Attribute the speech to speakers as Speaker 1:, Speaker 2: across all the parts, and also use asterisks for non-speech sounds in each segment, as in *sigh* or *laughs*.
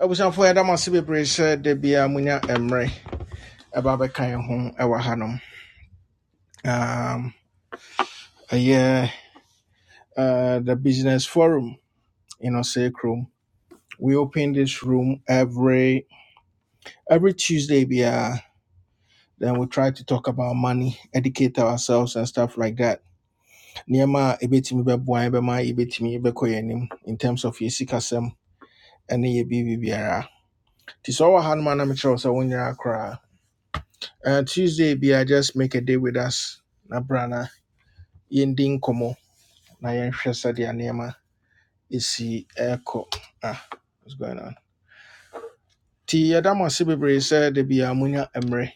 Speaker 1: abusuafo yɛda mo ase bebree sɛ da munya mmerɛ ɛba bɛka yɛn ho ɛwɔ hanom um, ɛyɛ uh, the business forum in ɔsɛe room. we open this room every every tuesday biaa Then we try to talk about money, educate ourselves and stuff like that. Niema a ebetumi bɛboa yɛn bɛma ebetumi bɛkɔ yɛn in terms of yɛ sikasɛm ɛne yɛ biribi biara. Nti sɛ ɔwɔ hanom a na mekyerɛ wo sɛ wo nyinaa Uh, Tuesday biara just make a day with us. Na brana. yɛndi nkɔmmɔ na yɛnhwɛ sɛdeɛ nneɛma ɛsi ɛrekɔ ah what's going on Ti yɛda mo ase bebree sɛ da biaa monya mmerɛ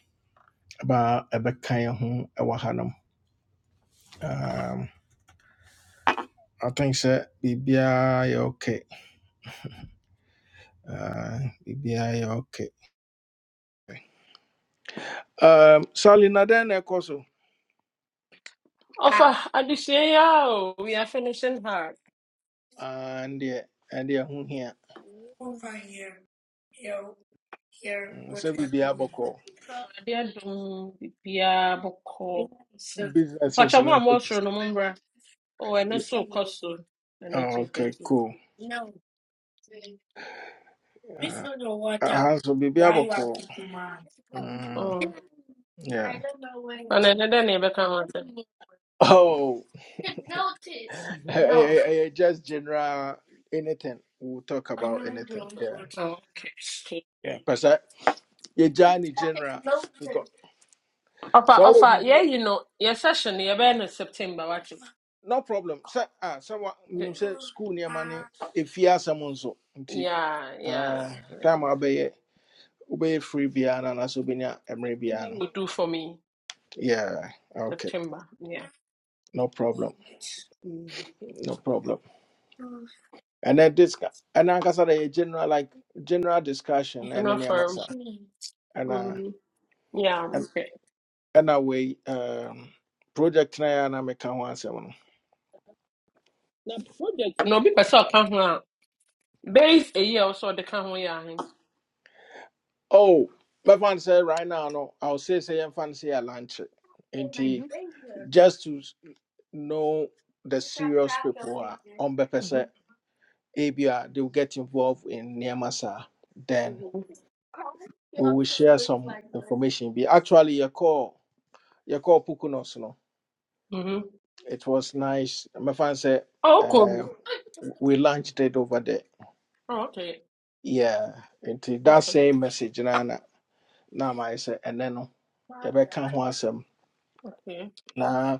Speaker 1: ba ɛbɛka yɛn ho ɛwɔ hanom um, i think sɛ biribiaa yɛ okay uh, biribiaa yɛ okay um, sally na dɛn na ɛkɔ so
Speaker 2: Ọfa adesua yi a o, we are finishing hard.
Speaker 1: Ah, ndeɛ ɛdeɛ ho hia Mm, sɛ biribiaa bɔkɔɔ
Speaker 2: Ade adum bibiara bɔkɔ.
Speaker 1: businesses
Speaker 2: Mpakyɛ mo
Speaker 1: no
Speaker 2: a mo
Speaker 1: nso te sɛ-
Speaker 2: soro no mo mbra. O ɛno
Speaker 1: Yeah.
Speaker 2: nso kɔ so. Ɛno
Speaker 1: Oh,
Speaker 2: nso kɔ
Speaker 1: okay
Speaker 2: so.
Speaker 1: cool uh, aha nso biribiaa bɔkɔɔ Mm,
Speaker 2: Mm.
Speaker 1: yeah
Speaker 2: Ɛna ɛdɛ dɛ na yɛbɛka ho asɛm. Mhm.
Speaker 1: Oh,
Speaker 2: Oh, okay.
Speaker 1: *laughs* I, I, I just general anything. We'll talk about anything. Yeah,
Speaker 2: Okay.
Speaker 1: yeah. Because you journey general because
Speaker 2: Ɔfa
Speaker 1: so will
Speaker 2: ɔfa
Speaker 1: be
Speaker 2: yɛyi no yɛ session no, yɛbɛyɛ no September wate.
Speaker 1: no problem. Sir, ah, someone minimum
Speaker 2: Nti-
Speaker 1: say school near money if you are someone so. Nti,
Speaker 2: Yeah, yeah,
Speaker 1: Ah,
Speaker 2: yeah.
Speaker 1: time I'll be obey
Speaker 2: Yeah.
Speaker 1: free biana na also be near
Speaker 2: September
Speaker 1: biana.
Speaker 2: will do for me.
Speaker 1: Yeah, okay,
Speaker 2: September. Yeah.
Speaker 1: no problem, no problem. And then this and I said a general like general discussion
Speaker 2: It's
Speaker 1: and then
Speaker 2: Not
Speaker 1: yeah,
Speaker 2: firm.
Speaker 1: massa and
Speaker 2: Mm,
Speaker 1: uh.
Speaker 2: yeah. Okay.
Speaker 1: ɛna wei um, project na yɛ a na meka ho asɛm no
Speaker 2: Na project No obi pɛ sɛ ɔka ho a base eyi a ɔsɛ ɔde ka ho yɛ ahe.
Speaker 1: oh my fan sɛ right now no i'll say say yɛmfa fan say yɛ lankye nti just to know the serious people are on purpose a ɔmbɛpɛ sɛ
Speaker 2: Mhm.
Speaker 1: ABR they will get involved in nneɛma then
Speaker 2: Mhm.
Speaker 1: we will share some information bi actually yɛkɔɔ yɛkɔɔ pukunos no
Speaker 2: Mhm.
Speaker 1: it was nice My fan said
Speaker 2: Oh,
Speaker 1: uh,
Speaker 2: cool.
Speaker 1: we launched it over there
Speaker 2: Oh, okay.
Speaker 1: yeah into that
Speaker 2: Okay.
Speaker 1: same message nana. na ama ayɛ sɛ ɛnɛ no yɛbɛka ho asɛm
Speaker 2: Okay.
Speaker 1: na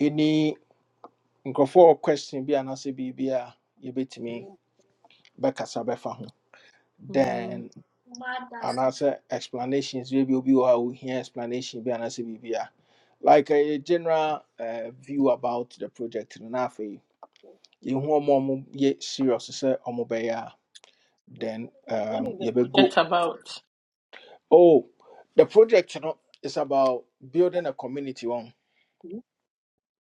Speaker 1: ɛni nkurɔfoɔ wɔ question bi anaasɛ biribi a yɛbɛtumi bɛkasa bɛfa ho
Speaker 2: Mm.
Speaker 1: then an answer explanations bi will be wɔ hɔ a ohia explanation be an answer anaasɛ biribi a like a general uh, view about the project no na you, yɛhu more a ɔmo yɛ serious sɛ ɔmo bɛyɛ a then
Speaker 2: What
Speaker 1: um,
Speaker 2: is the
Speaker 1: you better go.
Speaker 2: project about?
Speaker 1: oh the project you know, is about building a community wɔn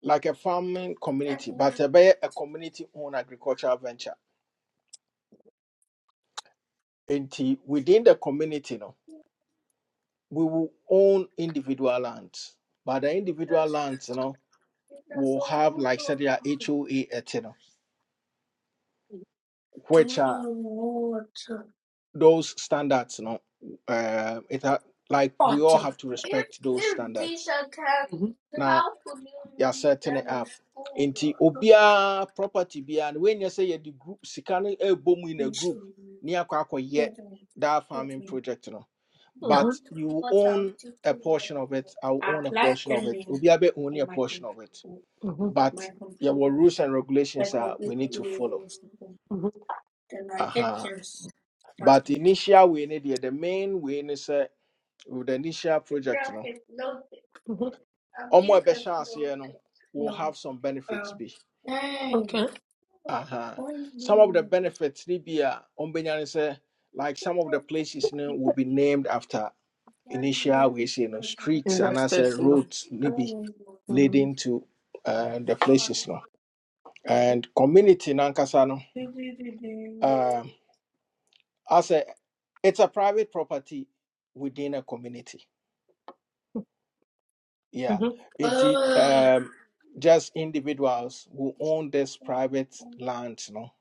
Speaker 1: like a farming community, but a a community owned agricultural venture. And within the community, no, we will own individual lands, but the individual lands, you know, will have like said their HOA, et, you know, which are those standards, you know, uh, it are, like we all have to respect those
Speaker 2: If these
Speaker 1: standards.
Speaker 2: are cats, Mhm.
Speaker 1: now. yɛasɛtene up nti obiara property biara no wɔnyɛ sɛ yɛde group sika no ɛbɔ mu in a group ne akɔ akɔyɛ that farming project no
Speaker 2: Mhm.
Speaker 1: but you own a portion of it i will own a portion of it obiara bɛ own a portion of it
Speaker 2: Mhm.
Speaker 1: but yɛwɔ rules and regulations a we need to follow
Speaker 2: Mhm.
Speaker 1: Aha. but initial way no deɛ the main way ne sɛ with the initial project no
Speaker 2: Mhm.
Speaker 1: ɔmo a ɛbɛhyɛ aseɛ no will have some benefits bi
Speaker 2: Hey. Okay.
Speaker 1: Uh-huh. Some of the benefits Libya on Benyan say like some of the places you know, will be named after initial ways, you know, streets and as a
Speaker 2: Investors, no.
Speaker 1: roads maybe leading to uh, the places no. And community Nankasano, um as a it's a private property within a community. Yeah,
Speaker 2: Mm.
Speaker 1: it, it, um, just individuals who own this private land, you know,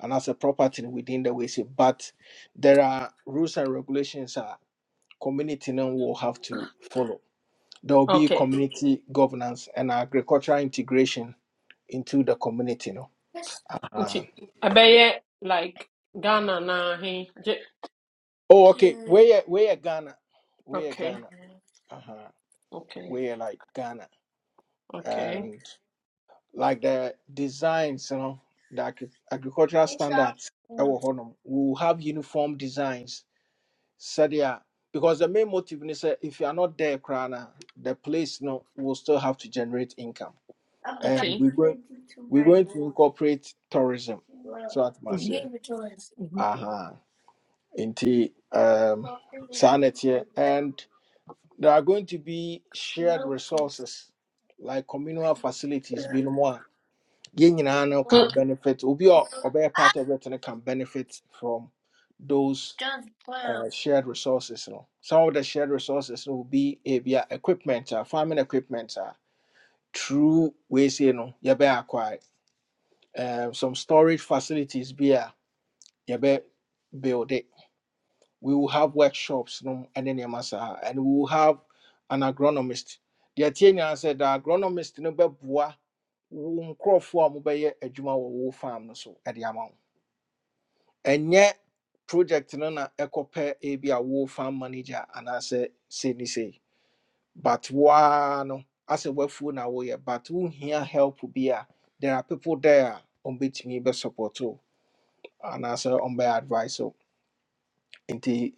Speaker 1: and as a property within the WC. But there are rules and regulations that community now will have to follow. There will be
Speaker 2: Okay.
Speaker 1: community governance and agricultural integration into the community, you know.
Speaker 2: Nti
Speaker 1: Uh,
Speaker 2: ɛbɛyɛ like Ghana na he
Speaker 1: oh, okay. Where where Ghana? Where
Speaker 2: okay
Speaker 1: Ghana? Uh huh.
Speaker 2: okay
Speaker 1: Where like Ghana?
Speaker 2: okay
Speaker 1: Um, like the designs, you know, the agri- agricultural standards. ɛwɔ hɔnom. We will have uniform designs. Sadia, because the main motive is sɛ if you are not there, Krana, the place no will still have to generate income. And
Speaker 2: okay.
Speaker 1: we're going we're
Speaker 2: Mhm.
Speaker 1: going to incorporate tourism. So that must yeah.
Speaker 2: Mhm.
Speaker 1: Uh-huh. Indeed. Um sanity. And there are going to be shared resources like communal facilities, being more. yɛn nyinaa no
Speaker 2: Hmm.
Speaker 1: can benefit obi a ɔbɛyɛ part of it no can benefit from those uh, shared resources no some of the shared resources no will be ebia equipment a farming equipment a through wei sei no yɛbɛyɛ acquire um, some storage facilities Be a yɛbɛ build it we will have workshops no ɛne nneɛma saa and we will have an agronomist deɛ tie nyinaa sɛ the agronomist no bɛboa wo nkurɔfoɔ a mobɛyɛ adwuma wɔ wo farm no so de ama wo And yet, project no na ɛkɔpɛ ebi a wo farm manager anaasɛ sei ne sei but woaa no asɛ woafuo na woyɛ but who here help bi a there are people there on a ɔmbɛtumi bɛsupport wo on ɔmbɛyɛ advice wo nti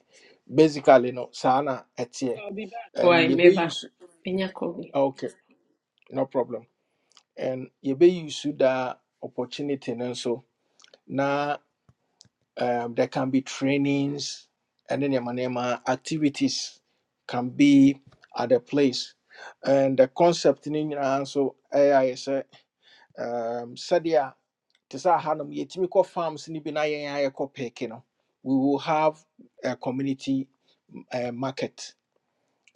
Speaker 1: basically no saa na ɛteɛ and
Speaker 2: Why, meba.
Speaker 1: yɛbɛuse
Speaker 2: Enya kobi.
Speaker 1: okay no problem and you yɛbɛuse daa opportunity no nso Um, there can be trainings and then yamanema activities can be at a place. And the concept in so AI is a um sadia tisa hanum yetimiko farms ni bina yeko pekino. We will have a community uh, market.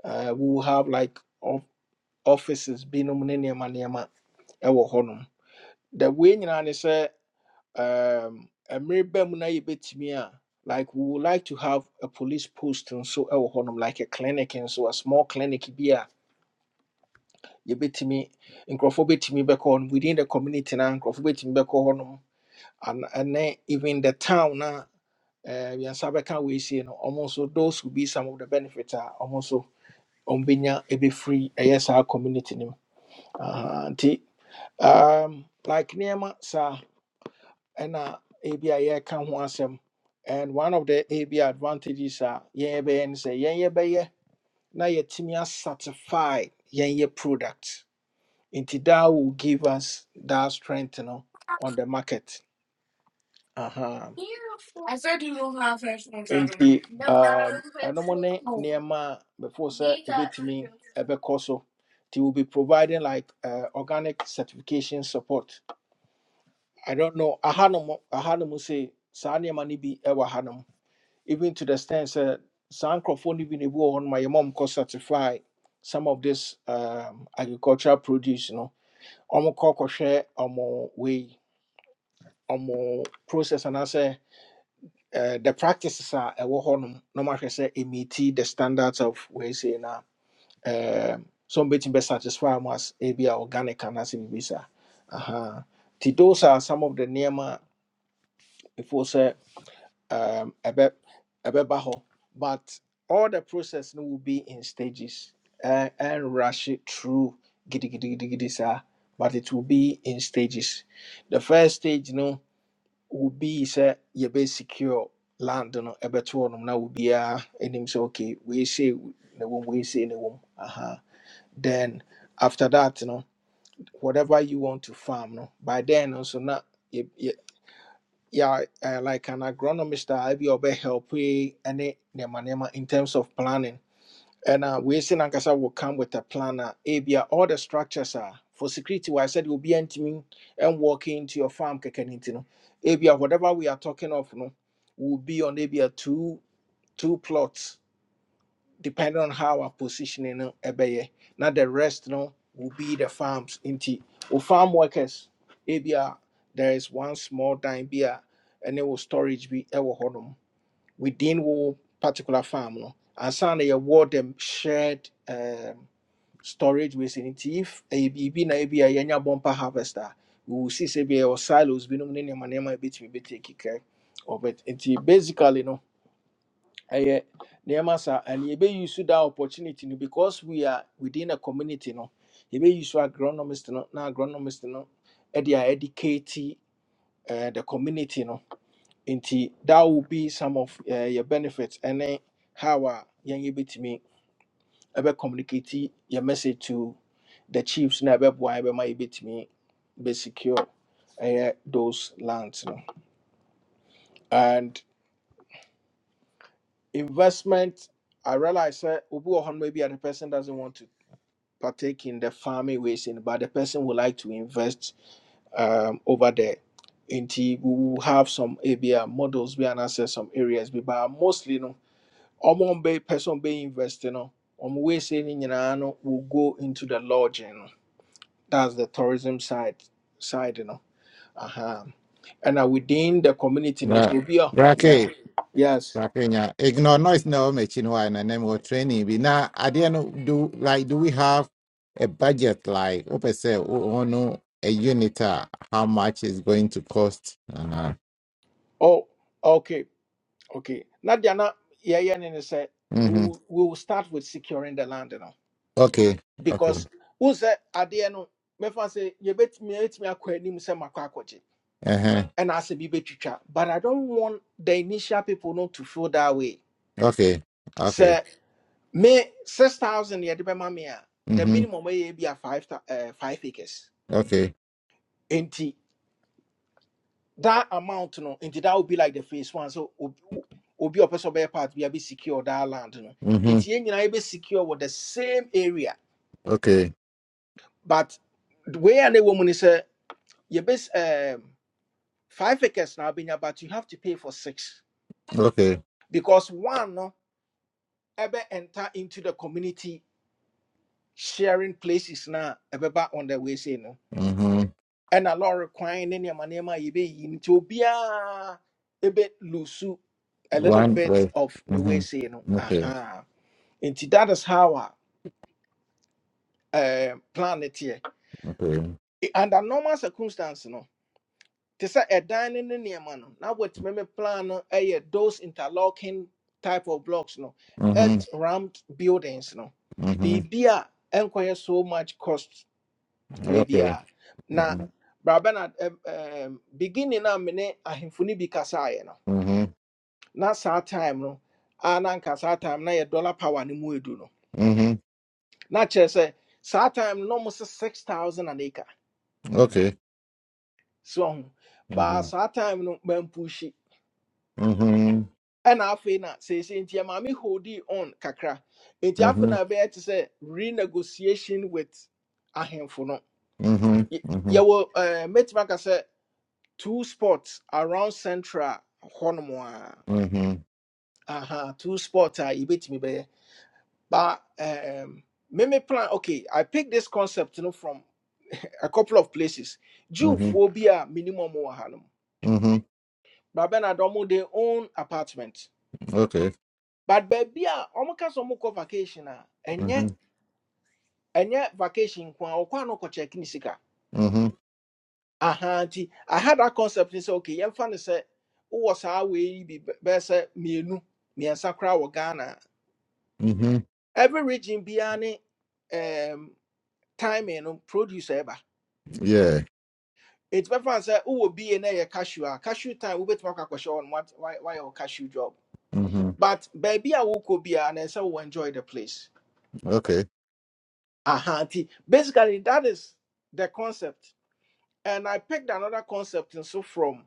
Speaker 1: Uh, we will have like of offices binom ne nneɛma nneɛma ɛwɔ hɔnom. The way nyinaa ne sɛ um ɛmere bɛ mu na yɛbɛtumi a mere bemuna bit me like we would like to have a police post nso ɛwɔ hɔnom like a clinic and so a small clinic bi a yɛbɛtumi nkurɔfoɔ bɛtumi bɛkɔ hɔnom within the community na nkurɔfoɔ bɛtumi bɛkɔ hɔnom and ɛnɛ even the town now na eh, yɛnsa we see no almost nso those will be some of the benefits are almost nso ɔmo bɛnya ɛbɛfiri ɛyɛ saa yes our community, Aha, nti um, like nneɛma saa And ebi a yɛreka ho asɛm and one of the a B advantages a yeah, no yeah, yɛn yɛbɛyɛ na yɛtumi asatisfy yɛn yɛ product nti that will give us that strength you know, on the market Uh huh. nti um, I don't ɛnom before sir, a bit me a bit so They will be providing like uh, organic certification support i don't know ahanom ahanom sɛ saa nneɛma no say. Sanya mani bi ɛwɔ even to the extent that saa nkurɔfoɔ no bi na my mom could certify some of this um, agricultural produce You no ɔmo kɔ share ɔmo way, ɔmo process and anaasɛ uh, the practices are a ɛwɔ hɔ nom na ɔmo ahwɛ sɛ emiti the standards of wei sei na um, so ɔmo bɛ satisfy ɔmo as ebi a be organic anaasɛ biribi saa Aha. nti those are some of the name. If we say. um ɛbɛ ɛbɛba hɔ but all the process no will be in stages and, and rush it through giddy giddy giddy giddy Sir, but it will be in stages the first stage no will be say you be secure land no ɛbɛto hɔ nom na obiara anim say okay we say, na wɔm weesei na wɔm aha then after that no whatever you want to farm no by then no nso na yeah, uh, like an agronomist a ebi a help we any nema nema in terms of planning. And uh, we see Nankasa will come with a planner. Abia. all the structures are for security. Why I said you'll be entering and walking into your farm. Kekenintino. Ebia, whatever we are talking of, no, will be on Abia two two plots depending on how our positioning no ɛbɛyɛ na the rest no will be the farms nti o farm workers ebia there is one small dime bi and it will storage bi ɛwɔ hɔnom within wo particular farm no ansa na yɛwɔ them shared um, storage waste no nti if ɛyɛ biribi na ebi a yɛnya bumper harvest a we will see sɛ bi ɛwɔ silos binom ne nneɛma nneɛma a ebetumi betake care of it nti basically no ɛyɛ nneɛma saa and yɛbɛyi so that opportunity no because we are within a community no yɛbɛyi so agronomist no na agronomist no ɛde a educate uh, the community no nti that will be some of uh, your benefits And then how a yɛn yɛbɛtumi ɛbɛ communicate your message to the chiefs na ɛbɛboa ɛbɛma yɛbɛtumi bɛsecure ɛyɛ those lands no and investment I realize that Ubu or maybe the person doesn't want to partake in the farming ways in, but the person would like to invest um, over there. Nti we will have some ABR models be and access some areas bi but mostly no ɔmo be person be investing, no ɔmo wey say ne nyinaa no will go into the lodging no. That's the tourism side side you know. Uh-huh. And uh, within the community no
Speaker 3: Ra-
Speaker 1: nso obi a yeah
Speaker 3: Rake,
Speaker 1: yes
Speaker 3: Rake, yeah. Ignore noise no machine why and then we training. We now at the end of- do like do we have a budget like open say oh no a unit uh, how much is going to cost? Uh,
Speaker 1: oh okay okay Now, Diana, yeah, yeah, and ne sɛ we
Speaker 3: mm-hmm.
Speaker 1: will, we will start with securing the land you know.
Speaker 3: Okay. Okay.
Speaker 1: because who said at the end, wo sɛ adeɛ no mɛfa sɛ yɛbɛtumi yɛtumi akɔ anim sɛ makɔ akɔgye
Speaker 3: Uh-huh.
Speaker 1: ɛna asɛ bi bɛtwitwa but i don't want the initial people not to feel that way
Speaker 3: Okay. Okay.
Speaker 1: sɛ me six thousand yɛde bɛma me a the
Speaker 3: Mm-hmm.
Speaker 1: minimum ɛyɛ be a five thou- eh, five acres
Speaker 3: Okay.
Speaker 1: nti that amount no nti that would be like the phase one so ob- obi a ɔpɛ sɛ ɔbɛyɛ part be a secure that land no
Speaker 3: Mm-hmm.
Speaker 1: nti yɛn nyinaa be secure with the same area
Speaker 3: Okay.
Speaker 1: but wei a na ɛwɔ mu ni sɛ yɛbɛ Five acres now been but you have to pay for six
Speaker 3: Okay.
Speaker 1: because one no ever enter into the community sharing places now ever back on the way say no.
Speaker 3: Mm-hmm.
Speaker 1: And a lot of crying in your money, you be into be ah, a bit loose a little
Speaker 3: One
Speaker 1: bit
Speaker 3: way.
Speaker 1: of the way say no.
Speaker 3: Mm-hmm. Okay.
Speaker 1: Aha. And that is how I uh, plan it here.
Speaker 3: Okay.
Speaker 1: Eh, Under normal circumstances, no. This sɛ a dining in nneɛma man. Now what? me me plan no ɛyɛ those interlocking type of blocks no
Speaker 3: Mm-hmm.
Speaker 1: earth rammed buildings no
Speaker 3: Mm-hmm.
Speaker 1: biribi a so much cost wei
Speaker 3: Okay.
Speaker 1: bia. na
Speaker 3: Mm-hmm.
Speaker 1: brabɛ na beginning a me ne ahemfo no bi kasaeɛ no
Speaker 3: Mm-hmm.
Speaker 1: na saa time no a na anka time na yɛ dollar power ni mu edu no
Speaker 3: Mm-hmm.
Speaker 1: na kyerɛ sɛ saa time no na ɔmo sɛ six thousand an acre
Speaker 3: Okay.
Speaker 1: so But baa
Speaker 3: Mhm.
Speaker 1: saa time no mampuhyi
Speaker 3: Mhm.
Speaker 1: ɛna afei na seesei nti ɛma me holdi on kakra nti afei
Speaker 3: Mhm.
Speaker 1: na ɛbɛyɛ te sɛ renegotiation with ahemfo no
Speaker 3: Mhm.
Speaker 1: Y-
Speaker 3: Mhm.
Speaker 1: yɛwɔ ɛɛ mɛtumi aka sɛ two spots around central hɔnom a
Speaker 3: Mhm.
Speaker 1: aha two spots a yɛbɛtumi bɛyɛ ba ɛɛm meme plan okay i picked this concept no from a couple of places
Speaker 3: Mhm.
Speaker 1: jewfoɔ bi a minimum wɔ ha nom
Speaker 3: Mhm.
Speaker 1: baabɛ na dɔm de own apartment
Speaker 3: Okay.
Speaker 1: but baabi a wɔn ka sɛ wɔn kɔ vacation a ɛnyɛ
Speaker 3: Mhm.
Speaker 1: ɛnyɛ vacation nko a ɔkɔ ano kɔkyɛke ne sika
Speaker 3: Mhm.
Speaker 1: aha nti I had that concept ne sɛ okay yɛmfa no sɛ wowɔ saa wei yi bi bɛ- bɛyɛ sɛ mmienu mmiɛnsa koraa wɔ ghana
Speaker 3: Mhm.
Speaker 1: every region biara ne um, timing no produce a ɛba
Speaker 3: Yeah.
Speaker 1: ɛti bɛfa no sɛ wowɔ ba na ɛyɛ cashew a cashew time wobɛtumi akɔ akɔhyɛ hɔ no wat- Why wayɛ wo cashew job
Speaker 3: Mhm.
Speaker 1: but baabi a wokɔ biara na ɛsɛ wo enjoy the place
Speaker 3: Okay.
Speaker 1: aha nti basically that is the concept and i picked another concept nso from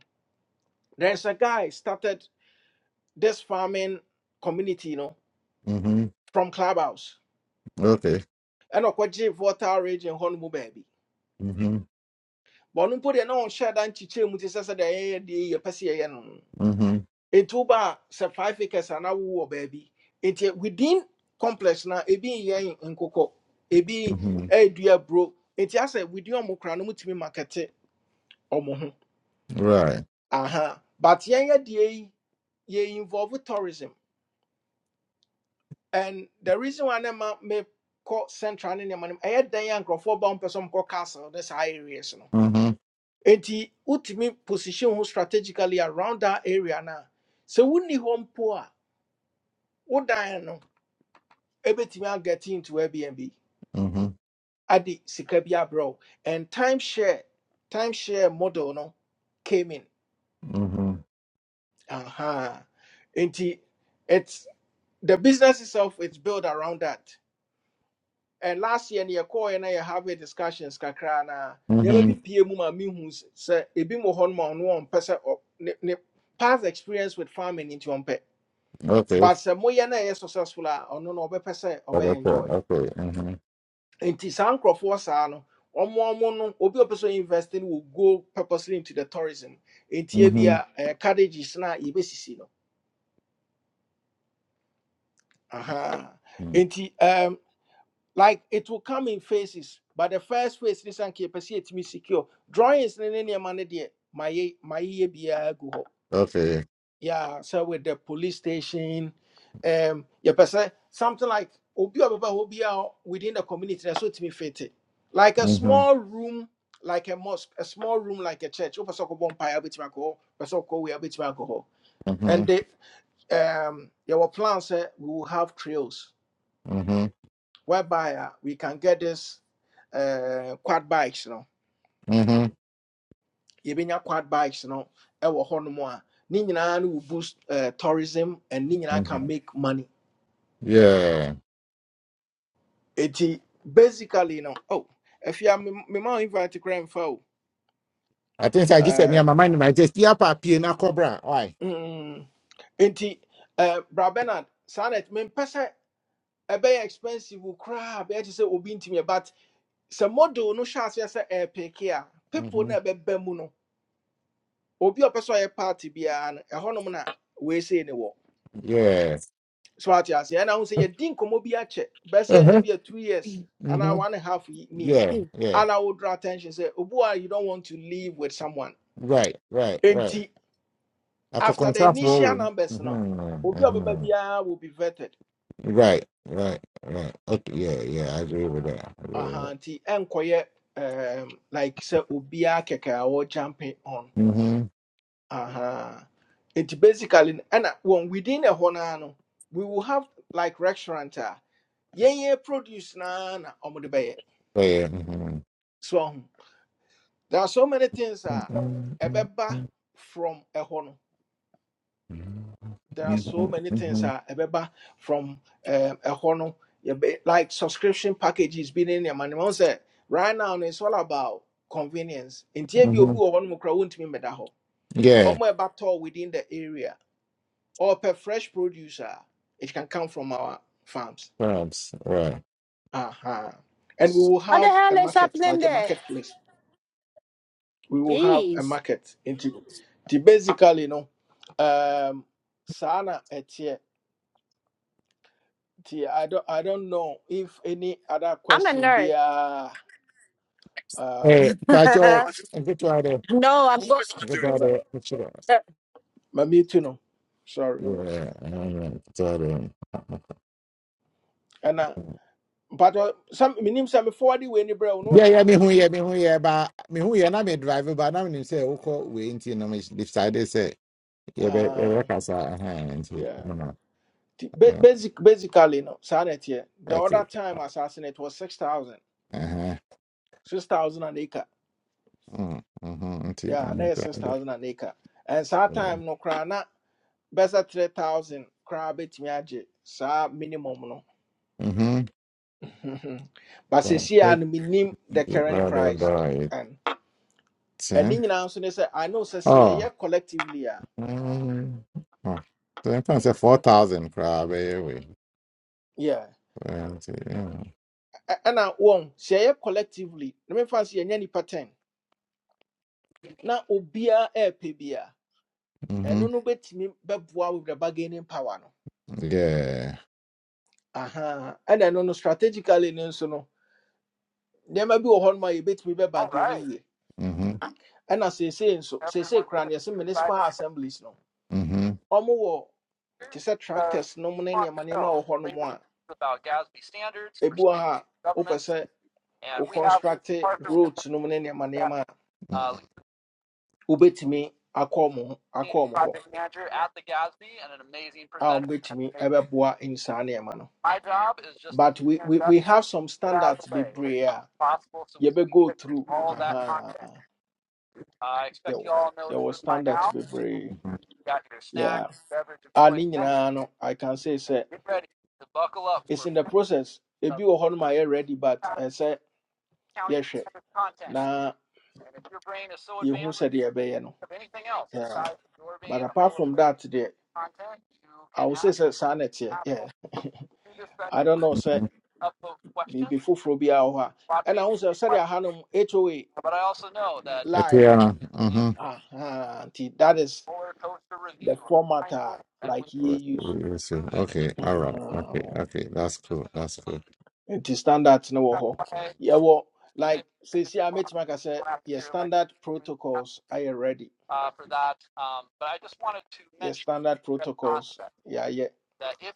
Speaker 1: There's a guy started this farming community, you know,
Speaker 3: Mhm.
Speaker 1: from Clubhouse.
Speaker 3: Okay.
Speaker 1: And of course, Jay Water rage and Honolulu, baby.
Speaker 3: Mhm.
Speaker 1: But no put it on shed and chiche mutis as a day, the Pessia.
Speaker 3: Mhm.
Speaker 1: In two bar, sir, five acres and a woo, baby. It eh, within complex now, a be yen in cocoa, a be
Speaker 3: Mhm.
Speaker 1: a dear bro. It has a with your mocranum to me market eh, or moho.
Speaker 3: Right.
Speaker 1: Aha. But yen a day, ye involve tourism. And the reason why I'm me call central ne nneɛma no I had dan a nkurɔfoɔ ba wɔn pɛ sɛ wɔkɔ castle ne saa areas no.
Speaker 3: Mhm.
Speaker 1: Enti wotumi position who strategically around that area na sɛ wonni hɔ mpo a wo dan no ebetumi get into Airbnb
Speaker 3: Mhm.
Speaker 1: ade sika bi bro And timeshare timeshare model no came in.
Speaker 3: Mhm.
Speaker 1: Uh -huh. Enti it's the business itself is built around that. and last year near call and I have a discussions kakra never be
Speaker 3: Mhm.
Speaker 1: PM ma me sir a bit more on one one person or past experience with farming into on pet.
Speaker 3: Okay.
Speaker 1: But sir moya na successful or no no person or
Speaker 3: Oh,
Speaker 1: be
Speaker 3: that's
Speaker 1: enjoy.
Speaker 3: it. Okay. Mhm.
Speaker 1: And tis uncle for sano or more mono or be a person investing will go purposely into the tourism. In
Speaker 3: Mhm.
Speaker 1: Tibia uh, carriages na ebesisino. Aha.
Speaker 3: Mm.
Speaker 1: In T. Um, like it will come in phases but the first phase this and keep it me secure drawings in any money there my my year be a go.
Speaker 3: Okay.
Speaker 1: yeah so with the police station um yeah person something like obi ababa obi a within the community that's what me fit it. like a
Speaker 3: Mhm.
Speaker 1: small room like a mosque a small room like a church open so bomb pie bit of alcohol person go we a bit of alcohol and
Speaker 3: Mhm.
Speaker 1: they um there were plans eh, we will have trails
Speaker 3: Mhm.
Speaker 1: whereby uh, we can get this uh, quad bikes, you know.
Speaker 3: Mhm.
Speaker 1: Yebenya quad bikes, you know, ewo honumwa. Ninyina will boost uh, tourism and ninyina can
Speaker 3: Mhm.
Speaker 1: make money.
Speaker 3: Yeah.
Speaker 1: Eti basically, you know, oh, if you are me ma invite grandfo,
Speaker 3: I think I just said me
Speaker 1: uh,
Speaker 3: and my mind. I just yeah, papi na cobra. Why?
Speaker 1: mm, enti uh, Bra Bernard, sanet me pese ɛbɛyɛ expensive koraa bɛyɛ te sɛ obi ntumi ɛ, but sɛ model no hyɛ aseɛ sɛ ɛɛpeke a people
Speaker 3: hmm
Speaker 1: na ɛbɛba mu no obi a ɔpɛ sɛ ɔyɛ party biara no ɛhɔnom na weesei ne wɔ
Speaker 3: Yeah.
Speaker 1: so ate aseɛ ɛna ho sɛ yɛdi nkɔmmɔ bi akyɛ bɛsɛ ebi a check. Best it
Speaker 3: Uh-huh.
Speaker 1: be a two years anaa
Speaker 3: hmm
Speaker 1: one and a half yi ni
Speaker 3: Yeah, yeah.
Speaker 1: ana wo draw attention say obua you don't want to live with someone
Speaker 3: Right, right, right.
Speaker 1: enti after the initial
Speaker 3: Akọkọnsáfọ̀
Speaker 1: numbers no
Speaker 3: Mm-hmm.
Speaker 1: obi a ɔbɛba
Speaker 3: Mm-hmm.
Speaker 1: will be vetted
Speaker 3: Right, right, right. Okay, yeah, yeah, I agree with that. I agree with
Speaker 1: aha
Speaker 3: that.
Speaker 1: nti ɛnkɔyɛ um, like say obiara keke a jumping on
Speaker 3: Mm-hmm.
Speaker 1: Uh-huh. It basically and uh, when within a honano, we will have like restaurant. Uh, yeah, yeah, produce na na omude baye.
Speaker 3: Oh, yeah. Mm-hmm.
Speaker 1: So um, there are so many things uh
Speaker 3: Mm-hmm.
Speaker 1: ebeba from a hono. There are so many things
Speaker 3: Mm-hmm.
Speaker 1: uh ebeba from um a hono. Yeah, be- Like subscription packages being in your money. Man say right now no, it's all about convenience. In TB obu
Speaker 3: Mm-hmm.
Speaker 1: or one mukra won't mean better.
Speaker 3: Yeah,
Speaker 1: Omo eba tall within the area or per fresh produce. ah, It can come from our farms.
Speaker 3: perhaps. Right.
Speaker 1: Uh-huh. And we will
Speaker 4: What the
Speaker 1: have a
Speaker 4: hell is
Speaker 1: market,
Speaker 4: happening
Speaker 1: like a
Speaker 4: there?
Speaker 1: marketplace. We will have a
Speaker 4: Jeez,
Speaker 1: market. Into the basically, you know, um, Sana etie. I don't, I don't know if any other
Speaker 4: I'm a
Speaker 1: question be
Speaker 4: nerd.
Speaker 1: uh, um,
Speaker 3: Hey, Pacho,
Speaker 4: *laughs*
Speaker 3: get out of there.
Speaker 4: no, I'm going.
Speaker 3: Get
Speaker 1: maybe,
Speaker 3: out of there.
Speaker 1: maybe to know. Sorry.
Speaker 3: Yeah, I don't know.
Speaker 1: And uh, but uh, some minimum some forward way ni bro no
Speaker 3: Yeah, yeah, me who yeah,
Speaker 1: ultimate.
Speaker 3: me who yeah, but me who yeah, not me driver, but now me say, okay, we ain't you know, me decided say, yeah, but yeah,
Speaker 1: Uh,
Speaker 3: work as a, uh huh, and see,
Speaker 1: yeah.
Speaker 3: no, no,
Speaker 1: Ti- ba-
Speaker 3: no,
Speaker 1: Basic, basically, no, Sanet here. The
Speaker 3: that's
Speaker 1: other
Speaker 3: it,
Speaker 1: time assassinate was 6,000.
Speaker 3: uh huh,
Speaker 1: 6,000 an acre.
Speaker 3: mm, hmm and see,
Speaker 1: Yeah,
Speaker 3: I'm
Speaker 1: now
Speaker 3: not driver,
Speaker 1: 6,000 an acre. And that time,
Speaker 3: uh,
Speaker 1: no, cry, na best 3,000 cry bit me aje. Sa minimum, no.
Speaker 3: mm-hmm,
Speaker 1: *laughs* Mhm. but see,
Speaker 3: so
Speaker 1: see,
Speaker 3: quick,
Speaker 1: and minim the current
Speaker 3: rather
Speaker 1: price.
Speaker 3: by
Speaker 1: And and
Speaker 3: ten,
Speaker 1: in so they say, I know, say, see,
Speaker 3: oh,
Speaker 1: yeah, collectively, yeah.
Speaker 3: mm, oh, so I'm say four thousand crab, anyway,
Speaker 1: Yeah.
Speaker 3: mm-hmm,
Speaker 1: And I won't say, yeah, collectively. Let me fancy any pattern. Now, obia air pay ɛno no bɛtumi bɛboa with the bargaining power no
Speaker 3: yeah,
Speaker 1: aha And ɛno no strategically no nso no nneɛma bi wɔ hɔ nom a yɛbɛtumi bɛbargaini yie
Speaker 3: mm-hmm,
Speaker 1: ɛna seesei nso seesei koraa no yɛse municipal assemblies no
Speaker 3: mm-hmm,
Speaker 1: ɔmowɔ te sɛ tractors nom ne nneɛma nneɛma wɔ hɔ nom a ebi wɔ hɔ a wopɛ sɛ wo construct roads nom ne nneɛma nneɛma a wobɛtumi akɔ ɔmo ho- akɔ ɔmo hɔ a ɔmo bɛtumi ɛbɛboa nsaa nneɛma no but we, we, we have some standards bebree you be go through aha yeah your standard bebree yeah and in no i can say say it's in the process If you hɔ no ma yɛ ready but I ɛsɛ yɛhwɛ na yɛhu sɛdeɛ ɛbɛyɛ no yeah but apart from that deɛ i would say say sanity. yeah i don't know sɛ biribi foforɔ bi a wɔ hɔ a ɛna ho sɛ sɛdeɛ no hoa line no
Speaker 3: mm-hmm, mm-hmm.
Speaker 1: aha nti that is the format a like
Speaker 3: let
Speaker 1: yɛ use
Speaker 3: Okay, all right. Okay, okay. That's cool. That's cool.
Speaker 1: nti standard no wɔ hɔ yɛwɔ like seesia mɛtumi aka sɛ yɛ standard protocols ayɛ ready yɛ standard protocols yɛayɛ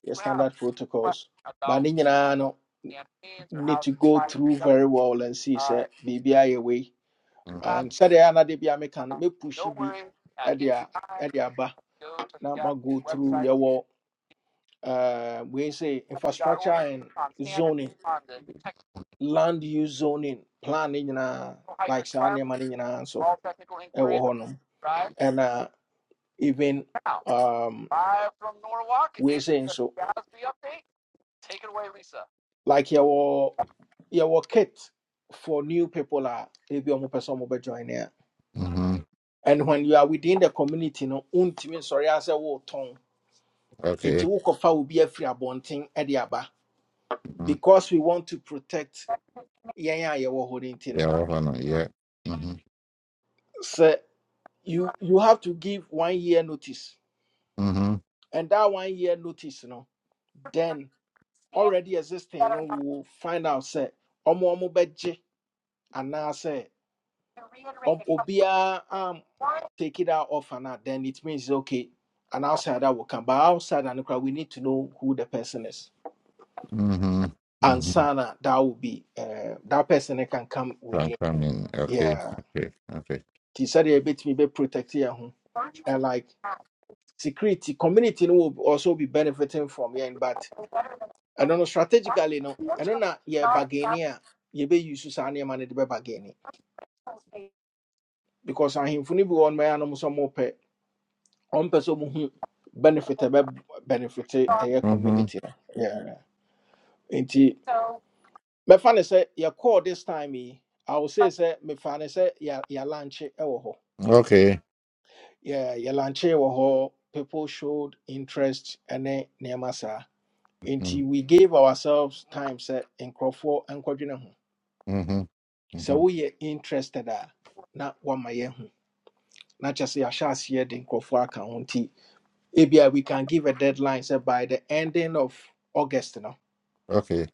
Speaker 1: yɛ standard protocols But ne nyinaa no need to go through very well and see sɛ biribi ayɛ wei and
Speaker 3: Mm-hmm.
Speaker 1: sɛdeɛ anade bi a meka no mɛpushi bi ɛde a ɛde aba na ma go through yɛwɔ uh, wei sɛ infrastructure and zoning land use zoning plan ne nyinaa like saa nneɛma no nyinaa nso ɛwɔ hɔnom ɛna even um wei say so like yɛwɔ yɛwɔ kit for new people a ebi ɔmo pɛ sɛ ɔmo bɛ join a
Speaker 3: Mm-hmm.
Speaker 1: and when you are within the community no wontumi nsɔre asɛ wotɔn nti
Speaker 3: Okay.
Speaker 1: wokɔfa obi afiri abɔnten ɛde aba
Speaker 3: mhm.
Speaker 1: because we want to protect yɛn a yɛwɔ hɔ no nti
Speaker 3: Yeah,
Speaker 1: no
Speaker 3: well, hold on. Yeah. Mm-hmm.
Speaker 1: sɛ you you have to give one year notice
Speaker 3: Mm-hmm.
Speaker 1: and that one year notice no then. already existing no we will find out say Omo ọmụ bɛgye anaasɛ ɔm- obiara um obia um take it out of and out, then it means okay an outsider will come but outside and we need to know who the person is
Speaker 3: Mm-hmm.
Speaker 1: and
Speaker 3: Mm-hmm.
Speaker 1: sana that will be uh, that person that can come within
Speaker 3: I'm coming. Okay.
Speaker 1: yeah
Speaker 3: Okay. Okay.
Speaker 1: he said a bit me be protected here, and like security community no will also be benefiting from yeah but I don't know strategically no I don't know yeah bargaining yeah be use saa nneɛma no de bɛbargain. because ahemfo no bi wɔ ɔnma anom sɛ mopɛ ɔmpɛ sɛ muhu benefit a ɛbɛ benefit ɛyɛ
Speaker 3: Mm-hmm.
Speaker 1: community no Yeah. nti mɛfa ne sɛ yɛkɔɔ this time yi I will say sɛ mefa ne sɛ yɛ- yɛalankye
Speaker 3: Okay.
Speaker 1: Yeah, ya Yɛ- yɛlankye wɔ hɔ people showed interest ɛne nneɛma sa. nti we gave ourselves time say nkurɔfoɔ nkɔdwene ho
Speaker 3: Mm-hmm.
Speaker 1: sɛ
Speaker 3: Mm-hmm.
Speaker 1: woyɛ interested a na woama yɛahu na kyɛ sɛ yɛahyɛ aseɛ de nkurɔfoɔ aka ho nti Maybe uh, we can give a deadline Say by the ending of august no
Speaker 3: Okay.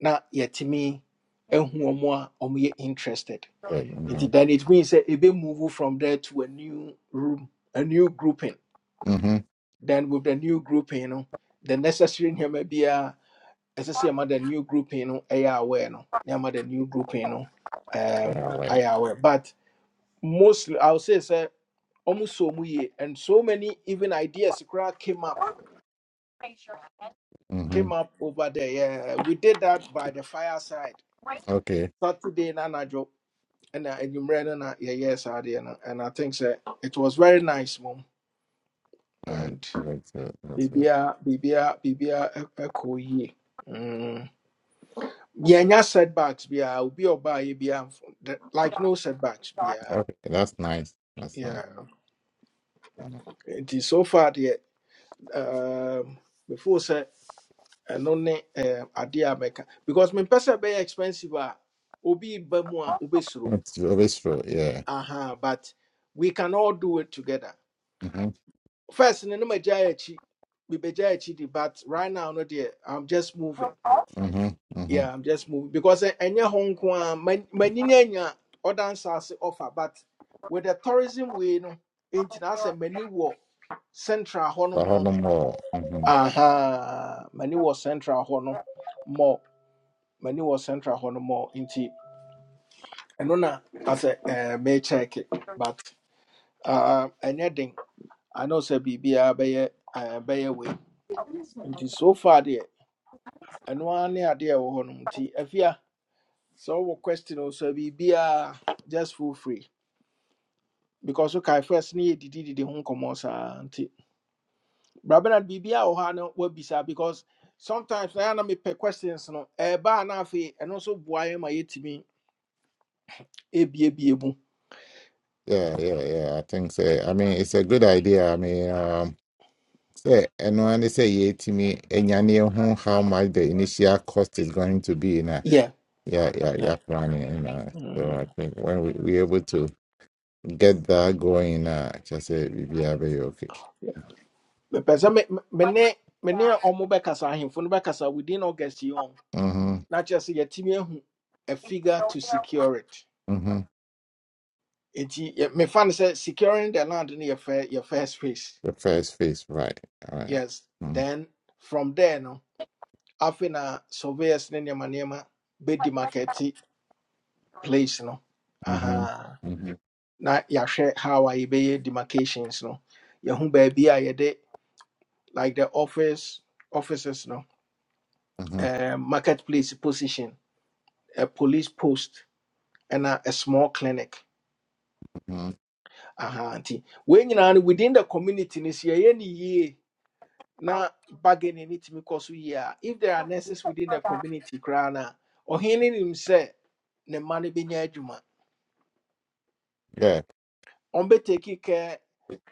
Speaker 1: na yɛtumi ehu wɔn a wɔyɛ interested
Speaker 3: Right. Mm-hmm.
Speaker 1: nti then it means sɛ ebi move from there to a new room a new grouping
Speaker 3: Mm-hmm.
Speaker 1: then with the new grouping no the necessary nneɛma biara ɛsɛ sɛ yɛma the new grouping no ɛyɛ aware no na the new grouping no um,
Speaker 3: All right.
Speaker 1: ayɛ aware but mostly i would say say, almost so many and so many even ideas koraa came up
Speaker 3: Mm-hmm.
Speaker 1: came up over there. Yeah, we did that by the fireside
Speaker 3: Okay.
Speaker 1: Saturday na anajo and uh, and you na yeah yes, Saturday and and I think so. it was very nice mom
Speaker 3: Mm,
Speaker 1: and
Speaker 3: That's good. That's good.
Speaker 1: bibia bibia bibia e, echo ye. Mm. Yeah, no setbacks. Yeah, will be oba yeah, like no setbacks. Yeah,
Speaker 3: Okay. That's nice. That's nice.
Speaker 1: yeah. It is so far the um before say and only um idea maker because my person be expensive. ah, Obi bamu a obesuro
Speaker 3: It's always true. Yeah.
Speaker 1: uh-huh, but we can all do it together.
Speaker 3: Mm-hmm.
Speaker 1: First, in the Majayachi, we Bejayachi, but right now, no dear, I'm just moving.
Speaker 3: Mm-hmm. Mm-hmm.
Speaker 1: Yeah, I'm just moving because any Hong Kong, many other offer, but with the tourism we know, international many war central
Speaker 3: The
Speaker 1: honor,
Speaker 3: Harlem Law. hmm
Speaker 1: aha, many war central honor more, many war central honor more. Inti, and no, I said, may check it, but uh, anything. I know say sɛ biribiara bɛyɛ ɛɛ bɛyɛ wei nti so far there, ɛno ara ne adeɛ a ɛwɔ hɔ nom nti afia sɛ wowɔ question o sɛ biribiara just feel free because wokae first ne did, ho nkɔmmɔ saa come bra bernard biribiara wɔ hɔ a no woabisa because sometimes na yɛ a na me pe questions no ɛɛba a na afi And also, nso boa yɛ ma yɛtumi ebiebie mu
Speaker 3: Yeah, yeah, yeah. I think so. I mean, it's a good idea. I mean, um, say, and when they say yeah to me, and you know how much the initial cost is going to be, in a
Speaker 1: yeah
Speaker 3: yeah, yeah,
Speaker 1: yeah
Speaker 3: yeah, planning, you know. So I
Speaker 1: Mm.
Speaker 3: think when we we able to get that going, uh, just say we be very okay.
Speaker 1: yeah. mepɛ sɛ me pesa me- me ne me ne ɔmo bɛkasa ahemfo no bɛkasa within august yi on
Speaker 3: Mm-hmm.
Speaker 1: na just sɛ yɛatumi ahu a figure to secure it
Speaker 3: Mm-hmm.
Speaker 1: nti me, mefa say securing the land no your fir- first phase
Speaker 3: The first phase, right? All right.
Speaker 1: yes
Speaker 3: Mm-hmm.
Speaker 1: then from there no afei na surveyors ne nneɛma nneɛma be demarcate place no
Speaker 3: Mm-hmm.
Speaker 1: Aha.
Speaker 3: Mm-hmm.
Speaker 1: na ya share how I yɛbɛyɛ demarcations no yɛho baabi a yɛde like the office offices no
Speaker 3: Mm-hmm.
Speaker 1: eh, marketplace position a police post ɛna a a small clinic
Speaker 3: mm-hmm.
Speaker 1: aha nti wei nyinaa no within the community no sɛ yɛyɛ ne yie na bargaining no tumi kɔ so yie a if there are nurses within the community koraa na, a ɔhene no nim sɛ ne mma no bɛnya adwuma
Speaker 3: Yeah.
Speaker 1: ɔmbɛtaki care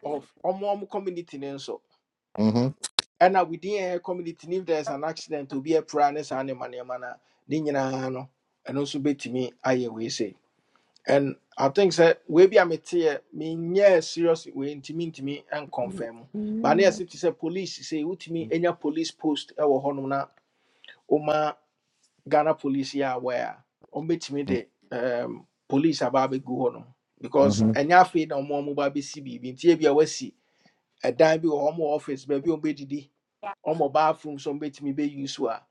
Speaker 1: of ɔmo ɔmo community no nso
Speaker 3: Mm-hmm.
Speaker 1: ɛna within yɛn community no if there is an accident obi apira ne saa nneɛma nneɛma no a ne nyinaa no ɛno nso bɛtumi ayɛ wei sei And I think sɛ webi a mete yɛ menyɛɛ serious wei nti mentumi and confirm. But ne yɛse te sɛ police sɛ wotumi anya police post wɔ hɔnom na woma Ghana police yɛ aware a ɔmbɛtumi de um, police aba abɛgu hɔnom. Because
Speaker 3: Mm-hmm.
Speaker 1: ɛnyɛ afei na ɔmo a ɔmo ba bɛsi biribi nti ebia wasi ɛdan bi wɔ hɔ ɔmo wɔ office baabi a ɔmbɛdidi ɔmo bathroom so mbɛtumi bɛ use wo a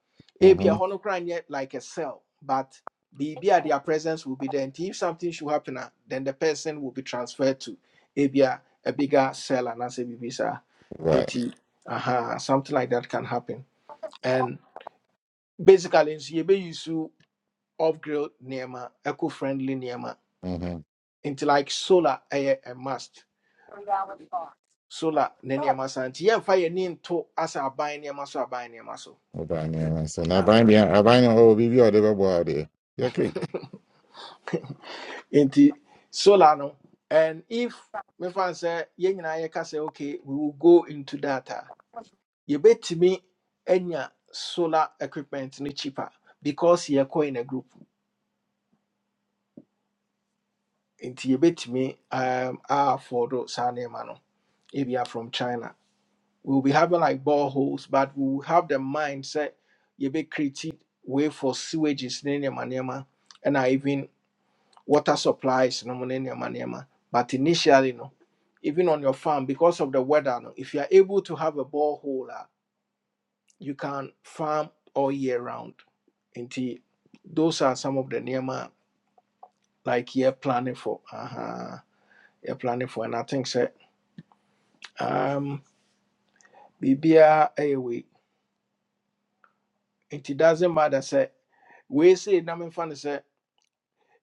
Speaker 1: ebi
Speaker 3: Mm-hmm.
Speaker 1: ɛhɔ no koraa like a cell but biribi a their presence will be there nti if something should happen a then the person will be transferred to ebi a a bigger cell anaasɛ biribi saa
Speaker 3: Right.
Speaker 1: nti aha something like that can happen and basically nso yɛbɛ use off grid nneɛma eco friendly nneɛma
Speaker 3: Mm-hmm.
Speaker 1: nti like solar ɛyɛ a must solar ne nneɛma saa fire yɛmfa to as a buy nneɛma so a buy nneɛma so.
Speaker 3: Obanya, so na Obanya, Obanya o bibi o de babo ade. Yake.
Speaker 1: Nti solar no, and if me fan say yɛn nyinaa yɛka sɛ okay, we will go into that a, yɛbɛtumi anya solar equipment no cheaper because yɛkɔ in a group. Nti yɛbɛtumi um afford saa nneɛma no. If you are from China, we will be having like boreholes, but we will have the mindset yɛbɛ create way for sewages ne nneɛma nneɛma, ɛna even water supplies no mo ne nneɛma nneɛma but initially no even on your farm because of the weather no if you are able to have a borehole a, you can farm all year round nti those are some of the nneɛma like you're planning for uh-huh. you're planning for and i think sɛ um Bibia, ɛyɛ wei nti doesn't matter sɛ We say na memfa no sɛ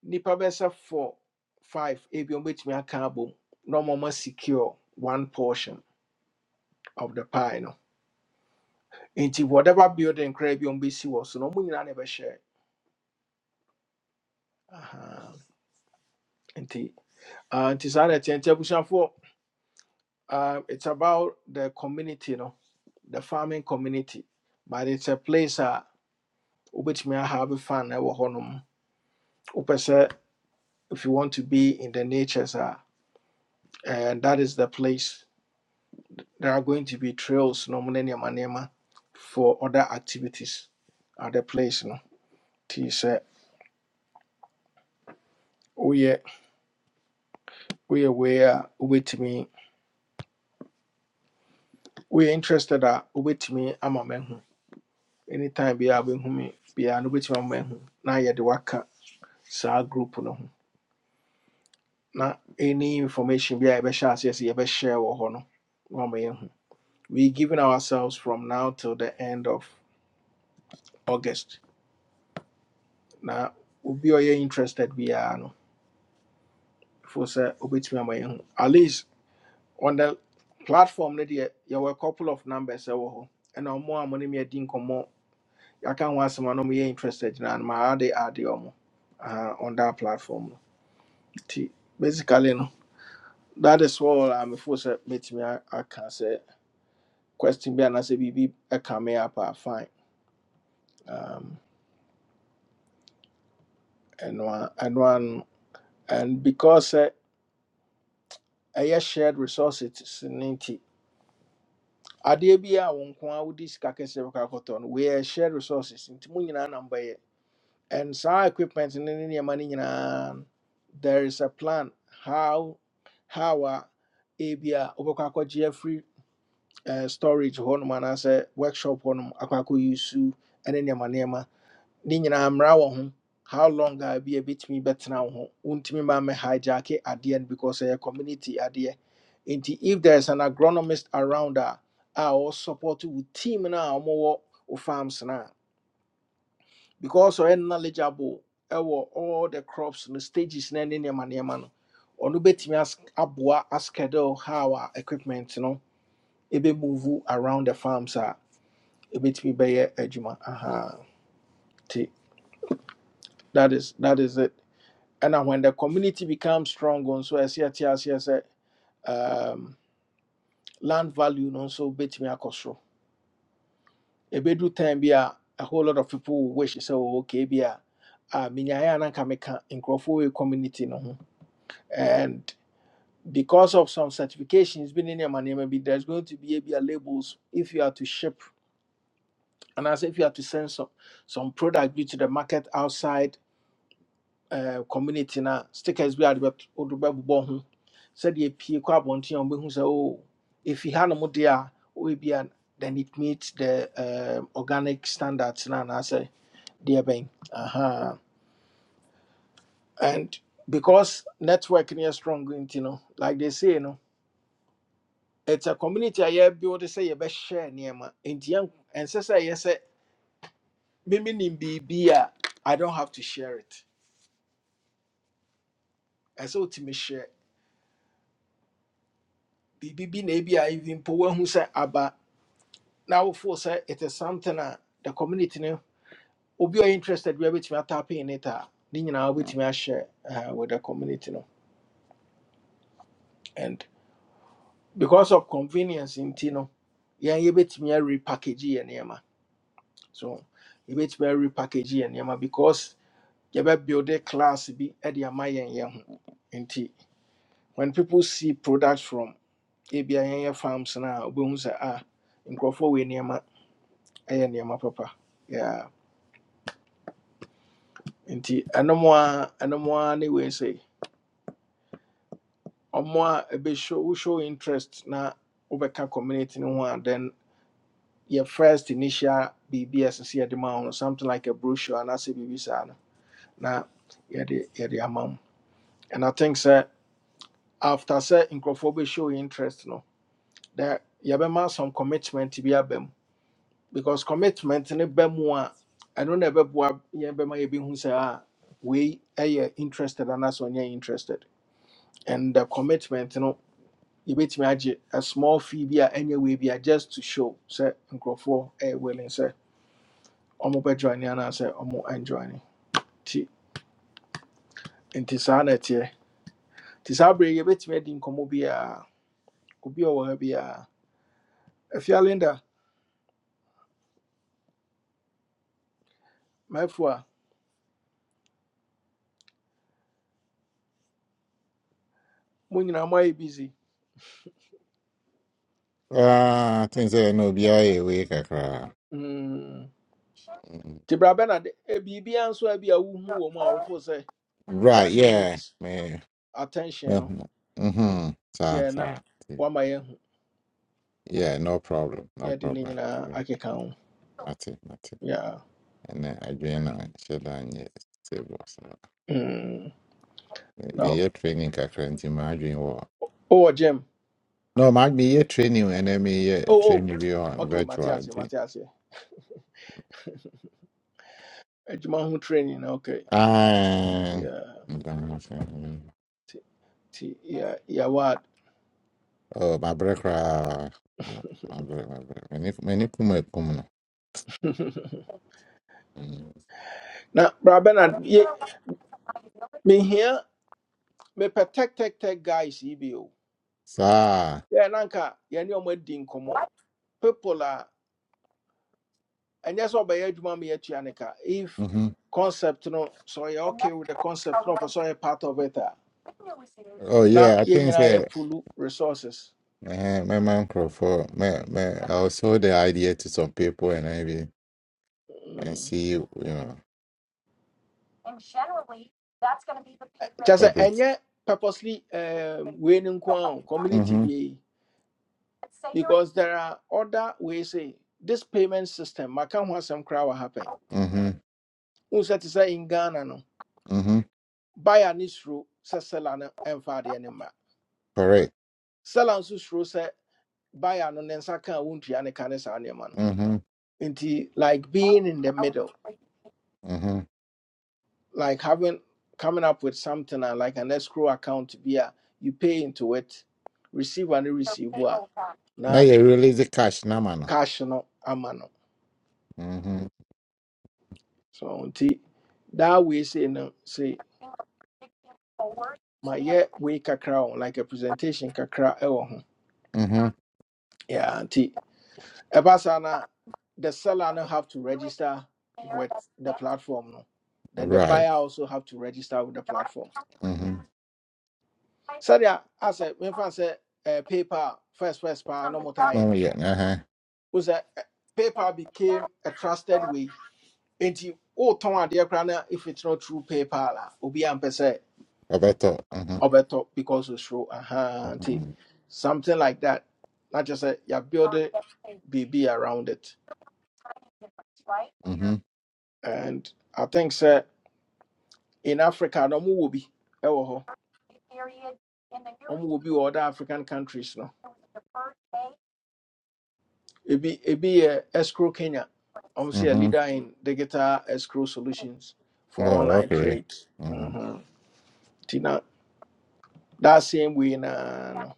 Speaker 1: Nipa bɛsɛ four five ebi ɔmɛtumi aka abom na ɔma ɔma secure one portion of the pie no nti whatever building koraa bi a ɔmbɛsi so no money, I never share. Aha. nti ah, nti saa na ɛteɛ nti abusuafoɔ ah, it's about the community no the farming community but it's a place a wobɛtumi ahave have na ɛwɔ hɔnom wopɛ sɛ if you want to be in the nature sir, and that is the place there are going to be trails No money, ne nneɛma for other activities at the place no nti sɛ we woyɛ wei a me. we are interested a wobɛtumi ama mahu anytime biaa wobɛhu me biaa no wobɛtumi ama mahu na yɛde waka saa group no ho na any information bi a yɛbɛhyɛ aseɛ sɛ yɛbɛhyɛ wɔ hɔ no na ama yɛahu we giving ourselves from now till the end of august na obi a ɔyɛ interested biaa no ɛfo sɛ wobɛtumi ama yɛahu at least on the platform no deɛ yɛwɔ a couple of numbers ɛwɔ hɔ ɛna ɔmo a mo ne me adi nkɔmmɔ aka ho asɛm someone na ɔmoyɛ interested na no maade ade ɔmo aha, on that platform no basically no that is all a mefo sɛ mɛtumi I I can say question bi anaasɛ biribi can me up a fine um, ɛno a ɛno a no and because sɛ ɛyɛ shared resources no nti adeɛ bi a wo nko a wode sika kɛseɛ bɛkɔ akɔtɔ no weyɛ shared resources nti mo nyinaa na mbɛyɛ and saa equipment ne ne nneɛma no nyinaa no, there is a plan how how a ebi a wobɛkɔ akɔgye afiri eh, storage hɔnom anaasɛ workshop hɔnom akɔ akɔyi use. ne nneɛma nneɛma ne nyinaa mmara wɔ ho how long a bi a ɛbɛtumi bɛtena wo ho wontumi ma mɛ at the end because a community at the end. if there is an agronomist around a a ɔwɔ support you with team no a of farms no because ɔyɛ knowledgeable ɛwɔ all the crops no stages na ne nneɛma nneɛma no ɔno bɛtumi as- aboa askedule how a equipment no ɛbɛmove around the farms a ɛbɛtumi bɛyɛ adwuma aha nti that is that is it ɛna when the community becomes strong nso ɛsɛ yɛte aseɛ sɛ um, land value no nso bɛtumi akɔ soro ɛbɛdu time bi a a whole lot of people will wish sɛ "Oh, okay bi a a menyaeɛ a na nka meka nkurɔfoɔ wɔ community no ho because of some certifications been in your money maybe there's going to be a, labels if you are to ship and as if you are to send some some product due to the market outside uh, community na stickers bi ade bɛbobɔ ho sɛdeɛ pie kɔ abɔnten a wɔbɛhu sɛ oh ɛfi hanom deɛ a wɔbɛbi a then it meets the um organic standards na anaasɛ deɛ bɛn aha and because network no strong you know, like they say no it's a community I have built say. You sɛ share, nneɛma nti yɛn ɛnsɛ sɛ yɛ say mimi nim biribi a i don't have to share it ɛsɛ otumi share biribi bi na ebi a even poor wahu say. aba now for say it is something a the community no obi a ɔyɛ interested bi a bɛtumi atap in it a ne nyinaa wobɛtumi ahyɛ uh, with the community no and because of convenience nti no you yɛbɛtumi a repackage yɛ nneɛma so yɛbɛtumi a repackage yɛ nneɛma because yɛbɛbuilde class bi de ama yɛn yɛn ho nti when people see products from ebi a yɛn yɛ farms na a sɛ ah nkurɔfoɔ wɔ nneɛma ɛyɛ nneɛma papa yeah. nti ɛnom a ɛnom a ne wei sɛ ɔmo a ɛbɛshow wo show interest na wobɛka community no ho a then your first initial biribi a ɛsɛ sɛ yɛde no something like a brochure and biribi saa no na yɛde yɛde ama wo and i think sɛ after say nkurɔfoɔ show interest no that yɛbɛma some commitment bi aba mu because commitment ne ba mu a ɛno na ɛbɛboa yɛn bɛma yɛbɛhu sɛ a wei ɛyɛ interested anaasɛ ɔnyɛ interested and the commitment no yɛbɛtumi agye a small fee bi a ɛnyɛ wei bi a just to show sɛ nkurɔfoɔ ɛyɛ willing sɛ ɔmo bɛjoine anaasɛ ɔmo anjoine nti nti saa na ɛteɛ nti saa bere yi, yɛbɛtumi adi nkɔmmɔ biara obi a ɔwɔ ha biara afia linda mɛfo a mo nyinaa moayɛ busy
Speaker 3: Ah, things that no be aye we kakra.
Speaker 1: Hmm.
Speaker 3: Mm.
Speaker 1: nti bra bɛ na de eh, biribiara nso a bi a wohu wɔ mu a wofo sɛ
Speaker 3: Right,
Speaker 1: that
Speaker 3: yeah.
Speaker 1: needs
Speaker 3: Me.
Speaker 1: attention
Speaker 3: me-
Speaker 1: no
Speaker 3: Mhm. Sa
Speaker 1: yɛ na
Speaker 3: sa. ti.
Speaker 1: woama yɛahu
Speaker 3: Yeah, no problem. No
Speaker 1: yɛde ne
Speaker 3: problem.
Speaker 1: nyinaa
Speaker 3: Mm,
Speaker 1: akeka ho
Speaker 3: Ati, ati.
Speaker 1: Yeah.
Speaker 3: And I dream na sheda nye stable. So
Speaker 1: Mm.
Speaker 3: me me
Speaker 1: No.
Speaker 3: ye training kakra nti ma dream wo.
Speaker 1: oh Jim
Speaker 3: No, ma be ye training and then me ye
Speaker 1: oh oh
Speaker 3: training be on
Speaker 1: ok mate
Speaker 3: virtual.
Speaker 1: aseɛ
Speaker 3: nti.
Speaker 1: mate *laughs* adwuma ho training na ok
Speaker 3: Ah.
Speaker 1: Yeah. nti yeah yeah what.
Speaker 3: Oh, my brother. My brother, my brother. Many, many kuma kuma.
Speaker 1: *laughs* na bra bɛ na ye mehia mepɛ tech tech tech guys yi bi o
Speaker 3: Sa.
Speaker 1: yɛ na nka yɛne ɔmo adi nkɔmmɔ people a And that's what adwuma ma yɛatua ne ka if
Speaker 3: Mm-hmm.
Speaker 1: concept no sɛ ɔyɛ okay with the concept no ɔpɛ sɛ ɔyɛ part of it
Speaker 3: Oh
Speaker 1: Now,
Speaker 3: yeah, I
Speaker 1: you yɛn
Speaker 3: think
Speaker 1: nyinaa yɛ
Speaker 3: that.
Speaker 1: pulu resources
Speaker 3: Uh, my man for my, me, I will show the idea to some people and maybe and
Speaker 1: Mm.
Speaker 3: see you know
Speaker 1: Just
Speaker 3: what
Speaker 1: uh,
Speaker 3: it.
Speaker 1: and yet purposely um, wei no community
Speaker 3: Mm-hmm.
Speaker 1: deɛ because there are other ways say this payment system maka ho asɛm koraa wɔ happen
Speaker 3: Mm-hmm.
Speaker 1: wohu sɛ te sɛ in ghana no
Speaker 3: Mm-hmm.
Speaker 1: buyer ne suro sɛ seller no ɛmfa adeɛ
Speaker 3: Correct.
Speaker 1: seller nso suro sɛ buyer no ne nsa ka a wontua ne ka ne saa no
Speaker 3: Mm-hmm.
Speaker 1: Into like being in the middle,
Speaker 3: Mm-hmm.
Speaker 1: like having coming up with something uh, like an escrow account to be a you pay into it, receive and receive what
Speaker 3: Now
Speaker 1: na
Speaker 3: you release the cash now, man.
Speaker 1: cash no amano.
Speaker 3: Mm-hmm.
Speaker 1: So unti that way say no say my yeah we kakra on like a presentation kakra ewo ho.
Speaker 3: Mm-hmm.
Speaker 1: Yeah, unti ebasa na the seller no have to register with the platform no. Then the
Speaker 3: Right.
Speaker 1: buyer also have to register with the platform.
Speaker 3: Mm-hmm.
Speaker 1: sɛdeɛ asɛ when I eh, paper first first paa no motaayɛ
Speaker 3: Oh
Speaker 1: no
Speaker 3: yeah. Uh-huh.
Speaker 1: wo sɛ eh, paypal became a trusted way And enti wotɔn adeɛ koraa na if it's not true paper, a obi ampɛ sɛ
Speaker 3: I better. Mm-hmm.
Speaker 1: ɔbɛtɔ because osuro aha nti something like that Not na kyerɛ sɛ yɛabuild biribi around it
Speaker 3: Mm-hmm.
Speaker 1: and i think sir, in africa no ɔmowɔ bi ɛwɔ no ɔmowɔ bi wɔ other african countries no Ebi ebi yɛ escrow Kenya. obviously a
Speaker 3: hmm
Speaker 1: leader in digital escrow solutions for
Speaker 3: Oh,
Speaker 1: online
Speaker 3: okay.
Speaker 1: trade.
Speaker 3: Mm-hmm.
Speaker 1: Mm-hmm. Tina that same way na no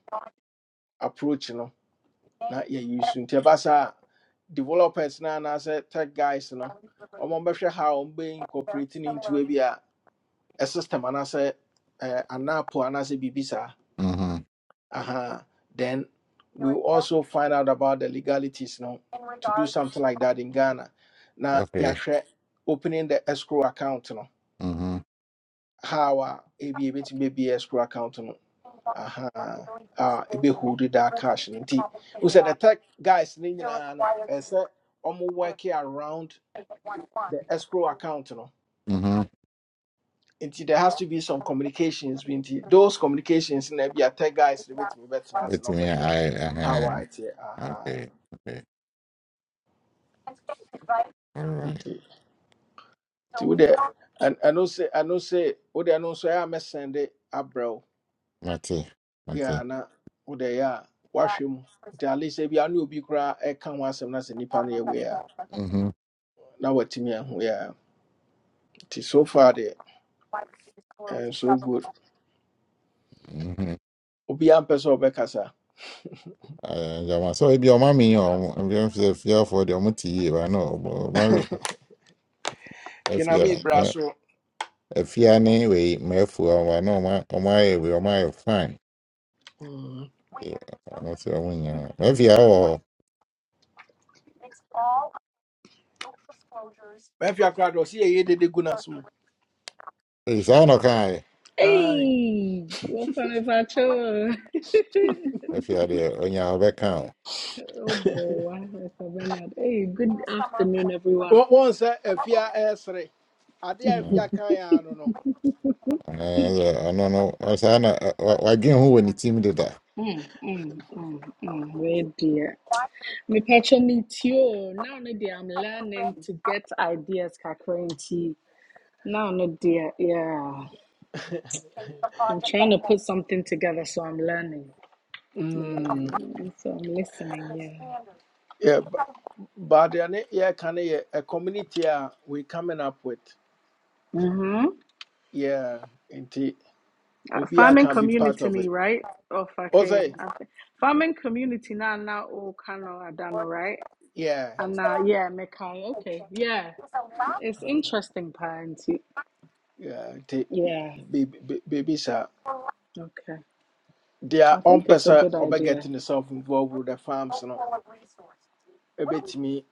Speaker 1: approach no na yɛ use nti ɛba developers na na say tech guys no ɔmo bɛhwɛ how ɔmo incorporating incorporate ne into ebi a a system anaasɛ ɛɛ anapo anaasɛ biribi saa.
Speaker 3: Mm-hmm.
Speaker 1: uh-huh, then we will also find out about the legalities no to do something like that in Ghana. Now
Speaker 3: Okay.
Speaker 1: yahwɛ opening the escrow account no
Speaker 3: Mm-hmm.
Speaker 1: how a ebi to be escrow account no aha uh ebe hold that cash no nti who said the tech guys ne nyinaa no ɛsɛ ɔmo working around the escrow account no
Speaker 3: Mm-hmm.
Speaker 1: nti there has to be some communications bi nti those communications na ebi tech guys ne betumi bɛtena ase
Speaker 3: It's
Speaker 1: na ɔmo
Speaker 3: me.
Speaker 1: bɛhwɛ
Speaker 3: I.
Speaker 1: how
Speaker 3: Uh,
Speaker 1: a ɛteɛ aha
Speaker 3: okay. Okay. All right.
Speaker 1: nti wode I ɛno say I sɛ say. ɛno nso no a mɛsɛnde abrɛ wo
Speaker 3: Mati.
Speaker 1: yɛ Yeah,
Speaker 3: Mati.
Speaker 1: na wode ɛyɛ a woahwɛ mu nti ale sɛ bia ne obi koraa ɛka ho asɛm no sɛ nnipa no yɛ wei a
Speaker 3: Mm-hmm.
Speaker 1: na watumi ahu yɛ a so far de ɛyɛ so good
Speaker 3: Mm-hmm.
Speaker 1: Obi obiaa mpɛ sɛ ɔbɛkasa
Speaker 3: Uh, yeah, so if your mommy or if you're for the muti, I know. But if
Speaker 1: kename
Speaker 3: you're
Speaker 1: bra so
Speaker 3: if you're anyway, my fool, I know my my way, my fine.
Speaker 1: Mm.
Speaker 3: Yeah, I'm not sure when you. If you're all,
Speaker 1: maafia koraa de ɔse yɛyɛ dede gu no so mu
Speaker 3: it's all okay.
Speaker 5: Hey, what's up, Pacho? *laughs*
Speaker 3: If you're the on your back
Speaker 5: Oh boy, Mr. Bernard. Hey, good afternoon, everyone.
Speaker 1: wɔn sɛ afia ɛɛsere ade a afia kan a no no
Speaker 3: Ah, ano no ɔsɛ na wadwen ho wɔ ne tirim deda
Speaker 5: Mm, mm, mm, mm. Where dear? Me Pacho meet you. Now, no dear, I'm learning to get ideas, Kakranti. Now, no dear, yeah.
Speaker 1: *laughs*
Speaker 5: I'm trying to put something together, so I'm learning. I'm
Speaker 1: Mm.
Speaker 5: learning, so I'm listening, yeah.
Speaker 1: But then, yeah, can a community uh, we coming up with?
Speaker 5: Mm-hmm.
Speaker 1: Yeah, indeed.
Speaker 5: Uh,
Speaker 1: Obia
Speaker 5: farming
Speaker 1: can be part
Speaker 5: community
Speaker 1: of
Speaker 5: ni
Speaker 1: it.
Speaker 5: right of okay
Speaker 1: Also,
Speaker 5: I thi- farming community na na o kano adano right
Speaker 1: yeah,
Speaker 5: and now yeah mekai okay yeah it's interesting parenti
Speaker 1: yeah, indeed.
Speaker 5: yeah
Speaker 1: Baby, sir,
Speaker 5: okay
Speaker 1: their
Speaker 5: i
Speaker 1: own
Speaker 5: think it's a
Speaker 1: person
Speaker 5: good
Speaker 1: over
Speaker 5: idea
Speaker 1: getting themselves involved with the farms, you know. A bit me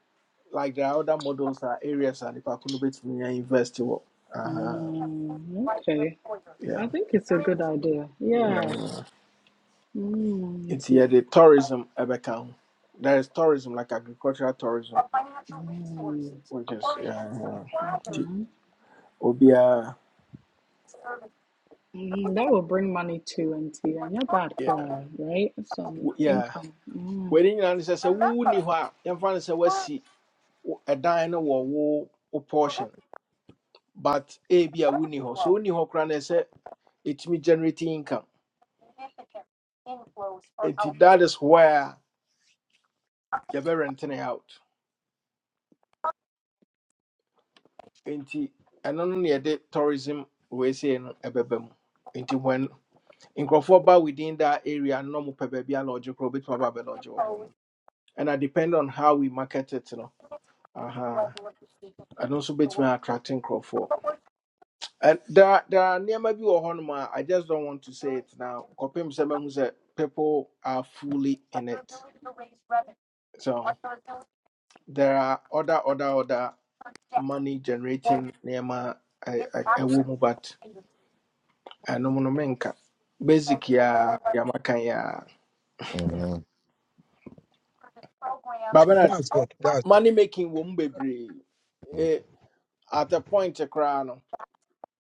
Speaker 1: like the other models are areas and if I could bit me and invest in what. Uh huh.
Speaker 5: mm, okay
Speaker 1: Yeah.
Speaker 5: i think it's a good idea yeah
Speaker 1: Mm.
Speaker 5: mm,
Speaker 1: It
Speaker 5: nti.
Speaker 1: yeah, the tourism ever count. There is tourism like agricultural tourism,
Speaker 5: mm,
Speaker 1: which is yeah. yeah. Nti,
Speaker 5: Hmm.
Speaker 1: Obia
Speaker 5: mm, that will bring money too and and your bad
Speaker 1: Yeah,
Speaker 5: cry right some
Speaker 1: w- yeah.
Speaker 5: income mm.
Speaker 1: Waiting on sɛ sɛ wo ni hɔ a yɛmfa no sɛ woasi wo- ɛdan no wo wo portion but a be a wonni hɔ so wonni hɔ koraa na ɛsɛ sɛ ɛtumi generating income And that is where you're yɛbɛrente it out And ɛno no na yɛde tourism we say, no ɛbɛba mu nti when in ba within that area no na ɔmopɛ baabi a lodge korɔ wobɛtumi aba abɛlodge wɔ hɔ no ɛna depend on how we market it you know. no aha ɛno nso bɛtumi attracting nkurɔfoɔ And there are, there are nearby be a I just don't want to say it now. Kopim Seba who said people are fully in it. So there are other other other money generating nearby a a woman but I no menka. Basic ya yamaka ya.
Speaker 3: Mhm,
Speaker 1: But Bernard,
Speaker 6: That's good. That's
Speaker 1: money making won't womb baby at a point a crown.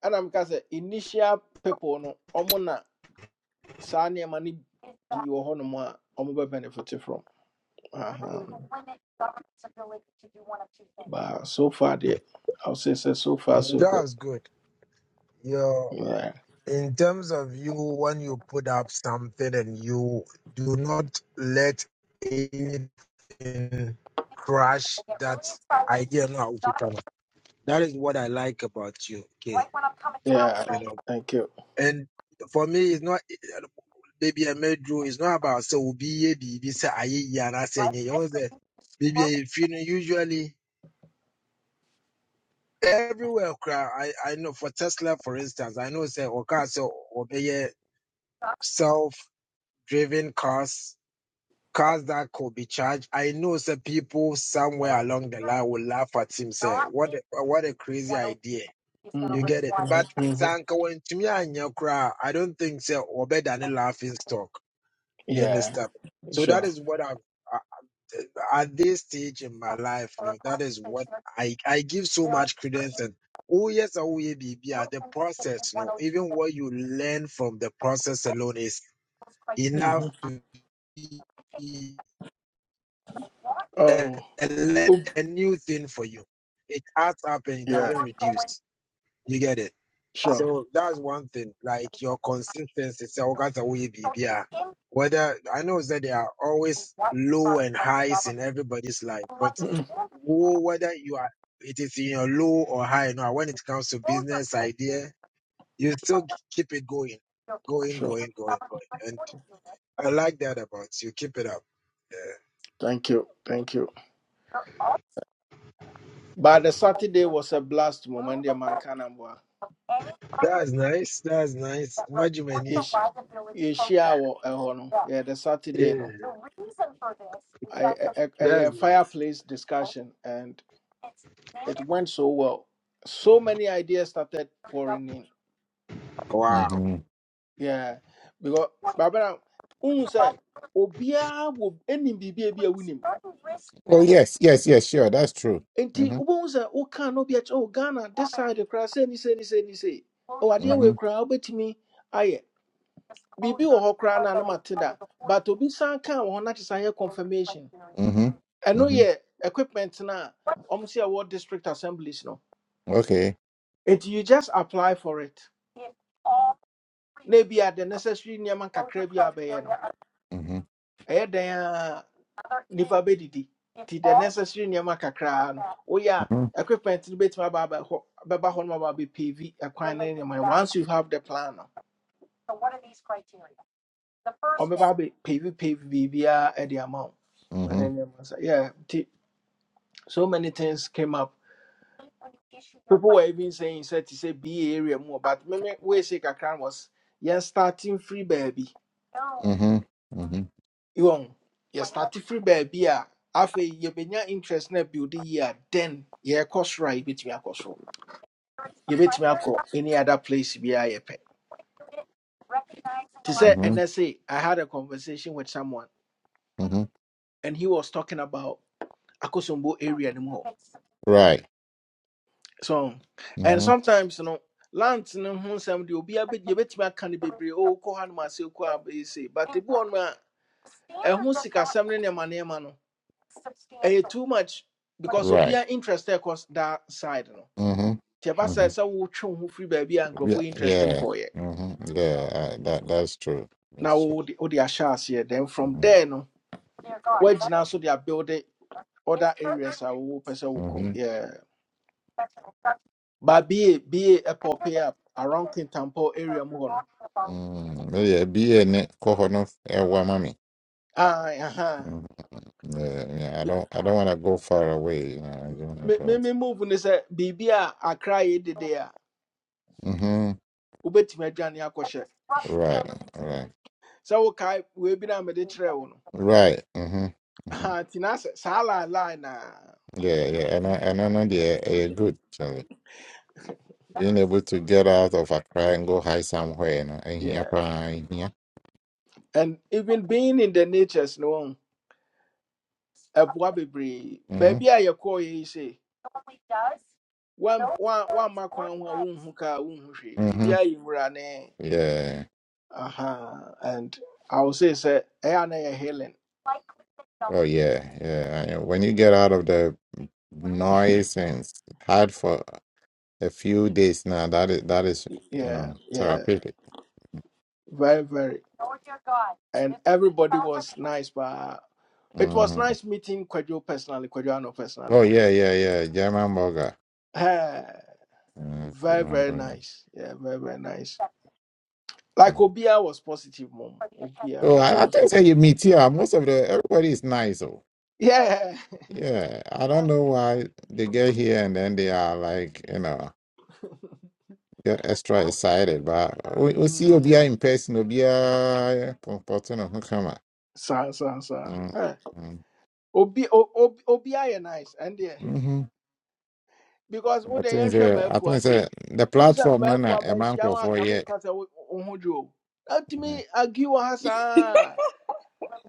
Speaker 1: And I'm kasa initial people no omona sa near money be your honor omoba benefit from. Uh huh. but so far, dear, I'll say so, so far
Speaker 6: good.
Speaker 1: so good.
Speaker 6: That's good. You're,
Speaker 1: Yeah,
Speaker 6: in terms of you, when you put up something and you do not let anything crash that idea, no, I will return it. That is what I like about you. Okay.
Speaker 1: yeah.
Speaker 6: You know,
Speaker 1: Thank you.
Speaker 6: and for me, it's not, maybe I made you, it's not about, so be, be, be, say, I, yeah, I say, you know, the- maybe if you know, usually. everywhere kra- I, I know for tesla for instance i know say okay so obey self-driven cars cars that could be charged i know say people somewhere along the line will laugh at him say what a, what a crazy idea you get it
Speaker 1: Mm-hmm,
Speaker 6: but
Speaker 1: mm-hmm, mm-hmm.
Speaker 6: sanka when to me and your cry, i don't think say obey than a laughing stock you
Speaker 1: Yeah,
Speaker 6: understand so that
Speaker 1: sure.
Speaker 6: is what i've at this stage in my life, you know, that is what I, I give so much credence and oh yes, oh yeah, baby, yeah, the process, you know, even what you learn from the process alone is enough
Speaker 1: Mm-hmm.
Speaker 6: to be a,
Speaker 1: Oh,
Speaker 6: a, le-
Speaker 1: oop,
Speaker 6: a new thing for you. It adds up and it
Speaker 1: yeah,
Speaker 6: doesn't reduce. You get it?
Speaker 1: sure.
Speaker 6: So that's one thing. Like your consistency, sɛ woka sɛ woyɛ biibi whether I know that there are always low and highs in everybody's life, but
Speaker 1: Mm-mm,
Speaker 6: wo- whether you are it is in your low or high now when it comes to business idea, you still keep it going. Going,
Speaker 1: sure.
Speaker 6: going, going, going. And I like that about you. Keep it up. Yeah.
Speaker 1: Thank you, thank you. But the Saturday was a blast moment. The man can
Speaker 6: That's nice. That's nice. Majumeni.
Speaker 1: yɛhyia wɔ ɛhɔ no yɛde saturday
Speaker 6: Yeah,
Speaker 1: no I- ɛ- ɛ-
Speaker 6: that's
Speaker 1: ɛyɛ
Speaker 6: nice.
Speaker 1: fireplace discussion and it went so well so many ideas started pouring in
Speaker 6: Wow.
Speaker 3: mhm.
Speaker 1: Yeah, because Barbara, who say Obia will any BB be a winning.
Speaker 3: oh yes yes yes sure that's true
Speaker 1: And T
Speaker 3: Mhm,
Speaker 1: Ubonza, O can no be at all Ghana, this side the crass, any say, any say, any say. Oh, I dear, we
Speaker 3: mhm,
Speaker 1: cry, bet me. Aye, BB or Hokra, and Matida, but Obi San can or not is a confirmation.
Speaker 3: mhm,
Speaker 1: And no,
Speaker 3: mhm.
Speaker 1: yeah, equipment na almost a ward district assemblies no.
Speaker 3: okay
Speaker 1: And you just apply for it. Maybe at the necessary Niaman Kakrebia Bayano.
Speaker 3: Mhm,
Speaker 1: Eh, there. nipa bɛdidi nti the necessary nneɛma kakra. no woyɛ
Speaker 3: mhm,
Speaker 1: a equipment no bɛtumi aba abɛhɔ bɛba hɔ no ma aba abɛpavy ɛkwan ne nneɛma no once you have the plan no ɔbɛba abɛpavy pavy biribiaa ɛde ama wo ɛne
Speaker 3: mhm,
Speaker 1: nneɛma sa yeah nti so many things came up people were even saying sɛ te sɛ ba area mu wɔ, but meme weesei kakra no was yɛn starting free baabi
Speaker 3: mhm, mhm,
Speaker 1: wɔn yɛ starting free baabi a afei yɛbɛnya interest na build yie a then yɛrekɔ soro a yɛbɛtumi akɔ soro You bet yɛbɛtumi akɔ any other place Be yɛpɛ te To say se
Speaker 3: mhm,
Speaker 1: i say I had a conversation with someone
Speaker 3: mhm.
Speaker 1: and he was talking about akosombo area no mu hɔ
Speaker 3: right
Speaker 1: so and
Speaker 3: Mhm,
Speaker 1: sometimes you no lands no ho nsɛm deɛ obi abɛ- yɛbɛtumi aka no bebree o kɔ ha nom ase kɔ a can be brave oh kohan myself say? but the wɔ no a ɛho sikasɛm no nneɛma nneɛma no ɛyɛ too much because
Speaker 3: right
Speaker 1: obiara interested ɛkɔ that side no
Speaker 3: Mhm,
Speaker 1: nti ɛba sɛ
Speaker 3: mhm.
Speaker 1: sɛ wotwe wo twe ho free baby and
Speaker 3: yeah
Speaker 1: nkurɔfoɔ yi interest
Speaker 3: yeah
Speaker 1: nkɔɔyɛ
Speaker 3: Mhm, yeah uh, that that's true
Speaker 1: Now
Speaker 3: that's true
Speaker 1: wo- wode wode ahyɛ aseɛ then from
Speaker 3: Mm-hmm.
Speaker 1: there no where now so they are building. other areas I will person will call.
Speaker 3: Mm-hmm.
Speaker 1: Yeah. But be be a pop up around Kintampo area more.
Speaker 3: Mm, no, yeah, be in it, Kohono, Wamami.
Speaker 1: Ah, uh-huh.
Speaker 3: Yeah, yeah, I don't,
Speaker 1: Because
Speaker 3: I don't want to go far away. You know, I don't want
Speaker 1: Me
Speaker 3: to do
Speaker 1: me
Speaker 3: it.
Speaker 1: me move ni say bibi a akra de de a
Speaker 3: Mm-hmm.
Speaker 1: ubetimi adwane akɔhyɛ.
Speaker 3: Right, right,
Speaker 1: Sɛ wo kai we bi na me de kyerɛ wo no.
Speaker 3: right. Mm-hmm. Mm-hmm.
Speaker 1: Ah, tina saa la line na.
Speaker 3: Yeah, yeah, and I, and I know they are good. So being able to get out of Accra and go high somewhere, you know, in here,
Speaker 1: Yeah.
Speaker 3: pra- in here.
Speaker 1: And even being in the natures no ɛboa bebree. Baabi
Speaker 3: Mm-hmm.
Speaker 1: a yɛkɔɔ yɛ yi sɛ wan wan wan makwan ho a wonhu ka wonhu hwee.
Speaker 3: Mm-hmm.
Speaker 1: Biribiara yɛ wura ne.
Speaker 3: Yeah.
Speaker 1: Uh-huh. And I would say, say, Ayana healing.
Speaker 3: Oh yeah, yeah. I- When you get out of the noise and it's hard for a few days now. That is that is you
Speaker 1: Yeah,
Speaker 3: know
Speaker 1: yeah,
Speaker 3: therapeutic.
Speaker 1: very, very. And everybody was nice, but it was
Speaker 3: Mm.
Speaker 1: nice meeting Kwadwo personally, Kwadwoano
Speaker 3: Oh
Speaker 1: personally.
Speaker 3: yeah, yeah, yeah. German burger.
Speaker 1: Eh,
Speaker 3: Mm,
Speaker 1: very,
Speaker 3: German
Speaker 1: very
Speaker 3: burger.
Speaker 1: nice. Yeah, very, very nice. Like
Speaker 3: Mm.
Speaker 1: Obia was positive, mom. Obia
Speaker 3: Oh,
Speaker 1: was
Speaker 3: I, I
Speaker 1: positive.
Speaker 3: think say you meet here. Most of the everybody is nice though.
Speaker 1: Yeah. *laughs*
Speaker 3: Yeah, I don't know why they get here and then they are like you know get extra excited. But we we see
Speaker 1: Mm.
Speaker 3: Obia in person. Obia comporting on camera.
Speaker 1: Sa, sa, sa.
Speaker 3: Mm.
Speaker 1: Eh,
Speaker 3: Mm.
Speaker 1: Obi, o, Ob- Obia, you nice. And yeah.
Speaker 3: Mm-hmm.
Speaker 1: because wo
Speaker 3: I
Speaker 1: de
Speaker 3: think
Speaker 1: yɛnhwɛ
Speaker 3: say I
Speaker 1: m'afu
Speaker 3: think say
Speaker 1: ase
Speaker 3: the
Speaker 1: wo sɛ
Speaker 3: platform Nana,
Speaker 1: m'afu
Speaker 3: na a man
Speaker 1: amanhyia wo
Speaker 3: for
Speaker 1: anka
Speaker 3: yet.
Speaker 1: menka sɛ wo wo ho dwo o atumi agi wɔ ha saa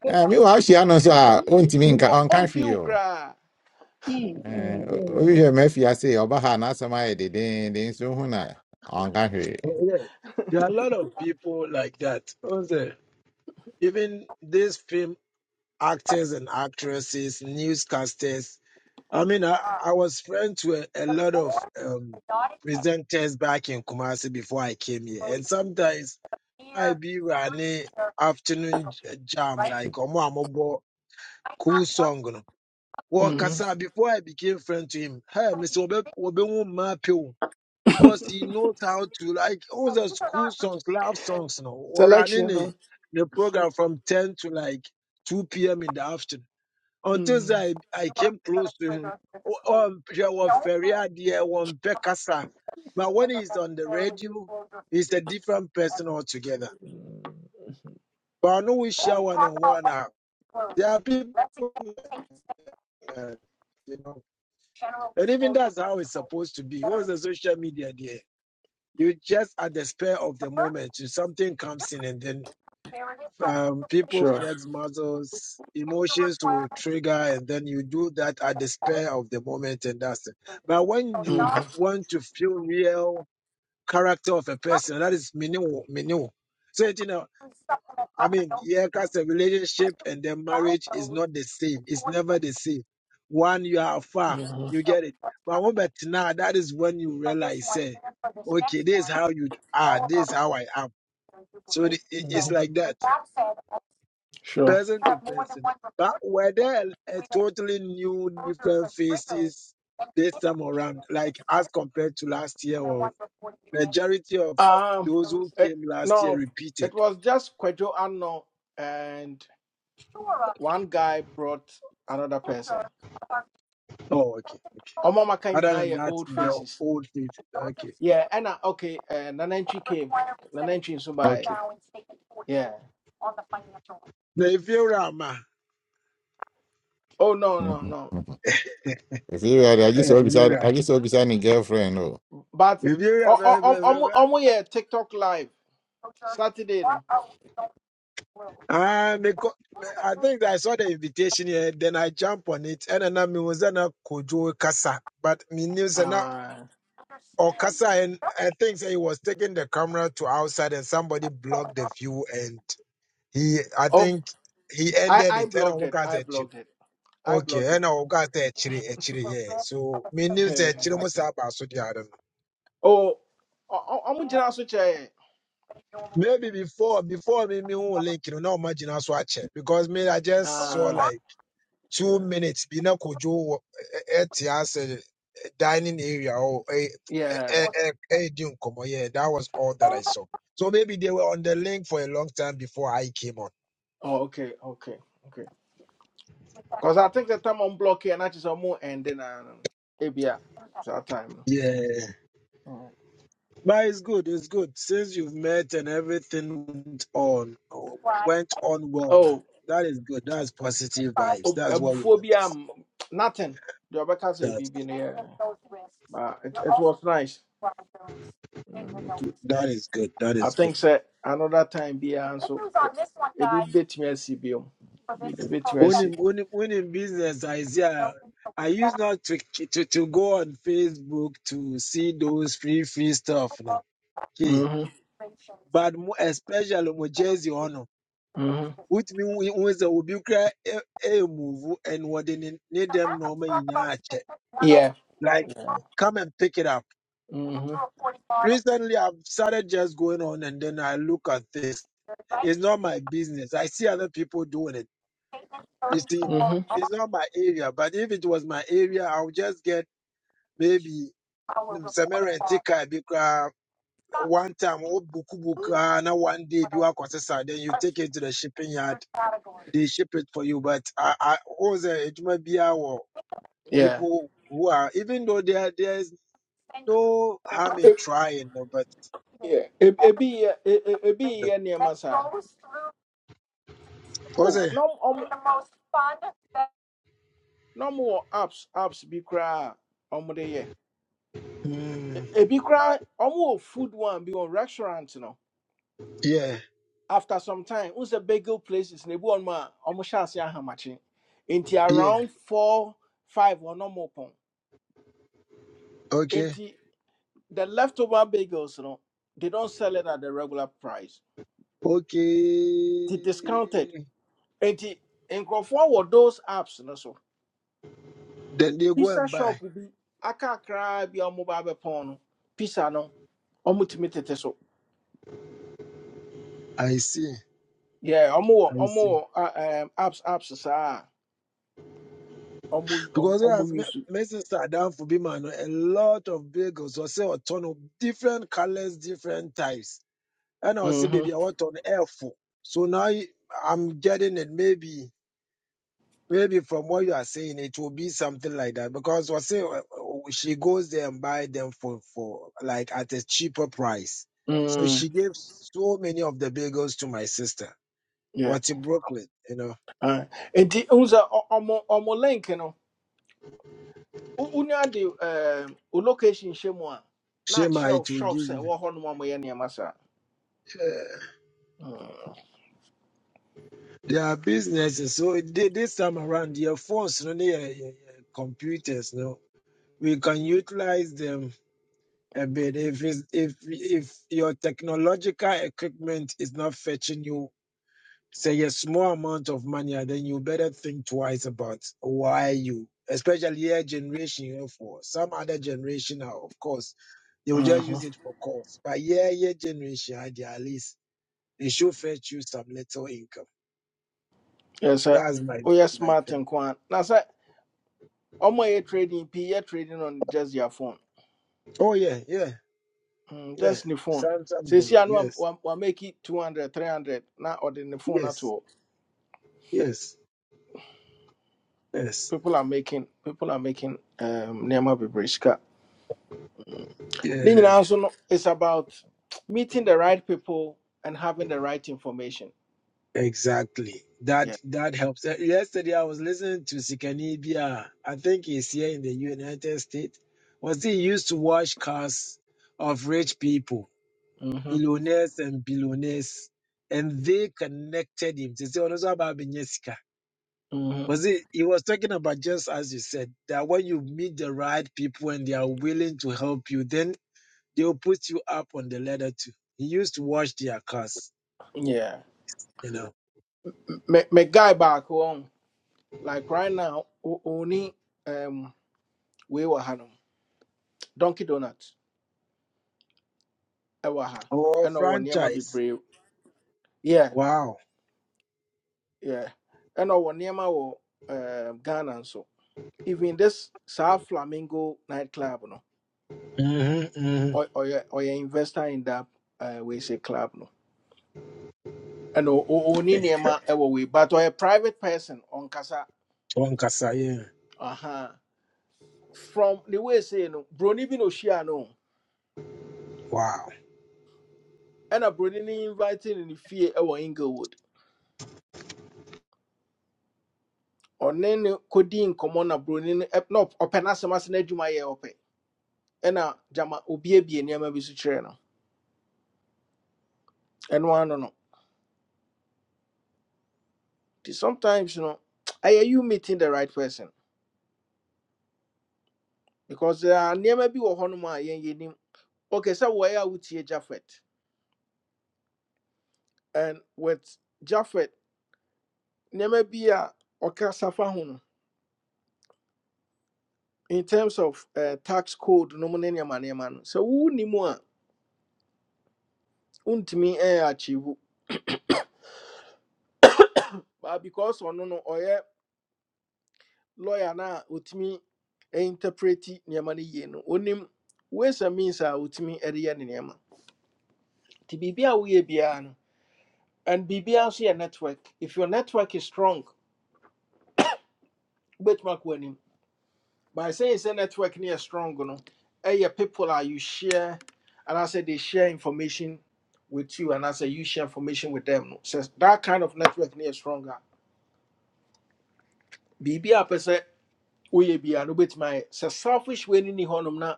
Speaker 3: Eh, meanwhile, she announced her own team in
Speaker 1: Ɔ-
Speaker 3: on
Speaker 1: ɔmfi
Speaker 3: country.
Speaker 1: wo
Speaker 3: Oh,
Speaker 1: koraa
Speaker 5: Mm, mm, mm,
Speaker 3: you may fear say, Obaha, not some idea, then then soon on country.
Speaker 6: Oh, yeah. There are a lot of people like that. Also, even these film actors and actresses, newscasters. I mean, I, I was friends with a lot of um, presenters back in Kumasi before I came here. And sometimes I be running afternoon j- jam, like Omo Amobo, cool song. You know. Well,
Speaker 1: Mm.
Speaker 6: Kasa, before I became friend to him, hey, Mr. Obe, Obe, because he knows how to like all the school songs, love songs now. Or running
Speaker 1: selection
Speaker 6: a
Speaker 1: no
Speaker 6: the program from ten to like two p.m. in the afternoon. Until
Speaker 1: Mm.
Speaker 6: I I came close to him. Oh, oh, there was Feria there, one Pekasa. But when he's on the radio, he's a different person altogether. But I know we share one on one now. There are people, uh, you know, and even that's how it's supposed to be. What's the social media there? you just at the spur of the moment, something comes in, and then um, people
Speaker 1: sure
Speaker 6: flex muscles, emotions will trigger, and then you do that at the spur of the moment, and that's it. But when you
Speaker 1: Mhm.
Speaker 6: want to feel real character of a person, that is minu minu. I mean, yeah, because a relationship and then marriage is not the same. It's never the same. One, you are far,
Speaker 1: Mhm.
Speaker 6: you get it. But what about now, that is when you realize, say, okay, this is how you are, this is how I am. So it- it- it's
Speaker 1: Mhm.
Speaker 6: like that,
Speaker 1: Sure.
Speaker 6: person to person. But were there a totally new, different faces this time around, like as compared to last year, or majority of
Speaker 1: um
Speaker 6: those who
Speaker 1: it,
Speaker 6: came last year
Speaker 1: no
Speaker 6: repeated?
Speaker 1: it was just Kwadwo Ano and one guy brought another person
Speaker 6: Oh, okay.
Speaker 1: ɔma maka
Speaker 6: Other
Speaker 1: nyinaa
Speaker 6: than
Speaker 1: yɛ
Speaker 6: that,
Speaker 1: old
Speaker 6: the
Speaker 1: faces
Speaker 6: old stage. Okay.
Speaker 1: Yeah, and uh, okay, uh, Nanenchi came. Nanenchi in Subai.
Speaker 6: Okay.
Speaker 1: Yeah.
Speaker 6: na eviera ma
Speaker 1: Oh no, no, no.
Speaker 3: If *laughs* you are, I just
Speaker 6: Eh,
Speaker 3: saw
Speaker 6: you're
Speaker 3: beside,
Speaker 6: right.
Speaker 3: I just saw beside my girlfriend. Oh,
Speaker 1: But
Speaker 6: eviera
Speaker 1: oh, oh,
Speaker 6: ve-
Speaker 1: oh,
Speaker 6: ve- ve-
Speaker 1: oh, oh,
Speaker 6: ve-
Speaker 1: oh, yeah, TikTok live Saturday, no.
Speaker 6: ah me co- me- I think I saw the invitation here, then I jump on it, and then I was na kojo kasa, but me knew say na
Speaker 1: Uh,
Speaker 6: or kasa, and I think say he was taking the camera to outside, and somebody blocked the view, and he, I
Speaker 1: oh,
Speaker 6: think he
Speaker 1: I
Speaker 6: ended
Speaker 1: I
Speaker 6: it, and I
Speaker 1: blocked
Speaker 6: look
Speaker 1: it.
Speaker 6: at
Speaker 1: I
Speaker 6: the chin.
Speaker 1: blocked it. I blocked
Speaker 6: Okay,
Speaker 1: it.
Speaker 6: and
Speaker 1: *laughs*
Speaker 6: I got the actually, actually, yeah. So me knew the actually
Speaker 1: Yeah.
Speaker 6: must have also the other.
Speaker 1: oh, oh, oh, oh, oh, so chair.
Speaker 6: Maybe before, before me, me who link, you know, not imagine us watch it because me, I just saw
Speaker 1: Uh,
Speaker 6: like two
Speaker 1: yeah,
Speaker 6: minutes. Be na kojo at the dining area or a
Speaker 1: yeah.
Speaker 6: a a a yeah, that was all that I saw. So maybe they were on the link for a long time before I came on.
Speaker 1: Oh, okay, okay, okay. Cause I think the time I'm blocking, and I just almost ending and then uh, maybe yeah, it's our time.
Speaker 6: Yeah,
Speaker 1: no.
Speaker 6: but it's good. It's good since you've met and everything went on went on well
Speaker 1: Oh.
Speaker 6: now. That is good. That's positive vibes.
Speaker 1: ob-
Speaker 6: That's what we want to see.
Speaker 1: nothing deɛ ɔbɛka sɛ
Speaker 6: That
Speaker 1: biribi no but it, it was nice Mm, nti
Speaker 6: that is good. That
Speaker 1: i
Speaker 6: is good.
Speaker 1: think sɛ another time biara nso yeah, ebi bɛtumi asi biom biribi bɛtumi
Speaker 6: When
Speaker 1: asi
Speaker 6: in, when in, when in business, I see, I, I used not to, to to go on Facebook to see those free free stuff now. Okay,
Speaker 1: Mhm,
Speaker 6: but mo- especially mo Jersey ono.
Speaker 1: mhm.
Speaker 6: Which means when the ubikra a move and what they need need them normal in a check.
Speaker 1: yeah
Speaker 6: Like come and pick it up.
Speaker 1: mhm,
Speaker 6: Recently, I've started just going on and then I look at this. It's not my business. I see other people doing it. You see,
Speaker 1: mhm,
Speaker 6: it's not my area. But if it was my area, I'll just get maybe mm, sɛ take car bi koraa one time wobukubu koraa na one day you bi woakɔsesa then you take it to the shipping yard they ship it for you but I I wo it might be our
Speaker 1: yeah
Speaker 6: people who are even though there there's no harm in
Speaker 1: E-
Speaker 6: trying no but
Speaker 1: yeah. E- be yɛ be e-
Speaker 6: you
Speaker 1: ebi
Speaker 6: know, wo
Speaker 1: oh
Speaker 6: sɛ
Speaker 1: no ɔm no more apps apps be koraa a ɔmo de yɛ E-
Speaker 6: mm,
Speaker 1: ebi koraa food one be on restaurant no
Speaker 6: yeah
Speaker 1: after some time once a bagel places ne bu on ma almost chance ahamachi into
Speaker 6: yeah
Speaker 1: around four five or no more pon
Speaker 6: okay
Speaker 1: into the leftover bagels you know they don't sell it at the regular price they
Speaker 6: okay
Speaker 1: discounted into in conform with those apps no so
Speaker 6: then they go
Speaker 1: pizza
Speaker 6: and buy
Speaker 1: shop will be aka cry be on mobile pon pizza no omo timi tete so
Speaker 6: I see
Speaker 1: yeah omo
Speaker 6: I see
Speaker 1: omo uh, um apps apps saa omo
Speaker 6: Because
Speaker 1: omo
Speaker 6: as
Speaker 1: use
Speaker 6: Messi sat down for Bima, you know, a lot of bagels or say a ton of different colors, different types. And I was say,
Speaker 1: mhm
Speaker 6: baby, I want on air for. So now you- I'm getting it. Maybe, maybe from what you are saying, it will be something like that. Because I say uh, uh, she goes there and buy them for for like at a cheaper price. So
Speaker 1: mm
Speaker 6: she gave so many of the bagels to my sister.
Speaker 1: yeah
Speaker 6: What's in Brooklyn, you know?
Speaker 1: Ah, Enti unza ọmọ ọmọ link no wo- wonya de eh, wo location hyɛ mu a na
Speaker 6: Shema,
Speaker 1: akyerɛw
Speaker 6: it will give
Speaker 1: shops a
Speaker 6: you.
Speaker 1: ɛwɔ hɔ nom a moyɛ nneɛma saa. Mm,
Speaker 6: their businesses. So thi- this time around, your phones, no, your, your, your computers, no, we can utilize them a bit. If it's, if if your technological equipment is not fetching you, say a small amount of money, and then you better think twice about why you, especially your generation, you know, for some other generation, now, of course, they will just
Speaker 1: mhm.
Speaker 6: use it for course. But yeah, your generation, at least, they should fetch you some little income.
Speaker 1: Yɛ sɛ
Speaker 6: That's my
Speaker 1: woyɛ
Speaker 6: my
Speaker 1: smart
Speaker 6: thing.
Speaker 1: nko a na sɛ ɔmo a ɛyɛ trading pii yɛ trading on just their phone.
Speaker 6: Oh yeah, yeah,
Speaker 1: Mm,
Speaker 6: yeah.
Speaker 1: just ne phone.
Speaker 6: Sam Sam do it.
Speaker 1: Seesia no wam-
Speaker 6: Yes,
Speaker 1: wam- wamake it 200, na ɔde ne phone
Speaker 6: yes,
Speaker 1: ato hɔ.
Speaker 6: yes, yes.
Speaker 1: People are making people are making um, nneɛma bebree sika. Then
Speaker 6: Yeah,
Speaker 1: nyinaa nso no is about meeting the right people and having the right information.
Speaker 6: exactly.
Speaker 1: Yeah.
Speaker 6: That that helps. Uh, Yesterday I was listening to Sikanibia. I think he's here in the United States. Was he used to wash cars of rich people,
Speaker 1: Mhm.
Speaker 6: millionaires and billionaires, and they connected him. They say, "Oh, no, so about Ababenjesika."
Speaker 1: Mhm.
Speaker 6: was it? He was talking about just as you said that when you meet the right people and they are willing to help you, then They'll put you up on the ladder too. He used to wash their cars,
Speaker 1: Yeah.
Speaker 6: you know.
Speaker 1: Me me guy back on like right now o- only um we were hanum Donkey Donuts ɛwɔ ha
Speaker 6: Oh,
Speaker 1: ɛna ɔwɔ be
Speaker 6: franchise.
Speaker 1: brave. Yeah.
Speaker 6: Wow.
Speaker 1: Yeah. Ɛna ɔwɔ nneɛma wɔ um Ghana so Even this South Flamingo nightclub no
Speaker 6: Mm-hmm, mm-hmm.
Speaker 1: or or ɔyɛ investor in that uh, we say club no. And o- o- ɔnni
Speaker 6: It's, uh,
Speaker 1: nneɛma ɛwɔ wei but ɔyɛ private person ɔnkasa
Speaker 6: One Kasaye.
Speaker 1: aha from the way say no broni bi na ohyia no
Speaker 6: Wow.
Speaker 1: ɛna broni no invite no ne fie ɛwɔ inglewood ɔne ne kɔdi nkɔmmɔ na broni no ɛp- na ɔp- ɔpɛ n'asɛm ase n'adwuma yɛ ɔpɛ ɛna gyama obiebie nneɛma bi so no ɛno ano no no. nti sometimes no ɛyɛ you meeting the right person because there are nneɛma bi wɔ hɔnom a yɛn okay so wɔyɛ a wotie Jaffet and with Jaffet. nneɛma bi a ɔka safa ho no in terms of uh, tax code no mu ne nneɛma nneɛma no sɛ wonni mu a wontumi ɛyɛ akyewu but because ɔno no ɔyɛ lawyer no a ɔtumi interpreti nneɛma no yie no onim ways and means a ɔtumi de yɛ ne nneɛma nti biribi a woyɛ biara no and biribiara nso yɛ network if your network is strong wobɛtumi akɔ anim by saying it's a network near strong no eh people are you share and i say they share information with you and i say you share information with them no says that kind of network near stronger bb a pese we be an bit my say selfish way ni honum na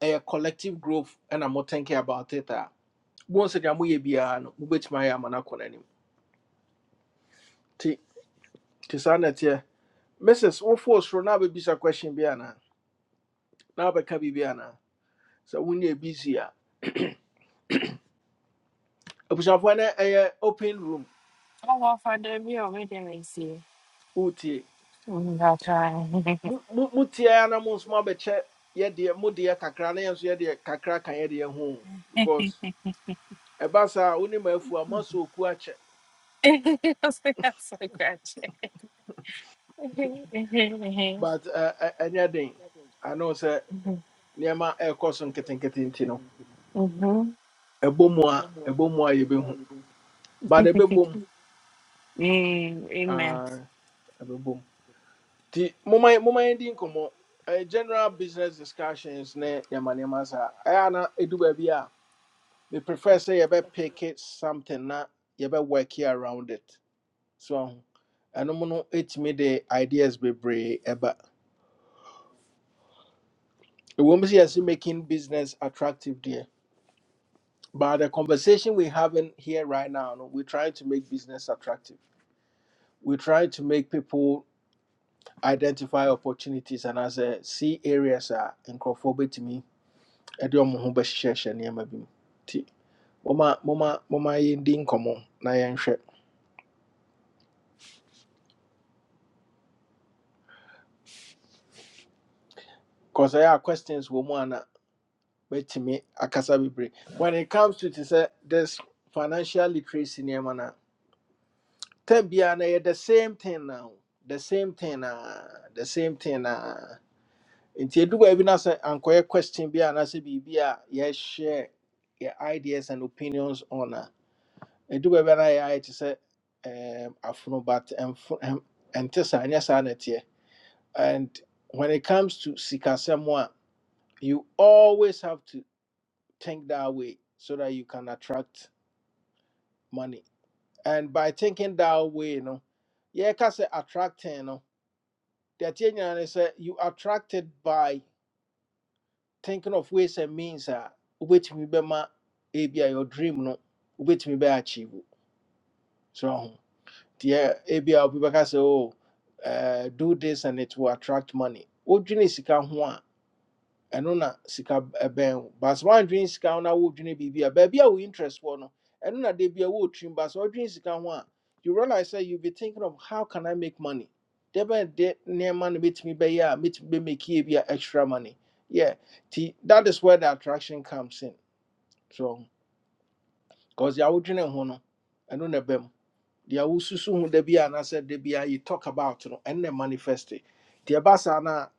Speaker 1: a collective growth and i'm not thinking about it ah bon say am we be an bit my am na kona nim ti ti sanet mrs wo force na be bisa question bi ana na be ka bi bi so we need busy ah abushafo na eh open room
Speaker 7: I'll walk on the view over there and see.
Speaker 1: wotie
Speaker 7: Mm, I'll try.
Speaker 1: motiaa na mo nso mabɛkyɛ yɛdeɛ mo deɛ kakra na yɛnso yɛdeɛ kakra ka yɛdeɛ ho because ebasa saa wo ne ma afu
Speaker 7: *laughs* I was like, that's so Gretchen. *laughs* Mhm.
Speaker 1: but ɛ- ɛ- ɛnyɛ den ano sɛ nneɛma ɛrekɔ so nketenkete nti no
Speaker 7: Mhm. *laughs* Mhm.
Speaker 1: ɛbɔ mu a ɛbɔ mu a yɛbɛhu but ɛbɛbɔ mu
Speaker 7: Mm, Amen.
Speaker 1: Ah, ɛbɛbɔ mu nti momma yɛ- momma Eh, general business discussions ne nneɛma nneɛma saa ɛyɛ na ɛdu baabi a me prefer say you better pick it something na you better work here around it so and um no it me the ideas be brave Ever, it won't see us making business attractive there but the conversation we're having here right now no, we're trying to make business attractive we're trying to make people identify opportunities and as a see areas are nkurɔfoɔ to me ɛde ɔmo ho bɛhyehyɛhyɛ nneɛma bi mu nti moma moma moma yɛndi nkɔmmɔ na yɛnhwɛ Cause ɛyɛ a questions wɔ mu ana Wait me akasa when it comes to te sɛ this financial literacy nneɛma no a no the same thing now the same thing na the same thing na nti you do no sɛ ankɔyɛ question bi anaasɛ biribi a yes, share your ideas and opinions on a ɛdu do no yɛayɛ te say, um, afono but and and ɛnte saa ɛnyɛ saa and when it comes to sikasɛm a you always have to think that way so that you can attract money. And by thinking that way, you know, yeah, can say attracting, you know, the thing is you attracted by thinking of ways and means that which me be ma ebi your dream no, which me be achieve. So yeah, ebi a people can say oh, uh, do this and it will attract money. Odwene sika ho a ɛno na sika b- ɛbɛn wo bas woandwene sika ho na wodwene biribi a baabi a wo interest wɔ no ɛno na da bia wo trim. bas wɔdwene sika ho a you realize that you be thinking of how can i make money da bɛn de nneɛma no mɛtumi bɛyɛ a mɛtumi bɛmɛkie bi a extra money yeah nti that is where the attraction comes in so because deɛ wodwene ho no ɛno na ɛbɛm deɛ wosusu ho da bi a anaasɛ da bi a you talk about no ɛno na manifest nti ɛba saa no a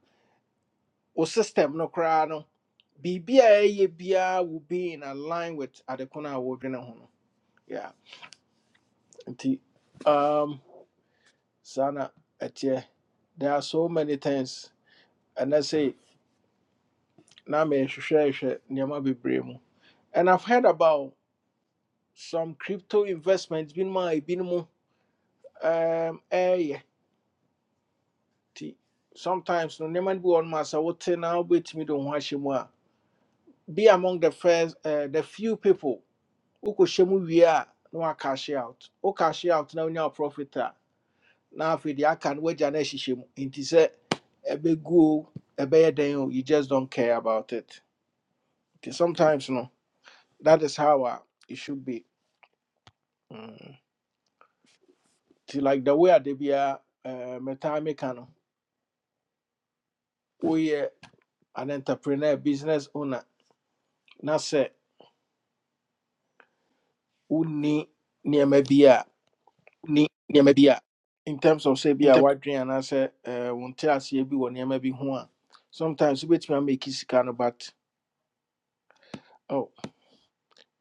Speaker 1: wo system no koraa no biribi a ɛyɛ biara will be in align with ade ko no a wɔdwene ho no yeah nti um saa na ɛteɛ there are so many things and I say na mehwehwɛhwɛ nneɛma bebree mu and i've heard about some crypto investments binom a ebinom um, ɛɛyɛ nti sometimes no nneɛma no bi wɔ no sɛ wote na wobɛtumi de wo ho ahyɛ mu a be among the first uh, the few people wokɔhyɛ mu wie a na cash out Oh, cash out na wonya wo profit Now, afei deɛ aka no woagya no ahyehyɛ mu nti sɛ ɛbɛgu o ɛbɛyɛ dɛn you just don't care about it nti sometimes no that is how a it should be Mm. nti like the way a be a eh, metaa meka no woyɛ an entrepreneur business owner Now, say, wonni nneɛma bi a
Speaker 8: ni nneɛma bi a
Speaker 1: in terms of say be a
Speaker 8: ntam
Speaker 1: woadwen anaasɛ eh, wo nteaseɛ bi wɔ nneɛma bi ho a sometimes wobɛtumi ameki sika no but oh,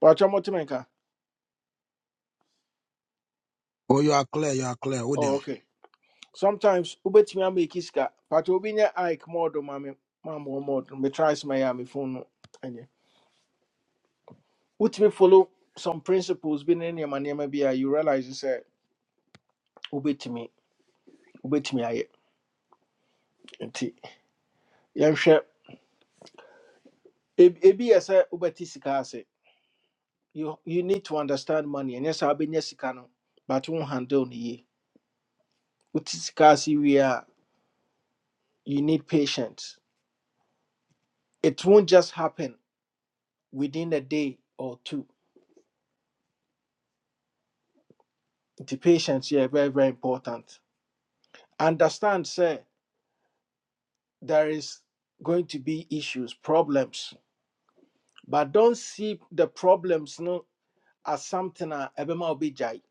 Speaker 1: wɔatwa mɔtemi nka
Speaker 6: Oh, you are clear. You are clear. With
Speaker 1: oh,
Speaker 6: them.
Speaker 1: okay sometimes wobɛtumi ama ɛki sika but obi nyɛ ike mɔdo ma me ma mɔ mɔdo metry sɛ mayɛ a me try my phone no ɛnyɛ wotumi follow some principles bi ne nneɛma nneɛma bi a you realise say, wobɛtumi wobɛtumi ayɛ nti yɛnhwɛ Eb- ebi yɛ sɛ wobɛte sika ase you, you need to understand money ɛnyɛ sɛ wobɛnya sika no but wo handle no yie wote sika ase wie a you need patience it won't just happen within a day or two nti patience yɛ very very important understand say there is going to be issues problems but don't see the problems no as something a ebema obijai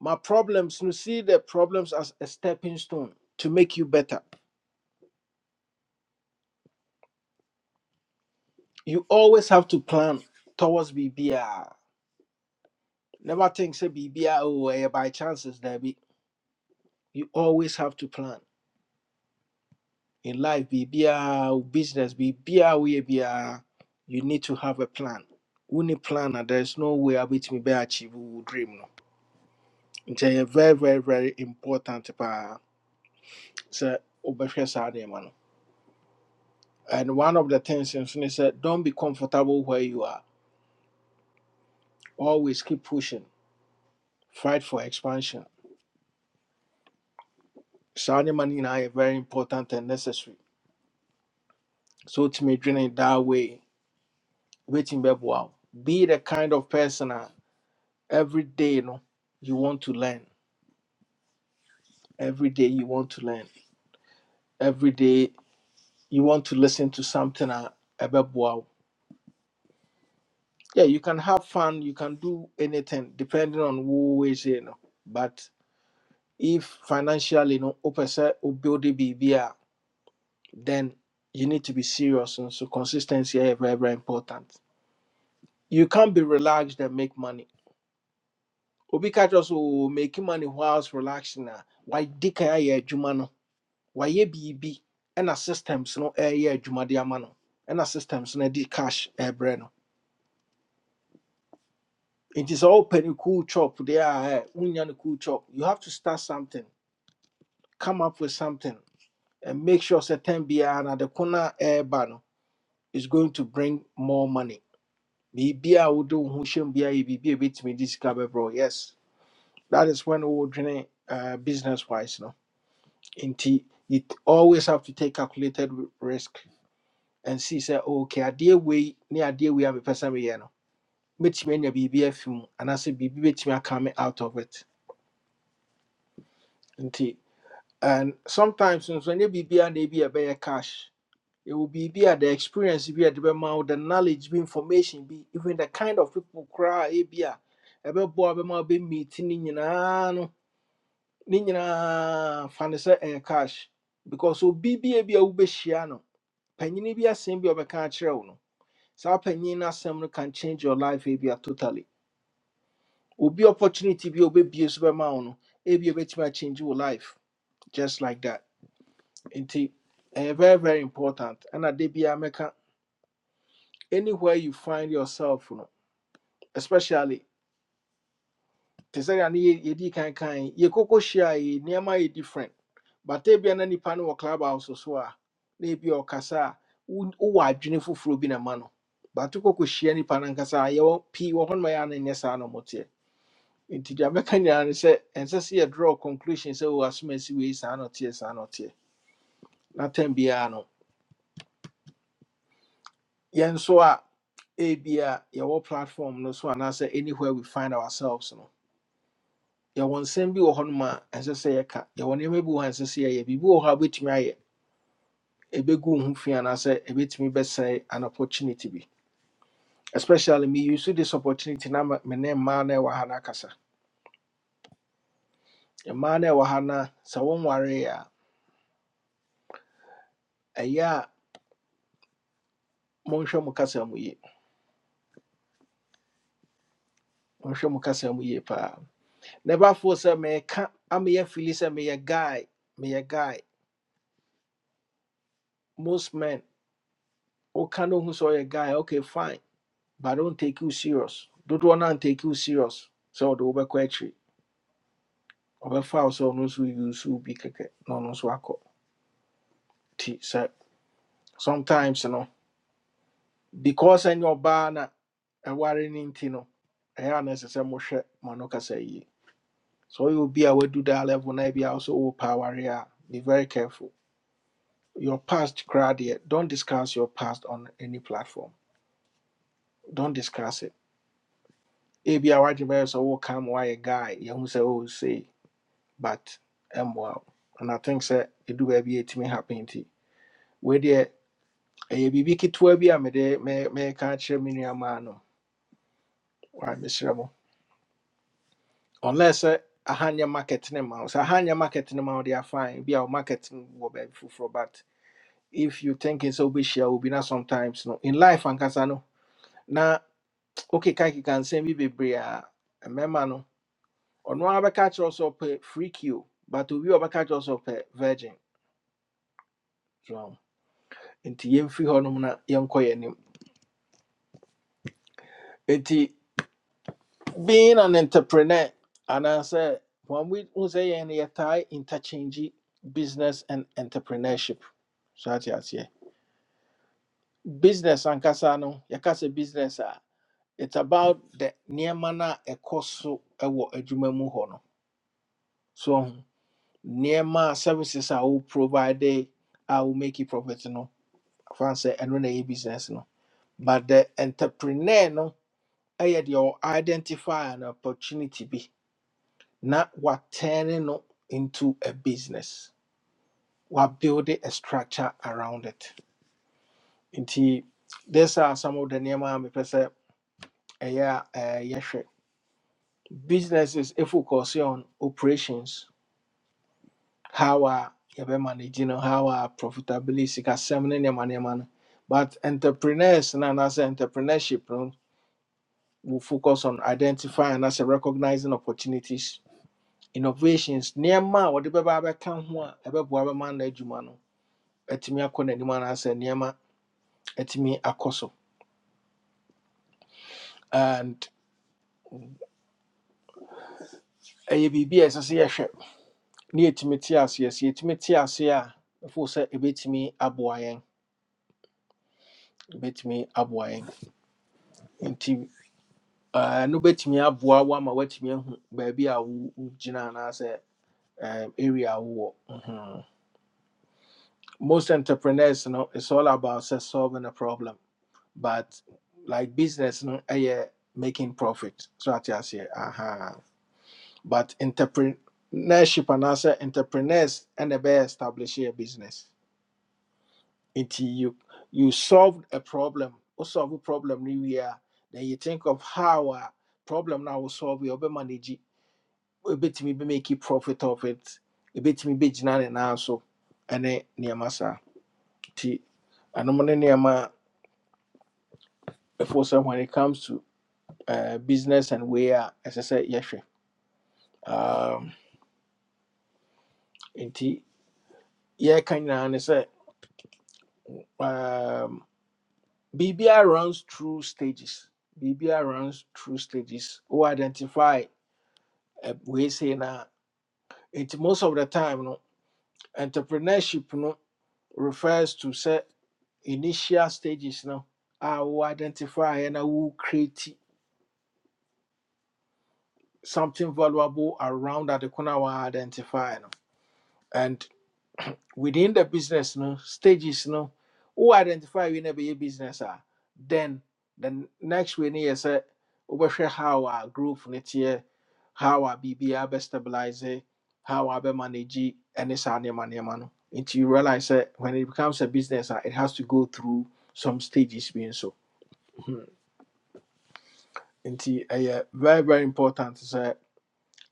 Speaker 1: my problems no see the problems as a stepping stone to make you better you always have to plan towards bbr never think say bbr oh eh, by chances there be you always have to plan in life biribiara wo business biribiara woyɛ biara you need to have a plan wonni plan a there is no way a me be achieve wo dream no it's a very very very important paa So, wobɛhwɛ saa nneɛma no and one of the things nso ne don't be comfortable where you are always keep pushing fight for expansion saa nneɛma no nyinaa very important and necessary so to wotumi dwene that way waiting be wo be the kind of person a every day no you want to learn every day you want to learn every day you want to listen to something uh, about wow yeah you can have fun you can do anything depending on who is you know but if financially you know opposite or build a B B R, then you need to be serious and so consistency is very very important you can't be relaxed and make money obi catch us making money whilst relaxing nah. why dick I hear wayɛ biribi ɛna systems no ɛyɛ adwuma de ama no ɛna systems no de cash ɛbrɛ no It is sɛ wopɛ no cool chop deɛ a ɛ, wonya no cool chop you have to start something come up with something and make sure sɛ tɛn biara na de ko no a no is going to bring more money biribi a wode wo do ho hyɛm biara yɛ biribi a ɛbɛtumi de sika bɛbrɛ wo. yes that is when we wodwene uh, business wise no nti it always have to take calculated risk and see sɛ okay Idea we, wei idea we have a mepɛ sɛ meyɛ no mɛtumi anya biribi afi mu anaasɛ biribi bɛtumi aka me out of it nti and sometimes nso anya bibi and biribiara na ebi ɛbɛyɛ cash it ɛwɔ biribi a the experience bi a ɛde bɛma wo the knowledge bi information bi even the kind of people koraa ebi a ɛbɛboa bɛma wobɛmeet ne nyinaa no ne nyinaa fa ne sɛ cash because obi bi a bi be wobɛhyia no panyini bi asɛm bi obeka a ɔbɛka akyerɛ wo no saa panyin no asɛm no can change your life ebia totally obi opportunity bi a obɛbie so bɛma wo no ebia obɛtumi change your life just like that nti ɛyɛ very very important ɛna da biara mɛka anywhere you find yourself no especially te sɛ deɛ ne yɛ- yɛdii kan kan yɛkɔkɔ hyia yi nneɛma yɛ different but ebia na nipa no wɔ club house so a na ebia ɔkasa a wo- wowɔ adwene foforɔ bi na ma no but wokɔkɔhyia nipa no ankasa a yɛwɔ pii wɔ hɔ no ma yɛ a na ɛnyɛ saa na ɔmo teɛ. nti deɛ mɛka nyinaa ne sɛ ɛnsɛ sɛ yɛdraw conclusion sɛ wɔ asomasi wei saa na ɔteɛ saa na ɔteɛ na tam biara no yɛn so a ebia yɛwɔ platform no so anaasɛ anywhere we find ourselves no yɛwɔ nsɛm bi wɔ hɔnom a ɛnsɛ sɛ yɛka yɛwɔ nneɛma bi wɔ hɔ a ɛnsɛ sɛ yɛyɛ biribi wɔ hɔ a wobɛtumi ayɛ ɛbɛgu wo ho fi anaasɛ ɛbɛtumi bɛsɛe an opportunity bi especially me use this opportunity na me ne ma no ɛwɔ ha no akasa mmaa no ɛwɔ ha no a, sɛ wɔnwareeɛ a ɛyɛ a mo kasa mu ye. nhwɛ mo kasa mu yie paa na ɛbaafoɔ sɛ meka ameyɛ fili sɛ meyɛ guy meyɛ guy most men woka no hu sɛ ɔyɛ guy okay fine but I don't take you serious Don't wanna take you serious So the over akyiri over wo so ɔno nso use wo bi kɛkɛ No, ɔno nso akɔ nti sɛ sometimes you know, because ɛnyɛ ɔbaa na ɛware no nti no ɛyɛ a na ɛsɛ sɛ mohwɛ ma no so you be a we do that level na ebi a wo sɛ be very careful Your past koraa don't discuss your past on any platform. Don't discuss it. Ebi a wadwene bɛyɛ come why a guy, You yɛhu sɛ say, but ɛmmoa wo. And I think sɛ ɛdu baabi a ɛtumi happen nti. Wei deɛ, ɛyɛ biribi ketewa bi a mede me- meka kyerɛ me nuamaa no. Why, mesrɛ mo. Unless sɛ ahanyɛ market ne ma So Sɛ ahanyɛ market ne ma wo are fine. Be our wo market no be full foforɔ but if you thinking sɛ wobɛhyia be na sometimes no, in life ankasa no, Na wokeka nsɛm bi bebree a mmarima no ɔno ara bɛka kyerɛ sɛ free kill but obi a ɔbɛka kyerɛ sɛ ɔpɛ virgin so nti yɛmfiri hɔnom na yɛnkɔ yɛn anim being an entrepreneur anaasɛ wɔn wi hu sɛ yɛn no yɛtae interchange business and entrepreneurship so ate aseɛ business ankasa no yɛka business a it's about the nneɛma no a ɛkɔ so wɔ adwuma mu hɔ no so nneɛma a services I will provide I will make you profit no fan sɛ ɛno na ɛyɛ business no but the entrepreneur no I had ɔ identify an opportunity Be not what turning no into a business what building a structure around it nti these are some of the nneɛma i mepɛ sɛ ɛyɛ a eh, yɛhwɛ businesses ɛfocus on operations how a yɛbɛ manage you know, how a profitability sikasɛm ne nneɛma nneɛma no but entrepreneurs no anaasɛ entrepreneurship no will focus on identifying anaasɛ recognizing opportunities innovations nneɛma what wɔde bɛba abɛka ho a ɛbɛboa bɛma no adwuma no atumi akɔ n'anim as nneɛma atumi akɔ so and ɛyɛ biribi a ɛsɛ sɛ yɛhwɛ ne yɛtumi te aseɛ sɛ yɛtumi te ase a ɛfo sɛ ɛbɛtumi aboa yɛn ɛbɛtumi aboa yɛn nti Uh, ɛno bɛtumi aboa wo ama woatumi ahu me a wo- wogyina anaasɛ um, area a Mhm. most entrepreneurs no it's all about say solving a problem but like business no ɛyɛ making profit so I just aseɛ aha but entrepreneurship anaasɛ entrepreneurs and ɛna ɛbɛyɛ establish a business Until you you solved a problem wo solve a problem no wie then you think of how a problem now a wo solve yɛ manage. ebetumi bi make profit of it ebetumi bi gyina ne nan so ɛne nneɛma saa nti ɛnom ne nneɛma a ɛfo when it comes to uh, business and where, as I sɛ yɛhwɛ um, nti yɛreka nyinaa ne sɛ um, biribiara runs through stages biribiara runs through stages wo identify uh, wei sei na nti most of the time no entrepreneurship no refers to say initial stages no a wo identify na wo create something valuable around that the na wa identify no And within the business no stages no who identify we never your business are then the next we need is a how our group next year how our BBR best stabilize it, how our be manage it, and it's our name and name, no until you realize that when it becomes a business ah, it has to go through some stages being so until a very very important is a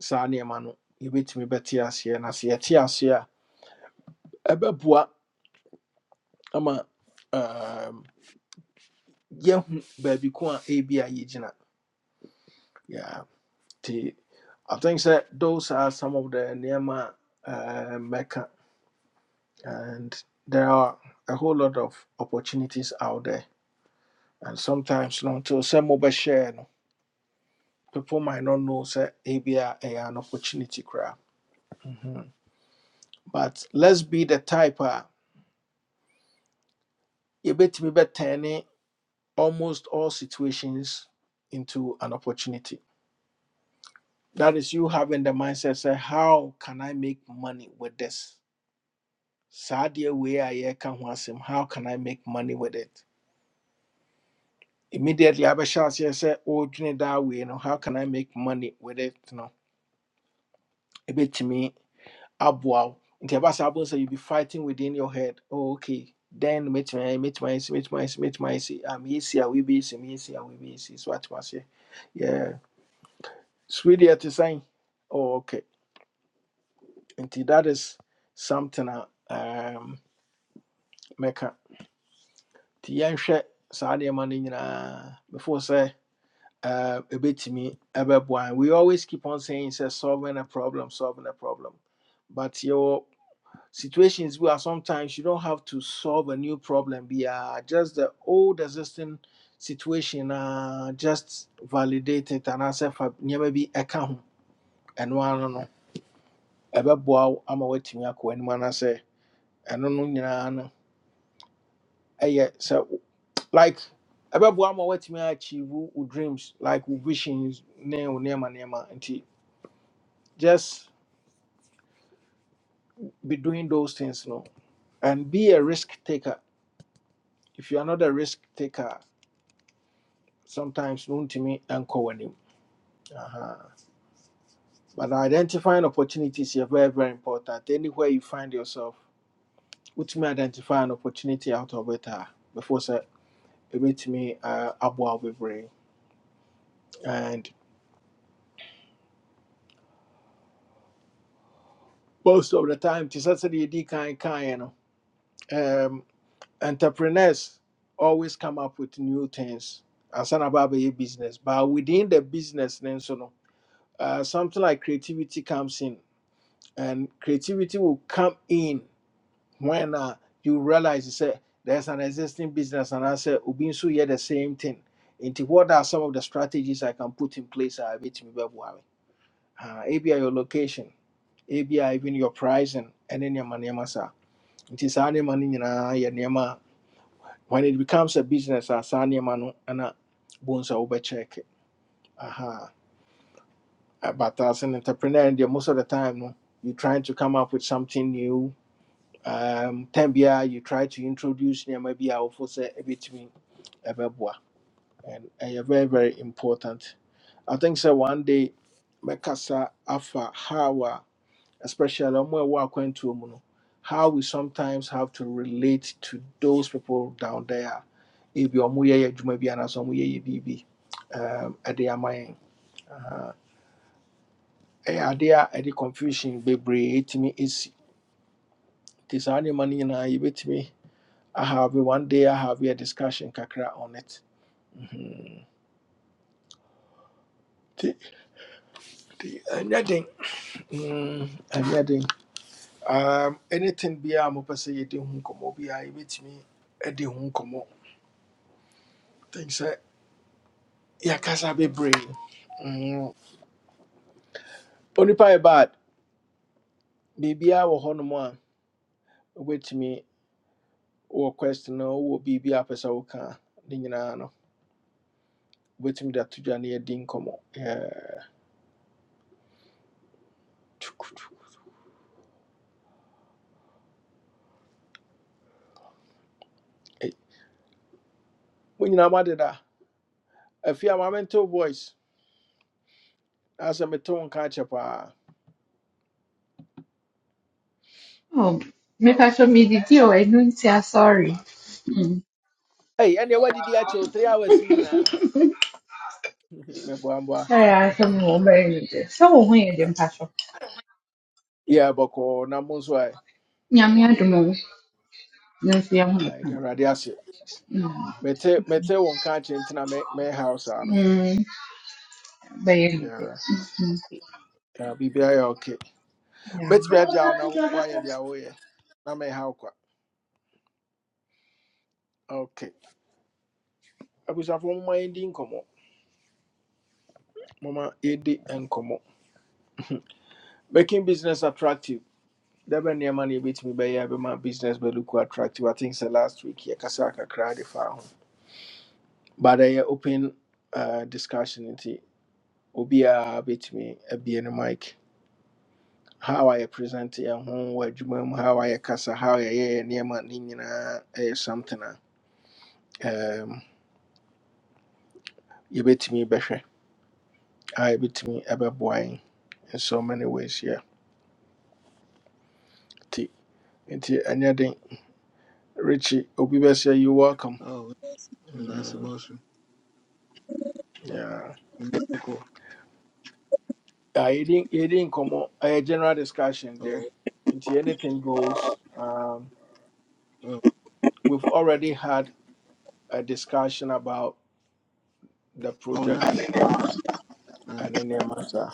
Speaker 1: saa nneɛma no yɛbɛtumi bɛte aseɛ na sɛ yɛte aseɛ a ɛbɛboa ama Yeah, baby, ko A B I ebi yeah. nti i think sɛ those are some of the nneɛma a uh, mɛka and there are a whole lot of opportunities out there and sometimes no nti sɛ mobɛhyɛɛ no people might not know that A B I a an opportunity crowd. but let's be the type of you a yɛbɛtumi turning almost all situations into an opportunity that is you having the mindset say, how can i make money with this saa deɛ wei a yɛreka ho how can i make money with it immediately I abɛhyɛ aseɛ sɛ ɔredwene that way, no how can i make money with it no A bit wo nti ɛba saa bɛhu sɛ you be fighting within your head oh, okay then meet my, meet my, meet my, meet my. mɛtumi ayɛ si ah meyɛ si a easy, si meyɛ si a woebɛyɛ si so atem aseɛ yeah Sweetie, deɛ te sɛn oh, okay nti that is something I um, mɛka nti yɛnhwɛ saa nneɛma no before say. uh, a bit to me a bit why we always keep on saying say solving a problem solving a problem but your situations where sometimes you don't have to solve a new problem be uh, just the old existing situation uh, just validate it and answer for maybe a account and one no about wow i'm away to me when man i say and no nyina no yeah so like about wow i'm me achieve wo- dreams like wo visions name name name and just be doing those things no and be a risk taker if you are not a risk taker sometimes no to me and w'anim Aha. but identifying opportunities is very very important anywhere you find yourself wotumi identify an opportunity out of it a before sɛ ɛbɛtumi uh, aboa wo bebree and most of the time te sɛ sɛdeɛ ɛdi kan kaeɛ no um, entrepreneurs always come up with new things ansa na aba business but within the business ne nso no uh, something like creativity comes in, and creativity will come in when uh, you realize you say there's an existing business, and I say Ubinsu yeah the same thing. Into what are some of the strategies I can put in place? I bet me uh, ABI your location, ABI even your pricing, and then your money masa. It is any money in a When it becomes a business, as any man, and a bones over check. Aha. Uh, But as an entrepreneur, and most of the time, no, you're trying to come up with something new. Um, Tembia, you try to introduce near maybe our force a bit me and a very very important. I think so. One day, mekasa afa how, especially on where we're going to, you how we sometimes have to relate to those people down there. If you're more, you may be an as a more, you be. ɛyɛ adeɛ a ɛde confusion bebree tumi ɛsi nti saa nneɛma no nyinaa yɛbɛtumi ahave one day ahave a discussion kakra on it nti nti ɛnyɛ den Mm, ɛnyɛ den um, anything biaa mopɛ sɛ yɛde ho nkɔmmɔ biaa yɛbɛtumi ɛde ho nkɔmmɔ ten sɛ yɛakasa bebree Mm, onipa yɛ bad biribiaa wɔ hɔnom a wobɛtumi wɔ question no wowɔ biribi a pɛ sɛ woka a, ne nyinaa no wobɛtumi de ato dwa ne yɛdi nkɔmmɔ Yeah. mo nyinaa moadeda afei a maame ntew voice asɛ metew nka akyɛ paa
Speaker 9: Oh, mi faccio mi di Dio e non sia sorry. Mm.
Speaker 1: ei ɛneɛ woadidi akyɛw three hours yi nyinaa meboaboa
Speaker 9: Sorry, I sono un uomo e so un io di impaccio.
Speaker 1: yɛ bɔkɔɔ na mo nso ɛ
Speaker 9: Mia mia di mo, non sia un io.
Speaker 1: ɛde
Speaker 9: Mm,
Speaker 1: mete mete wo nka akyɛ nti na me- mɛhaw saa no
Speaker 9: Mm. beh, io di te.
Speaker 1: Yeah. Yeah, biribiaa yɛ ok mɛtumi agya wo na woayɛ deɛ woyɛ na mɛhaw kwa ok abusuafoɔ moma yɛdi nkɔmmɔ moma yɛdi nkɔmmɔ making business attractive da bɛn nneɛma na yɛbɛtumi bɛyɛ a bɛma business but look attractive i think sɛ last week yɛkasa kakra de faa ho but I open uh, discussion into Obia beat me a be in the mic how a present yɛn ho wɔ adwuma mu how a yɛkasa how yɛyɛ yɛ nneɛma ne nyinaa ɛyɛ something a um, yɛbɛtumi bɛhwɛ a yɛbɛtumi ɛbɛboa yɛn in so many ways yeah nti nti ɛnyɛ den richie obi bɛsɛ you welcome
Speaker 10: Oh, that's
Speaker 1: mm,
Speaker 10: Sebastian.
Speaker 1: yeah.
Speaker 10: Oh,
Speaker 1: Yeah, it didn't, it didn't come on a general discussion there. Into anything goes. Um,
Speaker 10: oh,
Speaker 1: we've already had a discussion about the
Speaker 10: oh, now
Speaker 1: project and any matter.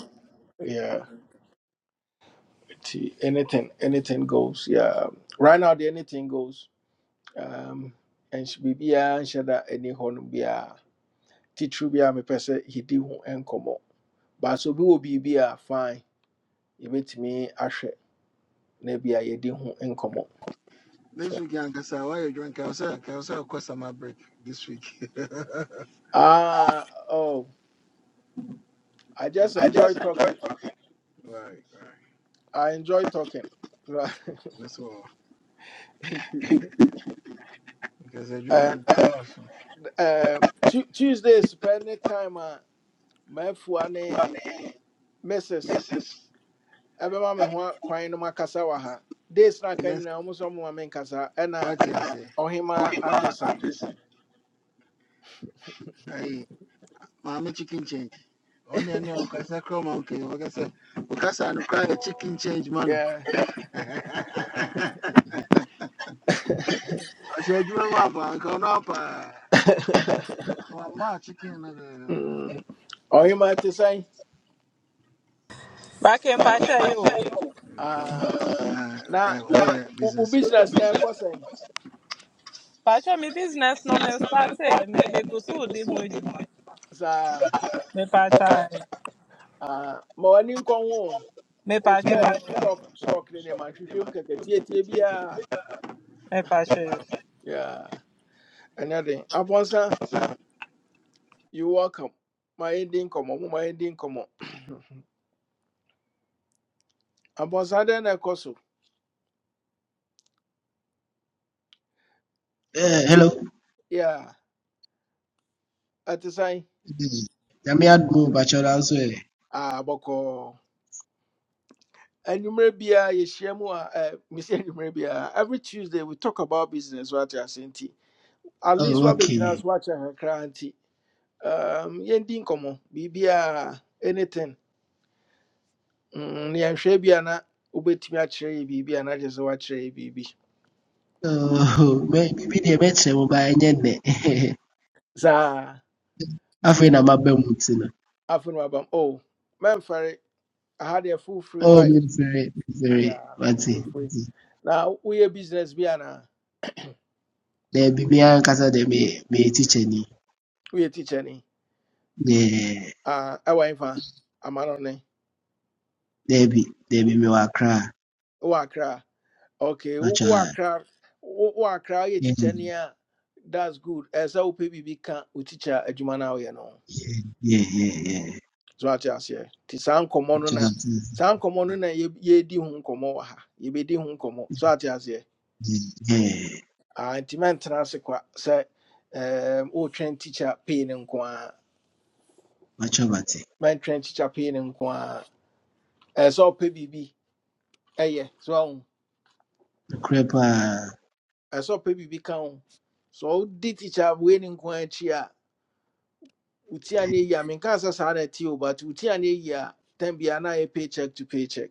Speaker 1: Yeah, nti anything, anything goes. Yeah, right now the anything goes. Um, and she be biya and she any horn biya. Teacher biya me person he di ho enkomo. But so bi will be biya fine. You bet me ashe ne biya ye di ho enkomo. So
Speaker 10: This week, Yanka, sir, why you drink? I'll say, I'll say, I'll cost my break this week.
Speaker 1: ah oh. I
Speaker 10: *laughs*
Speaker 1: just
Speaker 10: I
Speaker 1: enjoy
Speaker 10: just enjoy
Speaker 1: talking.
Speaker 10: talking *laughs* right, right.
Speaker 1: I enjoy talking. *laughs*
Speaker 10: That's all. Because I do
Speaker 1: and
Speaker 10: want about
Speaker 1: um, Tu Tuesday, spending time, uh, my fuane,
Speaker 10: money,
Speaker 1: Mrs.
Speaker 10: Mrs.
Speaker 1: Ebema me ho kwan no makasa wɔ ha. Days na
Speaker 10: to
Speaker 1: ka
Speaker 10: mess.
Speaker 1: nyina ɔmo so ɔmo ma me nkasa ɛna
Speaker 10: What you say?
Speaker 1: ɔhema
Speaker 10: Oyima
Speaker 1: Addison.
Speaker 10: Anderson. Hey, Mama Chicken Change. Only I know, because I come out, okay, like I said, because I cry a chicken change, man.
Speaker 1: Yeah.
Speaker 10: *laughs* I said, you know, Uncle, no,
Speaker 1: *laughs*
Speaker 10: I'm not checking another.
Speaker 1: Mm. Ɔhema te sɛn?
Speaker 11: Back in Pacha, you.
Speaker 1: Ah, na wo wo business na ɛkɔ sɛn?
Speaker 11: Pacha, me business no me start eh. Me me go so di hu ejuma.
Speaker 1: Saa
Speaker 11: Me Pacha, eh.
Speaker 1: ah, ma w'ani nkɔ
Speaker 11: me
Speaker 1: Oh,
Speaker 10: I'm not
Speaker 11: Pacha
Speaker 1: stock,
Speaker 11: you.
Speaker 10: checking.
Speaker 1: stock, stock in them. I Tia, tia, bia.
Speaker 11: me Pacha yo.
Speaker 1: Yeah. Anything. Abonsa, you welcome. My ending come on, my ending come on. Abonsa, then I call so.
Speaker 12: Uh, hello.
Speaker 1: Yeah. At the sign.
Speaker 12: I'm here you're answer.
Speaker 1: Ah, boko. And you may be a yeshiamu, uh, *laughs* Miss and you Every Tuesday we talk about business. What you are saying. At least
Speaker 12: Oh,
Speaker 1: what between
Speaker 12: okay.
Speaker 1: us, what you are cranty. Um, yending come on. Bibia, anything. Mm, yeah, shabby, and I. Ubetimi akyerɛ yɛ biribi anagyɛ sɛ woakyerɛ yɛ biribi
Speaker 12: Oh, maybe they met some by any day.
Speaker 1: saa
Speaker 12: I feel I'm a bemutino. *laughs*
Speaker 1: afei na wabam oh man, Ferry, I had a full free
Speaker 12: Oh,
Speaker 1: wife.
Speaker 12: me very, very,
Speaker 1: yeah
Speaker 12: what's it?
Speaker 1: full free Now, na a business bi anaa
Speaker 12: There be me and Casa de me, me teacher ni.
Speaker 1: a teacher ni
Speaker 12: Yeah,
Speaker 1: Ah, ɛwɔ mfa ama no ne
Speaker 12: there be, there be me wa cry.
Speaker 1: wowɔ akra okay wo-
Speaker 12: But
Speaker 1: kra,
Speaker 12: yeah,
Speaker 1: akra kra. wowɔ a,
Speaker 12: yeah,
Speaker 1: teacher ni a that's good ɛɛ sɛ wopɛ biribi ka wo teacher adwuma no a no
Speaker 12: yeah, yeah.
Speaker 1: so ate aseɛ nti saa nkɔmmɔ no
Speaker 12: Much
Speaker 1: na
Speaker 12: about it.
Speaker 1: saa komo no na ye yɛdi ho nkɔmmɔ wa ha yɛbɛdi ho nkɔmmɔ so ate aseɛ
Speaker 12: Yeah,
Speaker 1: Ah, nti mɛntena ase kwa sɛ ɛɛm, woretwɛn teacher pay no nko ara
Speaker 12: much about it.
Speaker 1: train teacher pay no nko ara ɛɛ sɛ ɔpɛ biribi ɛyɛ so ahu
Speaker 12: Crepa.
Speaker 1: ɛɛ sɛ ɔpɛ biribi ka ho sɛ ɔdi teacher wei no nko ara akyi a wo ti a na a menka sɛ saa na ɛte o but wo ti a na eyi a tɛn bi na ayɛ paycheck to paycheck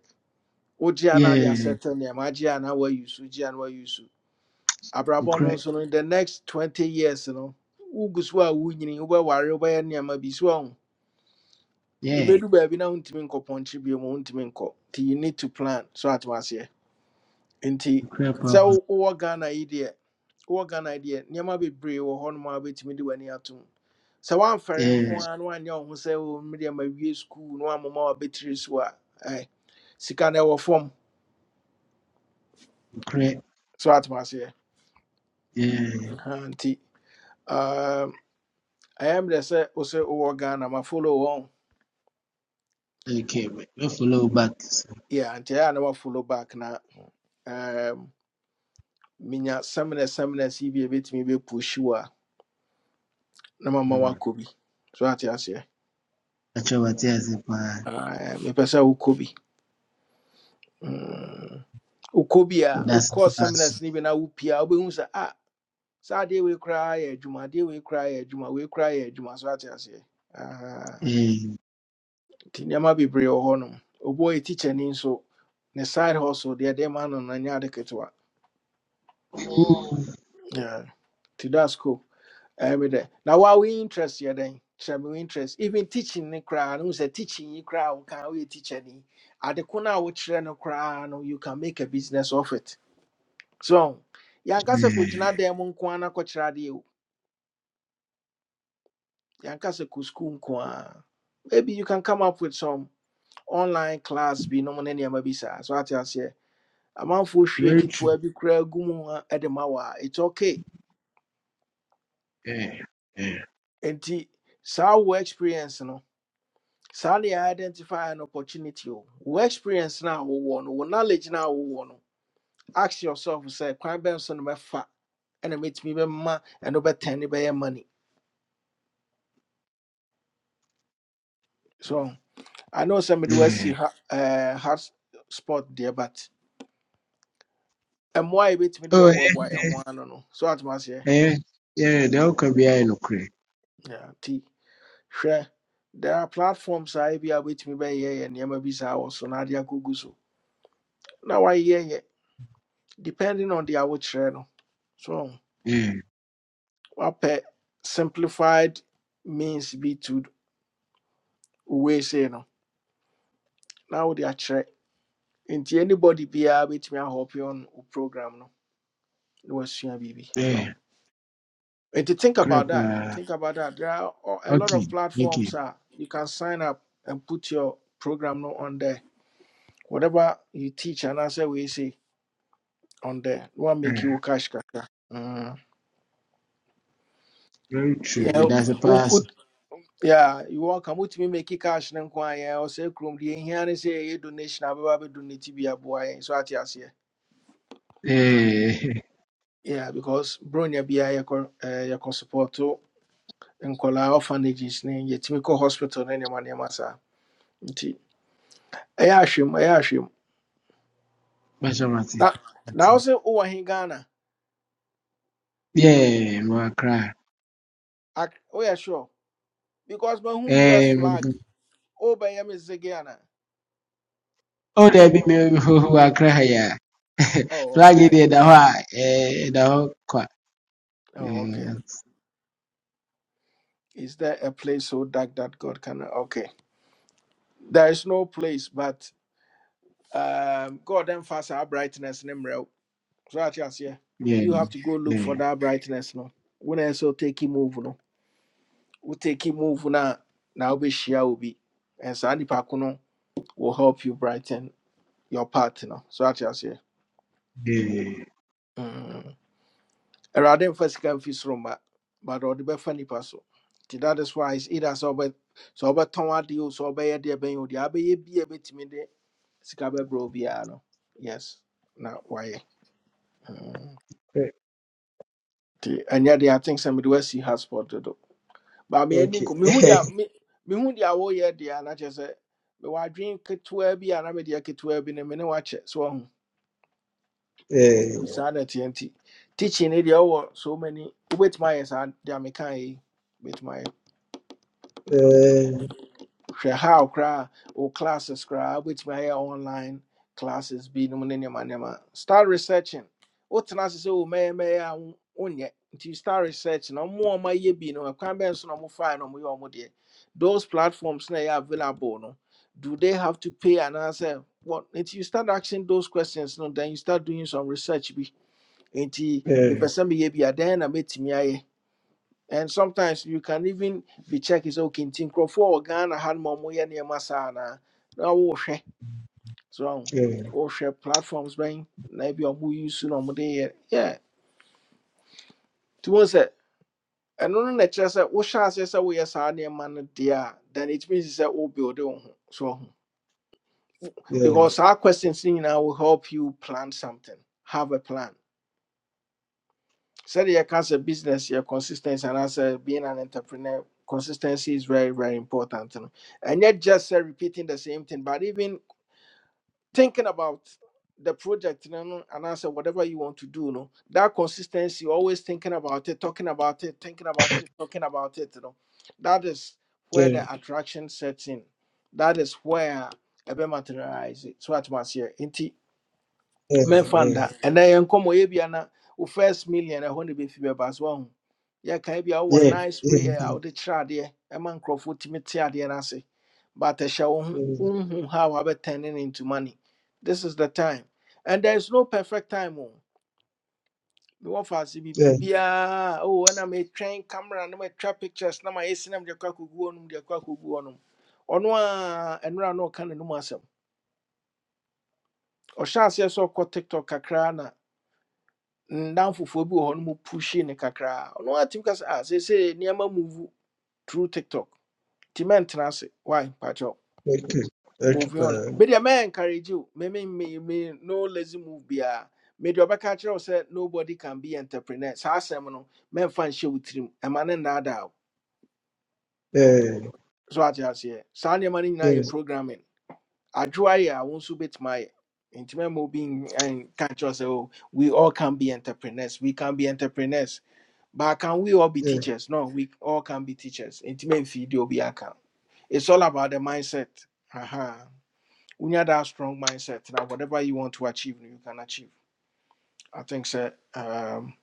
Speaker 1: wogye a na ade
Speaker 12: Yeah,
Speaker 1: asɛtɛ nneɛma agye a na wayi so gye a na wayi so abrabɔ no
Speaker 12: crep.
Speaker 1: nso no in the next twenty years no wogu so a wonyini wobɛware wobɛyɛ nneɛma bi so ahu
Speaker 12: Yeah,
Speaker 1: ebedu baabi na wontumi nkɔ pɔnkye bio mu wontumi nkɔ nti you need to plan so atoma aseɛ nti
Speaker 12: crepa.
Speaker 1: sɛ wo- wowɔ ghana yi deɛ wowɔ ghana yi deɛ nneɛma bebree wɔ hɔnom a wobɛtumi de w'ani atom sɛ woamfɛre nko
Speaker 12: Yeah,
Speaker 1: ara na woanyɛ wo ho sɛ o mmedeɛ mawie school, na woamoma wabɛtiri so a ɛɛ, sika no ɛwɔ fam
Speaker 12: crep.
Speaker 1: so atoma aseɛ
Speaker 12: Yeah.
Speaker 1: Ɛha, nti um, ɛyɛ mmerɛ sɛ wo sɛ wowɔ ghana ma follow wɔn
Speaker 12: Okay, we we follow back. So,
Speaker 1: yeah, nti ɛyɛ a na wafolo back na um, minya seminars seminars yi bi a ebetumi be push na mama wakɔ bi so ate aseɛ
Speaker 12: Achowatia Zepa,
Speaker 1: Ah, Ɛɛ, mepɛ sɛ wokɔ bi Mm. wokɔ bi a
Speaker 12: that's
Speaker 1: wokɔ
Speaker 12: that's
Speaker 1: seminars no bi na wopie a wobɛhu sɛ ah saa adeɛ wei koraa yɛ adwuma adeɛ wei koraa yɛ adwuma wei koraa yɛ adwuma so ate aseɛ Ah,
Speaker 12: eh.
Speaker 1: nti nneɛma bebree wɔ hɔnom obi a ɔyɛ tikyani nso ne side hustle deɛ ɛdeɛ ma no no nyɛ ade
Speaker 12: Oh,
Speaker 1: Yeah. nti that's cool Every day. Now, what we interest you? Then, shall we interest even teaching ne koraa no sɛ teaching yi koraa we kan woyɛ teacher ni ade ko no a wokyerɛ no koraa no you can make a business of it so yɛanka sɛ
Speaker 12: eh,
Speaker 1: kɔgyina dan mu nko ara na kɔkyerɛ adeɛ o yɛanka school nko maybe you can come up with some online class Be no ne nneɛma bi so ate aseɛ amanfoɔ hwie
Speaker 12: very true.
Speaker 1: ketewa bi koraa gu mu a ɛde ma wo it's okay
Speaker 12: Eh, eh,
Speaker 1: nti saa wo experience no Sadly, identify an opportunity. o. Wo experience now, wo no, wo knowledge now, wo no. Ask yourself, say, "Kwan Benson me fa, and meet me be ma, and over ten be money." So I know somebody will see
Speaker 12: eh.
Speaker 1: ha, uh, hard spot there, but and why bit me the
Speaker 12: Oh, eh,
Speaker 1: why and one no. So at must yeah,
Speaker 12: eh, yeah, the whole Kabia in Ukraine.
Speaker 1: yeah. T share. There are platforms I be able with me by yeah and yama bisa or sonadia google so. Now I hear yeah, depending on the hour channel. So.
Speaker 12: Eh,
Speaker 1: wapɛ simplified means be to wei sei no na wode akyerɛ nti anybody biara bɛtumi ahɔpe on wo program no na wasua baby
Speaker 12: eh,
Speaker 1: so nti think
Speaker 12: crap.
Speaker 1: about that
Speaker 12: Uh,
Speaker 1: think about that there are a lot
Speaker 12: okay,
Speaker 1: of
Speaker 12: okay.
Speaker 1: platforms a you can sign up and put your program no on there whatever you teach anaasɛ wei say on there no one make you
Speaker 12: Eh,
Speaker 1: wo cash kakra Mm.
Speaker 12: very true.
Speaker 1: Yeah,
Speaker 12: But that's a
Speaker 1: who
Speaker 12: pass.
Speaker 1: Yeah, you walk a mutimi make it cash and inquire or say chrome the here and say a donation about donate be a boy so at yes here.
Speaker 12: Eh,
Speaker 1: Yeah, because Bronya be a yako support to and call our orphanages name Yetimico Hospital and your money massa. Ayashim, Ayashim.
Speaker 12: *laughs* Bachamati.
Speaker 1: Now say, oh, I in Ghana.
Speaker 12: Yeah, Mwakra.
Speaker 1: Ac- Oh, yeah, sure. Because when who US flag, oh, by him is the Ghana.
Speaker 12: o daabi me wɔ akra ha yi *laughs*
Speaker 1: Oh,
Speaker 12: flag yi
Speaker 1: okay.
Speaker 12: deɛ da hɔ a ɛɛ kwa
Speaker 1: Oh, okay.
Speaker 12: ɛɛ
Speaker 1: Is there a place so dark that God can? Okay. There is no place, but um god then fast our brightness name real so that yes yeah
Speaker 12: yeah,
Speaker 1: you have to go look for
Speaker 12: yeah,
Speaker 1: that brightness no when i so take him move no we take him move na na we share will be and so any pack no will help you brighten your path no so that yes yeah
Speaker 12: yeah.
Speaker 1: mm. erade first can fis roma but or the be funny so that is why it's either so but so but ton ade o so be there ben o the abe ye bi e betimi de sika be bro bi a no yes na why Mm.
Speaker 12: Eh,
Speaker 1: nti ɛnyɛ deɛ i think sɛ mede wasi hasport dodo ba meani nko
Speaker 12: Okay.
Speaker 1: mehu deɛ
Speaker 12: *laughs*
Speaker 1: me- mehu deɛ woyɛ deɛ a na kyerɛ sɛ mewɔ adwene ketewaa bi a na mede ketewaa bi no me ne wakyɛ so ahu
Speaker 12: Eh,
Speaker 1: nti saa na ɛteɛ nti tikyi ne deɛ wowɔ so many. mani wobɛtumi ayɛ saa deɛ mekaeɛ yi
Speaker 12: eh,
Speaker 1: hwɛ how koraa wo classes koraa wobɛtumi ayɛ online classes Be no money, nneɛma nneɛma start researching wotena ase sɛ wo mɛyɛmɛyɛ a wo- wonyɛ nti you start researching. No more a ɔmayɛ bi no ɛkwan bɛn so na ɔmofae no ɔmoyɛ ɔmo deɛ those platforms na ɛyɛ available no do they have to pay anaasɛ what nti you start asking those questions no then you start doing some research bi nti
Speaker 12: eh,
Speaker 1: person, be, meyɛ bi a dɛn na mɛtumi ayɛ and sometimes you can even be checked is okay. Nti nkurɔfoɔ a Ghana ha no ma ɔmoyɛ nneɛma Now anaa so ahu
Speaker 12: eh,
Speaker 1: wohwɛ platforms bɛn maybe a ɔmo use na ɔmo de yɛ yeah. Nti wɔn sɛ ɛno no na kyerɛ sɛ wohyɛ aseɛ sɛ woyɛ saa man no deɛ then it means sɛ wo build so
Speaker 12: eh,
Speaker 1: because our questions no nyinaa will help you plan something have a plan. said you can say business your consistency and as a being an entrepreneur consistency is very very important and yet just say repeating the same thing but even thinking about the project you know, and answer whatever you want to do you know, that consistency always thinking about it talking about it thinking about it talking about it you know that is where
Speaker 12: eh,
Speaker 1: the attraction sets in that is where it materializes. so at once here
Speaker 12: eh,
Speaker 1: mɛmfanda
Speaker 12: eh,
Speaker 1: ɛnɛ yɛn nkɔmmɔ yɛ bia na wo first million ɛhɔ be bɛfi bɛba so ahu yɛkae be wowɔ
Speaker 12: yeah,
Speaker 1: nice
Speaker 12: yeah,
Speaker 1: way out the chadi a wode kyerɛ adeɛ ɛma nkurɔfoɔ tumi te adeɛ I say, but I shall. ho
Speaker 12: mm,
Speaker 1: wonhu how wabɛtɛne no into money this is the time and there is no perfect time o mewɔ faase bi
Speaker 12: yeah,
Speaker 1: biribiaa o ɛna metwɛn camera na matwa pictures na mayɛ si na mede akɔ akɔgu hɔ nom de akɔ akɔgu go. nom ɔno a ɛnora na ɔka ne nom asɛm ɔhyɛ aseɛ sɛ ɔkɔ tiktok kakra ndan foforɔ bi wɔ hɔ no mu pushe ne kakraa ɔno atumi ka sɛ ah seesei nneɛma move through tiktok nti mɛntena ase why pakyɛw
Speaker 12: okay, okay,
Speaker 1: move on
Speaker 12: fine.
Speaker 1: medeɛ mɛɛnkarage wo meme me me- me me no lazy move biaa mede ɔbɛka kyerɛ wo sɛ nobody can be entrepreneur saa asɛm no mɛmfa nhyɛ wo tirim ɛma ne nnaadaa wo
Speaker 12: Eh,
Speaker 1: so ate aseɛ saa nneɛma no nyinaa
Speaker 12: yeah,
Speaker 1: yɛ programming adwoa yɛ a wo nso bɛtumi ayɛ nti mɛma obi nka kyerɛ wo sɛ oh, we all can be entrepreneurs we can be entrepreneurs But can we all be
Speaker 12: yeah,
Speaker 1: teachers? No, we all can be teachers. Intimate video be account. It's all about the mindset. Haha. When you have that strong mindset, now whatever you want to achieve, you can achieve. I think so. Um,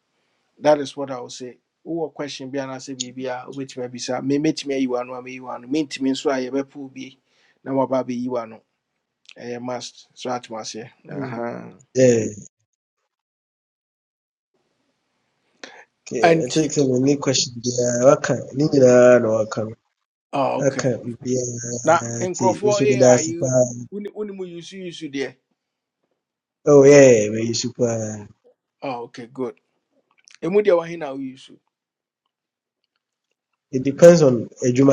Speaker 1: that is what I would say. Who question be and say be a which may be sir. Me meet me you are no me you are no me means so I be pull be now about baby you are no. Eh must so at must yeah.
Speaker 12: mm,
Speaker 1: Uh-huh.
Speaker 12: eh, okay. I
Speaker 1: And
Speaker 12: think some of the questions yeah, waka, ni nyinaa na waka no.
Speaker 1: oh
Speaker 12: Aka
Speaker 1: okay. Now
Speaker 12: bibiara
Speaker 1: in
Speaker 12: nti nso
Speaker 1: Crawford
Speaker 12: meda
Speaker 1: AI you
Speaker 12: ase
Speaker 1: when you use use there.
Speaker 12: Oh yeah, we super.
Speaker 1: Oh okay good. Emu deɛ wahe na wouse?
Speaker 12: It depends on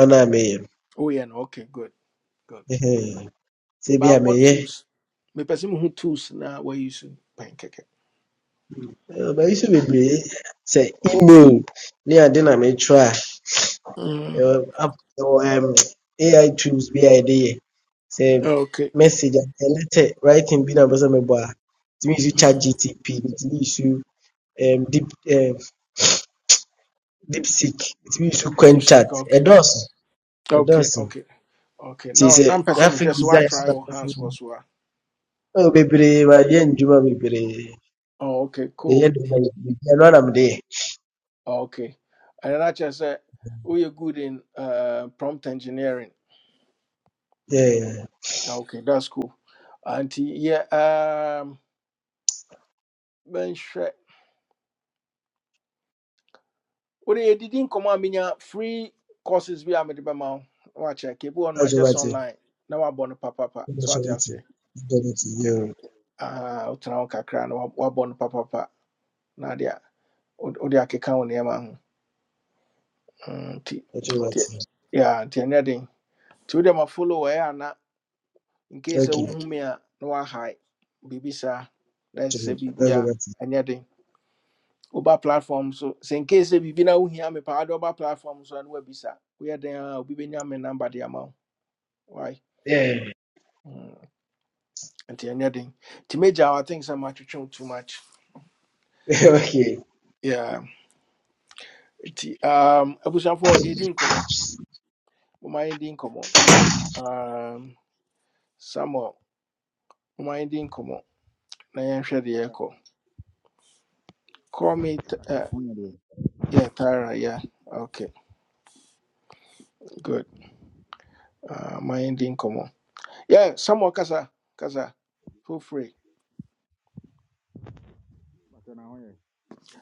Speaker 12: no a meyɛ no.
Speaker 1: Woyɛ no. Okay, good, good.
Speaker 12: Ɛhɛn. Sɛ bi a
Speaker 1: But what
Speaker 12: meyɛ,
Speaker 1: tools? Me sɛ muhu tools na wouse pɛn kɛkɛ.
Speaker 12: eh, mayi so bebree. Sɛ email ne ade na mekyerɛ a,
Speaker 1: Mm,
Speaker 12: ɛwɔ app *laughs* um, AI tools be idea. yɛde
Speaker 1: okay.
Speaker 12: message a letter writing bi na bɛ sɛ mebɔ a, tumi yi so chat
Speaker 1: Mm,
Speaker 12: GTP, tumi yi so um, deep, um, DeepSeek, tumi It so QuenChat.
Speaker 1: lipstick, okay.
Speaker 12: Ɛdɔɔso,
Speaker 1: Okay,
Speaker 12: ɛdɔɔso.
Speaker 1: okay, okay.
Speaker 12: a
Speaker 1: No, na
Speaker 12: sɛ
Speaker 1: mpɛ sɛ
Speaker 12: graphic
Speaker 1: just what
Speaker 12: design so
Speaker 1: woatry
Speaker 12: na
Speaker 1: wo
Speaker 12: bɛ
Speaker 1: hands
Speaker 12: sɛ
Speaker 1: wɔ so
Speaker 12: Oh, baby, my yen Juba Bibiri,
Speaker 1: Oh, okay,
Speaker 12: the
Speaker 1: cool.
Speaker 12: end of the Yanam day.
Speaker 1: Okay. And then I just said, oh, you're good in uh, prompt engineering.
Speaker 12: Yeah,
Speaker 1: Okay, that's cool. And yeah, um, wode yɛdidi nkɔmmɔ a menya free courses bi a mede bɛma wo na wakyɛke ebi wɔ no just
Speaker 12: Ajawati,
Speaker 1: online na wabɔ papa papa. so wate
Speaker 12: Ajawati,
Speaker 1: aseɛ
Speaker 12: Ajawati, yeah,
Speaker 1: Ah, wotena wo kakra na wa- wabɔ no papapa na ade a wode wode akeka wo nneɛma ho Mm, nti nti
Speaker 12: Ajawati.
Speaker 1: yeah, nti ɛnyɛ den nti wode ma follow ɛyɛ ana nkei sɛ
Speaker 12: Okay,
Speaker 1: wohu me a na wahae biribi saa na ɛsɛ sɛ biribi a
Speaker 12: Ajawati.
Speaker 1: ɛnyɛ den woba platform so sɛ nkei sɛ bibi na wohia me paa wode woba platform so a na wabisa woyɛ den a obi bɛnya me number de ama
Speaker 12: Yeah,
Speaker 1: Mm, nti ɛnyɛ den nti magya i think sɛ matwetwe too much
Speaker 12: *laughs* okay.
Speaker 1: yeah nti um, abusuafoɔ yɛdi nkɔmmɔ moma yɛdi nkɔmmɔ um, samuel moma yɛdi nkɔmmɔ na yɛnhwɛ deɛ ɛkɔ call me t- uh,
Speaker 13: Akinamonya ndio
Speaker 1: yeah tara yeah okay good uh, ma yɛndi nkɔmmɔ yeah samuel kasa kasa feel free
Speaker 13: akinamonya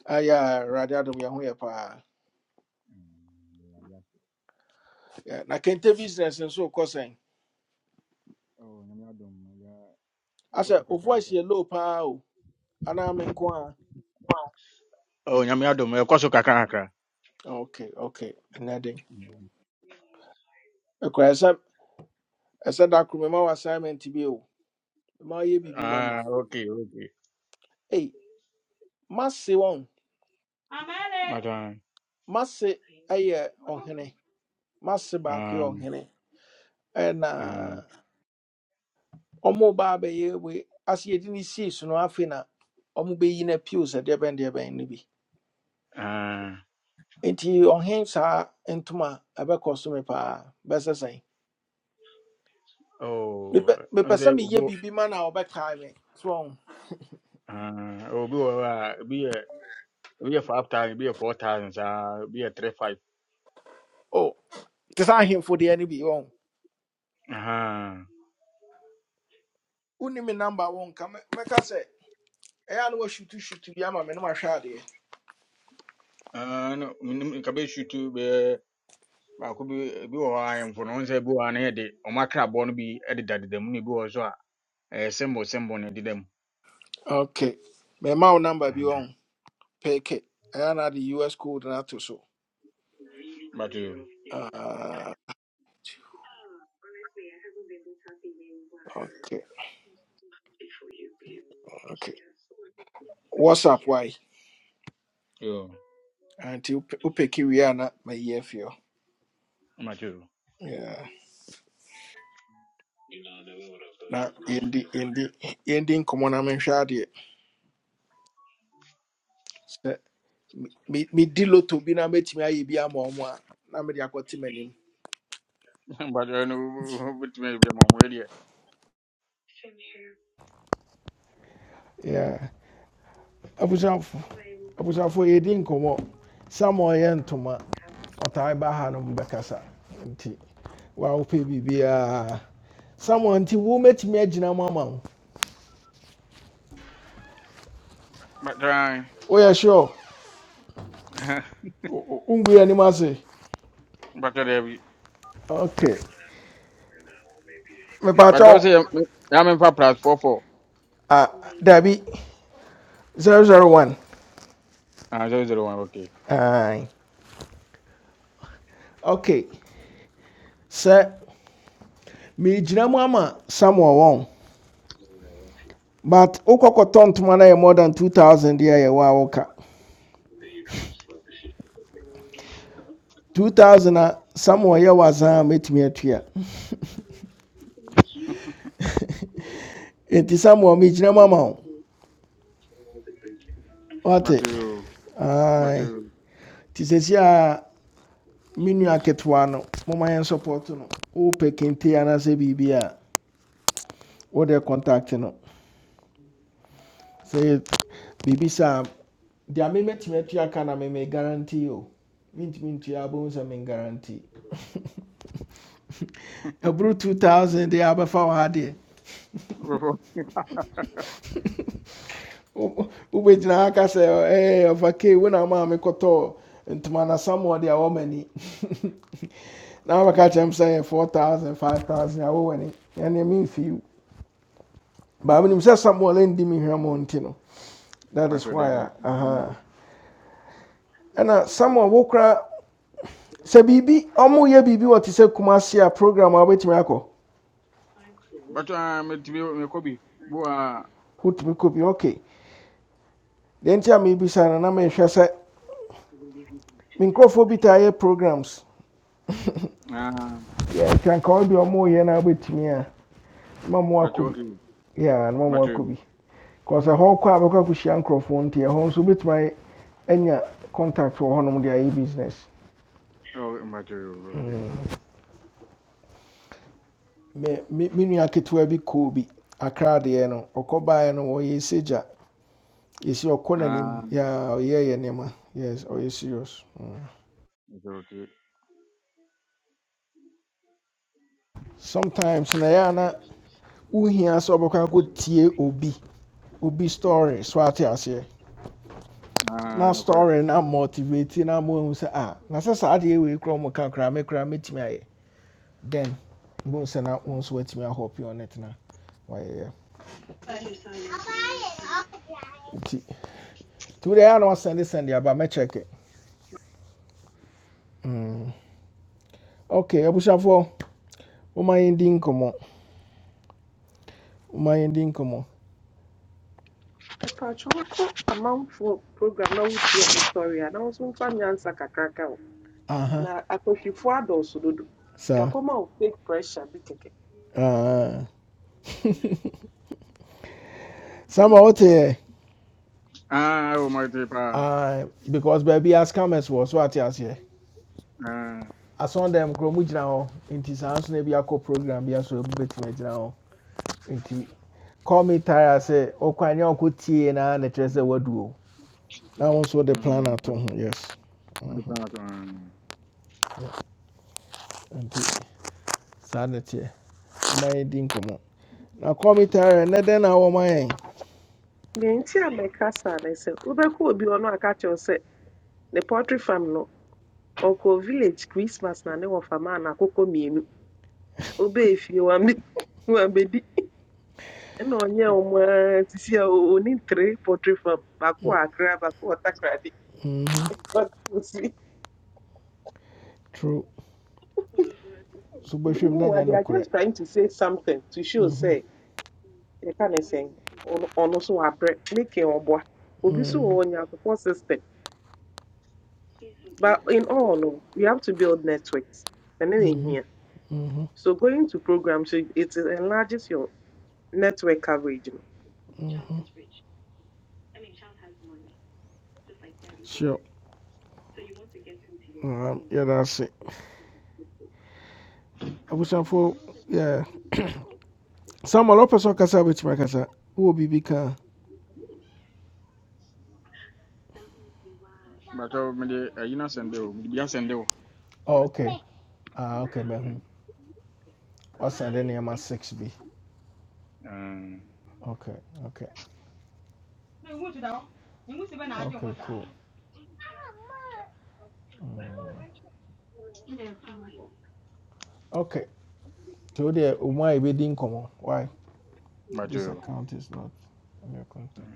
Speaker 1: ayɛ awurade adom yɛ ho yɛ paa Yeah, na kente business nso kɔ sɛn
Speaker 13: oh nyamiadom ya
Speaker 1: asɛ
Speaker 13: ekoso
Speaker 1: o voice
Speaker 13: kakata
Speaker 1: yɛ low paa o anaa me nko a
Speaker 13: Oh, Nyamiadom, of course, Kakanaka.
Speaker 1: okay okay ɛnyɛ
Speaker 13: Mm.
Speaker 1: den ɛsɛ da koro mema wɔ assignment bi o ma yɛ Hey, ma me
Speaker 13: Ah, okay, okay.
Speaker 1: ei mase wɔn
Speaker 13: But, um,
Speaker 1: mase ɛyɛ ɔhene mase baako yɛ
Speaker 13: um,
Speaker 1: ɔhene
Speaker 13: um,
Speaker 1: ɛna ɔmo ba abɛyɛ we ase yɛdi ne sii so no afei na ɔmo bɛyi no apio sɛ deɛ bɛn deɛ bɛn no bi
Speaker 13: Ah,
Speaker 1: nti ɔhen saa ntoma a, ɛbɛkɔ so me paa bɛsɛ sɛn
Speaker 13: oh,
Speaker 1: mepɛ mepɛ
Speaker 13: and
Speaker 1: sɛ
Speaker 13: then we
Speaker 1: meyɛ
Speaker 13: go,
Speaker 1: biribi ma na ɔbɛkae me so wɔn
Speaker 13: uh, we'll go, uh, be a, be a 5,000, be a 4,000, uh, be a 3, 5.
Speaker 1: o te sɛ ahemfo deɛ no bi wɔn
Speaker 13: Ah, huh
Speaker 1: me number wɔn ka mɛ- mɛka sɛ ɛyɛ a na wɔasutu sutu bi ama me no mahwɛ adeɛ
Speaker 13: Uh, no, nkabe shoot be baako bi ebi wɔ hɔ a mfonoo nsa bi wɔ hɔ a na yɛde ɔmo akrabɔ no bi ɛdeda deda mu na ebi wɔ hɔ nso a Eh, Sembo, Sembo ne dida mu.
Speaker 1: Okay. My mouth number be
Speaker 13: Mhm.
Speaker 1: on pick it. And at the US code and to so.
Speaker 13: But you,
Speaker 1: Uh, okay, okay. What's up, why?
Speaker 13: you,
Speaker 1: Until upeki we are not my year feel.
Speaker 13: but you,
Speaker 1: Yeah. Na in the, indi nkɔmɔ na menhwɛ adeɛ sɛ me me- medi loto bi na mɛtumi ayɛ bi ama ɔmo a na mede akɔte m'anim.
Speaker 13: *laughs* but I know which may be my radio.
Speaker 1: Yeah. abusuafo abusuafo yɛdi nkɔmɔ samuel yɛ ntoma ɔtaa ba ha no mu bɛkasa nti wawopɛ biribiaa samuel nti womɛtumi agyina mu ama wo
Speaker 13: But I,
Speaker 1: woyɛ sure
Speaker 13: *laughs*
Speaker 1: wongu ni ase
Speaker 13: but I,
Speaker 1: ok Me
Speaker 13: but
Speaker 1: mepaakyɛw
Speaker 13: also I'm in for plus four four.
Speaker 1: ah, dabi Zero zero one.
Speaker 13: Ah, zero zero one, okay.
Speaker 1: Aye. ok Sir, me mu ama samuel wɔn but wokɔkɔtɔ ntoma no yɛ more than 2000 deɛ ya yɛwɔ a 2000 a samuel yɛ wasan a mɛtumi atua nti samuel megyina mu ama wo *laughs* wate
Speaker 13: But you, but
Speaker 1: Aye.
Speaker 13: you,
Speaker 1: nti sɛsi a me nua ketewa no Mama yɛn support no wopɛ kente anaasɛ biribi a wode contact no sɛ biribi saa deɛ me mɛtumi atua ka na me guarantee o mentumi ntua abɛhu sɛ guarantee. ɛboro 2000 deɛ abɛfa wɔ ha deɛ
Speaker 13: *laughs* but
Speaker 1: wobɛgyina ha aka sɛ "Eh, ɔvakei wo na maa mekɔtɔɔ ntoma na samɔde a wɔmani *laughs* na wabɛka kyerɛ m sɛ 4000 5000 a wowani ɛneɛ memfii wo baa menim sɛ samuel ndi me hwɛ mɔ nti no that is
Speaker 13: you,
Speaker 1: why
Speaker 13: Debbie,
Speaker 1: a
Speaker 13: Zamodi.
Speaker 1: aha And samuel wo kora sɛ biribi ɔmoyɛ biribi wɔ te sɛ kuma se a program a wobɛtumi akɔ
Speaker 13: But I'm to be a copy. Boa,
Speaker 1: wotumi kɔ bi ok Then nti a merebisa no na mehwɛ sɛ me nkurɔfoɔ bi taa yɛ programs
Speaker 13: ah,
Speaker 1: yɛtwankawa bi a ɔmoyɛ no a wobɛtumi a ma mo
Speaker 13: but uh,
Speaker 1: akɔ bi
Speaker 13: okay,
Speaker 1: Yeah, and one
Speaker 13: but
Speaker 1: more could
Speaker 13: you,
Speaker 1: be. Because a whole crowd of Kushian Crawford, dear home, so bit my any contact for one of their business.
Speaker 13: oh, but you, okay.
Speaker 1: Me, me, me, nua ketewa bi koo bi akra deɛ no ɔkɔ baeɛ no ɔyɛ segya yɛsi ɔkɔ
Speaker 13: Ah,
Speaker 1: n'anim yaa ɔyɛ yɛ nneɛma yes ɔyɛ serious Mm.
Speaker 13: it's okay.
Speaker 1: sometimes na yɛ ana wohia sɛ ɔbɛkɔ akɔ tie obi obi story so ate aseɛ na
Speaker 13: Ah, correct.
Speaker 1: story na motivate na mo ehu sɛ ah na i saa adeɛ wei kura mo ka kura me kura me ayɛ then boom sɛ na wo nso woatumi ahɔpe on it now. Why? na wayɛyɛ nti nti wode ɛa na wasɛnde sɛnde aba check it. Mm. ok I push up for. my ending. come abusuafoɔ woma yɛndi come on?
Speaker 14: apaatwowfo amanfoɔ program na wotie asɔre a na nso mfa nyansa kakraka o
Speaker 1: Uh *laughs* huh.
Speaker 14: na akɔhwifoɔ adɔɔso dodo
Speaker 1: Sir.
Speaker 14: ɛkɔma wo fake pressure bi kɛkɛ
Speaker 1: Uh *laughs* Ah. sama woteɛ
Speaker 13: Ah, oh, my dear.
Speaker 1: Ah, because baby a scammers wɔ so ate aseɛ
Speaker 13: Ah,
Speaker 1: asɔn dɛm kuro mu gyina hɔ nti saa nso na a co program bi aso ebi bɛtumi agyina hɔ nti call me tire sɛ ɔkwan ne ɔkɔ tie na na kyerɛ sɛ wadu o Now wo nso wode plan
Speaker 13: um,
Speaker 1: ato
Speaker 13: bro.
Speaker 1: ho yes
Speaker 13: What
Speaker 1: Mhm.
Speaker 13: about um?
Speaker 1: nti saa ne teɛ ma yɛdi nkɔmmɔ na kɔmitare nɛ dɛn na wɔma yɛn
Speaker 14: deɛ nti a mɛka saa ne sɛ wobɛkɔ obi hɔ no aka kyerɛw sɛ ne poultry farm no ɔkɔ village christmas na ne wɔfama a naakokɔ mmienu wobɛɛ fie wambe wambɛdi ɛna ɔnyɛ ɔmo ara te sɛ ɔni three poultry farm baako wɔ akra baako wɔ takrade
Speaker 1: Mm,
Speaker 14: But wɔ sie
Speaker 1: true so bɛhwɛm
Speaker 14: mu
Speaker 1: na nyɛ
Speaker 14: wade are
Speaker 1: nokorɛ
Speaker 14: just trying to say something to show
Speaker 1: Mhm,
Speaker 14: say. yɛka ne sɛn ɔno ɔno so wabrɛ meke ɔboa obi so wɔ
Speaker 1: mhm,
Speaker 14: hɔ ɔnya support system but in all no we have to build networks ɛno na here,
Speaker 1: mhm.
Speaker 14: so going to programs so it enlarges your network coverage no
Speaker 1: sure Um, yɛda I abusuafoɔ yeah. *coughs* samuel wopɛ sɛ ɔkasa wobɛtumi akasa wowɔ will be a?
Speaker 13: But oh, me de, eh, you know send you, me de biya send you.
Speaker 1: Oh, ok ah, ok man. What's mahu wasɛnde nneɛma six B.
Speaker 13: Um,
Speaker 1: ok ok ok cool ok nti wodeɛ didn't come on? why
Speaker 13: but
Speaker 1: this
Speaker 13: oh,
Speaker 1: account is not on your contact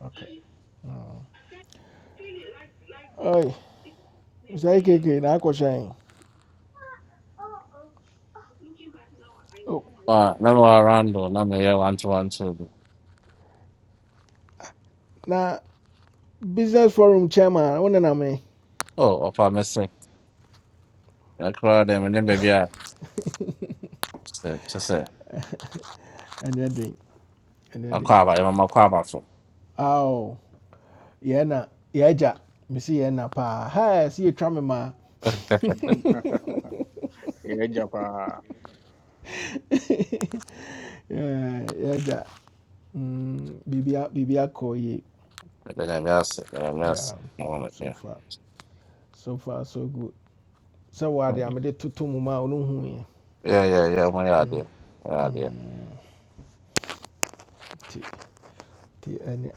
Speaker 1: Okay. Oi, say KK na akwọshan. Oh,
Speaker 15: Ah, na mewɔ Arando na meyɛ wantowanto bi.
Speaker 1: na business forum chairman one na me.
Speaker 15: Oh, ɔfa me se. Ɛkoraa dɛ mene baabi a sɛ kyɛ sɛ
Speaker 1: Anya din. Anya
Speaker 15: akɔ aba yɛ mama kɔ aba so.
Speaker 1: Aw, yeah na yeah ja. Me see yeah na pa. Hi, see you try ma.
Speaker 13: *laughs*
Speaker 1: *laughs*
Speaker 13: eh, japa.
Speaker 1: Yeah, yeah ja. Mm, bibia bibia ko
Speaker 15: Mede nyame ase, mede nyame ase.
Speaker 1: Yeah.
Speaker 15: Na wɔn
Speaker 1: So
Speaker 15: yɛ.
Speaker 1: far, so far so good. So what they am dey tutu mu ma onu hu
Speaker 15: Yɛ yɛ yɛ mo yɛ
Speaker 1: Mm.
Speaker 15: adeɛ. Yɛ adeɛ.
Speaker 1: mm, ɛnɛ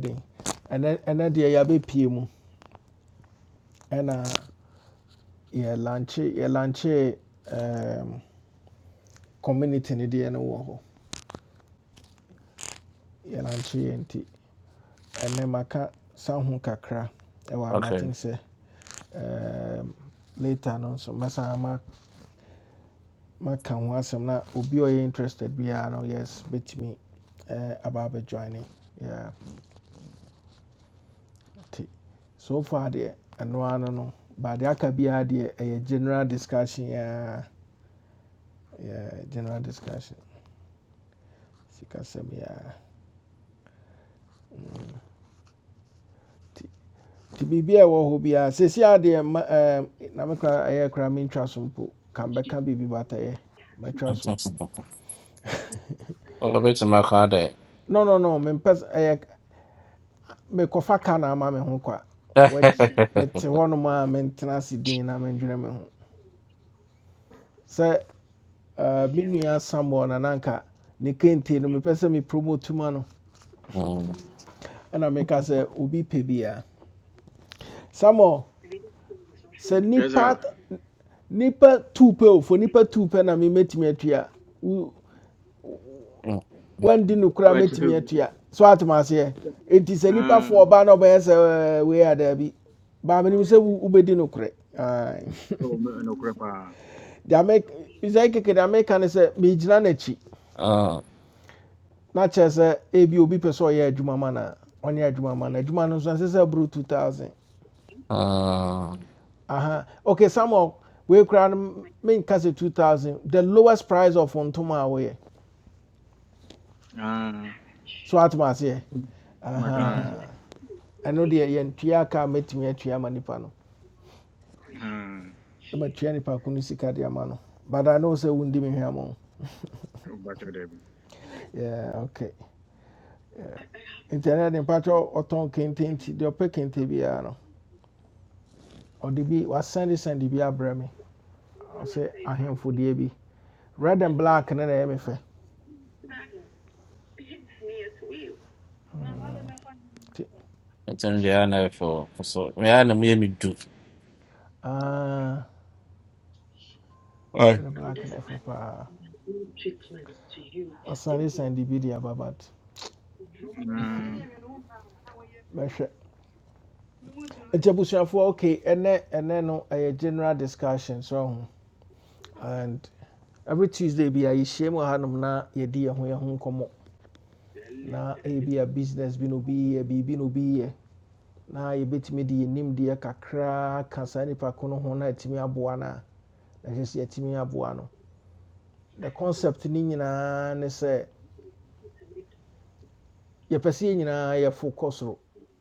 Speaker 1: den ɛnɛ deɛ yɛabɛpie mu ɛna yɛlanche yɛlanche um, community no deɛ no wɔ hɔ yɛlanche yɛ nti ɛnɛ maka san ho kakra ɛwɔ
Speaker 15: Okay.
Speaker 1: anomaten sɛ um, later no nso mɛsan ma- maka ho asɛm na obi a ɔyɛ interested biara no yes bet me eh, aba joining. Yeah, nti so far deɛ ɛno ano no baade aka biara deɛ ɛyɛ general discussion aa Yeah, general discussion. Sikasɛm yeah. Ti ti biribi a ɛwɔ hɔ biara sɛsi adeɛ ma ɛɛm na mekora ɛyɛ kora mentwa so mpo ka mbɛka biribi batɛyɛ mɛtwa so.
Speaker 15: *laughs* Ɔbɛtumi akɔ adɛ.
Speaker 1: No no no mempɛ s- ɛyɛ mekɔfa ka na ama me ho kwa. Wɔt mete hɔnom a mentena din na mendwene me ho. Sɛ ɛɛ me Samuel na nanka ne kente no mepɛ sɛ me promote ma no ɛna meka se obi pɛ bi a. Samuel sɛ
Speaker 13: Yes sir.
Speaker 1: nipa nipa two pɛ o nipa two pɛ na mi mɛtumi atua wo di no kura
Speaker 13: What
Speaker 1: mɛtumi
Speaker 13: you?
Speaker 1: atua so atoma aseɛ eti sɛ nipa
Speaker 13: Ah,
Speaker 1: fo ba na ɔbɛyɛ sɛ ɛɛ wei Ba baami nim sɛ wo wobɛdi no korɛ ayi *laughs*
Speaker 13: oh, me no crepa.
Speaker 1: deɛ sɛ keke deɛ meka ne sɛ megyina n'akyi
Speaker 15: Ah,
Speaker 1: na kyerɛ sɛ ebi obi pɛ sɛ ɔyɛ adwuma ma na ɔnyɛ adwuma ma na adwuma no nso ɛsɛ sɛ buru two thousand
Speaker 15: *laughs*
Speaker 1: aha okay samuel we kura no menka sɛ two thousand the lowest price of ntoma a
Speaker 13: Ah,
Speaker 1: so atoma aseɛ
Speaker 13: Mm, but ah,
Speaker 15: It's
Speaker 1: aha. ɛno deɛ yɛntua aka a mɛtumi atua ama nipa no
Speaker 13: ah,
Speaker 1: na matua nipa ko no sika de ama no but i know sɛ wondi me hwɛ mo
Speaker 13: but oh, Debbie.
Speaker 1: yeah okay nti ɛnɛ de mpakyɛ ɔtɔn kente nti deɛ ɔpɛ kente biara no ɔde bi wasɛnde sɛnde bi abrɛ me ɔsɛ ahemfo deɛ bi red and black no na ɛyɛ me fɛ nti
Speaker 15: Ɛtɛm the ana for so. Me ara na meyɛ me du.
Speaker 1: ah red and black no ɛfɛ paa wasɛnde sɛnde bi de aba but
Speaker 13: Ah,
Speaker 1: mɛhwɛ nti abusuafoɔ okay ɛnɛ ɛnɛ no ɛyɛ general discussion so and every tuesday bi a yɛhyia mu wɔ hanom na yɛdi yɛn ho yɛn ho nkɔmmɔ na ebi a business bi na be. a be No, biribi na obi yɛ na yɛbɛtumi de yɛn nimdeɛ kakra ka saa nipa ko no ho na yɛtumi aboa no a na ɛhyɛ sɛ no the concept ne nyinaa ne sɛ yɛpɛ sɛ yɛn nyinaa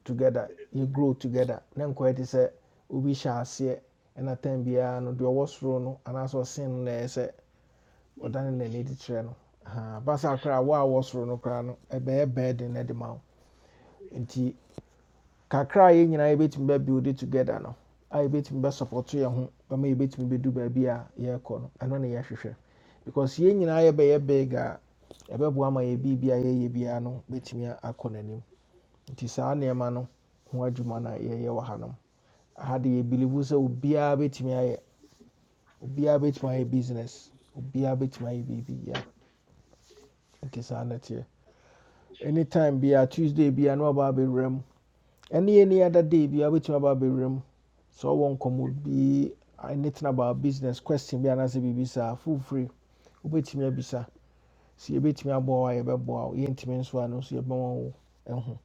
Speaker 1: together yɛ grow together na nkɔyɛ te sɛ obi hyɛ aseɛ ɛna tan biara no deɛ ɔwɔ soro no anaasɛ ɔsen no na Or ɔdane n'ani de kyerɛ no cry. basa was wo a wɔsoro no koraa no ɛbɛyɛ bɛɛden no de ma wo nti kakra a yɛn nyinaa yɛbɛtumi bɛbuild together no a yɛbɛtumi bɛsupɔto yɛn ho bɛma yɛbɛtumi bɛdu baabi a yɛrekɔ no ɛno ne yɛhwehwɛ because yɛn nyinaa yɛbɛyɛ big a ɛbɛboa ma yɛ biribi a yɛyɛ biara no bɛtumi a- akɔ n'anim nti saa nneɛma no ho adwuma no a conanim. It is our near mano, who are Jumana ye wahanum. i wɔ hanom aha de yɛbilivu sɛ obiara bɛtumi ayɛ obiara bɛtumi ayɛ business obiara bɛtumi ayɛ biribi yɛ nti saa na ɛteɛ anytime be a tuesday be na waba abɛwura room. Any any other day be a bit wobɛtumi aba room. So one come would be anything about business question be bi anaasɛ biribi saa full free wobɛtumi abisa sɛ yɛbɛtumi aboa wo a yɛbɛboa wo yɛntumi nso a bow. Intimate one no nso yɛbɛma wo ɛho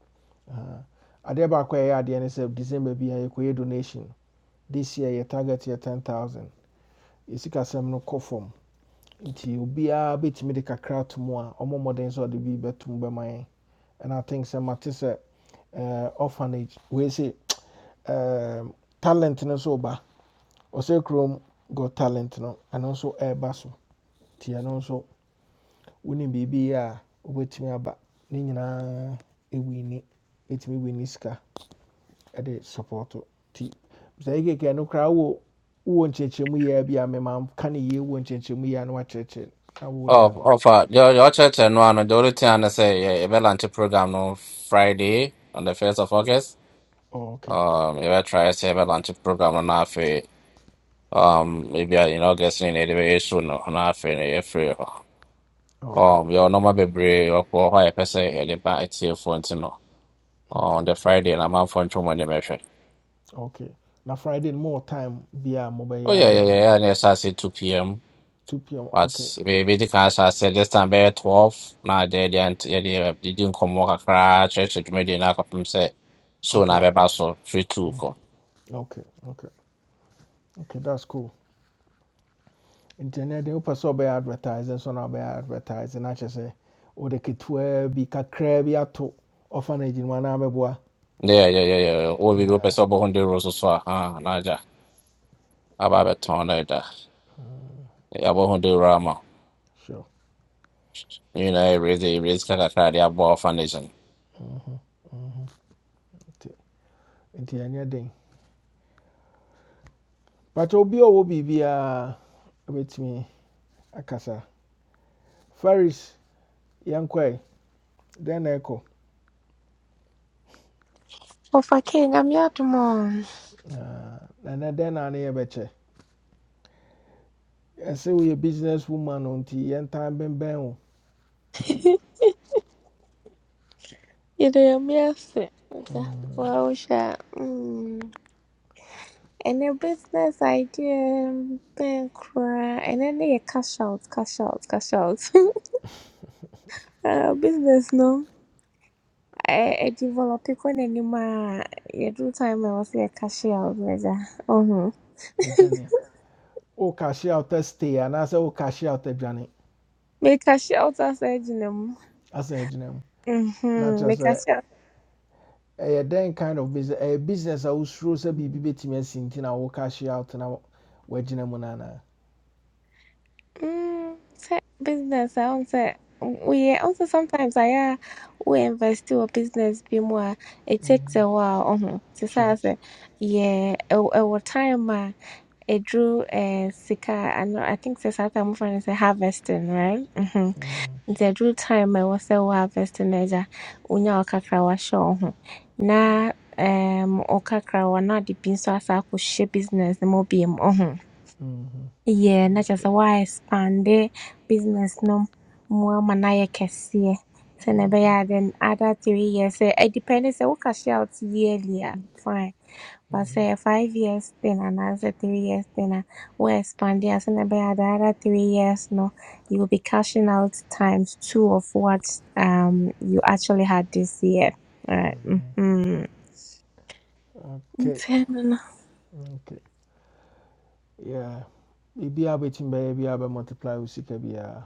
Speaker 1: Aha. adeɛ baako a ɛyɛ adeɛ ne sɛ december bia yɛkɔyɛ donation this year yɛ target yɛ 10000 yɛsikasɛm no kɔ fam nti obiara bɛtumi de kakra to mu a ɔmo mmɔden sɛ ɔde bi bɛto mu bɛma yɛn and i think sɛ mate sɛ eh, orphanage wei se um, talent no nso ba ɔsɛ kurom got talent no ɛno nso ɛreba so nti ɛno nso wonim biribi yɛ a wobɛtumi aba ne nyinaa ɛwini ɛtumi wini sika ɛde support nti sɛ yɛkeka no koraa wo wowɔ nkyerɛkyerɛmu yɛ bi a mema ka ne yie wɔ nkyerɛkyerɛmu yɛ a na wakyerɛkyerɛ na wo
Speaker 15: Oh,
Speaker 1: deɛ
Speaker 15: offer. Your your church and one. The only thing I say, yeah, you better launch a program on Friday on the first of August.
Speaker 1: oh, okay
Speaker 15: Um, you better try to say you better launch a program on half a um maybe you know guessing in anyway soon on half a every
Speaker 1: Okay,
Speaker 15: um your normal baby or why high person at the back it's here for you know
Speaker 1: okay,
Speaker 15: on the Friday and I'm out for two money measure.
Speaker 1: okay. Now Friday more time via mobile
Speaker 15: Oh yeah
Speaker 1: yard
Speaker 15: yeah yeah And And it's at two p.m.
Speaker 1: 2 p.m.
Speaker 15: But
Speaker 1: Okay,
Speaker 15: we we the can say say this time by twelve. Now they they and they they they didn't come work across church to me they not come say so now
Speaker 1: okay,
Speaker 15: be pass so free two ko.
Speaker 1: okay, okay, okay. That's cool. Internet they open so be advertising, so now be advertising. I just say, oh the kitwe be kakra be ato orphanage in one boy.
Speaker 15: Yeah yeah yeah yeah. All we go
Speaker 1: Yeah,
Speaker 15: pass about hundred euros so ah now ja. About a ton like that. About hundred rama.
Speaker 1: sure.
Speaker 15: You know raise the raise kaka kaka they about foundation.
Speaker 1: Internet thing. But obi owo be be with me akasa. Ferris, yankwe. then echo.
Speaker 16: Of I can't, I'm your mom.
Speaker 1: Uh, and then I near I Say ɛsɛ woyɛ business woman o nti yɛntan bɛnbɛn o
Speaker 16: You know, I'm your sister. Well, sure. Mm. And a business idea, bank cry, and then they cash out, cash out, cash out. *laughs* uh, business, no. I, I develop it when anymore. You do time, I was a cash out, measure. Uh huh.
Speaker 1: yɛdwane wo cash out a stay and anaasɛ wo cash out adwane
Speaker 16: Make cash out as I do.
Speaker 1: asan agyina mu
Speaker 16: Mm
Speaker 1: Not
Speaker 16: hmm.
Speaker 1: just
Speaker 16: Make
Speaker 1: a
Speaker 16: cash out.
Speaker 1: ɛyɛ dɛn kind of business A business I was through a wosuro sɛ biribi bɛtumi asi nti na wo cash out na wagyina mu no monana.
Speaker 16: Mm, set business, I won't say. We also sometimes I uh, we invest to a business be more. It takes a while. Um, to say
Speaker 1: sure
Speaker 16: I say, yeah, over time, uh, it drew a sika. I know. I think the South I'm from is harvesting, right? Mm-hmm. The drew time I was a harvesting as a unya okakra wa show. uh-huh." Na um okakra wa na di bin so asa ko business no mo bi yeah, not just why expand the business no more manaya kesiye. So never yeah then other three years. eh, It depends say what cash out yearly ah, fine. But say five years then and three years then ah, we expand yeah. So never yeah the other three years no you will be cashing out times two of what um you actually had this year. Alright. Mm-hmm.
Speaker 1: okay
Speaker 16: Mm-hmm.
Speaker 1: okay yeah biribiaa bɛtumi bɛyɛ biaa bɛ multiply wo sika biaa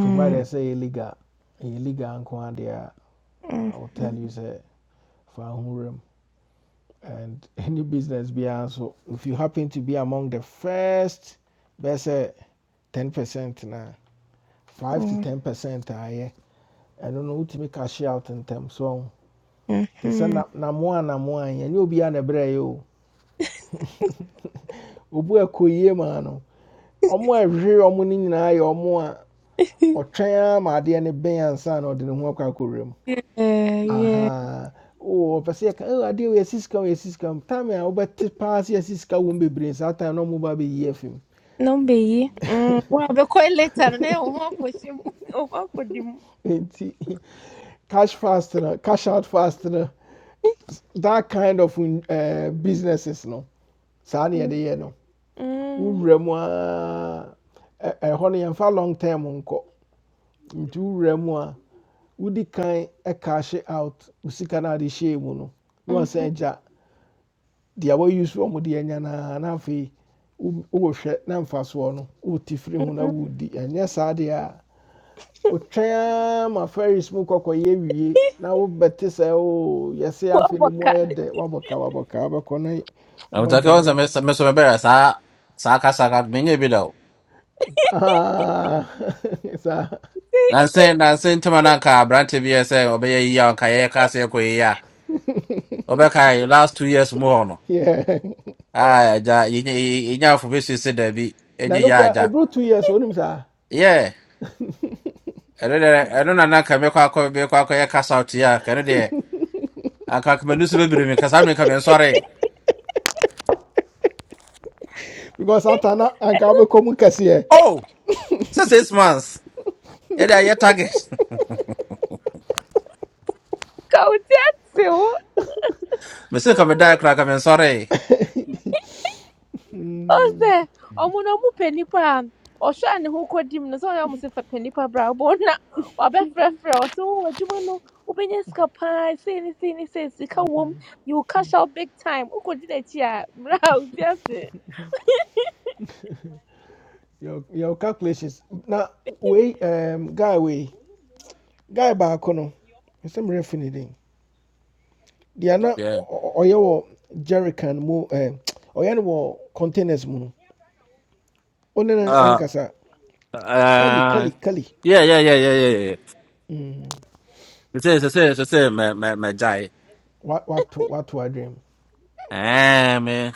Speaker 1: provided sɛ ɛyɛ Illegal ɛyɛ legal nko adeɛ
Speaker 16: Mm-hmm.
Speaker 1: will tell you say for ho room. and *laughs* any business beyond, so if you happen to be among the first bɛsɛ ten percent now, five to
Speaker 16: Mm-hmm.
Speaker 1: ten percent I don't ayɛ ɛno to make cash out in terms. so te sɛ
Speaker 16: Mm-hmm.
Speaker 1: na- namoa namoa yi ɛnyɛ obiara na ɛbrɛ yɛ o
Speaker 16: *laughs*
Speaker 1: obu a ɛkɔ yie maa no ɔmo a ɛhwehwɛ ɔmo no nyinaa yɛ a
Speaker 16: *laughs*
Speaker 1: ɔtwɛn ara ma adeɛ no bɛn ansa na ɔde ne ho akɔ akɔwura mu
Speaker 16: yeah, yeah.
Speaker 1: ahaa oo ɔpɛ sɛ yɛka "Oh, adeɛ wei yɛsi sika wei yɛsi sika time a wobɛte paa sɛ yɛsi sika wɔ mu bebree saa time na ɔmo ba bɛyi afi mu
Speaker 16: Não be. Mm. Well, the coil later, né? O ko chimo, o ko dimu. mo.
Speaker 1: *laughs* cash fast no cash out fast no that kind of uh, businesses no saa na yɛde yɛ no
Speaker 16: Mm.
Speaker 1: wowura mu a ɛ- ɛhɔ no yɛmfa long term nkɔ nti wowura mu a wodi kan ɛkashe out wo sika no ade mu no na wasan
Speaker 16: Mhm.
Speaker 1: agya use wɔuse mu de anya na na afei wo- wowɔhwɛ na mfasoɔ no wote firi ho na
Speaker 16: Mhm.
Speaker 1: wodi ɛnyɛ saa deɛ a wotwɛn ma ferries mu kɔkɔyɛ wie na wobɛte sɛ o yɛse afe
Speaker 16: Opa,
Speaker 1: ne mu
Speaker 16: ka.
Speaker 1: ayɛ dɛ wabɔka wabɔka wabɛkɔ na
Speaker 15: I'm talking about
Speaker 1: ɔmadwane
Speaker 15: me me so me better sa sa kasa kasa me nye bidao.
Speaker 1: Ah, *laughs* saa
Speaker 15: Nansen nansen tuma nanka brante bi ese iya kaya kasa ko iya. Obeka last two years more
Speaker 1: yeah.
Speaker 15: Ah, ja, inya yɛ- yɛnyaafo bɛsi sɛ daabi,
Speaker 1: na
Speaker 15: ɛnyɛ
Speaker 1: no
Speaker 15: yɛ
Speaker 1: kora two years wonim saa
Speaker 15: Yeah, ɛno deɛ, ɛno na na anka mɛkɔ akɔ kwa akɔyɛ kasa out yi a, de. deɛ, anka m'ani so bɛbire me, anka saa mmerɛ yi nka
Speaker 1: because ata anka wobɛkɔ mu kɛseɛ
Speaker 15: Oh, sɛ six months, yɛde ya target. *laughs*
Speaker 16: Kaunti atse o.
Speaker 15: Mese nka medae koraa, anka mensɔree.
Speaker 16: Ose. Omo no *laughs* mu penipa. Osho a ne ho kɔdi no sɛ ɔyɛ ɔmo sɛ fa panipa bra wobɔ na wabɛfrɛfrɛ ɔ sɛ oh adwuma no wobɛnya sika paa sei ne sei ne sei sika wom you cash out big time wokɔdi n'akyi a mmra a wotia *laughs*
Speaker 1: your your calculations na wei um, guy wei guy baako no ɛsɛ mmerɛ fi ne den deɛ na
Speaker 15: Yeah.
Speaker 1: ɔ- ɔ- ɔyɛ wɔ jerrycan mu eh, ɔyɛ no containers mu no wonene
Speaker 16: Mm.
Speaker 15: Ah,
Speaker 1: ɛnkasa kali
Speaker 15: ah,
Speaker 1: kali kali
Speaker 15: yeah, yeah, yeah, yeah, yeah, yeah.
Speaker 1: Mm,
Speaker 15: Sɛ- sɛ- sɛ- sɛ- sɛ mɛ- mɛ- mɛgyae.
Speaker 1: what wato wato adwam
Speaker 15: Ɛɛ, me-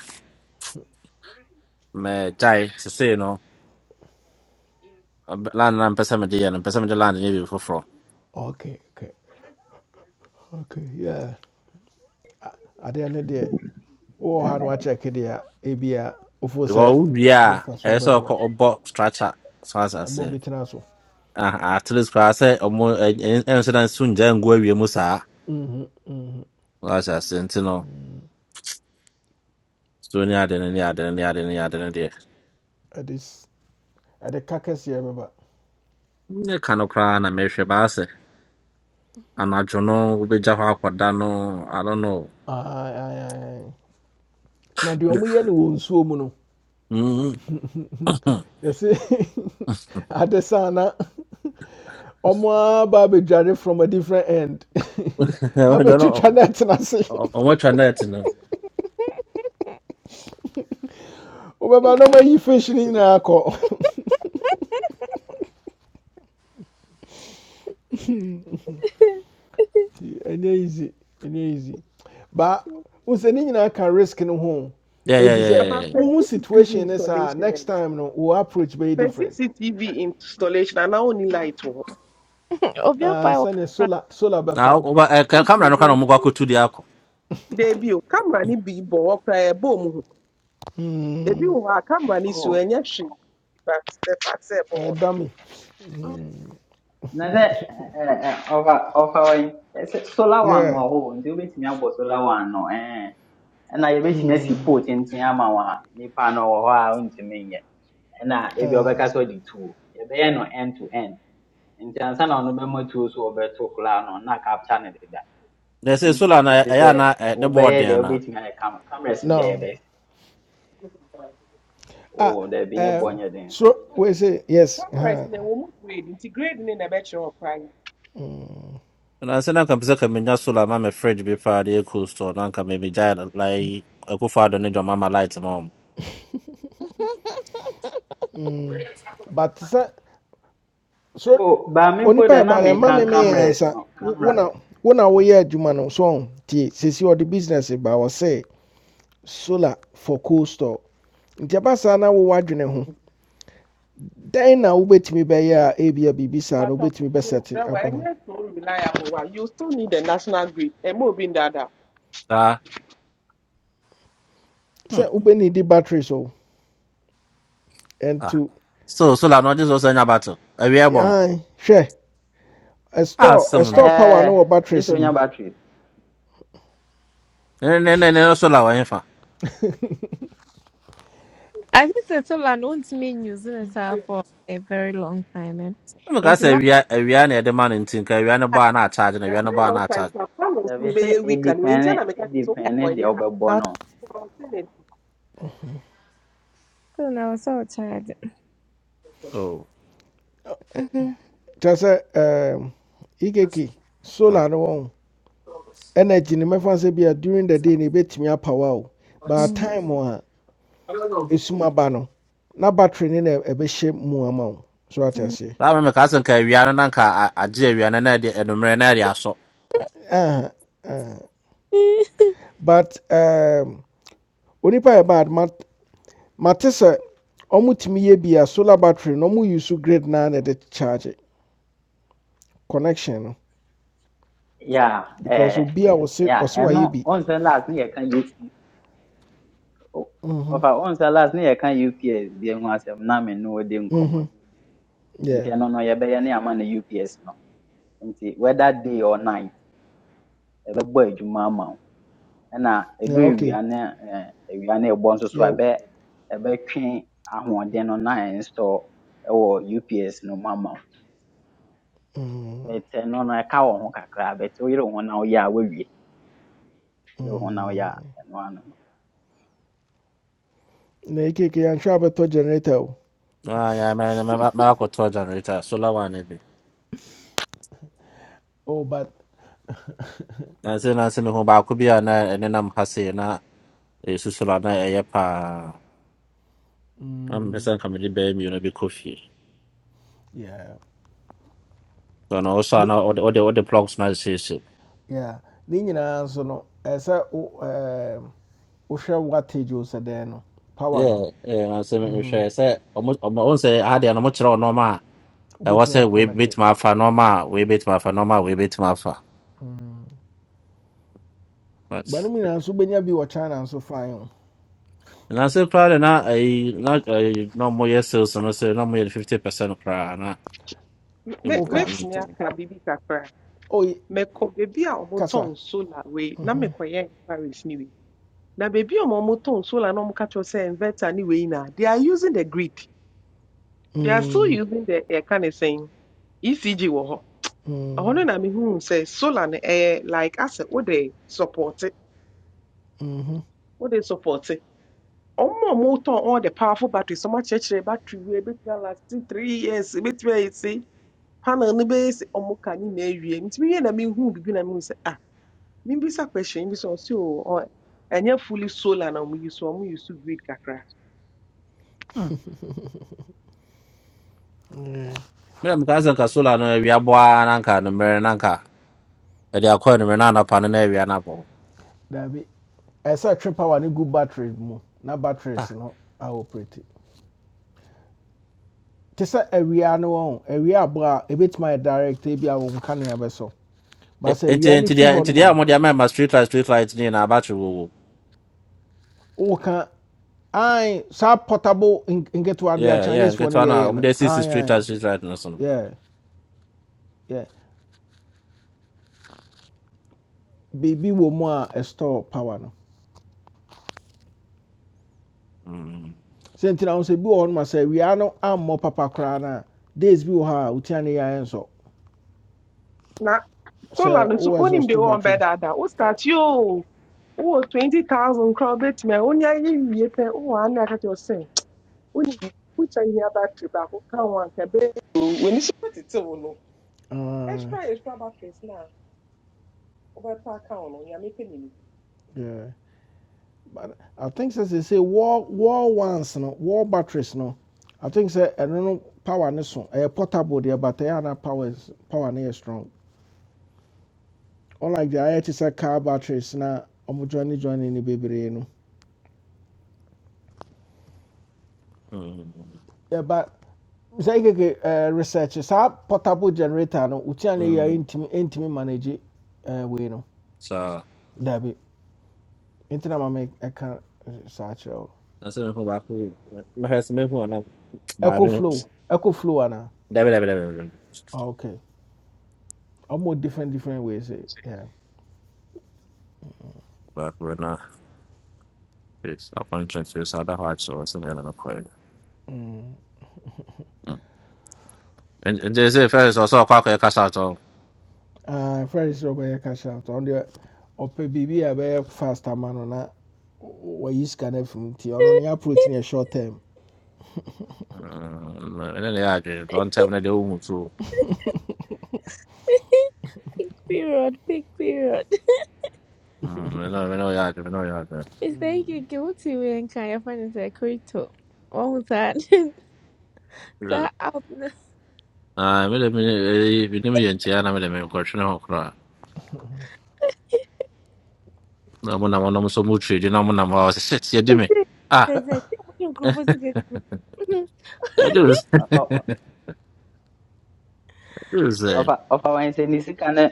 Speaker 15: mɛgyae. Seesei no, ɔb- land no a mepɛ sɛ mede yɛ no, mepɛ sɛ land no yɛ biribi
Speaker 1: ok ok ok yeah A- adeɛ ne deɛ wowɔ ha no wakyɛke deɛ a ebia wofoo sɛ
Speaker 15: Well,
Speaker 1: de
Speaker 15: yeah,
Speaker 1: mfasoɔ
Speaker 15: it's all
Speaker 1: bɛbrɛ
Speaker 15: called box structure. So as I
Speaker 1: am ɛma
Speaker 15: say,
Speaker 1: obi tena so
Speaker 15: ah, at least I say, um, incident soon, then go with Musa.
Speaker 1: Mhm, mhm.
Speaker 15: As I say, you know, soon yeah, then, yeah, then, yeah, then, yeah, are then, there.
Speaker 1: ɛde s- ɛde ka kɛseɛ bɛba
Speaker 15: You can't cry and make sure I say, and I don't know, we just have what done. I don't know.
Speaker 1: Aye, ah, ah. aye. na deɛ ɔmoyɛ ne wɔ nsuo mu no
Speaker 15: Mm.
Speaker 16: Mm.
Speaker 15: *laughs* I
Speaker 1: yɛse ade saa *laughs* na ɔmo aba abɛdware from a different end *laughs*
Speaker 15: don't know.
Speaker 1: abɛtwitwa no atena ase
Speaker 15: I'm watching that, you know. *laughs*
Speaker 1: wobɛba na ɔmayi fish no nyinaa akɔ Nti, ɛnyɛ *laughs* easy ɛnyɛ easy ba wo sɛ ne nyinaa ka risk no ho
Speaker 15: Yeah, yeah,
Speaker 16: *laughs*
Speaker 1: enti
Speaker 15: yeah.
Speaker 1: sɛ
Speaker 15: yeah.
Speaker 14: about
Speaker 15: yeah.
Speaker 14: per
Speaker 1: wohu
Speaker 14: cctv
Speaker 1: situation ne saa
Speaker 14: installation
Speaker 1: next
Speaker 14: and
Speaker 1: time no we approach very
Speaker 14: per
Speaker 1: different
Speaker 14: cctv installation ana only light wɔ hɔ
Speaker 16: *laughs*
Speaker 1: Ah,
Speaker 16: Obiakpa will come
Speaker 1: sɛne solar solar
Speaker 15: Now,
Speaker 1: bɛfa
Speaker 15: over a camera,
Speaker 14: Wontie
Speaker 15: no kind of mugako to the alcohol.
Speaker 14: o camera ni bi bɔ hɔ koraa ɛbɔ mu hu ebi
Speaker 1: Mm,
Speaker 14: wɔ hɔ a camera ni si
Speaker 17: Oh,
Speaker 14: ɛnyɛ hwee but the fact sɛ ɛbɔ hɔ no
Speaker 1: ɛyɛ dummy
Speaker 17: na sɛ ɛ- ɛ- ɛ, ɔfa ɔfa hɔ yi ɛ, sɛ solar one wɔ
Speaker 1: yeah
Speaker 17: hɔ o, nti wobɛtumi abɔ solar one no ɛn ɛna yɛbɛtumi asi
Speaker 1: Hmm.
Speaker 17: pole tenten ama wo a nipa no wɔ hɔ a ontumi nyɛ ɛna ebi
Speaker 1: ah,
Speaker 17: ɔbɛka sɛ ɔde tuo yɛbɛyɛ no end to end nti ansa na ɔno bɛma tuo so a ɔbɛto koraa no na capture ne deda
Speaker 15: They say, Sula, I
Speaker 17: nti sɛ
Speaker 15: am i the board
Speaker 17: wobɛyɛ deɛ
Speaker 15: there.
Speaker 17: wobɛtumi ayɛ cam cameras deɛ
Speaker 1: no
Speaker 17: yɛbɛsi
Speaker 1: ah,
Speaker 17: oh,
Speaker 16: Mhm.
Speaker 17: daabi ne boɔ
Speaker 1: um,
Speaker 17: nyɛ den oh,
Speaker 1: so we say yes uh
Speaker 14: cameras
Speaker 1: -huh.
Speaker 14: na ɛwɔ mu grade nti grade ne na ɛbɛkyerɛ wɔ koraa
Speaker 15: And I said, "Nanka pese kame nya solar na me fridge bi fa de cool store. Nanka me me jaya like eko fa do ne jo mama light mom.
Speaker 1: but sɛ so
Speaker 17: o baame mpo
Speaker 1: onipa
Speaker 17: deɛ
Speaker 1: ɛba
Speaker 17: na
Speaker 1: no
Speaker 17: meka
Speaker 1: ɛma me mee
Speaker 17: cameras
Speaker 1: ansa
Speaker 17: no
Speaker 1: Wo- wo na wo na woyɛ adwuma no so sesi ɔde business ba ɔsɛ solar for cold store nti ɛba saa na wowɔ adwene ho dɛn na wobɛtumi bɛyɛ a ebia biribi saa
Speaker 14: But
Speaker 1: no
Speaker 14: uh,
Speaker 1: wobɛtumi
Speaker 14: yes, this, there
Speaker 1: bɛsɛte
Speaker 14: were
Speaker 1: aba
Speaker 14: any
Speaker 1: ma no?
Speaker 14: so reliable one. You still need the national grid. And more being that. A
Speaker 15: Sa hmm
Speaker 1: sɛ wobɛnidi batteries o
Speaker 15: ah.
Speaker 1: ɛnto
Speaker 15: So solar no just also nya battle. Awia bɔ no.
Speaker 1: ai hwɛ
Speaker 15: Ah
Speaker 1: ɛstore
Speaker 15: sim ne.
Speaker 1: ɛstore power
Speaker 17: Eh,
Speaker 1: no
Speaker 17: gye sɛ
Speaker 1: batteries
Speaker 17: onya
Speaker 1: mu
Speaker 17: battery.
Speaker 15: Ne ne ne ne solar wa yenfa.
Speaker 16: I think Setola all I me not New using it for a very long time. And
Speaker 15: Me
Speaker 16: in
Speaker 15: ka
Speaker 16: the
Speaker 15: say
Speaker 16: last
Speaker 15: awia awia na e de man ntin ka awia ne
Speaker 16: time,
Speaker 15: ba na charge na
Speaker 14: very
Speaker 15: awia ne ba
Speaker 14: long
Speaker 15: na
Speaker 14: time
Speaker 15: charge.
Speaker 14: to have come
Speaker 17: Sɛ be
Speaker 14: and
Speaker 17: sɛ
Speaker 14: be a week and we
Speaker 17: edipɛne
Speaker 14: intend to make it so
Speaker 17: edipɛne
Speaker 14: for
Speaker 17: the
Speaker 14: yeah.
Speaker 16: I
Speaker 17: wobɛbɔ
Speaker 16: was
Speaker 17: no.
Speaker 14: So I'm saying
Speaker 16: still and I was so tired.
Speaker 15: Oh.
Speaker 16: Mhm,
Speaker 1: kyerɛ sɛ igeki solar no wɔn energy no mɛfa sɛ bia during the day no ɛbɛtumi apawa o but
Speaker 16: mm,
Speaker 1: time a ɛsum aba no na battery ne na ɛbɛhyɛ mu ama wo so wate
Speaker 16: mm. *laughs*
Speaker 1: aseɛ
Speaker 15: Sa me me ka say ka awia no nanka agye awia no na de enumere na de aso.
Speaker 1: Aha, but um, onipa yɛ bad mat- mate sɛ ɔmotumi yɛ bi a solar battery no ɔmo use grid naa na ɛde charge connection no
Speaker 17: Yeah,
Speaker 1: because
Speaker 17: eh,
Speaker 1: obi a ɔse
Speaker 17: yeah.
Speaker 1: ɔse wayɛ
Speaker 17: Ɛno
Speaker 1: bi
Speaker 17: onsɛ last ne yɛka UP. o-
Speaker 1: Mhm,
Speaker 17: Ɔfa onsɛ last ne yɛka UPS deɛ ho asɛm na me no wo di nkɔmmɔ. no.
Speaker 1: mhm,
Speaker 17: Nti
Speaker 1: yeah
Speaker 17: ɛno no you be ne ama no UPS no. Nti whether day or night ɛbɛbɔ adwuma ama wo. Ɛna
Speaker 1: yeah
Speaker 17: ɛdɔ
Speaker 1: okay
Speaker 17: ewia ne eh, ewia ne ɛbɔ nso so a
Speaker 1: yeah
Speaker 17: ɛbɛ ɛbɛtwe ahoɔden no na install ɛwɔ UPS no mama. but ɛno no no, I ɛka wɔn ho kakra but woyere ho na woyɛ a woawie woyere ho na woyɛ a
Speaker 1: mm.
Speaker 17: now ano no
Speaker 1: na ekeke yɛanhwɛ a bɛtɔ generator
Speaker 15: Ah ya me me me akɔ to generator solar one ne bi.
Speaker 1: oh but
Speaker 15: Na say na say ne ho ba ko bi a na ɛnenam ha sei na ɛsusuro a na ɛyɛ paa na mepɛ
Speaker 1: mm.
Speaker 15: sɛ nka mede bɛyɛ mmienu bi kɔ fie
Speaker 1: Yeah.
Speaker 15: ɛno wo so a na wode wode wode plugs no asiesie
Speaker 1: ne nyinaa nso no ɛɛ sɛ wo ɛɛ wohwɛ wattage o sɛ dɛn no power
Speaker 15: Yeah,
Speaker 1: no
Speaker 15: eh, na sɛ mehwɛ
Speaker 1: Mhm.
Speaker 15: sɛ ɔmo- ɔmo- ɔmo sɛ adeɛ no mokyerɛ wo nɔɔma a ɛwɔ
Speaker 1: Obetimi
Speaker 15: sɛ
Speaker 1: an
Speaker 15: wei
Speaker 1: connected.
Speaker 15: bɛtumi afa nɔɔma a wei bɛtumi afa nɔɔma a wei bɛtumi afa
Speaker 1: aconnected
Speaker 15: But-
Speaker 1: banom nyinaa nso wobɛnya bi wɔ china nso fine o
Speaker 15: na sɛ koraa de na ayi na ayi na ɔmoyɛ sales no sɛ na ɔmoyɛ 50 percent koraa na
Speaker 14: it. Me-
Speaker 1: woka
Speaker 14: makes me a car baby kakra.
Speaker 1: oi
Speaker 14: Meko baby a
Speaker 1: kasa
Speaker 14: omoton solar way. Na meko yeah inquiries anyway. Na baby a omoton solar no mukacho say inverter anyway na. They are using the grid. They are still
Speaker 1: Mm,
Speaker 14: using the air can saying ECG wo.
Speaker 1: mm,
Speaker 14: Ɔno na mehu sɛ solar no ɛyɛ like asɛ wode support it?
Speaker 1: mhm.
Speaker 14: wode support ọmụ a motɔn all the powerful batteries ọmụ akyerɛkyerɛ battery wei ebetumi alasti three years ebetumi ayɛsi panel no bɛyɛ sɛ ɔmụ ka ne na ewie nti mi yɛ na mi hu bibi na mi hu sɛ ah mi bi sa question bi sɛ ɔsi o ɔ ɛnyɛ fully solar na ɔmụ yi so ɔmụ yi so grid kakra
Speaker 15: mmerɛ mekaa sɛ nka solar no awia boaa na nka no mmerɛ na nka ɛde akɔ anummerɛ na anapa no na awia no abɔ
Speaker 1: daabi ɛɛ sɛ twe power ni good battery mu na batteries no aoperate te sɛ awia no wɔn awia abo a ɛbɛtumi ayɛ direct ebi a wɔn kanea bɛsɔ
Speaker 15: E-
Speaker 1: baasa
Speaker 15: Enti
Speaker 1: awia no
Speaker 15: enti dia
Speaker 1: fi hɔ
Speaker 15: enti
Speaker 1: nom
Speaker 15: dia
Speaker 1: a
Speaker 15: mo dia mema street light street light ni na abatwe wo wo.
Speaker 1: woka I saa portable in- get de a
Speaker 15: Yeah yeah
Speaker 1: chinese for ne
Speaker 15: nketewa na
Speaker 1: yɛyɛ
Speaker 15: mo
Speaker 1: no
Speaker 15: dia sisi street light street light no so no.
Speaker 1: yeah yeah Baby, wɔ mu a ɛstore power no
Speaker 15: Mm.
Speaker 1: sɛ nti on wo sɛ bi wɔ hɔ more sɛ wia no ammɔ papa koraa no a days bi wɔ hɔ a wotia ne yɛayɛ nsɔ
Speaker 14: na solar no nso onim de wɔn bɛɛ
Speaker 1: battery
Speaker 14: daadaa o start yoo wowɔ twenty thousand kora obetumi a onye ayɛ wie pɛ wowɔ ana akata ɔsɛ onim bi wotwa yia battery baako ka ho anka bɛyɛ o wɔ ni so tete wo no
Speaker 1: Ah,
Speaker 14: extra extra batteries na. wobɛta aka wo no nyame pɛ nim
Speaker 1: yeah but i think sɛ they say, wall wall ones no wall batteries no i think say I don't know power ne so A portable deɛ but ɛyɛ a na powers power ne strong unlike the ayɛ te sɛ car batteries na ɔmo joine joine ne bebree no
Speaker 15: Mm.
Speaker 1: yɛba sɛ keke ɛɛ research saa portable generator no wotua ne
Speaker 15: Mm.
Speaker 1: intimate intimate ntumi manage ɛɛ wei no
Speaker 15: So
Speaker 1: dabi nti na maame ɛka eh, saa kyerɛ o
Speaker 15: that's it for back. Me has me who na ba
Speaker 1: eco
Speaker 15: me.
Speaker 1: flow eco flow ana
Speaker 15: Dabe dabe dabe. dabe.
Speaker 1: Ah, okay ɔmo different different ways eh, yeah
Speaker 15: But we're not. It's appointment to this other heart, so it's an end of the prayer.
Speaker 1: mm.
Speaker 15: Mm. And, and they say, first, also, quack a cast out of.
Speaker 1: uh, first ɔbɛyɛ cash out ɔno deɛ ɔpɛ biribi a ɛbɛyɛ fast ama no na w- w- wayi sika no afim nti short term
Speaker 15: And then they had it. One time, na they do too.
Speaker 16: Big period, big period.
Speaker 15: No, no, no, yeah, no,
Speaker 16: Mr. Ike, what guilty and can your friend is a crypto? What was that? *laughs*
Speaker 15: yeah.
Speaker 16: that out.
Speaker 15: Ah, mi de mi eh, mi de mi yɛn tia na mi de mi nkɔ twene hɔ koraa. Na ɔmo nam ɔnom so mu trade na mo tiri di na ɔmo nam hɔ a ɔsɛ shit yɛ di mi. *laughs*
Speaker 16: Esse,
Speaker 15: Ah,
Speaker 16: esse, tem um que eu fosse que Uhum.
Speaker 17: ɛ-
Speaker 15: ɛdi o sɛ
Speaker 17: ɔ- ɔ- ɔ-
Speaker 15: ɛdi o sɛ.
Speaker 17: ɔfa ɔfa wɔn sɛ ne sika no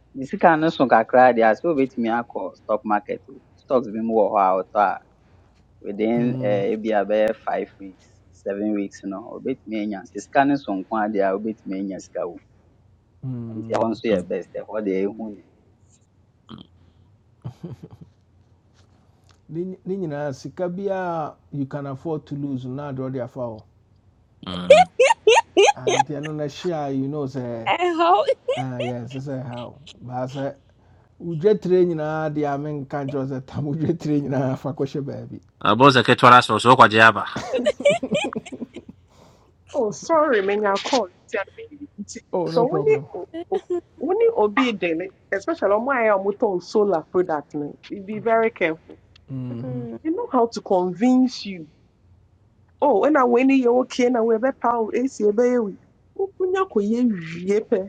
Speaker 17: can. sika no so kakra deɛ a sɛ wobɛtumi akɔ stock market o stocks bi mu wɔ hɔ a ɔtɔ a within
Speaker 1: mm.
Speaker 17: eh, ebi a bɛyɛ five weeks seven weeks no wobɛtumi anya sɛ sika no so nko a deɛ a wobɛtumi anya sika wo nti ɛhɔ
Speaker 1: Mm.
Speaker 17: nso yɛ best ɛhɔ deɛ ɛhu ne
Speaker 1: Ninina, ny- you can afford to lose na draw de foul, and Ah, nti share, no ɛhye a you know sɛ
Speaker 16: é hall.
Speaker 1: ah, yɛ ɛnsɛ sɛ ɛha wo baa sɛ wodwa tire nyinaa deɛ a menka nkyerɛ wo sɛ tam wodwa tire nyinaa fa kɔhyɛ baabi
Speaker 15: Abo sɛ ketewa na sɔrɔ so ɔkɔ gye aba.
Speaker 14: Oh, sorry, many are calling.
Speaker 1: oh
Speaker 14: So
Speaker 1: no
Speaker 14: when you
Speaker 1: problem
Speaker 14: when you obey daily, especially on my on solar product, no, you be very careful.
Speaker 1: Mhm.
Speaker 14: They know how to convince you. Oh, when I win you okay, na we be power AC be we. Ukunya ko wie pe.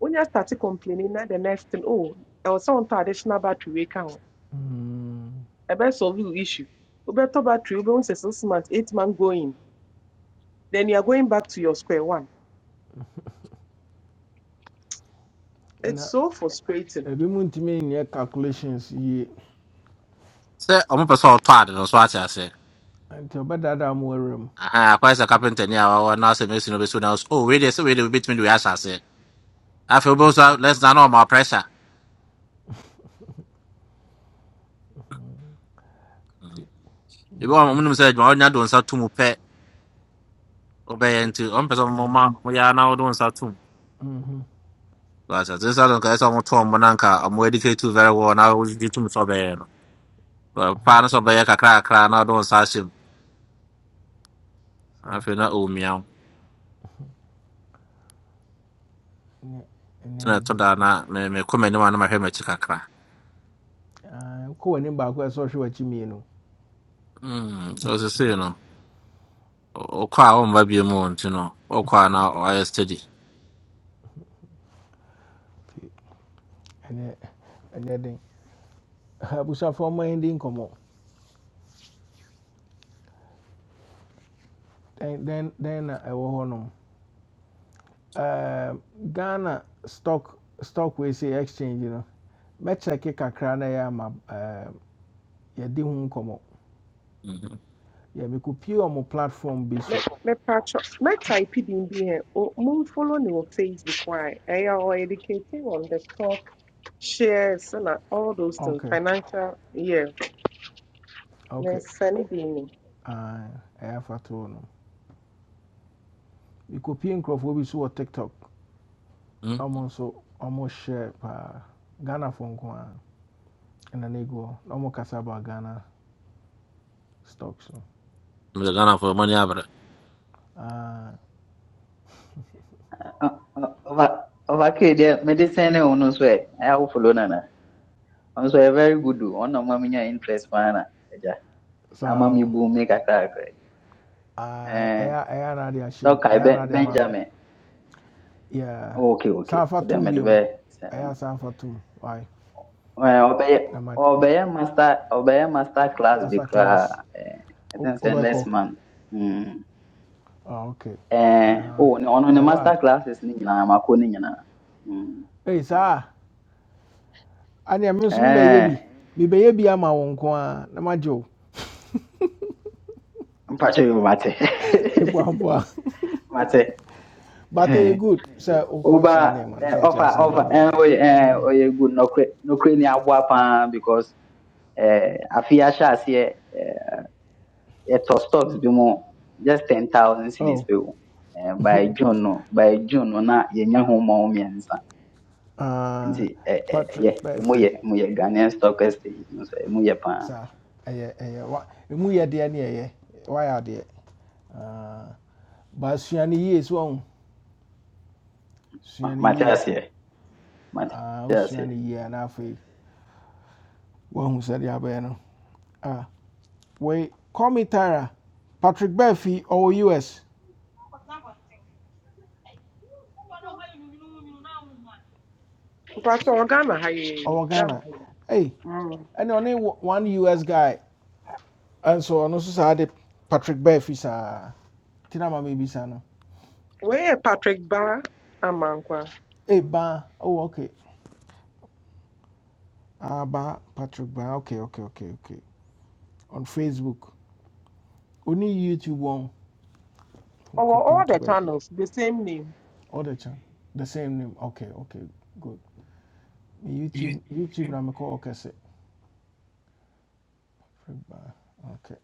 Speaker 14: When you start complaining na the next thing, oh, there was some traditional battery we can.
Speaker 1: mhm.
Speaker 14: E be solve you issue. We better battery we be once six months, eight months going. Then you are going back to your square one.
Speaker 1: And
Speaker 14: it's
Speaker 1: ɛna
Speaker 14: so frustrating.
Speaker 1: ebi mu ntumi nyɛ calculations ye,
Speaker 15: Sɛ ɔmo pɛ sɛ ɔtɔ adi no so ate ase.
Speaker 1: and ɔbɛdaadaa mo awura mu
Speaker 15: Aha, akɔ sɛ kapenta ni a wɔwɔ na ɔsɛ mesi na obesu na ɔsɛ o wei de sɛ wei de obi tumi de wei ahyɛ ase. Afei So, nso lɛs na na ɔmo pressure.
Speaker 1: nti
Speaker 15: Ebi wɔn
Speaker 1: nyɛ-
Speaker 15: ɔmo nim sɛ adwuma ɔnya do nsa tum pɛ ɔbɛyɛ nti ɔmo pɛ sɛ ɔmo
Speaker 1: mm,
Speaker 15: ma ɔmo ya na ɔdo nsa tum.
Speaker 1: mhm,
Speaker 15: Gotcha. This other guy someone told me nanka I'm educated too very well now we do to so bad. But partners of the kakra cry. now don't sash him. I
Speaker 1: saa
Speaker 15: feel not oh meow.
Speaker 1: nyɛ ɛnyɛ
Speaker 15: Tina
Speaker 1: easy
Speaker 15: toda na may me come anyone on my hair kakra.
Speaker 1: Ah, wokɔ w'anim baako a ɛsɛ sɛ ɔhwɛ w'akyi mmienu
Speaker 15: Hmm. So as I say, you know, o kwa o mba bi mu you know. O now na o I steady.
Speaker 1: nti ɛnyɛ ɛnyɛ den *laughs* abusuafoɔ ma yɛn di then, dɛn then dɛn na ɛwɔ hɔnom Ɛɛm, ghana stock stock we se exchange You know, no mɛkyerɛke kakra na ɛyɛ ama ɛɛm, yɛdi ho nkɔmmɔ
Speaker 15: Mhm.
Speaker 1: yɛmekɔpie ɔmo platform bi
Speaker 14: Me
Speaker 1: so
Speaker 14: me patch up me type it in here. Moon follow me on Facebook why Eh, I are educating on the stock shares and a- all those things.
Speaker 1: ok
Speaker 14: Financial yeah.
Speaker 1: ok
Speaker 14: Me send it in.
Speaker 1: ae, ɛyɛ afatoɔ no mekɔpie nkurɔfoɔ bi so wɔ tiktok
Speaker 15: Mm.
Speaker 1: ɔmo so ɔmo hyɛ Ghana ghanafoɔ nko a ɛna na ɛgu hɔ na ego ɔmo kasa about ghana stocks no
Speaker 15: Me gana for money abra.
Speaker 1: Ae,
Speaker 17: ɔfa ɔfa kee deɛ mede sɛn ne wo no so ɛ ɛyɛ wo follow nana nso yɛ very good o ɔna ɔma menya interest paa na agya ama
Speaker 1: so
Speaker 17: mebu me kakrakra yi.
Speaker 1: I
Speaker 17: Eh,
Speaker 1: ɛyɛ ɛyɛ anade
Speaker 17: sɛ
Speaker 1: ahyɛ mu
Speaker 17: ɔkae
Speaker 1: ɛyɛ
Speaker 17: Ben-
Speaker 1: anade ama me
Speaker 17: benjamin
Speaker 1: yeah
Speaker 17: Oh, okay okay
Speaker 1: sanfa
Speaker 17: wode
Speaker 1: tom
Speaker 17: mede
Speaker 1: biom
Speaker 17: bɛyɛ sɛne
Speaker 1: ɛyɛ sanfa tom why
Speaker 17: ɔbɛyɛ
Speaker 1: na
Speaker 17: ɔbɛyɛ master ɔbɛyɛ master class bi
Speaker 1: master
Speaker 17: koraa
Speaker 1: class
Speaker 17: Eh, i
Speaker 1: wo-
Speaker 17: think sɛ next
Speaker 1: wobɛkɔ
Speaker 17: month mm.
Speaker 1: ah, ok
Speaker 17: Eh,
Speaker 1: Uh,
Speaker 17: oh, ne- ɔno ne
Speaker 1: Yeah. What?
Speaker 17: master classes ne nyinaa makɔ ne nyinaa Mm.
Speaker 1: Hey, sir. aneɛ me nso mbɛyɛ
Speaker 17: Eh,
Speaker 1: bi mebɛyɛ bi ama wo nko ara na magye wo
Speaker 17: mpakyɛ yo mate
Speaker 1: mepoapoa
Speaker 17: *laughs* mate
Speaker 1: *laughs* but
Speaker 17: *laughs*
Speaker 1: ɛyɛ good sɛ wokɔ
Speaker 17: Oba
Speaker 1: saa nneɛma no
Speaker 17: eh,
Speaker 1: so ate
Speaker 17: ọfa
Speaker 1: aseɛ
Speaker 17: ọfa
Speaker 1: bɛboa
Speaker 17: eh, oye eh, oye good nokwe nokwe ni aboa paa because eh, afe yi ahyɛ aseɛ eh, yɛtɔ stocks bi mu just ten thousand
Speaker 1: wo
Speaker 17: cedis
Speaker 1: oh.
Speaker 17: pe o eh, by
Speaker 1: *laughs*
Speaker 17: june no by june no na yɛnya ho mmɔho mmiɛnsa nti
Speaker 1: Ah,
Speaker 17: eh, eh, ɛyɛ
Speaker 1: patrick
Speaker 17: emu
Speaker 1: Murphy.
Speaker 17: yɛ emu yɛ ghanaian stock exchange no so emu yɛ paa
Speaker 1: Sir. ɛyɛ ɛyɛ What? ɛmu yɛ deɛ ne Why wayɛ adeɛ Ah, But sua no yie so wahu sua
Speaker 17: Ma-
Speaker 1: no
Speaker 17: mate aseɛ mate
Speaker 1: Ah, wosua
Speaker 17: aseɛ.
Speaker 1: no yie a na afei woahu sɛdeɛ abɛyɛ no Ah, wei call me tara patrick Berfi ɔwɔ us
Speaker 14: But all Ghana high
Speaker 1: ɔwɔ
Speaker 14: Ghana.
Speaker 1: ghana
Speaker 14: high.
Speaker 1: Hey,
Speaker 14: Mm.
Speaker 1: and only one us guy And so nso saa de patrick Berfi saa nti na ma mebisa no
Speaker 14: Where Patrick Bar Amankwa.
Speaker 1: ei baa oh ok Ah, ba. patrick ba. ok ok ok ok on facebook only youtube one from
Speaker 14: Over
Speaker 1: copying
Speaker 14: all
Speaker 1: to
Speaker 14: the
Speaker 1: baabi
Speaker 14: channels, the same name.
Speaker 1: ɔde kyɛn the same name ok ok good YouTube YouTube na mekɔ ɔkɛse. Free Okay.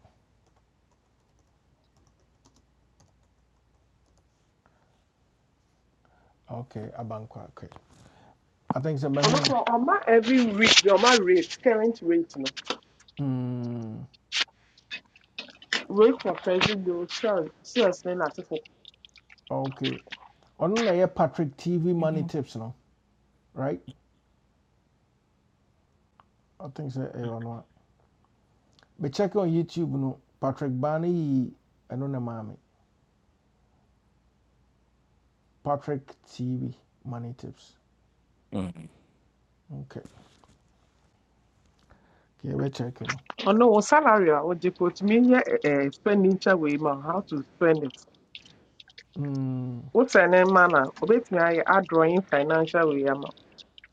Speaker 1: Okay. Abankwa. Okay. I think sɛ
Speaker 14: I'm
Speaker 1: bɛhu
Speaker 14: not
Speaker 1: no.
Speaker 14: Also, Oma every week, the Oma rate, current rate, no.
Speaker 1: Mm.
Speaker 14: Rate for president, sure, sure,
Speaker 1: Okay. Ɔno na yɛ Patrick TV money
Speaker 15: Mhm.
Speaker 1: tips no. Right? I think sɛ ɛyɛ ɔno a. Mekyɛke on YouTube no Patrick Bane yi ɛno na maame. Patrick TV money tips.
Speaker 15: Mm.
Speaker 1: Okay. Okay. Yɛbɛkyɛke no.
Speaker 14: Ọ̀nà wò salary a ɔgye kɔ, otumi nyɛ expenditure wei ma how to spend it.
Speaker 1: Mm.
Speaker 14: Wotɔ ne mma no a, obetumi ayɛ drawing financial wei ama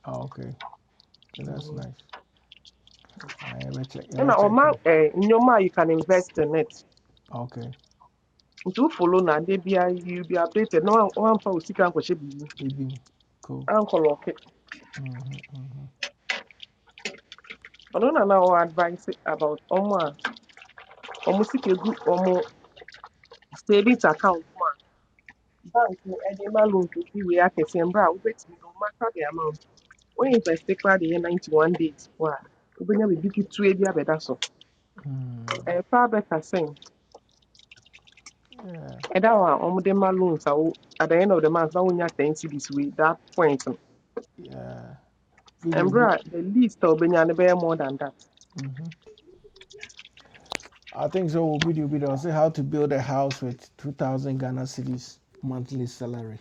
Speaker 1: ah, Okay. Okay.
Speaker 14: And
Speaker 1: That's
Speaker 14: Mm.
Speaker 1: nice. I Ah, yɛbɛkyɛ
Speaker 14: Ɛna ɔma
Speaker 1: yɛbɛkyɛke no.
Speaker 14: in your a you can invest in it.
Speaker 1: Okay.
Speaker 14: Nti wo follow no ade biara you be updated No, na woan- woamfa wo sika ankɔhyɛ biribi
Speaker 1: Bibim. Cool.
Speaker 14: ankɔlɔke. Ɔno na na ɔwɔ advice about ɔmo a ɔmo sika gu ɔmo savings account mu a bank no ɛde ma loan kɛseɛ wei akɛseɛ mbrɛ a wobetumi no ɔmo aka de ama wo. Only if I mfɛse koraa the yɛ 91 days po a wobɛnya biribi ketewa bi abɛda so
Speaker 1: Mm.
Speaker 14: Eh, far better thing.
Speaker 1: Yeah.
Speaker 14: And that one, on ma loans a at the end of the month na wonya 10 cities wei that point And
Speaker 1: Yeah. Video,
Speaker 14: ɛmberɛ the least a wobɛnya no bɛyɛ more than that
Speaker 1: I think so. wɔ Video bi say how to build a house with two thousand Ghana cedis monthly salary.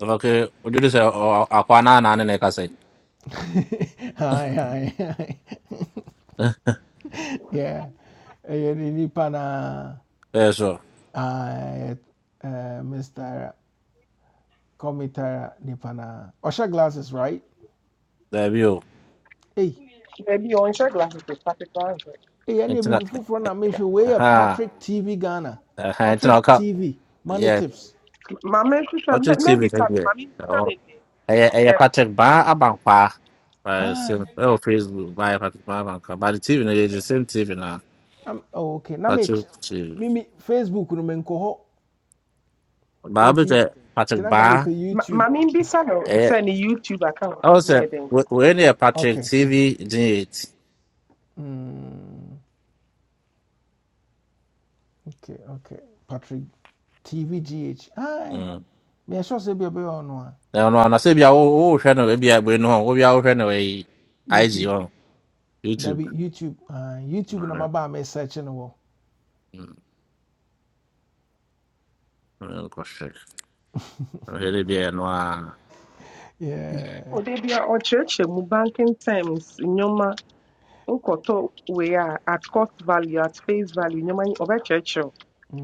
Speaker 15: So okay, what do you say o akwa na na ne ka say.
Speaker 1: *laughs* Aye, aye, Yeah, ɛyɛ ne nipa na
Speaker 15: Eh so.
Speaker 1: aye, ɛyɛ, eh, Mr. Komitara nipa na ɔhyɛ glasses right?
Speaker 15: *laughs* There you.
Speaker 1: Hey,
Speaker 14: maybe a ɔnhyɛ glasses o particular
Speaker 1: hey, ɛne bibi
Speaker 15: Tina.
Speaker 1: foforɔ na make sure yɛ
Speaker 15: Ha.
Speaker 1: Patrick TV Ghana.
Speaker 15: eh, Ha. Tina
Speaker 1: Patrick TV money tips.
Speaker 14: maame
Speaker 15: Patrick Schiff
Speaker 14: maybe mɛbisa
Speaker 15: tem que ver.
Speaker 14: maame mbisa
Speaker 15: Então,
Speaker 14: ne ne
Speaker 15: ɛyɛ ɛyɛ
Speaker 14: ɛ,
Speaker 15: patrick Bar, abankwaa vai ser.
Speaker 1: Aye,
Speaker 15: É o Facebook, vai, Patrick Baba. Mas TV, né? Ele sempre TV na
Speaker 1: I'm, oh, okay. Na me,
Speaker 15: Patrick Schiff.
Speaker 1: me, Facebook no menkɔ hɔ
Speaker 15: Baba
Speaker 1: nti
Speaker 15: é.
Speaker 1: nti
Speaker 15: patrick
Speaker 1: na nka
Speaker 15: Bar,
Speaker 14: ma-
Speaker 1: youtube
Speaker 14: maame mbisa no
Speaker 15: ɛyɛ
Speaker 14: sɛ ne youtube account
Speaker 15: ɔwɔ
Speaker 14: bi ne
Speaker 15: sɛ
Speaker 14: yɛ dɛn
Speaker 15: we- wei ne yɛ patrick
Speaker 1: okay
Speaker 15: tv generate
Speaker 1: Mm, okay okay patrick tvgh ai
Speaker 15: Mm.
Speaker 1: meɛsɛ sɛ bia bɛyɛ ɔno a
Speaker 15: na ɔno ana sɛ bia wowohwɛ no baabi a bue no hɔ wobia wohwɛ no ɛyi ig
Speaker 1: youtube
Speaker 15: hɔ
Speaker 1: dabi
Speaker 15: youtube
Speaker 1: youtube ah, youtube na
Speaker 15: Kɔhwɛ
Speaker 1: maba a mesɛkye no wɔ
Speaker 15: ɔhwɛ de bi yɛ no a
Speaker 1: Yeah.
Speaker 14: ɔde bia ɔkyerɛkyerɛ mu banking terms in your nkɔtɔ wei a at cost value at face value nneɛma yi ɔbɛkyerɛkyerɛw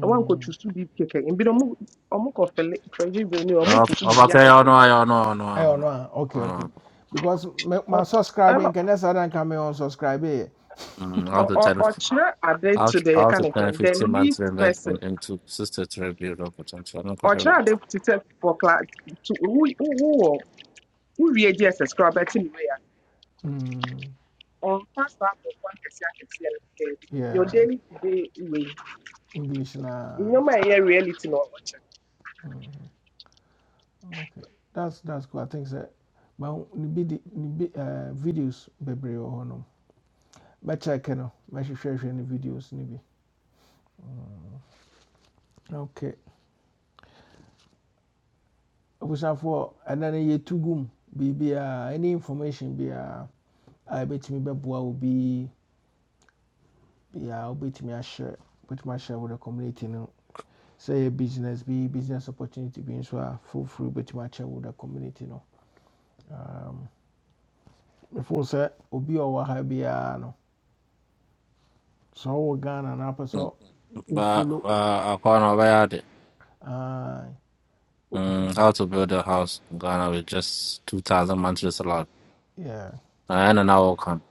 Speaker 14: na woankɔtusu bi kɛkɛ ebinom ɔmo ɔmo kɔfɛle prɛgye bi ni ɔmo tutu
Speaker 15: ɔfa
Speaker 14: biribi
Speaker 15: sɛ ɛyɛ
Speaker 14: akɛkɛ
Speaker 15: ɔno ayɛ ɔno
Speaker 1: ɛyɛ ɔno okay okay
Speaker 15: ɔno
Speaker 1: because my
Speaker 14: Ɔ- o
Speaker 1: ma subscribe
Speaker 14: ama
Speaker 1: nkɛnɛ saa da nka me unsubscribe yɛ
Speaker 14: o o
Speaker 15: ɔno
Speaker 14: ɔkyerɛ ade to
Speaker 15: Out
Speaker 14: the
Speaker 15: out
Speaker 14: yɛka ne
Speaker 15: of ten,
Speaker 14: sɛn the
Speaker 15: fifteen months
Speaker 14: least
Speaker 15: investment
Speaker 14: person
Speaker 15: into sister to rebuild or potential. No
Speaker 14: ɔkyerɛ
Speaker 15: coherent.
Speaker 14: ade to tell for class to who who who who wo wie gss koraa bɛte ne wei a
Speaker 1: Mm,
Speaker 14: ɔmfa saa abɔfo akɛseɛ akɛseɛ no sɛ your
Speaker 1: yeah
Speaker 14: daily to day wei
Speaker 1: english na
Speaker 14: nneɛma a ɛyɛ reality na ɔkyerɛ
Speaker 1: okay that's that's cool i think sɛ ma ne bi de ne bi eh, videos bebree wɔ hɔnom mɛkyɛke no mɛhwehwɛhwɛ no videos no bi ok abusafoɔ for, no yɛtu gu mu biribiaa any information be a I bet me Babu will be, ɛbɛtumi bɛboa wo me a share. But my share wo the community no Say business be business opportunity bi nso free, but my share wo the community no Um, mefoo sɛ obi a ɔwɔ ha So no sɛ ɔwɔ ghana na apɛ sɛ
Speaker 15: Mm. But
Speaker 1: wofolo
Speaker 15: uh, I can't about it. Mm, how to build a house in Ghana with just two thousand mantras allowed.
Speaker 1: yeah
Speaker 15: I don't know how come.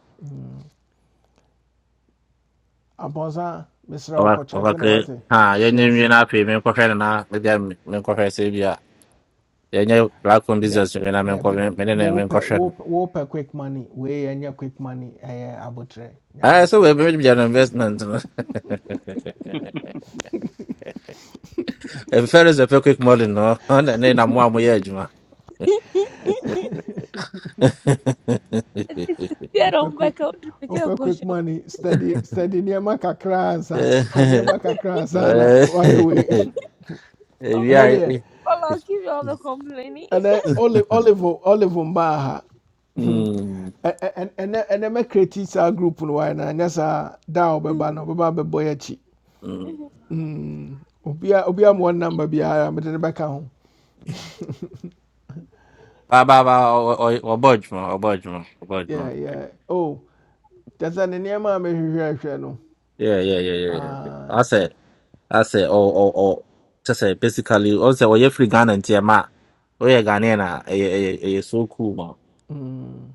Speaker 1: abɔnsa Mister. wo
Speaker 15: Over over
Speaker 1: kɔkyɛke no wate
Speaker 15: ha yeah, you knew
Speaker 1: yes
Speaker 15: you not pay me coherent and I again me coherent say yeah. Yeah, yeah, black on
Speaker 1: that
Speaker 15: business when I'm in
Speaker 1: that be
Speaker 15: coherent, many name in
Speaker 1: wopɛ
Speaker 15: coherent.
Speaker 1: wopɛ wopɛ quick money wei ɛnyɛ quick money ɛyɛ abotire nyɛ
Speaker 15: Ah, so
Speaker 1: abotire
Speaker 15: we to be an investment. no? *laughs* If fair is a quick model, no, *laughs* and then I'm one way, Juma. *laughs*
Speaker 16: Esse era um
Speaker 1: wopɛ
Speaker 16: *laughs*
Speaker 1: quick
Speaker 16: back out porque eu
Speaker 1: wopɛ
Speaker 16: coxa.
Speaker 1: quick money steady steady nneɛma kakra ansa hwɛ nneɛma kakra ansa na wayɛ *laughs*
Speaker 16: O
Speaker 1: And
Speaker 16: meu
Speaker 1: ɛnɛ
Speaker 16: falou que eu não comprei.
Speaker 1: and then olive olive olive mbaa ha And and ɛ- ɛnɛ ɛnɛ mɛ create saa group no why na ɛnyɛ saa da a ɔbɛba no ɔbɛba abɛbɔ yɛ akyi Mm, obia obia
Speaker 13: um,
Speaker 1: mu wɔn number biara mɛde ne bɛka ho
Speaker 15: Ba ba ba o o o budge man, o budge man, o budge
Speaker 1: yeah
Speaker 15: man.
Speaker 1: yeah oh kyerɛ sɛ ne nneɛma a mɛhwehwɛ hwɛ no
Speaker 15: Yeah, yeah, yeah, yeah. yeah.
Speaker 1: Ah,
Speaker 15: I said, I said, oh, oh, oh. Just say basically, I said, oh, you're free Ghana and Tiama. Oh, yeah, Ghanaian, eh, eh, eh, eh, so cool, man.
Speaker 1: mm.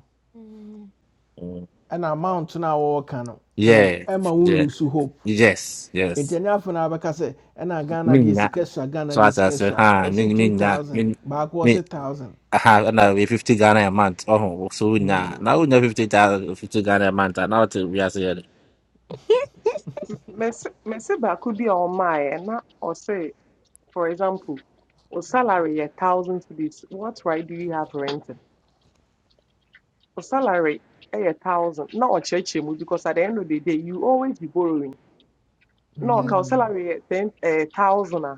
Speaker 15: Mm.
Speaker 1: ɛna amount no a wɔwɔka no
Speaker 15: Yeah,
Speaker 1: Emma will wo
Speaker 15: yeah,
Speaker 1: lose hope
Speaker 15: yes,
Speaker 1: nti
Speaker 15: yes.
Speaker 1: ɛne afei no abɛka sɛ ɛna ghana
Speaker 15: Me,
Speaker 1: deɛ
Speaker 15: nah.
Speaker 1: sika sua ghana
Speaker 15: So
Speaker 1: deɛ
Speaker 15: as I
Speaker 1: sika
Speaker 15: said,
Speaker 1: sua
Speaker 15: huh,
Speaker 1: ɔse
Speaker 15: me, me, nah,
Speaker 1: 2000 baako ɔse
Speaker 15: me,
Speaker 1: 1000
Speaker 15: Aha, no, we 50 Ghana a month. Oh, so we na now we know fifty thousand fifty 50 Ghana a month. And now to we are saying,
Speaker 14: mɛse mɛse baako bi a ɔmaa e na ɔse For example, your salary a thousand cities. What right do you have renting? Your salary a thousand. Not a church because at the end of the day you always be borrowing. No, our
Speaker 1: Mm,
Speaker 14: salary ten a thousand. ah,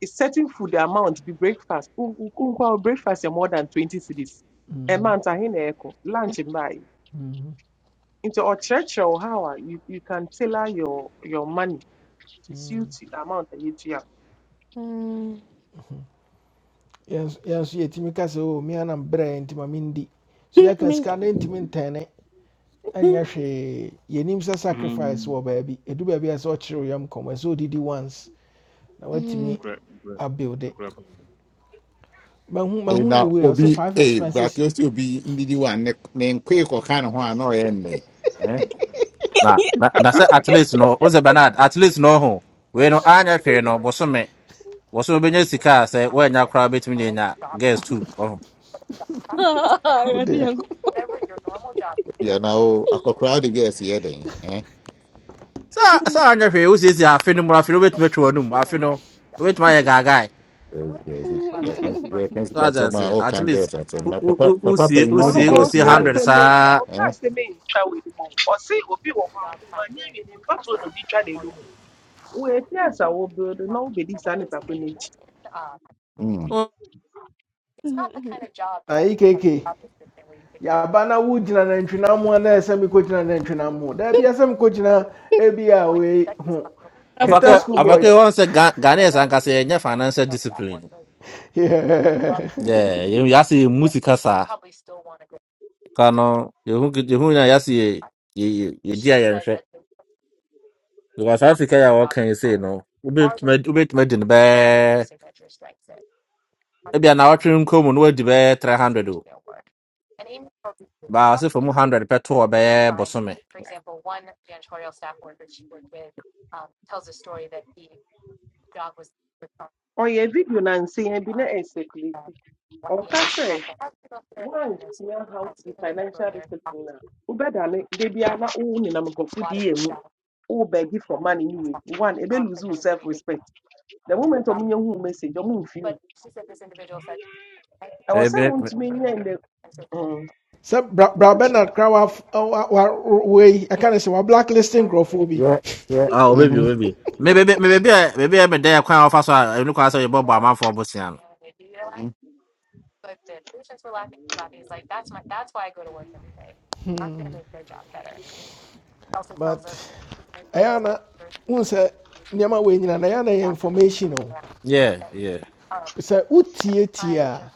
Speaker 14: It's certain food the amount be breakfast. Wo- wo- wo nkwa breakfast is more than twenty cities. A
Speaker 1: mhm,
Speaker 14: month I hear eh, echo lunch buy.
Speaker 1: mhm.
Speaker 14: into or church or how ah, you you can tailor your your money to suit the amount that you have.
Speaker 1: yɛn nso yɛn nso yɛtumi ka sɛ o mea na mbrɛ nti ma mendi so yɛka sika no ntumi ntɛne ɛnyɛ hwee baby sɛ sacrifice
Speaker 13: um,
Speaker 1: wɔ baabi ɛdu baabi a sɛ ɔkyerɛ wo yam kɔmmɔ sɛ ɔdidi once na
Speaker 13: no
Speaker 1: woatumi
Speaker 13: crepa,
Speaker 1: abuild
Speaker 13: no
Speaker 1: it
Speaker 13: crepa.
Speaker 1: mahu
Speaker 3: eh,
Speaker 1: mahu ne
Speaker 3: now
Speaker 1: wei ɔsɛ
Speaker 3: Obi,
Speaker 1: five
Speaker 3: eh, but
Speaker 1: expenses
Speaker 3: you still be in the one name quick or kind of one or any. Eh,
Speaker 15: nah, na- na say at least no, what's a banana? At least no, ho. we no, Anya Ferry no, Bosome, Bosome Benya Sika, say, when your crowd between the na, guess too. Oh,
Speaker 16: Eu
Speaker 1: wodeɛ
Speaker 16: tinha go-
Speaker 3: yeah, now a crowd guess here then.
Speaker 15: so, so Anya Ferry, who's this? I feel no more, I feel wait, metro, no, I feel no, wait, my guy, guy.
Speaker 13: *laughs*
Speaker 3: Reference
Speaker 15: So I just
Speaker 3: customer
Speaker 15: say,
Speaker 3: all
Speaker 15: at
Speaker 3: can
Speaker 15: least,
Speaker 3: get that. So
Speaker 15: u
Speaker 3: now,
Speaker 15: u
Speaker 3: Papa,
Speaker 15: u who
Speaker 3: Papa,
Speaker 15: see,
Speaker 3: you
Speaker 15: who
Speaker 3: know
Speaker 14: ɔno
Speaker 3: the
Speaker 15: see, who
Speaker 3: girl
Speaker 15: see,
Speaker 14: onka
Speaker 3: here then.
Speaker 15: hundreds,
Speaker 14: asɛm yi-
Speaker 15: ah,
Speaker 14: ɔnka
Speaker 3: Eh?
Speaker 14: asɛm yi ntwa w'anim o ɔse obi wɔ hɔ a ɔno wanyɛ wie ne mfa so na obi twa n'anim o woɛti asa wobuild na wobɛdi saa nipa ko no akyi
Speaker 3: Mm.
Speaker 1: ayi keke yaba na wogyina nantwinam ho a na ɛsɛ mekɔgyina nantwinam ho da bia sɛ mekɔgyina ebi a wei ho
Speaker 16: Tá
Speaker 1: keta
Speaker 16: bom.
Speaker 15: Avake,
Speaker 1: school
Speaker 15: avake,
Speaker 1: boys
Speaker 15: one
Speaker 1: *laughs*
Speaker 15: say Ghanaians and kase say, financial discipline.
Speaker 1: Yeah.
Speaker 15: Yeah, you yasi music kasa kano you you na yasi you you dia yen hwe because Africa ya what can you say no ubet me ubet me din be e bia na watwe nko mu no wadi be 300 o ba se for mu 100 pe to be bosome
Speaker 14: ɔyɛ video na nsɛa bi na ɛnsɛkulati ɔka sɛ woansua how to be financial discipline a wobɛdane da bia na wo nenam nkɔfo di yɛ mu wo bɛgi for money ne wei one ɛbɛlose wo self respect the moment ɔmonyɛ hu message ɔmomfi wo ɛwɔ
Speaker 15: e
Speaker 14: sɛ
Speaker 15: be me-
Speaker 14: wontumi nyɛ ndɛ
Speaker 1: sɛ bra Bra bernard kra wa wa- wa- wei ɛka ne sɛ wa blacklisting nkurɔfoɔ bi
Speaker 3: Yeah, yeah.
Speaker 15: ah obebi
Speaker 3: Mm-hmm.
Speaker 15: obebi me be me be me be me dey kwan ofa so a enu kwa so ye bobo amanfo bosia no
Speaker 1: but ɛyɛ na wohu sɛ nneɛma wei nyina na ɛyɛ na ɛyɛ information o
Speaker 15: yeah yeah
Speaker 1: sɛ wotietie a T R.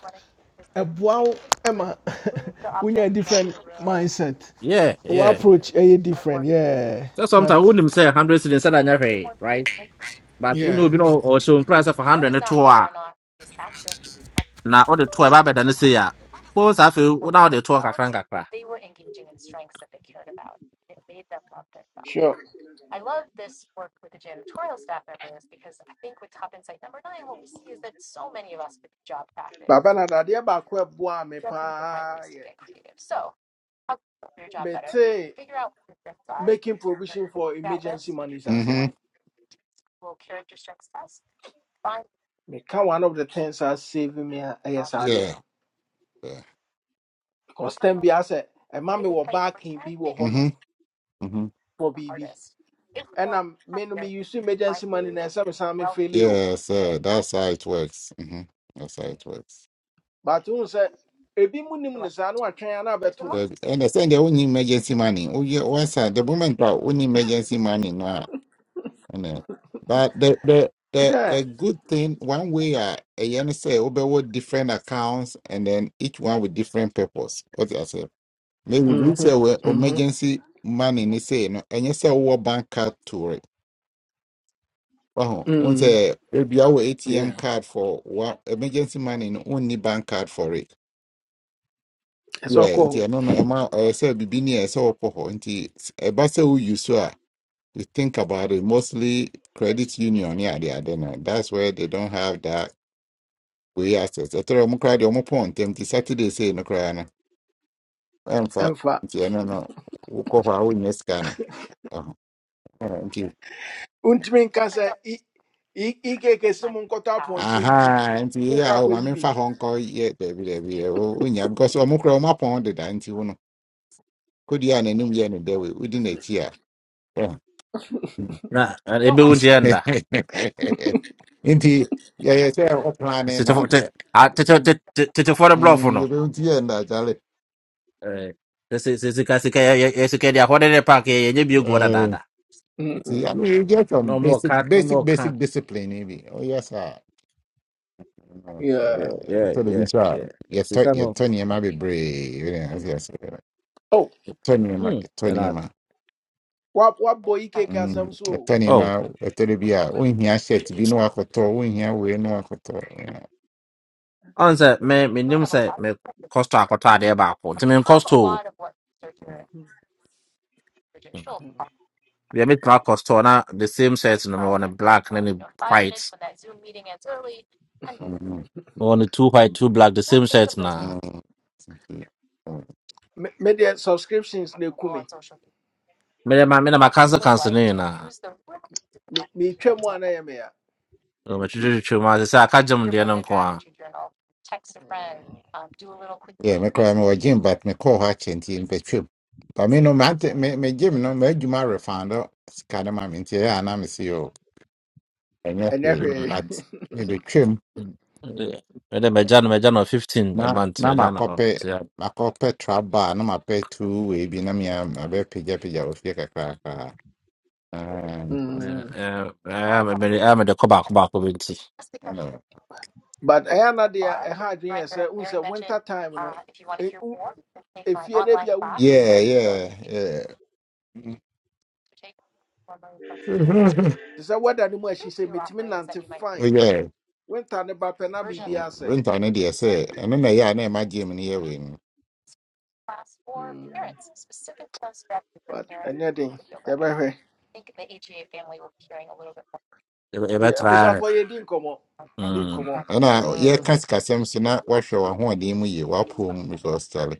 Speaker 1: A wow Emma, *laughs* wo ɛma a different mindset
Speaker 15: yeah
Speaker 1: or
Speaker 15: yeah
Speaker 1: approach ɛyɛ different yeah
Speaker 15: so
Speaker 1: but
Speaker 15: sometimes wonim say 100 cedis na nya hwe right but unu
Speaker 1: yeah
Speaker 15: obi no o so price for 100 ne to na wode toa ɛbaabɛda no sei a po saa afei wo- na wode toɔ kakra nkakra
Speaker 1: Sure. Baba na dadeɛ baako a ɛboa me paa me metee making provision for emergency monies as it
Speaker 3: Mm-hmm.
Speaker 1: me Meka one of the things a saving me a ɛyɛ
Speaker 3: Yeah.
Speaker 1: saa adeɛ
Speaker 3: yeah.
Speaker 1: no. Because tɛm bi asɛ ɛma me wɔ baakin bi wɔ
Speaker 3: Mm-hmm.
Speaker 1: hɔnom
Speaker 3: Mm-hmm.
Speaker 1: for bibi And I'm, me no me use emergency money na ɛsɛ me say me fail
Speaker 3: Yeah, sir. That's how it works. Mm-hmm. That's how it works.
Speaker 1: but wohu sɛ ebi mu nim ne saa na watwɛn a na abɛto no
Speaker 3: The, and I said they send their own emergency money. Oh yeah, what's that? The moment that own emergency money now. Amen. But the the the, the good thing one way I yani say with different accounts and then each one with different purpose. What I say. Maybe we say
Speaker 1: Mhm,
Speaker 3: we
Speaker 1: mhm,
Speaker 3: emergency money ni say no and you say we bank card to it. Oh, one
Speaker 1: mm.
Speaker 3: say maybe our ATM
Speaker 1: Yeah,
Speaker 3: card for what emergency money no only bank card for it.
Speaker 1: ɛsɛ
Speaker 3: Yeah,
Speaker 1: ɔkɔ
Speaker 3: nti
Speaker 1: hɔ
Speaker 3: ɛno no ɛma ɛsɛ bibi ni ɛsɛ ɔkɔ hɔ nti ɛba sɛ woyi so You think about it, mostly credit union, yeah, they are there That's where they don't have that way access. I tell you, cry the omo point. Them the Saturday say no cry no. I'm for
Speaker 1: ɛmfa
Speaker 3: No, no. We Uko pa u nyeska no. Nti.
Speaker 1: wontumi nka sɛ i- i- ikeke se mu nkɔtɔ apɔnkye nti
Speaker 3: Aha. Nti
Speaker 1: wokɔ
Speaker 3: yeah, o
Speaker 1: akɔyi
Speaker 3: mami fa
Speaker 1: bi
Speaker 3: Hong Kong yeah, baby, baby. O unya because o mukra o mapon de da nti uno. Kodi ya nenum ye ne dewe. Udi ne chia. Nti yeah,
Speaker 15: na ɛ- ɛbɛwu nteɛ nda
Speaker 3: *laughs* Until yeah, yeah, say o planning na.
Speaker 15: Tetefo- te- a- tete- te- te- te te- te for the bluff
Speaker 3: Mm,
Speaker 15: no
Speaker 3: you don't hear that,
Speaker 15: eh, sɛ- sɛ- sɛ sika sika yɛ- yɛ- yɛ- sika de ahɔde ne paake yɛ- yɛnyɛ bio guɔ
Speaker 3: Uh,
Speaker 15: dadaada
Speaker 3: see, I
Speaker 1: Mhm,
Speaker 3: mean, you get
Speaker 15: na
Speaker 3: some
Speaker 15: ɔmo ɔka
Speaker 3: basic,
Speaker 15: na
Speaker 3: basic,
Speaker 15: ɔmo ɔka
Speaker 3: basic discipline, maybe. Oh, yes, sir. Uh, uh,
Speaker 15: Yeah,
Speaker 1: yeah.
Speaker 15: yeah,
Speaker 3: so the
Speaker 15: yeah,
Speaker 3: inside,
Speaker 15: yeah, yeah.
Speaker 3: you turn,
Speaker 15: sika
Speaker 3: you
Speaker 15: no
Speaker 3: turn your might be brave. Yes, yes.
Speaker 1: Oh,
Speaker 3: You turn your might,
Speaker 15: hmm,
Speaker 3: you turn
Speaker 15: ɛna
Speaker 3: your man.
Speaker 15: ade.
Speaker 1: What wabɔ ikeke
Speaker 3: Mm,
Speaker 1: asɛm so
Speaker 3: you
Speaker 1: o
Speaker 3: turn your
Speaker 15: Oh,
Speaker 3: man. You turn be a. When he has set, be no akoto. When he has we no akoto.
Speaker 15: ɔn sɛ me menim sɛ me kɔstɔ akɔtɔ adeɛ baako nti menkɔ store o Hmm, deɛ metumi akɔ store na the same shirt no mewɔ no black ne ne white
Speaker 3: Don't
Speaker 15: On the two white, two black, the same
Speaker 3: think
Speaker 15: shirt
Speaker 3: of those.
Speaker 15: na.
Speaker 3: Mm.
Speaker 1: Me- medeɛ subscriptions ne kumi.
Speaker 15: Me da ma me da ma cancel cancel ne na.
Speaker 1: me Me- metwa mu a na ɛyɛ me a
Speaker 15: Oh, me chuchu chuchu ma se aka jam de na nko a.
Speaker 3: Yeah, me cry me wa gym, but me call her chenti in between. But me no man me me gym no me juma refund oh, sika de ma me ntia ya na me see o. Enye hwee,
Speaker 15: Mm.
Speaker 3: but
Speaker 1: *laughs*
Speaker 3: me between
Speaker 15: Me da me jan me jan on 15 a
Speaker 3: na
Speaker 15: month
Speaker 3: na
Speaker 15: me jan
Speaker 3: makope
Speaker 15: ho.
Speaker 3: makope
Speaker 15: So yeah.
Speaker 3: ma trap bar na ma pe two way bi na me ma pija pija o kakra kakra. Um, class
Speaker 1: Mm.
Speaker 15: Eh eh me me eh, me de ko ba ko ba ko binti.
Speaker 3: know.
Speaker 1: but ɛyɛ na deɛ ɛha adwene yɛ sɛ wohu sɛ winter time no efie de bia wuntumi
Speaker 3: Yeah,
Speaker 1: nyɛ ne saa
Speaker 3: yeah, yeah. *laughs* Mhm.
Speaker 1: te sɛ wada no mu
Speaker 3: *laughs*
Speaker 1: ahyi sɛ metumi nante
Speaker 3: Oh,
Speaker 1: fine
Speaker 3: yeah.
Speaker 1: winter ne ba pɛ na biribi asɛe
Speaker 3: renta no deɛ sɛ ɛno na ɛyɛ a na ɛma gye mu no yɛ wei no
Speaker 1: Mm, but ɛnyɛ den yɛbɛhwɛ
Speaker 15: E be e be
Speaker 1: Deɛ-
Speaker 15: try.
Speaker 1: abusuafoɔ yɛdi nkɔmmɔ di
Speaker 15: Mm.
Speaker 1: nkɔmmɔ
Speaker 3: ɛna
Speaker 1: Mm,
Speaker 3: yɛka sikasɛm so na woahwɛ w'ahoɔden mu yie woapoom because tale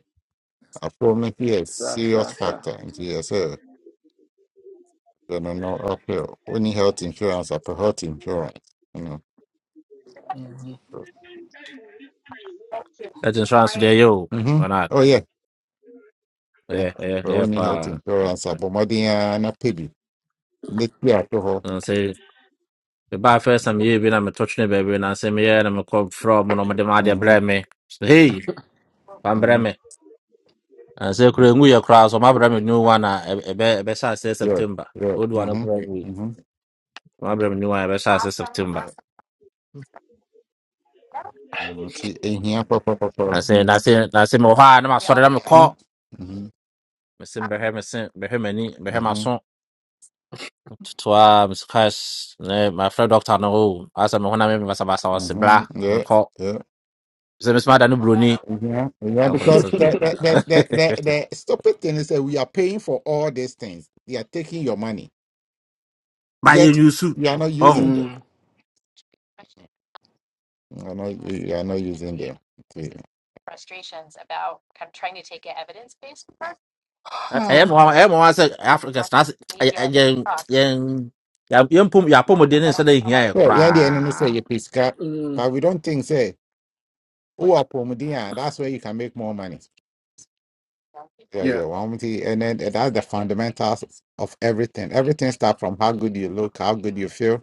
Speaker 3: apoom no nso yɛ
Speaker 1: Sir,
Speaker 3: serious
Speaker 1: sir, sir.
Speaker 3: factor nti yɛ sɛ ɛno no no, ɔpɛ woni health insurance apɛ health insurance you know.
Speaker 15: That insurance there yo. Why
Speaker 3: Mhm.
Speaker 15: not?
Speaker 3: oh yeah yeah.
Speaker 15: Yeah, yeah,
Speaker 3: Sɛ
Speaker 15: yeah
Speaker 3: wonni health
Speaker 15: pa.
Speaker 3: insurance abɔ mmɔden ara na pɛ bi na ti ato hɔ
Speaker 15: No say the bar first time you been I'm touching baby and I say me yeah I'm called from and I'm the media
Speaker 3: Mhm,
Speaker 15: blame me. So hey, I'm blame
Speaker 3: mhm.
Speaker 15: me. Uh, say kure ngu ya kura so mabra me new one a ebe ebe sha se
Speaker 3: yes
Speaker 15: September.
Speaker 3: yes.
Speaker 15: Old one
Speaker 3: Mhm,
Speaker 15: kura ngu.
Speaker 3: mhm.
Speaker 15: Mabra me new one ebe sha se
Speaker 3: Awesome,
Speaker 15: September.
Speaker 3: awesome. Mm, nti ɛhia pɔpɔpɔpɔ
Speaker 15: Na say na say na say me ha na ma sori na me call.
Speaker 3: hmm
Speaker 15: Me sim behe me sim behe me ni behe
Speaker 3: now.
Speaker 15: ma
Speaker 3: hmm
Speaker 15: so. Twa Miss Cash ne my friend doctor no o. Asa me hona me me basa basa
Speaker 3: hmm
Speaker 15: wase
Speaker 3: hmm
Speaker 15: bla. Me
Speaker 3: Yeah,
Speaker 15: call.
Speaker 3: yeah.
Speaker 15: Say Miss Mada no broni.
Speaker 3: Yeah, yeah,
Speaker 15: Don't call
Speaker 3: because
Speaker 15: so. *laughs*
Speaker 3: that
Speaker 1: *laughs*
Speaker 3: that that
Speaker 15: Yeah.
Speaker 3: that that, that stupid thing is that we are paying for all these things. They are taking your money,
Speaker 15: Buy
Speaker 3: yet
Speaker 15: you soup.
Speaker 3: you are not
Speaker 15: *laughs*
Speaker 3: using them.
Speaker 1: Mm.
Speaker 3: You are not, you are not using them. Okay.
Speaker 15: ɛyɛ mo
Speaker 1: *sighs*
Speaker 15: ɛyɛ mo wa sɛ africa stars ɛyɛ ɛyɛ- yɛn yɛn yɛn yɛn pom yɛn apɔmuden ne nsa na ehia
Speaker 3: Yeah,
Speaker 15: yɛ
Speaker 3: Well, yeah, the enemy
Speaker 15: koraa
Speaker 3: say you pisca,
Speaker 1: Mm,
Speaker 3: but we don't think say who are promoting? that's where you can make more money. Yeah,
Speaker 1: yeah.
Speaker 3: yeah, one thing, and then that's the fundamentals of everything. Everything starts from how good you look, how good you feel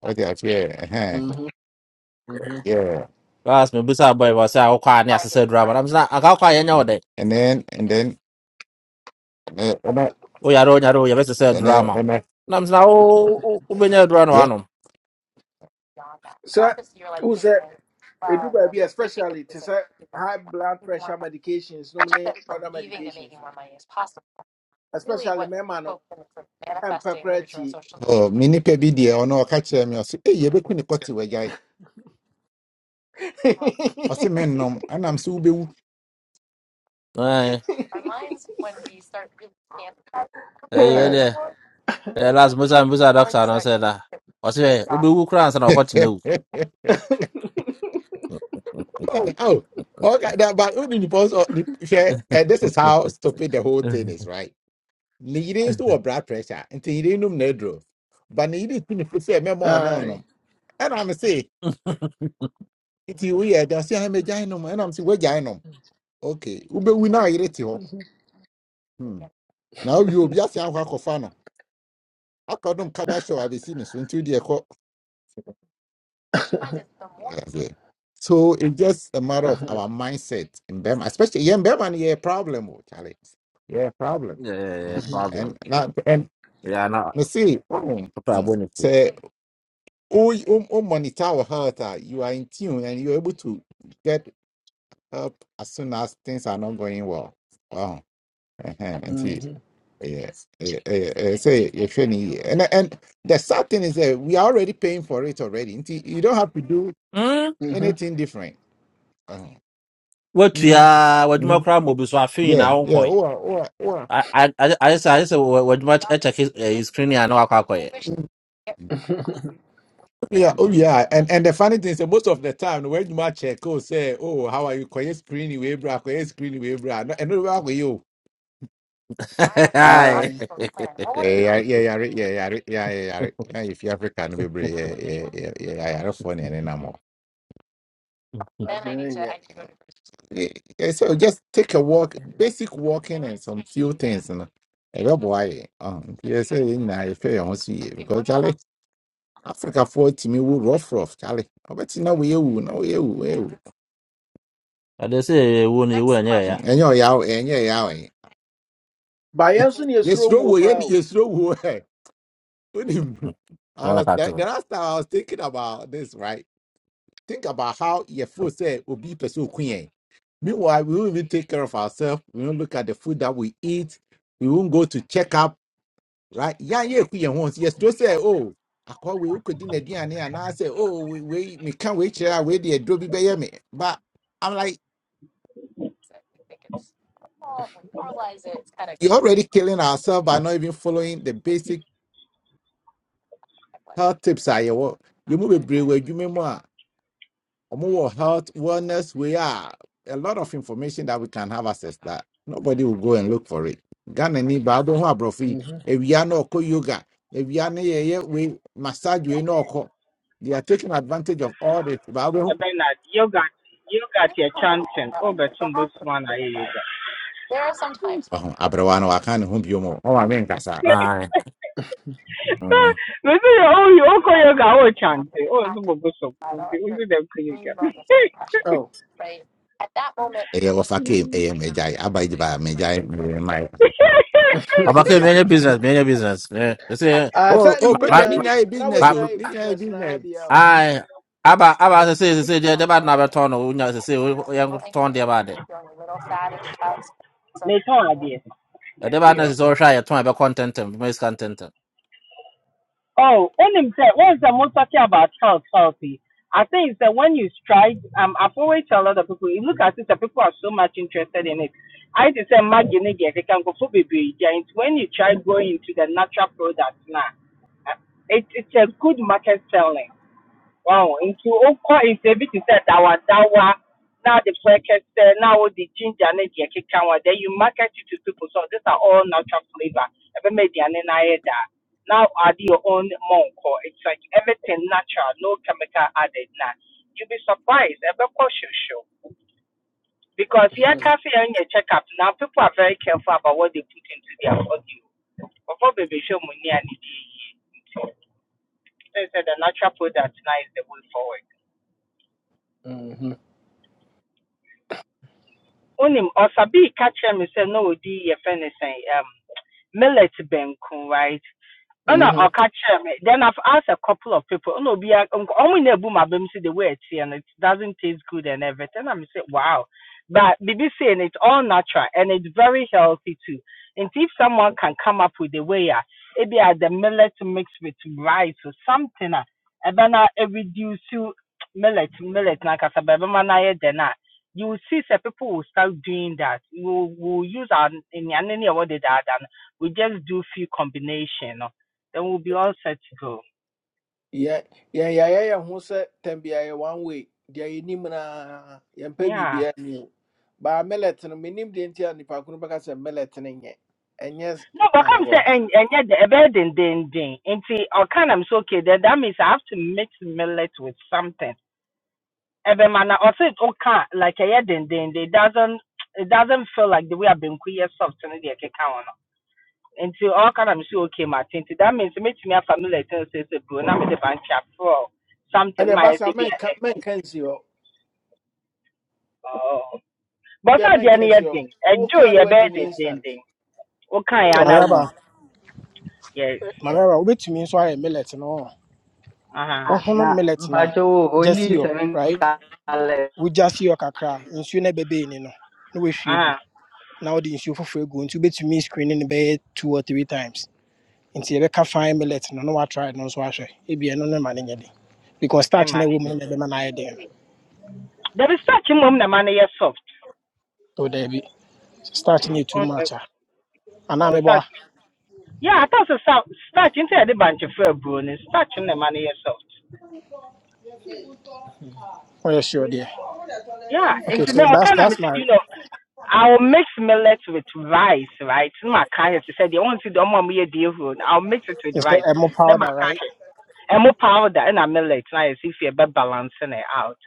Speaker 3: Oh yes, yeah, uh-huh,
Speaker 1: Mhm, mhm.
Speaker 3: yeah.
Speaker 15: last mi *tsk* bisa bɔ ɛwɔ sɛ akɔkɔ a ne asesɛ drama nam sɛ akɔkɔ a yɛnyɛ wɔ dɛ
Speaker 3: mhm. And then and then uh, and I,
Speaker 15: o yare o yare o yɛ bɛ
Speaker 3: and then
Speaker 15: drama
Speaker 3: and I,
Speaker 15: nam sɛ o o o bɛ drama no
Speaker 3: yeah.
Speaker 15: wanom
Speaker 1: Sir, who said sɛ do baabi especially to say high blood pressure medications nom many other medications no especially mɛma man. ɛmpɛ
Speaker 3: Oh, me nipa bi deɛ ɔno ɔka kyerɛ me ɔse ei yɛbɛku ne kɔte wagyae
Speaker 1: *laughs*
Speaker 3: ɔse mennom ɛnam sɛ wobɛwu
Speaker 15: eh eh wɛ
Speaker 1: Yeah.
Speaker 15: deɛ ɛyɛ last mi bisa bisa doctor na ɔsɛ da ɔsɛ ɛ o bɛ wu koraa nsa na ɔkɔ tena wu
Speaker 3: *laughs* Oh, oh, okay, that- but who did the boss of the- hwɛ, eh,
Speaker 15: *laughs*
Speaker 3: this is how stupid the whole thing is right ne yere nso wɔ blood pressure nti yere nom na aduro but ne yere ku ne fo sɛ mɛma ɔno
Speaker 1: I.
Speaker 3: nom ɛna me se nti woyɛ ɛda sɛ ɛmɛ gyae nom ɛnam sɛ woagyae nom ok wobɛwu na ayere te hɔ Hmm. na wowie obi ase akɔ akɔfa no akɔdom kada show abɛsi ne so nti wodeɛ ɛkɔ
Speaker 1: *laughs*
Speaker 3: That's it. so it's just a matter of
Speaker 1: mm-hmm.
Speaker 3: our mindset in Burma, especially yeah, in Burma, yeah, problem, oh, Charlie. Yeah, problem.
Speaker 15: ɛɛ
Speaker 3: Mm.
Speaker 15: problem
Speaker 3: And not, and
Speaker 15: yɛ ana
Speaker 3: you see, mm,
Speaker 15: ɔpɛ abɔ
Speaker 3: mm. say, oh, you- um, um, monitor our health, ah, you are in tune and you're able to get help as soon as things are not going well. Wow. Uh-huh. Nti yeah, eh, eh, eh, say you're training, here. and and the sad thing is that we are already paying for it already. Nti you don't have to do
Speaker 15: Mm.
Speaker 1: Mm-hmm.
Speaker 3: anything different. Uh-huh. Mhm.
Speaker 15: Watua wadwuma
Speaker 3: Mhm.
Speaker 15: koraa ma obi so afei na
Speaker 3: Yeah, yeah.
Speaker 15: wonkɔe
Speaker 3: Or or or
Speaker 15: ayɛ sɛ ayɛ sɛ wa- wadwuma ɛkyɛke screen a I wakɔ akɔyɛ
Speaker 1: *laughs*
Speaker 3: yeah, oh yeah. And and the funny thing is that most of the time when you match check, oh say, oh how are you? Koye screen we bra, koye screen we bra. No, and no, yeah,
Speaker 15: *laughs* Aye.
Speaker 1: I. I
Speaker 3: yeah, yeah, yeah, yeah, yeah, yeah. yeah, yeah, yɛyare yɛyare yɛa- yɛyare na yɛfi yeah, yeah, yeah, yeah, yeah. ɛne nam hɔ
Speaker 1: didn't yet.
Speaker 3: Eh, yeah, so just take a walk basic walking and some few things no ɛbɛboa yɛ Ah, nti yɛ sɛ yɛn nyinaa yɛhwɛ yɛn ho so yie because kyale africafoɔ tumi wo rough rough kyale wobɛte na woyɛ wu na woyɛ wu woyɛ wu
Speaker 15: ade sɛ ɛwo no ɛwu ɛnyɛ ɛya
Speaker 3: Mm, ɛnyɛ ɔyaw ɛnyɛ ɔyaw ɛ
Speaker 1: By Yansun, yes, throw
Speaker 3: yɛsuro wo
Speaker 1: whoop
Speaker 3: yɛ
Speaker 1: out.
Speaker 3: yɛsuro wo ɛ wonim *laughs* I
Speaker 15: nana
Speaker 3: was
Speaker 15: ka
Speaker 3: the, the
Speaker 15: to
Speaker 3: last time I was thinking about this, right? think about how your food said will be pursue queen. Meanwhile, we won't even take care of ourselves. We won't look at the food that we eat. We won't go to check up, right? Yeah, yeah, queen once. Yes, to say, oh, I call we could dinner and and I say, oh, we we we can't wait here. I wait there, do be by me. But I'm like, you're already killing ourselves by not even following the basic health tips. I you move a brew, you mean more. more health wellness we are a lot of information that we can have access that nobody will go and look for it ghana ni baabo ho aborɔfo yi
Speaker 1: Mm-hmm.
Speaker 3: awia na ɔkɔ yoga if awia na yɛyɛ we massage wei no ɔkɔ they are taking advantage of all this baabo
Speaker 18: Bernard, yoga yoga your chanting. Oh, but some books man are yoga.
Speaker 3: there are sometimes ɔho abrɛwa no waka ne ho bio mu ɔma me nkasa
Speaker 18: *laughs*
Speaker 15: Aye. Mm.
Speaker 18: This is oh you oh yoga oh chanting. Oh, some books so we do them yoga.
Speaker 1: Oh.
Speaker 3: at that moment ɛyɛ wɔfa kem ɛyɛ magyae aba gye baa magyae mmɛmae
Speaker 18: *laughs*
Speaker 15: ɔbaka
Speaker 1: *laughs*
Speaker 15: many business many business Eh, ɛsɛ
Speaker 1: I sat in
Speaker 3: o
Speaker 15: ma my,
Speaker 3: kɔdea ne
Speaker 1: Nina.
Speaker 15: my.
Speaker 3: nyinaa yɛ
Speaker 1: Now,
Speaker 3: business
Speaker 1: when
Speaker 15: ma-
Speaker 3: Oh,
Speaker 1: I
Speaker 3: ne nyinaa
Speaker 1: business, now
Speaker 3: business
Speaker 1: be out.
Speaker 3: Mm-hmm.
Speaker 15: aye. aba aba sɛ sɛ sɛ sɛ deɛ ɛdeɛ bɛade na bɛtɔn no wonya sɛ sɛ yɛtɔn deɛ about it.
Speaker 18: Me tell idea. *laughs*
Speaker 15: They
Speaker 18: They be
Speaker 15: na sɛ sɛ wohwɛ a yɛtɔn a ɛbɛkɔ ntɛntɛm bɛma sika ntɛntɛm
Speaker 18: Oh, when him say, when the most talking about health, healthy. I think it's that when you strike, um, I've always tell a lot of people, you look at it, the people are so much interested in it. I just say, imagine it, they can go for baby. And when you try going into the natural products now, uh, it, it's a good market selling. Wow, nti wokɔ interview te Dawa, dawa. na the breakfast sɛ na wode ginger ne deɛ keka ho then you market it to people so these are all natural flavor ɛbɛma aduane no ayɛ daa Now add your own mɔnkɔ it's like everything natural no chemical added Now you will be surprised ɛbɛkɔ hwehwɛ because here cafe and your checkup now people are very careful about what they put into their body before baby show money and it said the natural product now is the way forward
Speaker 1: Mm-hmm.
Speaker 18: Unim, ɔfa bi ka kyerɛ me sɛ na odi yɛfrɛ no sɛn um millet banku right ɛna
Speaker 1: Mm-hmm.
Speaker 18: ɔka catch me then i've asked a couple of people no, obi a nk- ɔmo nyinaa ebu ma bɛm si the way ɛteɛ and it doesn't taste good and everything i'm say wow but bibi say saying it's all natural and it's very healthy too and if someone can come up with a way ah, maybe a the millet mixed with rice or something a ɛbɛ na e reduce you- millet millet na kasa bɛbɛ ma na yɛ den a you will see Some people will start doing that we will we will use our nyanene ɛwɔ deda ada no we just do few combination no then we'll be all set to go.
Speaker 1: Yeah. Yeah. Yeah. Yeah. Yeah. Who said ten be a one way? Deɛ yɛnim naa yɛmpɛ
Speaker 18: Yeah.
Speaker 1: biribiara ni o baa millet no menim deɛ nti a nnipa ko no bɛka sɛ millet no nyɛ ɛnyɛ s-
Speaker 18: No, but
Speaker 1: ah,
Speaker 18: come say
Speaker 1: well.
Speaker 18: and and yet the bed and then then into or kind I'm so okay that that means I have to mix millet with something. Every man also it okay like a yeah then then it doesn't it doesn't feel like the way I've been queer soft and the can count on. Into all kind I'm so okay my thing that means it makes me a familiar thing say say bro now me the bunch up for
Speaker 1: And
Speaker 18: something
Speaker 1: the
Speaker 18: my say
Speaker 1: basa
Speaker 18: be
Speaker 1: men can men
Speaker 18: a
Speaker 1: can see you.
Speaker 18: oh but
Speaker 1: Yeah,
Speaker 18: so the
Speaker 1: men can
Speaker 18: any
Speaker 1: see you.
Speaker 18: thing
Speaker 1: All
Speaker 18: enjoy
Speaker 1: can
Speaker 18: your
Speaker 1: wait
Speaker 18: bed
Speaker 1: in
Speaker 18: and then
Speaker 1: instant.
Speaker 18: then okay and I
Speaker 19: mariaba
Speaker 18: would yes.
Speaker 19: mariaba wobɛtumi nso ayɛ millet no
Speaker 18: Uh huh.
Speaker 17: Ah,
Speaker 19: wohono
Speaker 17: na
Speaker 19: millet no
Speaker 17: mpakyɛw o
Speaker 19: just
Speaker 17: only
Speaker 19: you yɔ
Speaker 17: seven
Speaker 19: right wogyasi yɔ kakra a, nsuo no No ɛbɛbɛi ni no na woahwie gu
Speaker 18: Ah,
Speaker 19: for wode nsuo foforɔ bet to me screening no bed two or three times nti yɛbɛka fine millet no no, I woatry no so I ahwɛ ebi ɛno no ma no nyɛ den because
Speaker 18: my
Speaker 19: starch
Speaker 18: man.
Speaker 19: no woman ne no
Speaker 18: There
Speaker 19: na ɛbɛma dem.
Speaker 18: is starch in mum na man is soft.
Speaker 19: So there be so daabi starch no too
Speaker 18: On the
Speaker 19: much a anaa
Speaker 18: or
Speaker 19: meboa
Speaker 18: starch. Yeah, I thought so sou- starch into the bunch of fair brewing. Starch in the man is soft.
Speaker 19: woyɛ sure deɛ
Speaker 18: Yeah,
Speaker 19: okay
Speaker 18: into me,
Speaker 19: so
Speaker 18: I
Speaker 1: *laughs*
Speaker 19: that's
Speaker 18: kind of
Speaker 19: that's my
Speaker 18: you know, I'll mix millet with rice, right? In my kind of said, you want to do mom here, dear food. I'll mix it with
Speaker 19: it's the
Speaker 18: rice.
Speaker 19: emo
Speaker 18: Then my
Speaker 19: powder right
Speaker 18: kind and more powder and a millet. Now you see if you're balancing it out.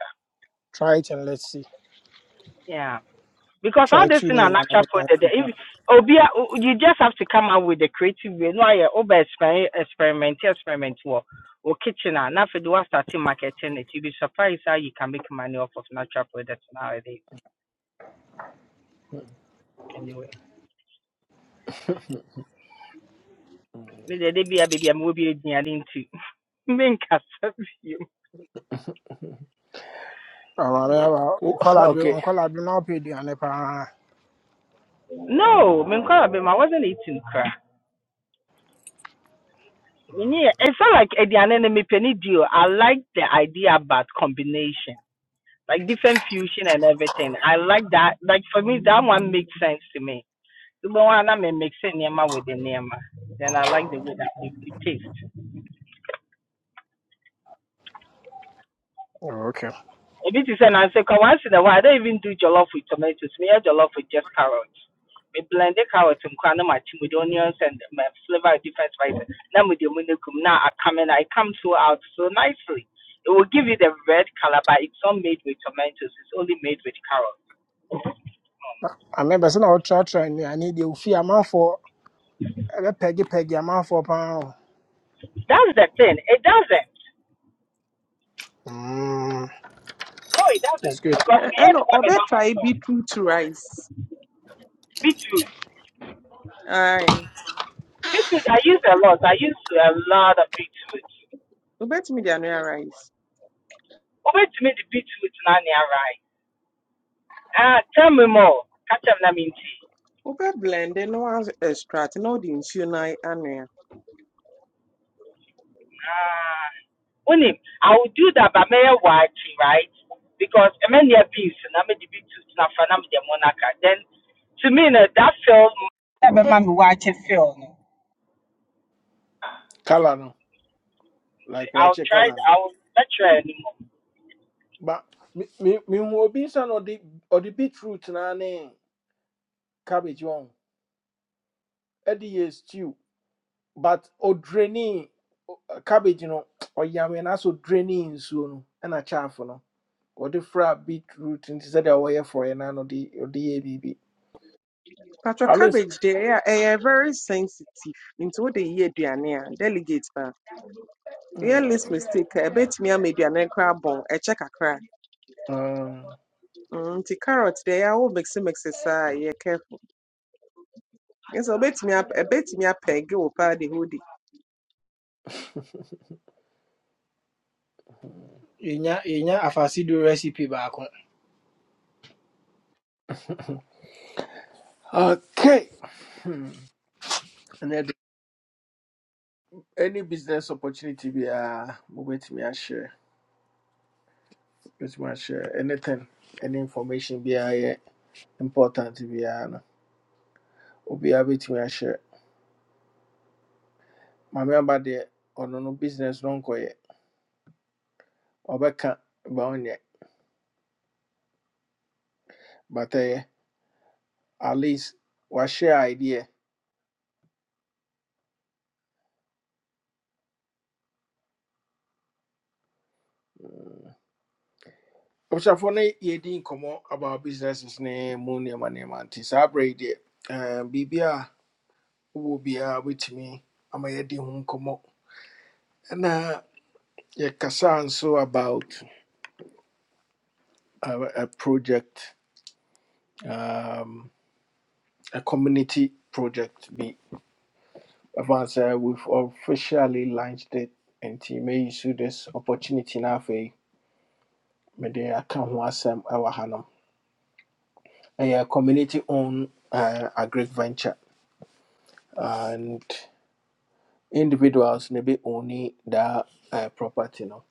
Speaker 19: try it and let's see
Speaker 18: Yeah. because all
Speaker 19: try
Speaker 18: this in
Speaker 19: tuning
Speaker 18: a
Speaker 19: in another
Speaker 18: natural
Speaker 19: na
Speaker 18: product. If Obia, you just have to come out with the creative way. No, yeah, over experiment, experiment, experiment. Or or kitchen, and now for the starting marketing, it you'll be surprised how you can make money off of natural products nowadays. Anyway, me the baby, baby, I'm will be eating into. Minka, *laughs*
Speaker 19: Ɔware nkwadaa bi
Speaker 1: Okay.
Speaker 19: nkwadaa bi na ɔpɛ aduane paa.
Speaker 18: no, Minka, I wasn't eating crap. Yeah, it's not like Ediane and Mipeni deal. I like the idea about combination. like different fusion and everything. I like that. Like for me, that one makes sense to me. The one I'm mixing Nema with the Nema. Then I like the way that it, it tastes.
Speaker 19: Okay.
Speaker 18: A bit is an answer. 'cause Once in a while, I don't even do jollof with tomatoes. Me, I jollof with just carrots. Me blend the carrots and crown them with onions and my flavor different spices. Now with the munukum, now I come in, I come so out so nicely. It will give you the red color, but it's not made with tomatoes. It's only made with carrots.
Speaker 19: Ame bɛsɛ na ɔtratra nnuane deɛ ofi amanfoɔ ɛbɛpɛgyepɛgye amanfoɔ paa o.
Speaker 18: That's the thing. It doesn't.
Speaker 19: Mm,
Speaker 18: No, it
Speaker 19: it's
Speaker 18: doesn't.
Speaker 19: good.
Speaker 18: Because
Speaker 14: And ɛ-
Speaker 18: we had
Speaker 14: ɛna
Speaker 18: one and number
Speaker 14: ɔbɛtrae
Speaker 18: four.
Speaker 14: bi to rice
Speaker 18: Beetroot.
Speaker 14: Aye, ae
Speaker 18: Beetroot, I use a lot. I use a lot of beetroot.
Speaker 14: wobɛtumi de anoa rice
Speaker 18: Over to me, the beetroot, now near right? Ah, tell me more. Catch up, na Naminti.
Speaker 14: wobɛblende na extract na wode nsuo no a- anoa
Speaker 18: Ah, Unim, I will do that, by may watching right? Because I mean, there are beans, and I made the beetroot, and I'm the monarch. Then, to me, no, that film, never mind watching film. no.
Speaker 1: Kalano. Like
Speaker 18: I'll
Speaker 1: watch a
Speaker 18: try, I
Speaker 1: kalano.
Speaker 18: will not try anymore.
Speaker 1: But me me me who obinsan or the or the beetroot na ne cabbage on. Eddie yes stew. But o draining cabbage no or yammy na so draining soon and a chaff no. Or the fra beetroot and said away for an anno the or the ABB.
Speaker 14: patwɔ
Speaker 1: Alice.
Speaker 14: cabbage deɛ ɛyɛ a ɛyɛ very sensitive nti wode yɛ aduane a delegate a woyɛ
Speaker 1: Mm.
Speaker 14: less mistake I bet me I made the annual crab bone, a ɛbɛtumi ama aduane no koraa bɔn ɛkyɛ kakra
Speaker 1: Um,
Speaker 14: Mm, nti carrot deɛ ɛyɛ a wo mixe mixe saa yɛ careful ɛsɛ wobɛtumi ap- ɛbɛtumi apɛɛge wo paa de hode the hoodie.
Speaker 19: Yɛnya yɛnya afase recipe baako.
Speaker 1: Okay. And then any business opportunity be a moment me I share. With me I share anything, any information be a important be a no. Obi a bit me I share. My member there on no no business no ko Obeka baonye ye. But eh, at least wa share idea. Ɔbusuafo no yɛdi nkɔmmɔ about businesses ne mu nneɛma nneɛma nti saa berɛ yi deɛ eh, biribi a wowɔ biara wobɛtumi ama yɛdi ho nkɔmmɔ Yeah, yɛkasa nso about a, a project a community project be ɛfa sɛ we've officially launched it and may use this opportunity now for mede aka ho asɛm ɛwɔ hanom ɛyɛ a community owned uh, agric venture and individuals ne bi oni that uh, property no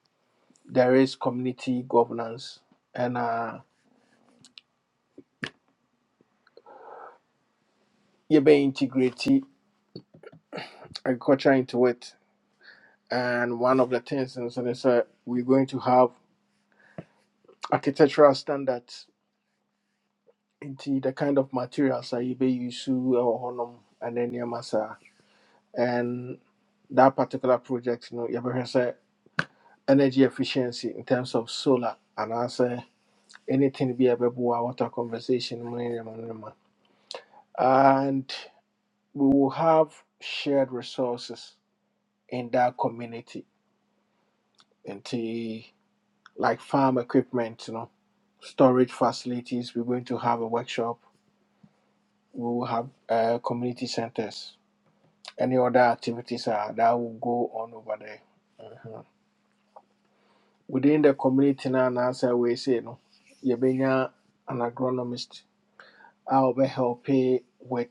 Speaker 1: there is community governance and ɛna yɛbɛ integrate agriculture into it and one of the things is that they said we're going to have architectural standards into the kind of materials that you be use or honum and then your massa and that particular project you know you ever say energy efficiency in terms of solar and I say anything be able water conversation and we will have shared resources in that community. And like farm equipment, you know, storage facilities. We're going to have a workshop. We will have uh, community centers. Any other activities are, that will go on over there. Mhm. Within the community now, and as I we say, you no, you an agronomist. I'll be helping with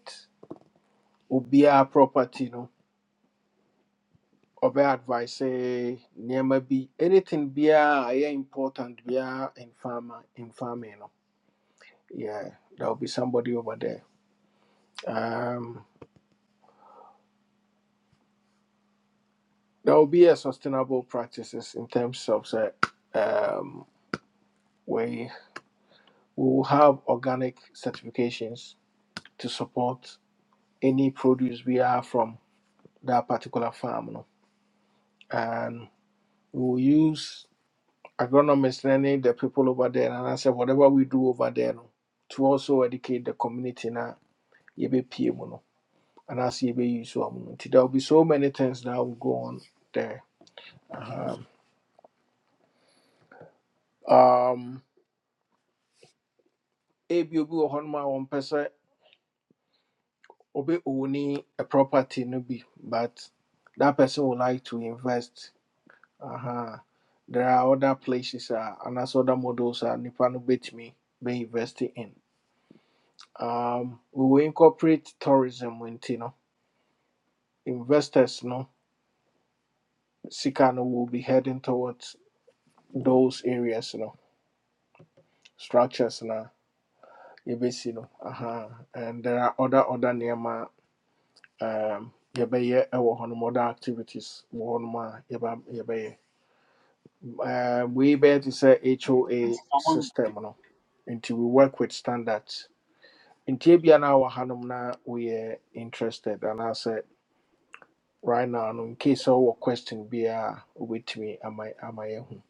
Speaker 1: obia property, you no, obe advice, say, near be anything be important be in farmer in farming, no. Yeah, there'll be somebody over there. Um, there will be a sustainable practices in terms of say, um, we will have organic certifications to support any produce we are from that particular farm no? and we will use agronomists and the people over there and I said whatever we do over there no, to also educate the community na yebe mu no and as yebe use wa mu no. there will be so many things that will go on there um um ebi obi wɔ hɔ nom a wɔmpɛ sɛ obi own a property no be but that person would like to invest uh-huh. there are other places uh, and as other models are uh, nipa no betumi be investing in um we will incorporate tourism into you know investors no sika no will be heading towards those areas you know structures na yɛbɛsi no uh-huh. and there are other other nneɛma um yɛbɛyɛ ɛwɔ hɔnom other activities wɔ hɔnom a yɛba- yɛbɛyɛ um, we bear to say HOA system no Until we work with standards nti ebia na wɔ hanom we are interested And I said right now no in case sɛ wowɔ question biara a wobɛtumi ama ama yɛahu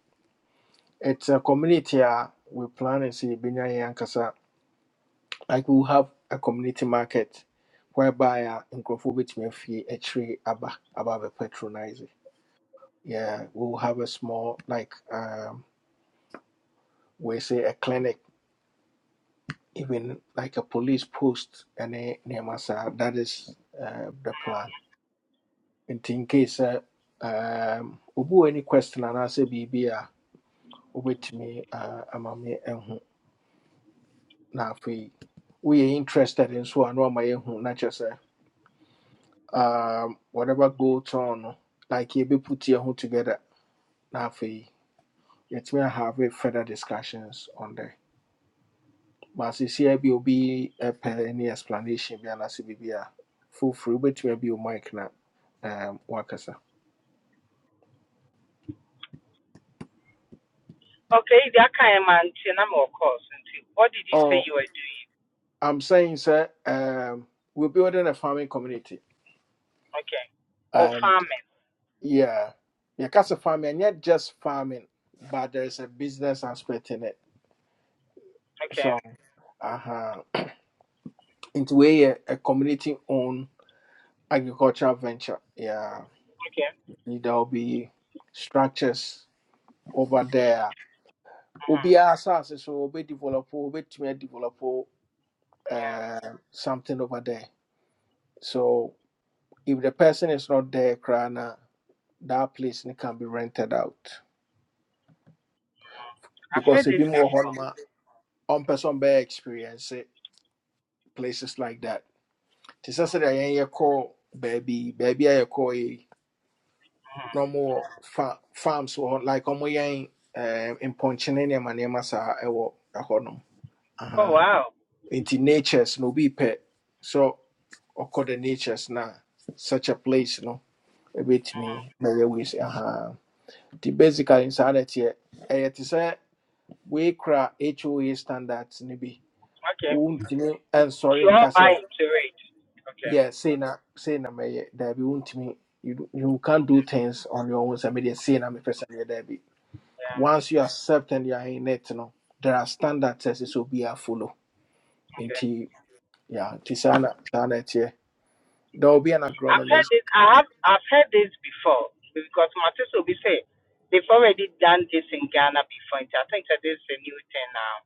Speaker 1: it's a community a we plan sɛ yɛbɛnya yɛn ankasa like we will have a community market whereby uh, in Grofobit may nkurɔfoɔ a tree akyire aba aba patronize. yeah we will have a small like um, we say a clinic even like a police post and nneɛma saa that is uh, the plan nti in case sɛ um, obi wɔ any question anaasɛ biribi a me, uh, ama me ɛho na we're interested in so, na wama yɛhu na kyerɛ um, whatever goes on no like yɛbɛputi ho together na afei yɛtumi ahave further discussions on that But seesei bi obi pɛ any explanation bi anaasɛ biribi a foforo wobɛtumi abio mic na um, wakasa
Speaker 18: Okay, that kind of man, and I'm of course. What did you say
Speaker 1: oh,
Speaker 18: you were doing?
Speaker 1: i'm saying sir, um, we're building a farming community
Speaker 18: Okay. Or
Speaker 1: and
Speaker 18: farming.
Speaker 1: yeah yɛkasa farming and not just farming but there's a business aspect in it
Speaker 18: Okay.
Speaker 1: so uh-huh, nti wei yɛ a community owned agricultural venture yeah
Speaker 18: Okay.
Speaker 1: there will be structures over there
Speaker 18: hmm
Speaker 1: Obi asase so Obi develop Obi wɔbɛtumi adevelop
Speaker 18: Yeah.
Speaker 1: um, something over there so if the person is not there koraa that place no can be rented out
Speaker 18: I've
Speaker 1: because
Speaker 18: heard this
Speaker 1: ebi mu wɔ
Speaker 18: before.
Speaker 1: hɔnom a ɔmpɛ sɛ ɔmbɛyɛ experience it, places like that Tisasa sɛ sɛdeɛ yɛn baby, baby baabi a yɛkɔɔ yi na fa farms or hɔ like ɔmo yɛn um, mpɔnkyene nneɛma nneɛma saa ɛwɔ ɛhɔnom
Speaker 18: Oh, wow.
Speaker 1: Into natures no be pet. So ɔkɔ the natures now such a place no A bit me, maybe we say, basically the na insanity." Eh, te sɛ wei kora HOA standards no bi.
Speaker 18: Okay.
Speaker 1: and
Speaker 18: You
Speaker 1: sorry in
Speaker 18: all
Speaker 1: case
Speaker 18: buy into it. Okay.
Speaker 1: yɛ say na say na mɛyɛ daabi wontumi you do- you can't do things on your own sɛ maybe say na mepɛ sɛ there be.
Speaker 18: Yeah.
Speaker 1: Once you accept and you are in it no there are standards as ɛsɛ be a follow
Speaker 18: Okay.
Speaker 1: into yeah, nti saa na There will be an
Speaker 18: I've heard
Speaker 1: agronomist.
Speaker 18: this. I have. I've heard this before because my sister will be saying they've already done this in Ghana before. I think that this is a new thing now.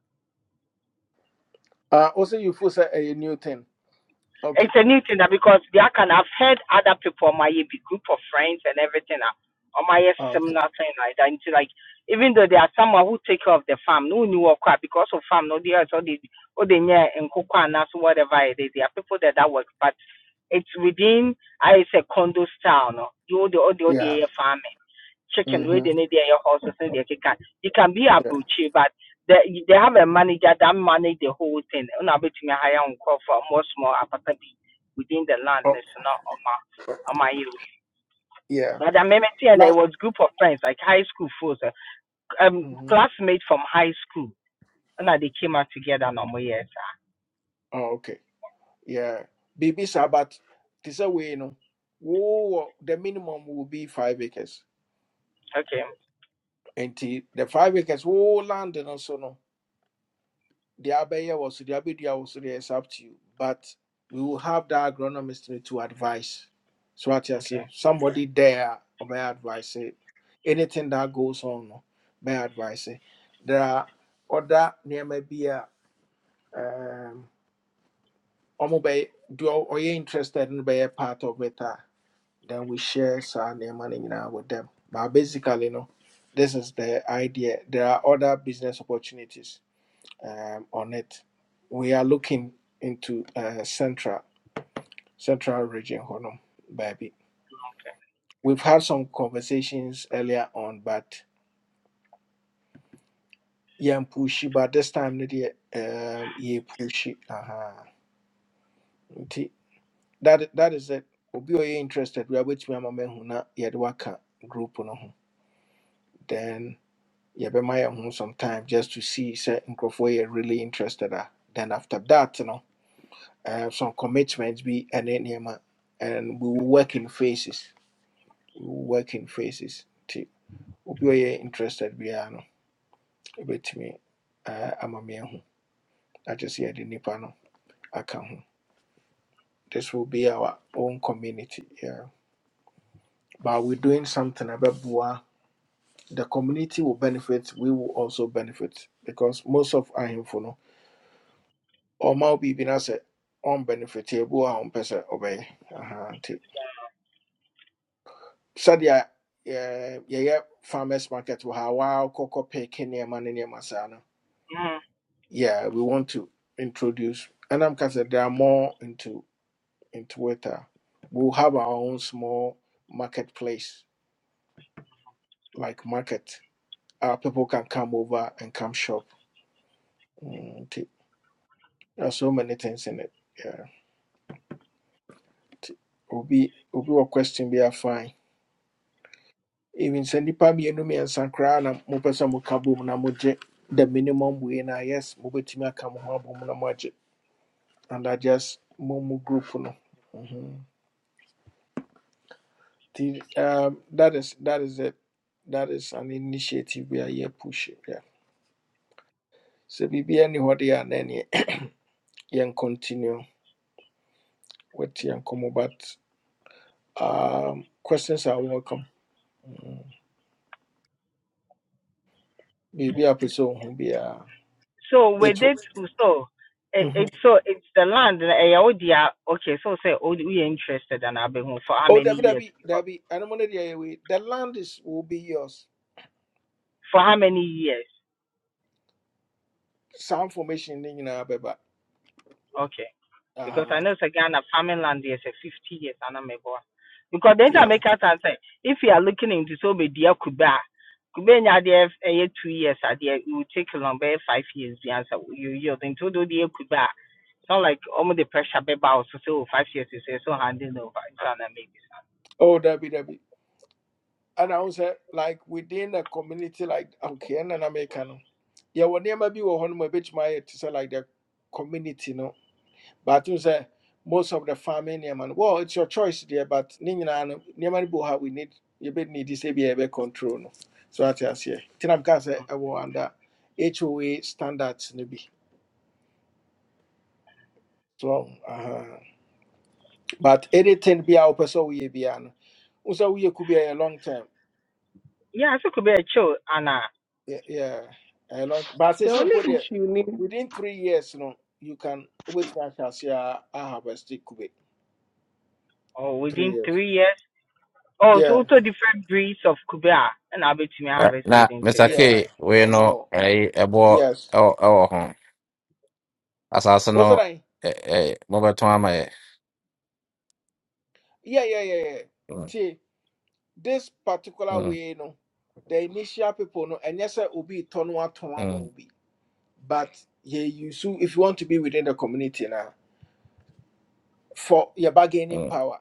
Speaker 1: Uh, also, you feel say a new thing.
Speaker 18: It's
Speaker 1: Okay.
Speaker 18: a new thing that because they can have heard other people on my big group of friends and everything Or on my
Speaker 1: Ah, Okay.
Speaker 18: similar thing like that. Into like even though there are someone who take care of the farm, no new work ah, because of farm, no they are so they oh they near and cocoa and that's whatever it is. There are people that that work, but it's within I say condo style, no. You all the all the all the
Speaker 1: Yeah.
Speaker 18: eh, farming chicken where
Speaker 1: Mm-hmm.
Speaker 18: they need their horses and their kick. You can be a
Speaker 1: Yeah.
Speaker 18: butcher, but they they have a manager that manage the whole thing. And I bet you may hire on call for more small apartment within the land.
Speaker 1: Oh,
Speaker 18: That's not on my on my area.
Speaker 1: yeah.
Speaker 18: But I remember seeing that it
Speaker 1: Like.
Speaker 18: was group of friends, like high school folks, uh, um,
Speaker 1: Mm-hmm.
Speaker 18: classmates from high school, and that they came out together. No more years.
Speaker 1: Oh, okay. Yeah. Baby Sabbath. This way, you know. Oh, the minimum will be five acres.
Speaker 18: Okay,
Speaker 1: And the the five acres, oh, land and also no. the abaya was the abedia was there is up to you but we will have the agronomist to advise so what you
Speaker 18: okay.
Speaker 1: say somebody there or my advice say, anything that goes on no, my advice it. there are other near maybe a um omo be do or you interested in be a part of it Ah, then we share some money now with them but basically no this is the idea there are other business opportunities um, on it. We are looking into uh, central central region, Honum, baby. We've had some conversations earlier on, but yeah, pushy. But this time, no dear, um, yeah, pushy. Uh-huh. Nti, That that is it. Obi oye interested. We are waiting for my man who na yadwaka group no ho. Then yeah, be my own some time just to see say nkrofo are really interested. ah. Then after that, no. uh, some commitments be and nneɛma and we will work in phases we will work in phases nti obi a ɔyɛ interested biara no ɛbɛtumi uh, ama me ahu agye sɛ yɛde nnipa no aka ho this will be our own community yeah. but we're doing something ɛbɛboa the community will benefit we will also benefit because most of ahemfo no ɔma wo biribi no sɛ ɔn benefit ebi wɔ hɔ a ɔmpɛ sɛdeɛ eh, yeah, farmers market wɔ ha waa kɔkɔ man, nneɛma ne no
Speaker 18: Mm.
Speaker 1: yeah we want to introduce and I'm sɛ there are more into into it a we'll have our own small marketplace like market our people can come over and come shop Mm, nti there are so many things in it yeah nti obi obi wɔ question be bi afa even sɛ nnipa mmienu mmiɛnsa koraa na mopɛ sɛ moka bom na mogye the minimum wei na yes mobɛtumi aka mo ho abom na moagye and i just mo mo group no Mhm. nti um, that is that is it that is an initiative we are here pushing. yeah. So biribia ni hɔ deɛ a na ɛneɛ *coughs* continue with yɛn nkɔmmɔ but um, questions are welcome Mhm. biribi a pɛ sɛ ohu biara
Speaker 18: So
Speaker 1: it,
Speaker 18: with it, so it,
Speaker 1: mm-hmm.
Speaker 18: it's so it's the land. eh, yeah, oh dear. Okay, so say oh, we are interested, and I've been home for how
Speaker 1: oh
Speaker 18: many
Speaker 1: dabi
Speaker 18: years?
Speaker 1: dabi
Speaker 18: Because
Speaker 1: dabi ɛno mo no deɛ yɛ wei the land is will be yours
Speaker 18: For how many years?
Speaker 1: sound formation ne nyinaa bɛba
Speaker 18: Okay. Because
Speaker 1: Ah,
Speaker 18: I know it's a Ghana farming land there's a fifty years and I'm a boy. Because then I
Speaker 1: yeah
Speaker 18: make us say, if you are looking into so be dear Kuba Kuba there two years are there it will take long by five years the answer you yield into do dear Kuba. It's not like almost the pressure be bow so so five years is eh, so handing over it's an amazing.
Speaker 1: oh that that be that be. And I was sɛ like within a community like okay ɛna na meka no yɛwɔ nneɛma bi wɔ hɔ no ma ɛbɛtumi ayɛ te like the community no but wo say most of the farming nneɛma no well it's your choice there, but ne nyinaa no nneɛma no bi we need. You we need yɛbɛnidi sɛ bia yɛbɛ control no so ate aseɛ nti na say sɛ ɛwɔ under hoa standards maybe. So uh huh. But anything be our person we be an. Also we could be a long time.
Speaker 18: Yeah, so could be a chill Anna
Speaker 1: Yeah, yeah, a long. But
Speaker 14: The
Speaker 1: it's
Speaker 14: only
Speaker 1: simple there.
Speaker 14: issue ni
Speaker 1: Within three years, no, you can wait for us. Yeah, I harvest it could be
Speaker 18: or
Speaker 1: three
Speaker 18: within
Speaker 1: years.
Speaker 18: three years. Oh, so
Speaker 1: Yeah,
Speaker 18: also different breeds of Kuba and I'll be to me
Speaker 15: Ɛ-
Speaker 18: harvest
Speaker 15: na
Speaker 18: within three
Speaker 15: Mr. K
Speaker 18: years,
Speaker 1: yeah,
Speaker 18: right?
Speaker 15: wei
Speaker 1: or
Speaker 15: no
Speaker 1: more.
Speaker 15: ɛyi ɛboɔ
Speaker 1: Yes.
Speaker 15: ɛwɔ ɛwɔ ho asase no
Speaker 1: What's that? I-
Speaker 15: ɛ ɛ mobɛtɔn ama yɛ
Speaker 1: Yeah, yeah, yeah, yeah.
Speaker 15: Mm,
Speaker 1: See, this particular
Speaker 15: mm,
Speaker 1: way, no, the initial people, no, and yes, it will be turn one to one
Speaker 15: mm,
Speaker 1: will be. But yeah, you so if you want to be within the community now for your bargaining
Speaker 15: mm.
Speaker 1: power.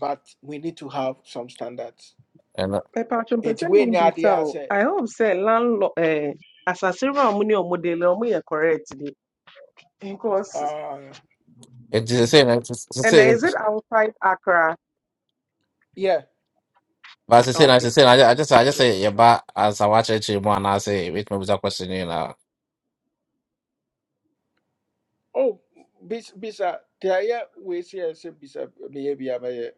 Speaker 1: but we need to have some standards.
Speaker 15: ɛno
Speaker 14: Patron
Speaker 1: It
Speaker 14: pese me
Speaker 1: when
Speaker 14: bisa
Speaker 1: idea
Speaker 14: o.
Speaker 1: say,
Speaker 14: I hope say landlord eh asasira ọmụ ni ọmụ dele ọmụ yẹ correct bi. Because
Speaker 1: uh,
Speaker 15: nti sesei na
Speaker 14: and
Speaker 15: sesei
Speaker 14: is it outside Accra?
Speaker 1: yeah,
Speaker 15: ba sesei na
Speaker 14: Okay.
Speaker 15: say, na agye as I watch sɛ
Speaker 1: yeah.
Speaker 15: yɛba ansa wakyerɛkyerɛ mu anaasɛ ebetumi bisa question no now.
Speaker 1: Oh, bis bisa there yeah we see as a bisa behavior by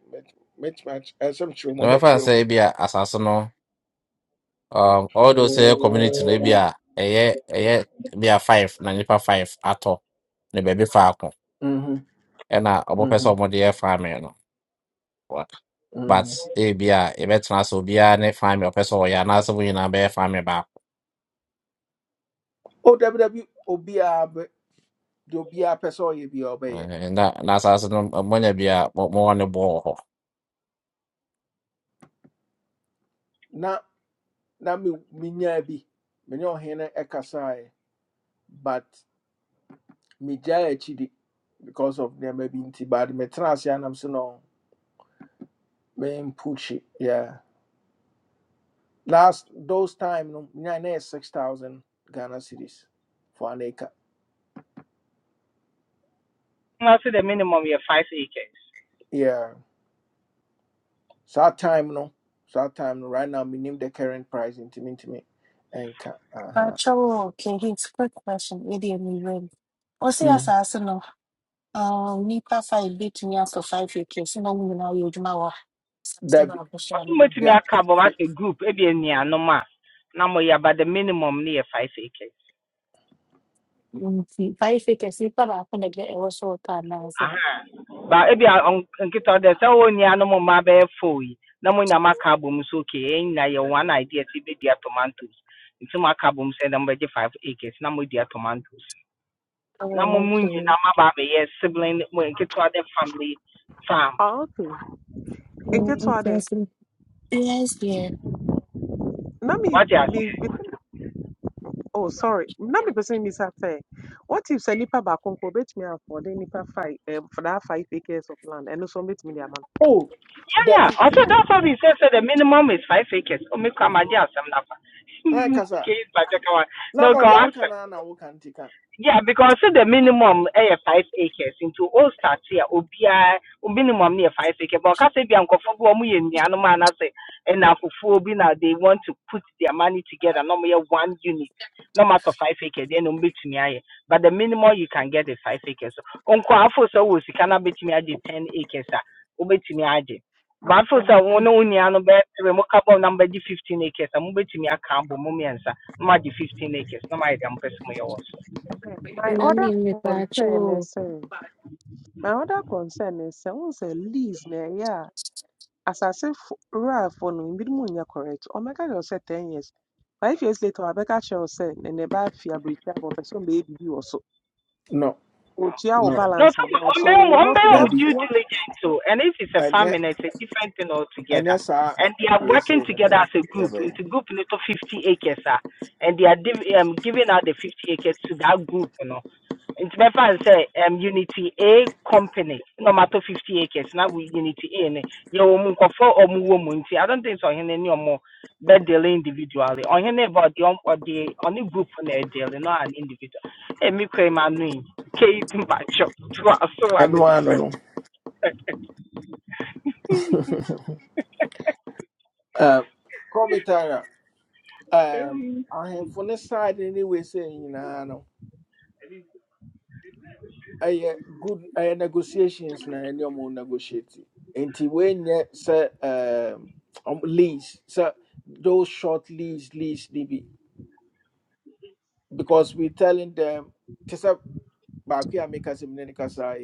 Speaker 1: match match as some
Speaker 15: na
Speaker 1: trauma
Speaker 15: me
Speaker 1: match
Speaker 15: no say,
Speaker 1: trauma.
Speaker 15: ebi a asase no um, although sɛ ɛyɛ community no ebi a ɛyɛ ɛyɛ ebi a five na nipa five atɔ ne baabi faako
Speaker 1: Mhm,
Speaker 15: ɛna ɔmo pɛ sɛ
Speaker 1: mhm,
Speaker 15: ɔmo de yɛ farming no but
Speaker 1: mhm.
Speaker 15: ebia yɛbɛtena ase obiara ne family ɔpɛ sɛ ɔyɛ anaasɛ mo nyinaa bɛyɛ family baako
Speaker 1: Oh, W W obi obia do be a person you be obey.
Speaker 15: Eh, na na asase no mmonya bi a mo mowɔ ne boɔ wɔ hɔ
Speaker 1: Na na me minya bi me no hene ekasai but me jaya chidi because of them maybe inti bad me trans ya nam so no me puchi yeah Last those time, no, I had six thousand Ghana cedis for an acre.
Speaker 18: na say the minimum yɛ five acres
Speaker 1: Yeah, so that time no, so that time no. Right now, we name the current price into me, into me, and uh huh.
Speaker 4: Pacho, *laughs* okay, here's a quick question. Idiot, me win. Ɔse
Speaker 1: Mm.
Speaker 4: asase no, um, nipa five betumi akɔ five acres na wɔn know you adwuma wɔ asase
Speaker 1: That be,
Speaker 4: baako so
Speaker 18: ɔso
Speaker 4: anaa.
Speaker 18: mɛtumi
Speaker 1: that,
Speaker 18: aka but
Speaker 1: that-
Speaker 18: wasɛ group ebi anuanom a na moyɛ but the minimum no yɛ five acres
Speaker 4: Nti five acres nipa baako na ɛbɛ ɛwɔ so ɔtɔ anaa sɛ.
Speaker 18: aha but ebi a ɔn- nkita ɔdɛ sɛ wɔn nuanom mma bɛyɛ four yi na mo nyama aka abom so okay yɛn nyinaa yɛ one idea ti bi tomatoes nti mo aka abom sɛ ɛdɛm bɛgye five acres na mo dua tomatoes na mo
Speaker 4: Oh,
Speaker 18: mu
Speaker 4: okay.
Speaker 18: nyinaa mo aba abɛyɛ sibling mo nketewa dɛ family farm
Speaker 14: Oh, okay.
Speaker 4: Mm,
Speaker 14: Nketewa
Speaker 4: okay,
Speaker 14: de.
Speaker 4: I see. Yes, dear.
Speaker 14: Na me me pese oh sorry. Na me pese bisa sɛ What if say nipa ba baako bet obetumi afford the nipa five eh, for that five acres of land ɛno nso obetumi de ama no.
Speaker 1: oh,
Speaker 18: Yeah,
Speaker 1: that
Speaker 18: yeah.
Speaker 1: be,
Speaker 18: Also, that's what he said. So the minimum is five acres. Oh, me come idea some *laughs*
Speaker 1: eh, kasa.
Speaker 18: case, but
Speaker 1: No,
Speaker 18: no
Speaker 1: no,
Speaker 18: go
Speaker 1: the how
Speaker 18: answer
Speaker 1: can I now can take a-
Speaker 18: yeah, because say the minimum eh, five acres into all start here obia minimum near five acres. But cause if you for go mu yen and I say and obi na afofo bi na they want to put their money together no more one unit. No matter five acres, then um betumi aye. But the minimum you can get is five acres. So unko afo so wo sika na betumi aye ten acres a obetumi aye.
Speaker 14: My
Speaker 18: But afo so
Speaker 14: ɛho-
Speaker 18: wo no unia no be three mo carbon number di fifteen acres. a Mo betumi aka abo mo miensa. No ma di fifteen acres. No ma dem person mo ye wo so.
Speaker 14: my other
Speaker 4: Anani
Speaker 14: concern is
Speaker 4: pacho
Speaker 14: say my other concern is say once sɛ lease na yeah. As I say, fo- rural following bi mu nyɛ correct. Ɔmɛka kyerɛ wo sɛ ten years. Five years later, wabɛka kyerɛ wo sɛ ne ne ba afi aburokyire aba ɔpɛ sɛ ɔbɛyɛ biribi wɔ so.
Speaker 1: No,
Speaker 14: Otua wo
Speaker 1: no,
Speaker 18: No,
Speaker 14: balance
Speaker 18: so
Speaker 14: ama wo.
Speaker 18: one
Speaker 14: So
Speaker 18: day, one
Speaker 14: what
Speaker 18: day, I'm
Speaker 1: that
Speaker 14: what
Speaker 1: be,
Speaker 18: due
Speaker 14: what
Speaker 18: diligence. So, and if it's a
Speaker 1: and yet,
Speaker 18: family; it's a different thing
Speaker 1: and
Speaker 18: altogether.
Speaker 1: yes, I
Speaker 18: And they are
Speaker 1: we
Speaker 18: working
Speaker 1: say no,
Speaker 18: together
Speaker 1: no,
Speaker 18: as a
Speaker 1: yeah,
Speaker 18: group
Speaker 1: baby.
Speaker 18: into group little 50 acres, ah, and they are div- um, giving out the 50 acres to that group, you know. Into my friend say, um, Unity A company, no matter 50 acres. Now we Unity A, ne. Yeah, omu kofo omu womu. Nti, I don't think so. Any more bed dealing individually. On here, but the on the only group on a deal, not an individual. Hey, me Caved in my chest. So I
Speaker 1: and
Speaker 18: miss
Speaker 1: one no, no. *laughs* uh, call me Tara. um, ahemfo the side ne wɔsɛe nyinaa no ɛyɛ good ɛyɛ negotiations na ɛne ɔmo negotiate nti wɔnyɛ sɛ um, ɔmo lease sɛ those short lease lease ne because we telling them te sɛ baako a meka sɛ mene ne kasa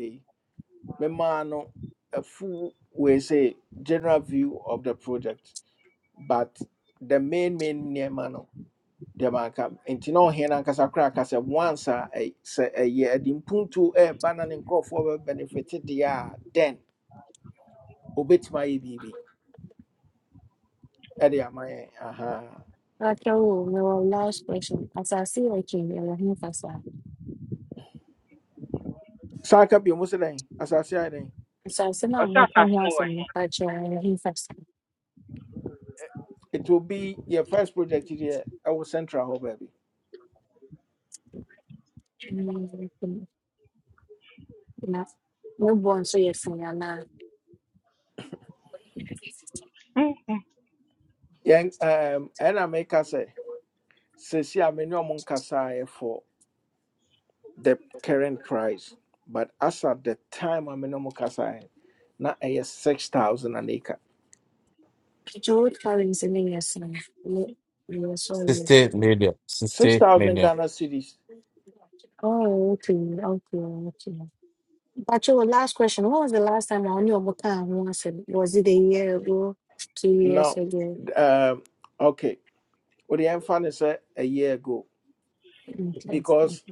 Speaker 1: no a full wɔsɛ general view of the project but the main main nneɛma no deɛ manka nti na ɔhene no ankasa koraa ka sɛ once a ɛy- sɛ ɛyɛ ɛde mpuntuo ɛɛba na ne nkurɔfoɔ benefit deɛ a then obɛtumi ayɛ biribi ɛde ama yɛn ahaa
Speaker 4: pacho me wa last question. Asasi o kimi ya hin fasa.
Speaker 1: saa ka bio mu sɛ dɛn asase ayɛ
Speaker 4: Asasi na
Speaker 18: Ɔsɛ
Speaker 4: mo ka ho
Speaker 18: asase no wɔ
Speaker 4: asem pacho ya hin fasa.
Speaker 1: it will be your first project here. Our central hɔ baabi
Speaker 4: Mm, Na no bon so yes na.
Speaker 18: he? *laughs*
Speaker 1: yɛn ɛɛm, ɛna meka sɛ sɛsi a me ne ɔmo nkasaeɛ for the current price but as at the time a me ne ɔmo kasaeɛ na ɛyɛ six thousand an acre
Speaker 4: Kicho karin se ni yes No no so.
Speaker 15: sixty million
Speaker 1: six
Speaker 15: sixty
Speaker 1: thousand
Speaker 15: million *laughs*
Speaker 1: ghana cedis.
Speaker 4: Oh okay okay okay. But your last question, when was the last time I knew about time once? Was it a year ago, two years
Speaker 1: No,
Speaker 4: ago?
Speaker 1: um, okay. What the fan is eh, a year ago
Speaker 4: Okay.
Speaker 1: because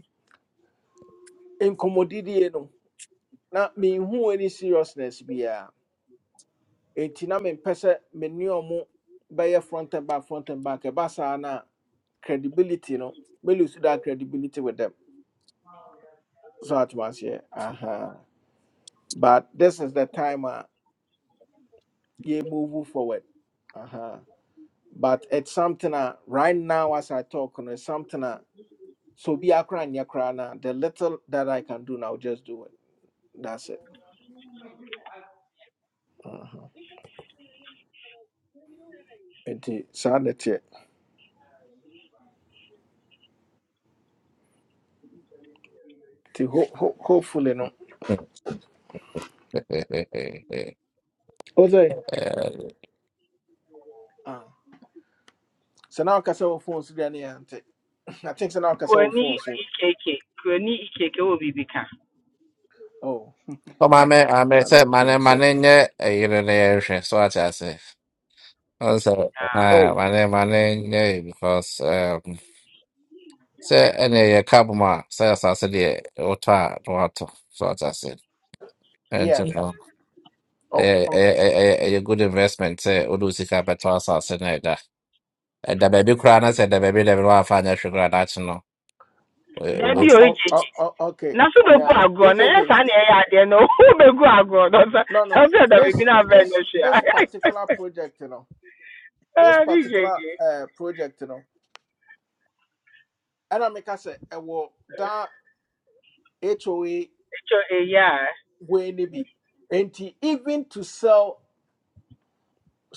Speaker 1: in commodity, no, na me who any seriousness be a intina me pesa me mu by front and back, front and back, a basa na credibility, no, we lose that credibility with them. So at once, yeah, uh huh. But this is the time, uh, you move forward, uh huh. But it's something uh, right now as I talk, no, it's something. uh, So be akra and yakra na the little that I can do now, just do it. That's it. Enti saa na tiɛ. Ti ho ho hopefully no. Ose. Ah. So now kasa wo phone so gani ante. I think so now kasa wo
Speaker 18: Kuoni
Speaker 1: phone so.
Speaker 18: EKK. Kuoni EKK wɔ biribi ka?
Speaker 1: Oh,
Speaker 15: ɔ my maame
Speaker 1: I
Speaker 15: sɛ
Speaker 1: don't
Speaker 15: mane
Speaker 1: think so.
Speaker 15: mane nyɛ ɛyere no yɛrehwɛ so I just say. ɔn sɛ
Speaker 18: Ah,
Speaker 15: ah,
Speaker 1: Oh,
Speaker 15: mane mane nyɛ yi because um, sɛ ɛne yɛ kabom a sɛ asase deɛ wotɔ a na watɔ so ate ase
Speaker 1: yeah. Oh,
Speaker 15: ɛyɛ
Speaker 1: oh,
Speaker 15: ɛyɛ ɛyɛ ɛyɛ ɛyɛ good investment sɛ wode wo sika bɛtɔ asase no ɛda ɛda baabi koraa na sɛ ɛda baabi da bi na waamfa anyɛ hwee koraa daakye no ɛ-
Speaker 1: oh,
Speaker 15: wobe-
Speaker 18: Dabi o
Speaker 1: oh,
Speaker 18: EKK.
Speaker 1: oh, oh, okay.
Speaker 18: Na so bɛgu
Speaker 1: Um,
Speaker 18: agorɔ na ɛyɛ
Speaker 1: EKK.
Speaker 18: saa na ɛyɛ adeɛ no *laughs* o bɛgu agorɔ na ɔsɛ
Speaker 1: No,
Speaker 18: *laughs* na
Speaker 1: no.
Speaker 18: ɔsɛ ɛdam ebi
Speaker 1: This
Speaker 18: na abɛn no
Speaker 1: this
Speaker 18: hwɛ
Speaker 1: this particular project, you know. This
Speaker 18: a. Ne EKK.
Speaker 1: particular uh project, you know. And I make us a that HOA
Speaker 18: Etwa eyi a
Speaker 1: When ne bi nti even to sell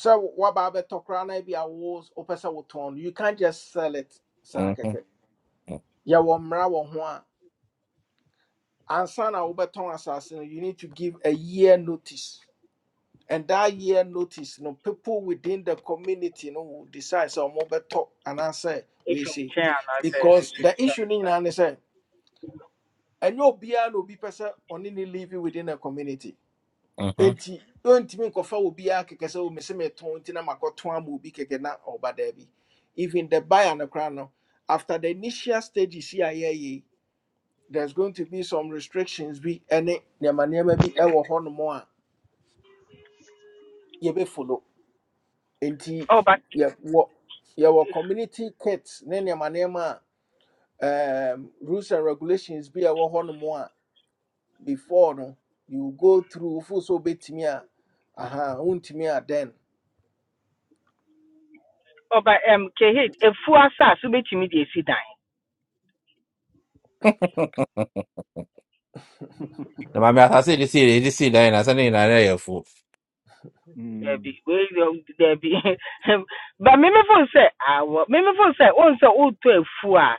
Speaker 1: sɛ woaba abɛtɔ koraa na bi a wo wopɛ sɛ wotɔn no you can't just sell it saa
Speaker 15: Mhm,
Speaker 1: kɛkɛ yɛwɔ mmara wɔ ho a ansa na wobɛtɔn asase no you need to give a year notice and that year notice no people within the community no will decide so mobeto and answer we
Speaker 18: efi
Speaker 1: see,
Speaker 18: nkyɛn anaasɛ
Speaker 1: because
Speaker 18: efi
Speaker 1: the
Speaker 18: nkyɛn.
Speaker 1: issue no nyinaa ne sɛ ɛnyɛ will be person only sɛ live within the community
Speaker 15: mhm.
Speaker 1: nti ntumi nkɔfa wɔ biara kɛkɛ sɛ wɔmɛ sɛ mɛtɔn nti na makɔtɔn ama obi kɛkɛ na ɔba daabi even the buyer no koraa no after the initial stages yi here, there's going to be some restrictions bi ne nneɛma nneɛma bi wɔ hɔnom a yɛbɛfolo nti
Speaker 18: Ɔba
Speaker 1: yɛwɔ yɛwɔ community kits ne nneɛma nneɛma a um, rules and regulations bi a ɛwɔ hɔnom a before no you go through full so wobɛtumi a aha wontumi a then
Speaker 18: ɔba ɛm kehit efu asase wobɛtumi de esi
Speaker 15: na maame asase a yɛde sii yɛde sii dan nyinaa sɛ ne nyinaa no yɛ afuo
Speaker 13: Hmm.
Speaker 18: dabi wei yɛ dabi ba mímí fún sɛ awɔ mímí fún sɛ o nsɛ o tó efu *laughs* a fua,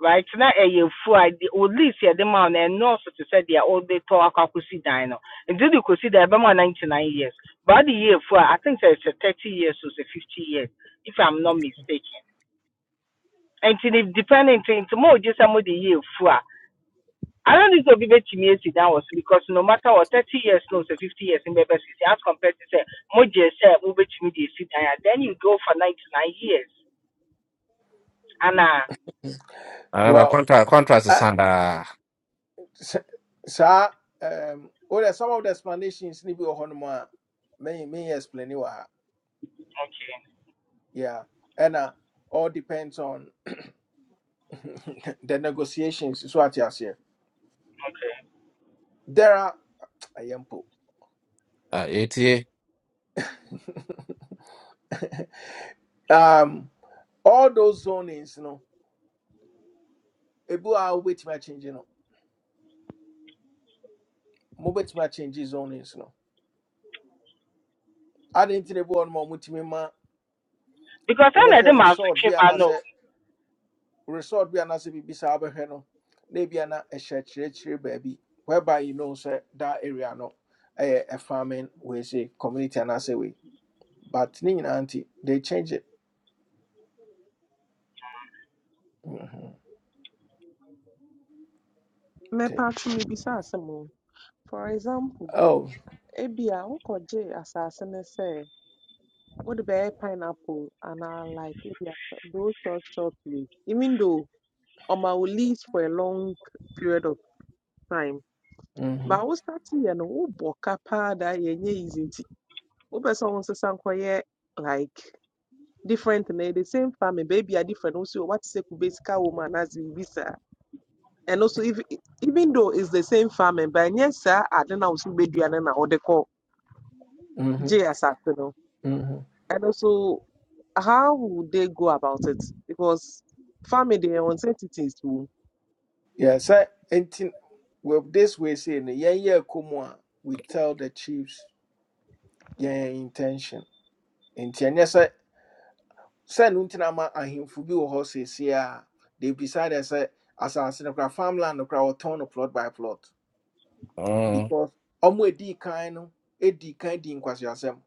Speaker 18: right na ɛyɛ efu a de- o lease here de ma o na to say they are o they talk akɔ akɔsi dan no nti de kɔsi dan ɛbɛma o ninety nine years but the yɛ efu I think it's a thirty years or sɛ fifty years if i'm not mistaken and if depending nti mo just gye sɛ mo de yɛ I don't need to be bet me sit down was because no matter what thirty years no say fifty years in baby city as compared to say mo je say mo bet me dey sit down then you go for ninety nine years. Anna
Speaker 15: anaba
Speaker 1: well
Speaker 15: contract contract sa daa
Speaker 1: sɛ- saa um, wode some of the explanations ne bi wɔ hɔ a may may explain wɔ ha
Speaker 18: okay,
Speaker 1: yeah ɛna all depends on *laughs* the negotiations so ate aseɛ
Speaker 18: okay.
Speaker 1: there are ɛyɛ mpo
Speaker 15: Ah, yɛtie
Speaker 1: um, all those zonings no ebi wɔ a wobɛtumi akyengye no mobɛtumi akyengye zonings no ade nti ne bi wɔ nom a motumi ma
Speaker 18: Because I let them
Speaker 1: wobɛhwɛ
Speaker 18: out to
Speaker 1: resort bi
Speaker 18: keep, I know.
Speaker 1: anaasɛ resort bi anaasɛ biribi saa bɛhwɛ no na ebi ana ɛhyɛ kyerɛkyerɛ baabi whereby you know say that area no ɛyɛ a farming wei say community anaasɛ wei but ni nyinaa nti they change it Mhm, nti
Speaker 14: mɛpa to mebisa asɛm o. For example,
Speaker 1: oh
Speaker 14: ebia wokɔgye asase ne sɛ wode bɛyɛ pineapple anaa like ebia those short short way. Even though ɔma wo leaves for a long period of time.
Speaker 1: mhm,
Speaker 14: But wo starting yɛ no wobɔ ka paa da ɛnyɛ easy wopɛ sɛ wo nso like different na the same family, baby, are different Also, what is wate sɛ kube sika wɔ mu anaasɛ and also if, even though it's the same family, but ɛnyɛ saa ade na wo so wobɛdua no na wode kɔ
Speaker 1: mhm,
Speaker 14: gye asase no
Speaker 1: mhm.
Speaker 14: and also how would they go about it because family, they are nsɛntitis wɔ mu
Speaker 1: yeah sɛ nti with this way say no yɛn yɛ a we tell the chiefs yɛn intention nti ɛnyɛ sɛ sɛ no ntina ma ahemfo bi wɔ hɔ seesie a they decided sɛ asase no kora farmland no kora wɔtɔn no plot by plot
Speaker 15: Mm,
Speaker 1: because ɔmo edii kan no edii kan di nkwaseasɛm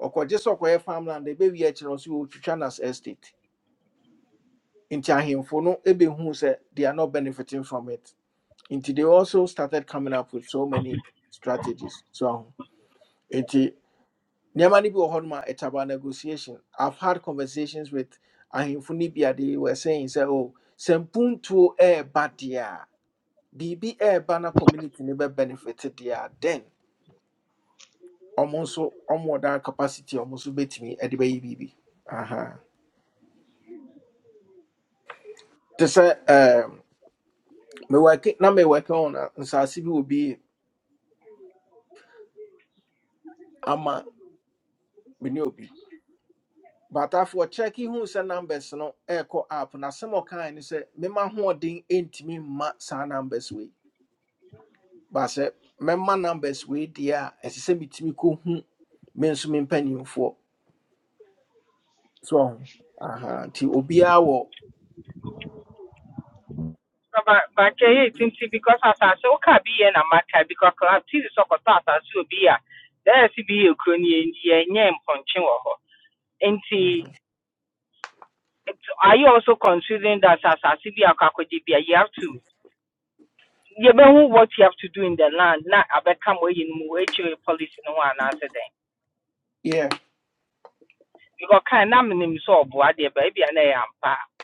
Speaker 1: ɔkɔgye sɛ ɔkɔyɛ farmland ebewie akyerɛ nso wɔtwitwa nas estate nti ahemfo no ebehuu sɛ they are not benefiting from it nti they also started coming up with so many strategies so aho nti Nyamani no bi wɔ hɔ nom a it's about negotiation. I've had conversations with ahemfo no bi a they were saying sɛ oh sɛ mpuntuo ɛɛba deɛ a biribi ɛɛba na community no bɛbenefit deɛ a then ɔmo nso ɔmo wɔ that capacity a ɔmo nso bɛtumi ɛde bɛyɛ biribi. Aha. Te sɛ ɛɛm mewɔke na mewɔke on a, nsaase bi wɔ bi ama me ne obi. But after checking who sɛ numbers no ɛɛkɔ app na sɛm ɔkae ne sɛ mema hoɔden ɛntumi mma saa numbers wei But sɛ mɛma numbers wei deɛ a ɛsɛ sɛ metumi kɔhu me nso me mpanimfoɔ so ɔho aha nti obiara wɔ
Speaker 18: But but yeah, it seems because as I say okay be here na matter because I have tea so koto as I see obi a. There si be a kro in enye enye mponche wo ho. Nti are you also considering that as I see be akwakoje be you have to You know what you have to do in the land na abɛka ma ɛyi no mu wɔakyire policy no ho anaasɛ dɛn
Speaker 1: yeah
Speaker 18: because kan na menim sɛ ɔboa deɛ baabi a na ɛyɛ ampa a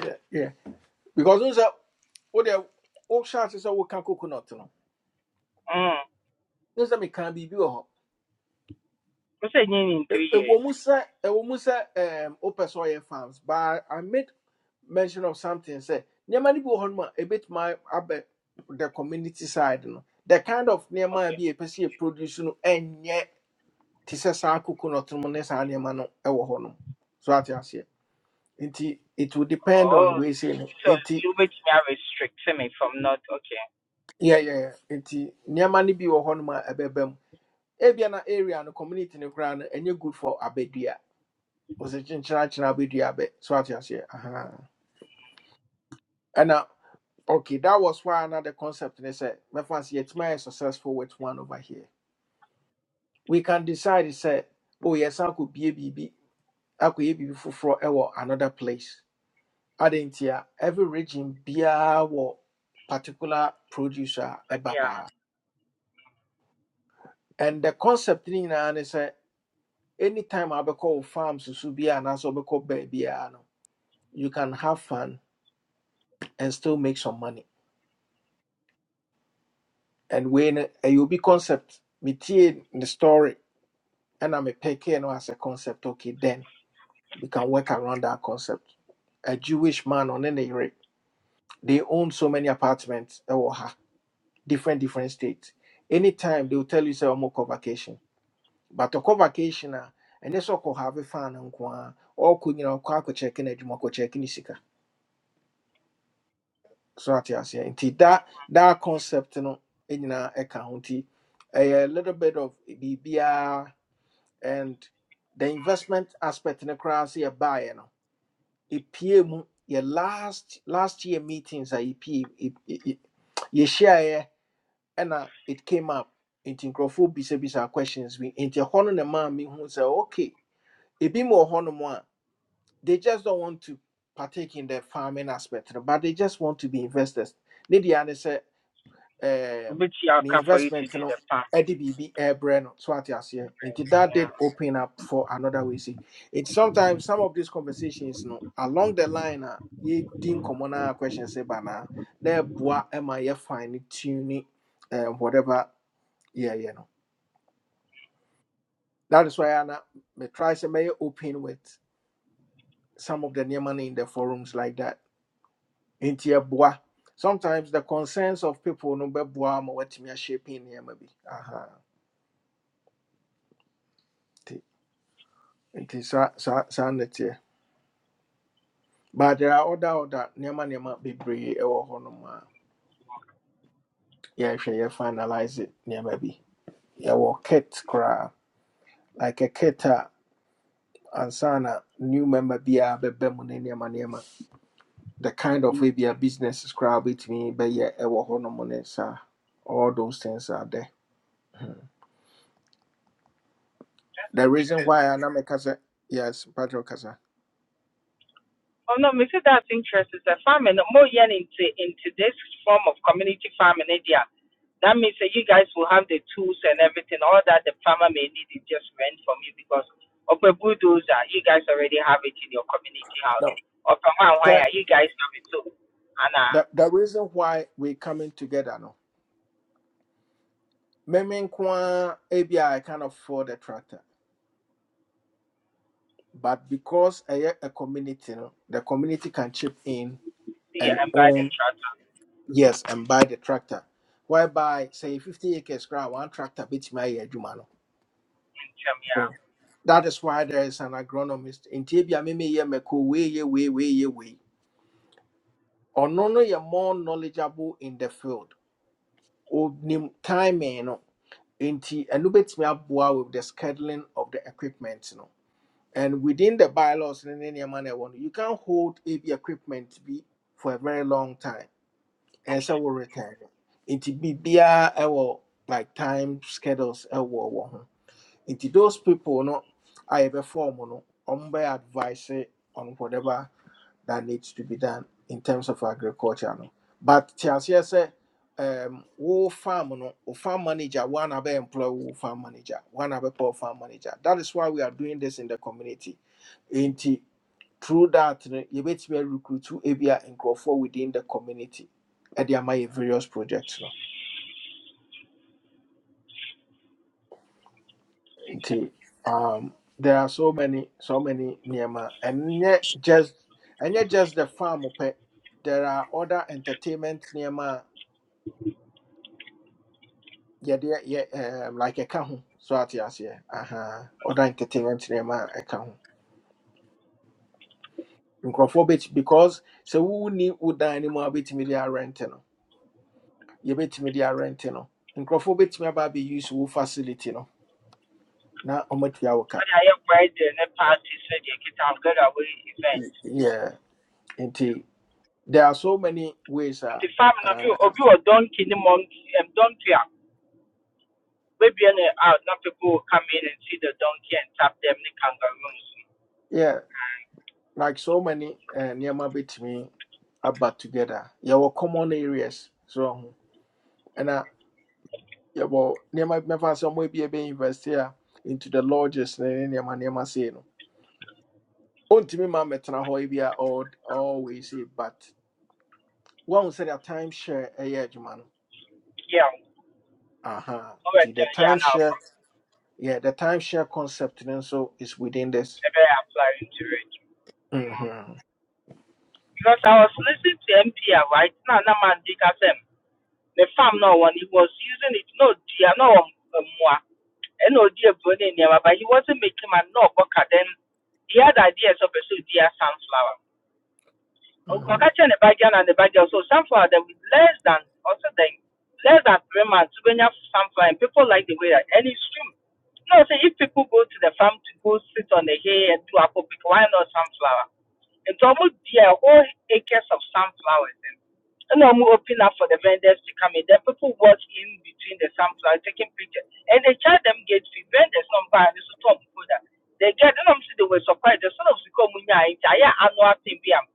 Speaker 1: yeah yeah because n sɛ wode wohyɛ ase sɛ woka coconut no
Speaker 18: mm,
Speaker 1: ne sɛ mekaa biribi wɔ hɔ
Speaker 18: wo sɛ ɛnyɛ in three
Speaker 1: Ɛ-
Speaker 18: years
Speaker 1: ɛwɔ mu sɛ ɛwɔ mu sɛ em, wopɛ sɛ ɔyɛ farms but i made mention of something sɛ nneɛma no bi wɔ hɔ nom a ɛbɛtumi abɛ the community side no the kind of nneɛma a
Speaker 18: okay
Speaker 1: bi a ɛpɛ sɛ yɛ produce no ɛnyɛ te sɛ saa coconut no ɔtɔn mu ne saa nneɛma no wɔ hɔ nom so ate aseɛ nti it will depend on
Speaker 18: oh,
Speaker 1: wei sei no
Speaker 18: so
Speaker 1: nti
Speaker 18: you bet me a restrict me from not okay
Speaker 1: yɛyɛ nti nneɛma no bi wɔ hɔ nom a ɛbɛba mu ebia na area no community no koraa no ɛnyɛ good for abɛdua wɔsɛ kyenkyenakyena abɛdua abɛ so ate aseɛ Ahaa. ɛna okay that was why another concept ne sɛ mɛfa sɛ yɛtumi ayɛ successful with one over here we can decide sɛ oh yɛsan akɔbie biribi akɔyɛ biribi foforɔ wɔ another place Ade nti every region biya wɔ particular producer, a
Speaker 18: but
Speaker 1: ɛba
Speaker 18: yeah
Speaker 1: And the concept ne nyinaa ne sɛ anytime abɛkɔ wo farm susu bi a anaasɛ wobɛkɔ biya no you can have fun and still make some money. And when a ɛyɛ obi concept metie the story ɛna mepɛkee no as a concept okay then we can work around that concept. A Jewish man on any rate, they own so many apartments ɛwɔ ha different different states. Anytime they will tell you say, I'm on vacation but ɔkɔ vacation a ɛnyɛ sɛ ɔkɔ have fun nko ara ɔkɔ nyina ɔkɔ akɔkyɛke no adwuma ɔkɔkyɛke ne sika so ate aseɛ nti da da concept no eh, nyinaa ɛka ho nti ɛyɛ a little bit of biribiara and the investment aspect no koraa sɛ yɛbaeɛ no ɛpue mu yɛ last last year meetings a yɛpie yɛhyiaeɛ ɛna it came up nti nkurɔfoɔ bisabisa questions bi nti ɛhɔ no na ɛmaa mehu sɛ okay ebi mu wɔ hɔnom a They just don't want to partake in the farming aspect, no, but they just want to be investors. Nidi and say
Speaker 18: you
Speaker 1: um
Speaker 18: wobɛtumi
Speaker 1: the
Speaker 18: aka for you to
Speaker 1: investment
Speaker 18: do
Speaker 1: no
Speaker 18: the farm
Speaker 1: ADBB airbrain so what And that
Speaker 18: yeah
Speaker 1: did open up for another way. See, it's sometimes some of these conversations you know, along the line uh ye din common question say bana na boa am I fine tuning um whatever yeah yeah no. That is why I na- me try to may open with some of the money in the forums like that nti ɛboa sometimes the concerns of people no bɛboa ma watumi shaping nneɛma bi Aha, nti nti saa saa saa na but there are other other nneɛma nneɛma bebree ɛwɔ hɔnom a yɛhwɛ yɛ finalize it nneɛma bi yɛwɔ kit koraa like a kit a ansa na new member biara bɛbɛ mu ne nneɛma nneɛma the kind of way bi a business koraa wobɛtumi bɛyɛ ɛwɔ hɔnom ne saa all those things are there
Speaker 18: that's
Speaker 1: the reason
Speaker 18: interesting
Speaker 1: why I na me sɛ yes patrick kasa
Speaker 18: Oh no, me say that's interesting. Say farming no more yen into into this form of community farming idea. That means that you guys will have the tools and everything. All that the farmer may need is just rent from you because of a bulldozer, you guys already have it in your community
Speaker 1: No.
Speaker 18: house. Or from one
Speaker 1: Sɛ-
Speaker 18: wire, you guys have it too. And uh
Speaker 1: the, the reason why we're coming together now, Meme nkwa ebi I can afford a tractor, but because I a community, no, the community can chip in
Speaker 18: see
Speaker 1: and
Speaker 18: and buy the
Speaker 1: own
Speaker 18: tractor
Speaker 1: yes and buy the tractor. Whereby say 50 acres ground, one tractor bit my year, jumano.
Speaker 18: and tell me yeah.
Speaker 1: So that is why there is an agronomist. In Tibia Mimi ye meko way ye way way ye way. Or no no you're more knowledgeable in the field. Or nim timing no. Nti ɛno bɛtumi aboa with the scheduling of the equipment no. And within the bylaws no ne nneɛma na ɛwɔ no, you can hold ebi equipment bi for a very long time. Ɛsɛ wo return. no. Nti biribiara ɛwɔ like time schedules ɛwɔ wɔ ho. Nti those people no a yɛbɛfɔm no, ɔmo bɛyɛ advice on whatever that needs to be done in terms of agriculture no but te aseɛ sɛ um, wo farm no wo farm manager One ana bɛ employ wo farm manager One ana poor farm manager that is why we are doing this in the community nti through that no yɛbɛtumi arecruit ebia nkurɔfoɔ within the community ɛde ama yɛ various projects no nti um, there are so many so many niyama and ɛnyɛ just and ɛnyɛ just the farm pɛ there are other entertainment nneɛma yɛde yeah, um, like a ho so at yes, ate aseɛ aha ɔda entertainment name a ɛka ho because so who need would no mu a wobɛtumi de arɛnte no yɛbɛtumi de arɛnte no nkurɔfoɔ bɛtumi use abɛuse facility no na ɔmatua wo ka
Speaker 18: And I have where the net party said you can get away event.
Speaker 1: Y- yeah nti there are so many ways a
Speaker 18: The farmer of you
Speaker 1: uh,
Speaker 18: of you a donkey the monkey and donkey. yeah. Maybe any out not to go come in and see the donkey and tap them the kangaroos.
Speaker 1: yeah like so many uh, nneɛma bɛtumi aba together yɛwɔ common areas so ɛho Yeah, well, bi mɛfa sɛ ɔmo ebi ɛbɛ invest a big investor into the lodges ne ne nneɛma nneɛma say no ontumi ma mɛtena hɔ yi bi a all always say but wɔn sɛ the timeshare, share ɛyɛ adwuma
Speaker 18: Yeah, oh
Speaker 1: Uh huh.
Speaker 18: and
Speaker 1: The the
Speaker 18: uh, yeah now
Speaker 1: timeshare, yeah the timeshare concept ne so is within this
Speaker 18: ever apply into it.
Speaker 1: mhm
Speaker 18: Because I was listening to MPR right now na man DKSM. The farm no one he was using it no dear no more. And no dear Brunei but he wasn't making my no boca then he had ideas of a so dear sunflower.
Speaker 1: mhm
Speaker 18: Okakacha and the bagya and the bagya so sunflower that with less than also they less than three months when you have sunflower and people like the way that and it's true. No, say if people go to the farm to go sit on the hay and do apple pick, why not sunflower? And to almost dear whole acres of sunflowers and and I'm open up for the vendors to come in. Then people watch in between the sunflowers, taking pictures. And they charge them gate fee. Vendors not buy this to talk that. They get them so they were surprised. They sort of Sikomunya, I annual thing.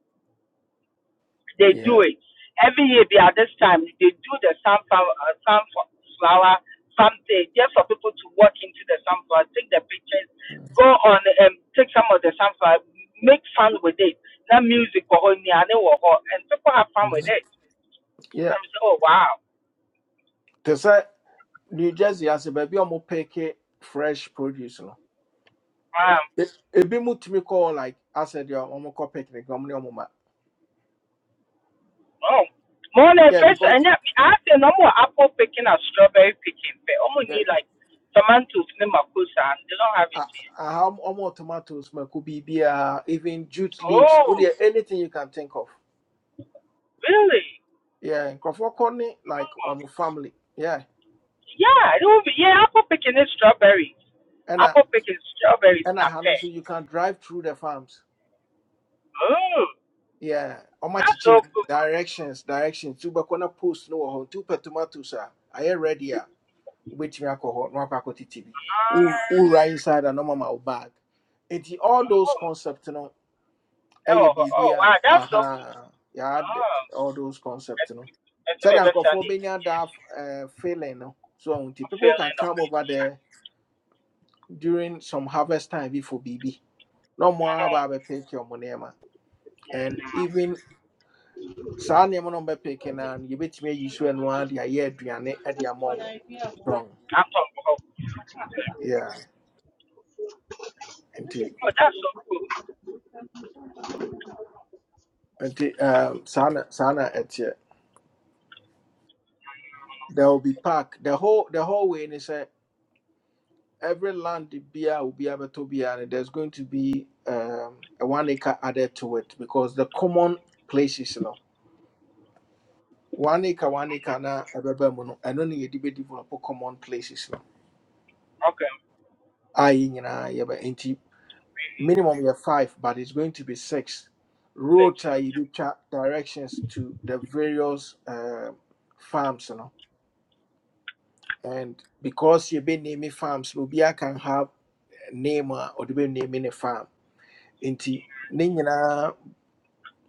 Speaker 18: They
Speaker 1: yeah
Speaker 18: do it every year. Be at this time they do the sunflower, uh, sunflower something just for people to walk into the sunflower, take the pictures, go on and take some of the sunflower, make fun with it. Not music or any other or- and people have fun with
Speaker 1: mhm
Speaker 18: it.
Speaker 1: yeah
Speaker 18: I'm so oh wow,
Speaker 1: te say new jersey ase baabi a ɔmo pick fresh produce no
Speaker 18: um,
Speaker 1: e- ebi to me, call like asɛ deɛ ɔmo kɔ picnic ɔmo ne ɔmo ma
Speaker 18: oh. Morning,
Speaker 1: yeah
Speaker 18: first,
Speaker 1: because.
Speaker 18: and yeah, I say no more apple picking or strawberry picking. But only
Speaker 1: yeah,
Speaker 18: need like tomatoes, name of course, and they don't have it
Speaker 1: I
Speaker 18: here.
Speaker 1: I have almost tomatoes, my could be beer, even jute leaves. Would
Speaker 18: Oh,
Speaker 1: there anything you can think of?
Speaker 18: really?
Speaker 1: Yeah, in Kofokorni, like on my family. Yeah.
Speaker 18: Yeah, it will be. Yeah, apple picking is strawberries.
Speaker 1: And I
Speaker 18: Apple picking is strawberries,
Speaker 1: and
Speaker 18: not
Speaker 1: I know
Speaker 18: pear.
Speaker 1: so you can drive through the farms.
Speaker 18: Oh,
Speaker 1: Yeah. On my
Speaker 18: that's
Speaker 1: chichi
Speaker 18: so cool.
Speaker 1: directions, directions. Two bakona post no ho two per tomatoes are I am ready ah wait me alcohol, no alcohol TV. Who
Speaker 18: Ah,
Speaker 1: who right inside a normal bag. It's all
Speaker 18: oh,
Speaker 1: those concepts, ɛyɛ
Speaker 18: oh,
Speaker 1: biribi
Speaker 18: oh,
Speaker 1: a
Speaker 18: wow, that's so cool.
Speaker 1: aha yɛade
Speaker 18: Oh,
Speaker 1: all those
Speaker 18: I
Speaker 1: concepts, no
Speaker 18: I think my
Speaker 1: sɛdeɛ
Speaker 18: best
Speaker 1: nkurɔfoɔ
Speaker 18: Sunday in
Speaker 1: bɛnya
Speaker 18: JC.
Speaker 1: that uh, feeling no so ɔho nti
Speaker 18: I'm
Speaker 1: people can
Speaker 18: feeling up.
Speaker 1: come over there during some harvest time bi for biribi na ɔmo ara ba
Speaker 18: Mm-hmm.
Speaker 1: abɛpeke ɔmo nneɛma and even saa nneɛma no ɔmbɛpeke no a no yɛbɛtumi ayi so ɛno ara de ayɛ aduane de ama ɔmo strong
Speaker 18: I'm talking about,
Speaker 1: yeah nti
Speaker 18: oh, that's so cool.
Speaker 1: nti um, saa na saa na ɛteɛ there will be park the whole the whole way ne sɛ every land the beer will be able to be and there's going to be um, a one acre added to it because the common places you know one acre one acre na ɛbɛba mu no ɛno ne yɛde bɛdevelop common places you know.
Speaker 18: Okay,
Speaker 1: no a yɛ nyinaa yɛbɛ nti minimum yɛ five but it's going to be six
Speaker 18: six.
Speaker 1: road a yɛbɛtwa directions to the various uh, farms you know and because you're yɛbɛname farms no obiara can have name uh, or a name in a farm nti ne nyinaa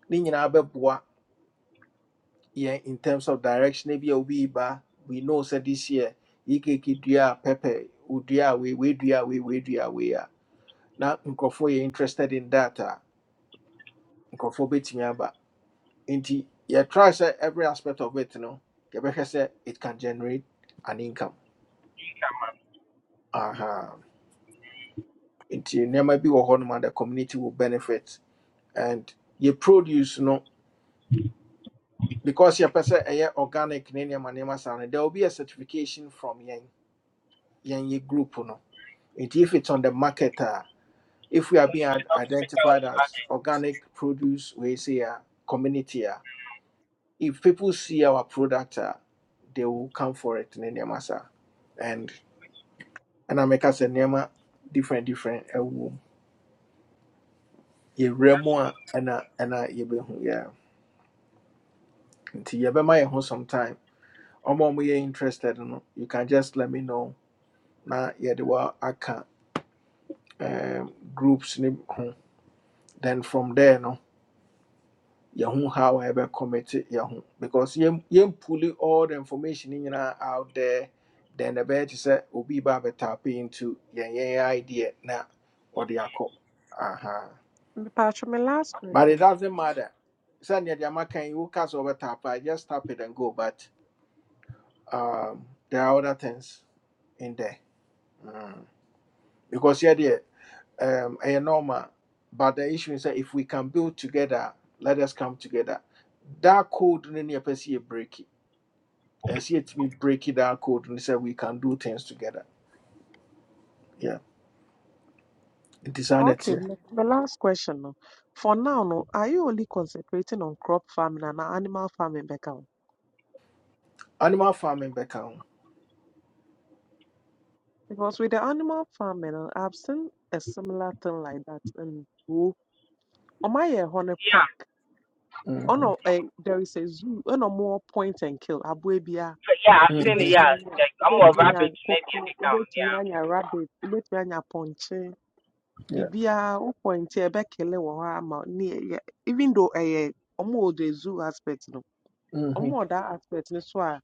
Speaker 1: ne nyinaa bɛboa yɛn in terms of direction ebi a obi ba we know sɛ this year yikeke dua a pɛpɛ odua a wei wei dua we wei wei dua a wei a na nkurɔfoɔ yɛ interested in that a nkurɔfoɔ bɛtumi aba nti yɛtry sɛ every aspect of it no yɛbɛhwɛ sɛ it can generate an income Aha. nti nneɛma bi wɔ hɔ noma the community will benefit and yɛ produce no because yɛpɛ sɛ ɛyɛ organic ne nneɛma nneɛma saa no there will be a certification from yɛn yɛnyɛ group no nti if it's on the market ah, if we are
Speaker 18: When
Speaker 1: being
Speaker 18: you see
Speaker 1: ad-
Speaker 18: how to make out
Speaker 1: identified
Speaker 18: his
Speaker 1: as organic produce we say a community ah. if people see our product ah, they will come for it ne nneɛma saa and and I make us a nema different different ɛwɔ mu yɛwerɛ
Speaker 18: That's,
Speaker 1: mu a ɛna ɛna yɛbɛhu yeah nti yɛbɛma my home sometime ɔma ɔmo yɛ interested no you can just let me know na yɛde wɔ aka um, groups ne ho then from there no yɛn ho how a yɛbɛkɔmɛte yɛn ho because yɛn yɛn pulling all the information in nyinaa out there then the ɛbɛyɛ te sɛ obi ba tap into yɛn yɛn idea na ɔde uh huh.
Speaker 14: mepaatwo me last
Speaker 1: but it
Speaker 14: question
Speaker 1: doesn't matter sɛnea deɛ maka yi woka sɛ wɔbɛtape a just tap it and go but um, there are other things in there mm. because yɛdeɛ um, ɛyɛ normal but the issue is that if we can build together let us come together that code no ne yɛpɛ break as yet we break it down code and say we can do things together. Yeah. It is an it.
Speaker 14: okay
Speaker 1: here.
Speaker 14: my me last question no for now no are you only concentrating on crop farming and animal farming bɛka ho
Speaker 1: Animal farming back home.
Speaker 14: Because with the animal farming, uh, I've seen a similar thing like that in zoo, On my uh, honey park,
Speaker 18: yeah,
Speaker 14: on
Speaker 1: Mm-hmm.
Speaker 14: a, eh, there is a zoo, on a more point and kill. Abuebia,
Speaker 18: yeah, I've seen it,
Speaker 1: Mm-hmm.
Speaker 18: yeah.
Speaker 14: ubetumi anya,
Speaker 18: Like, I'm a
Speaker 1: Mm-hmm.
Speaker 14: ubetumi anya
Speaker 18: rabbit, maybe, I
Speaker 14: koko,
Speaker 18: think, down. yeah.
Speaker 14: ubetumi anya rabbit, ubetumi anya ponche.
Speaker 1: Yeah.
Speaker 14: Bibia, u pointe ebe kele wo ama ni eh, yeah. Even though eh, omo the zoo aspect no,
Speaker 1: Mm-hmm.
Speaker 14: omo that aspect no so a,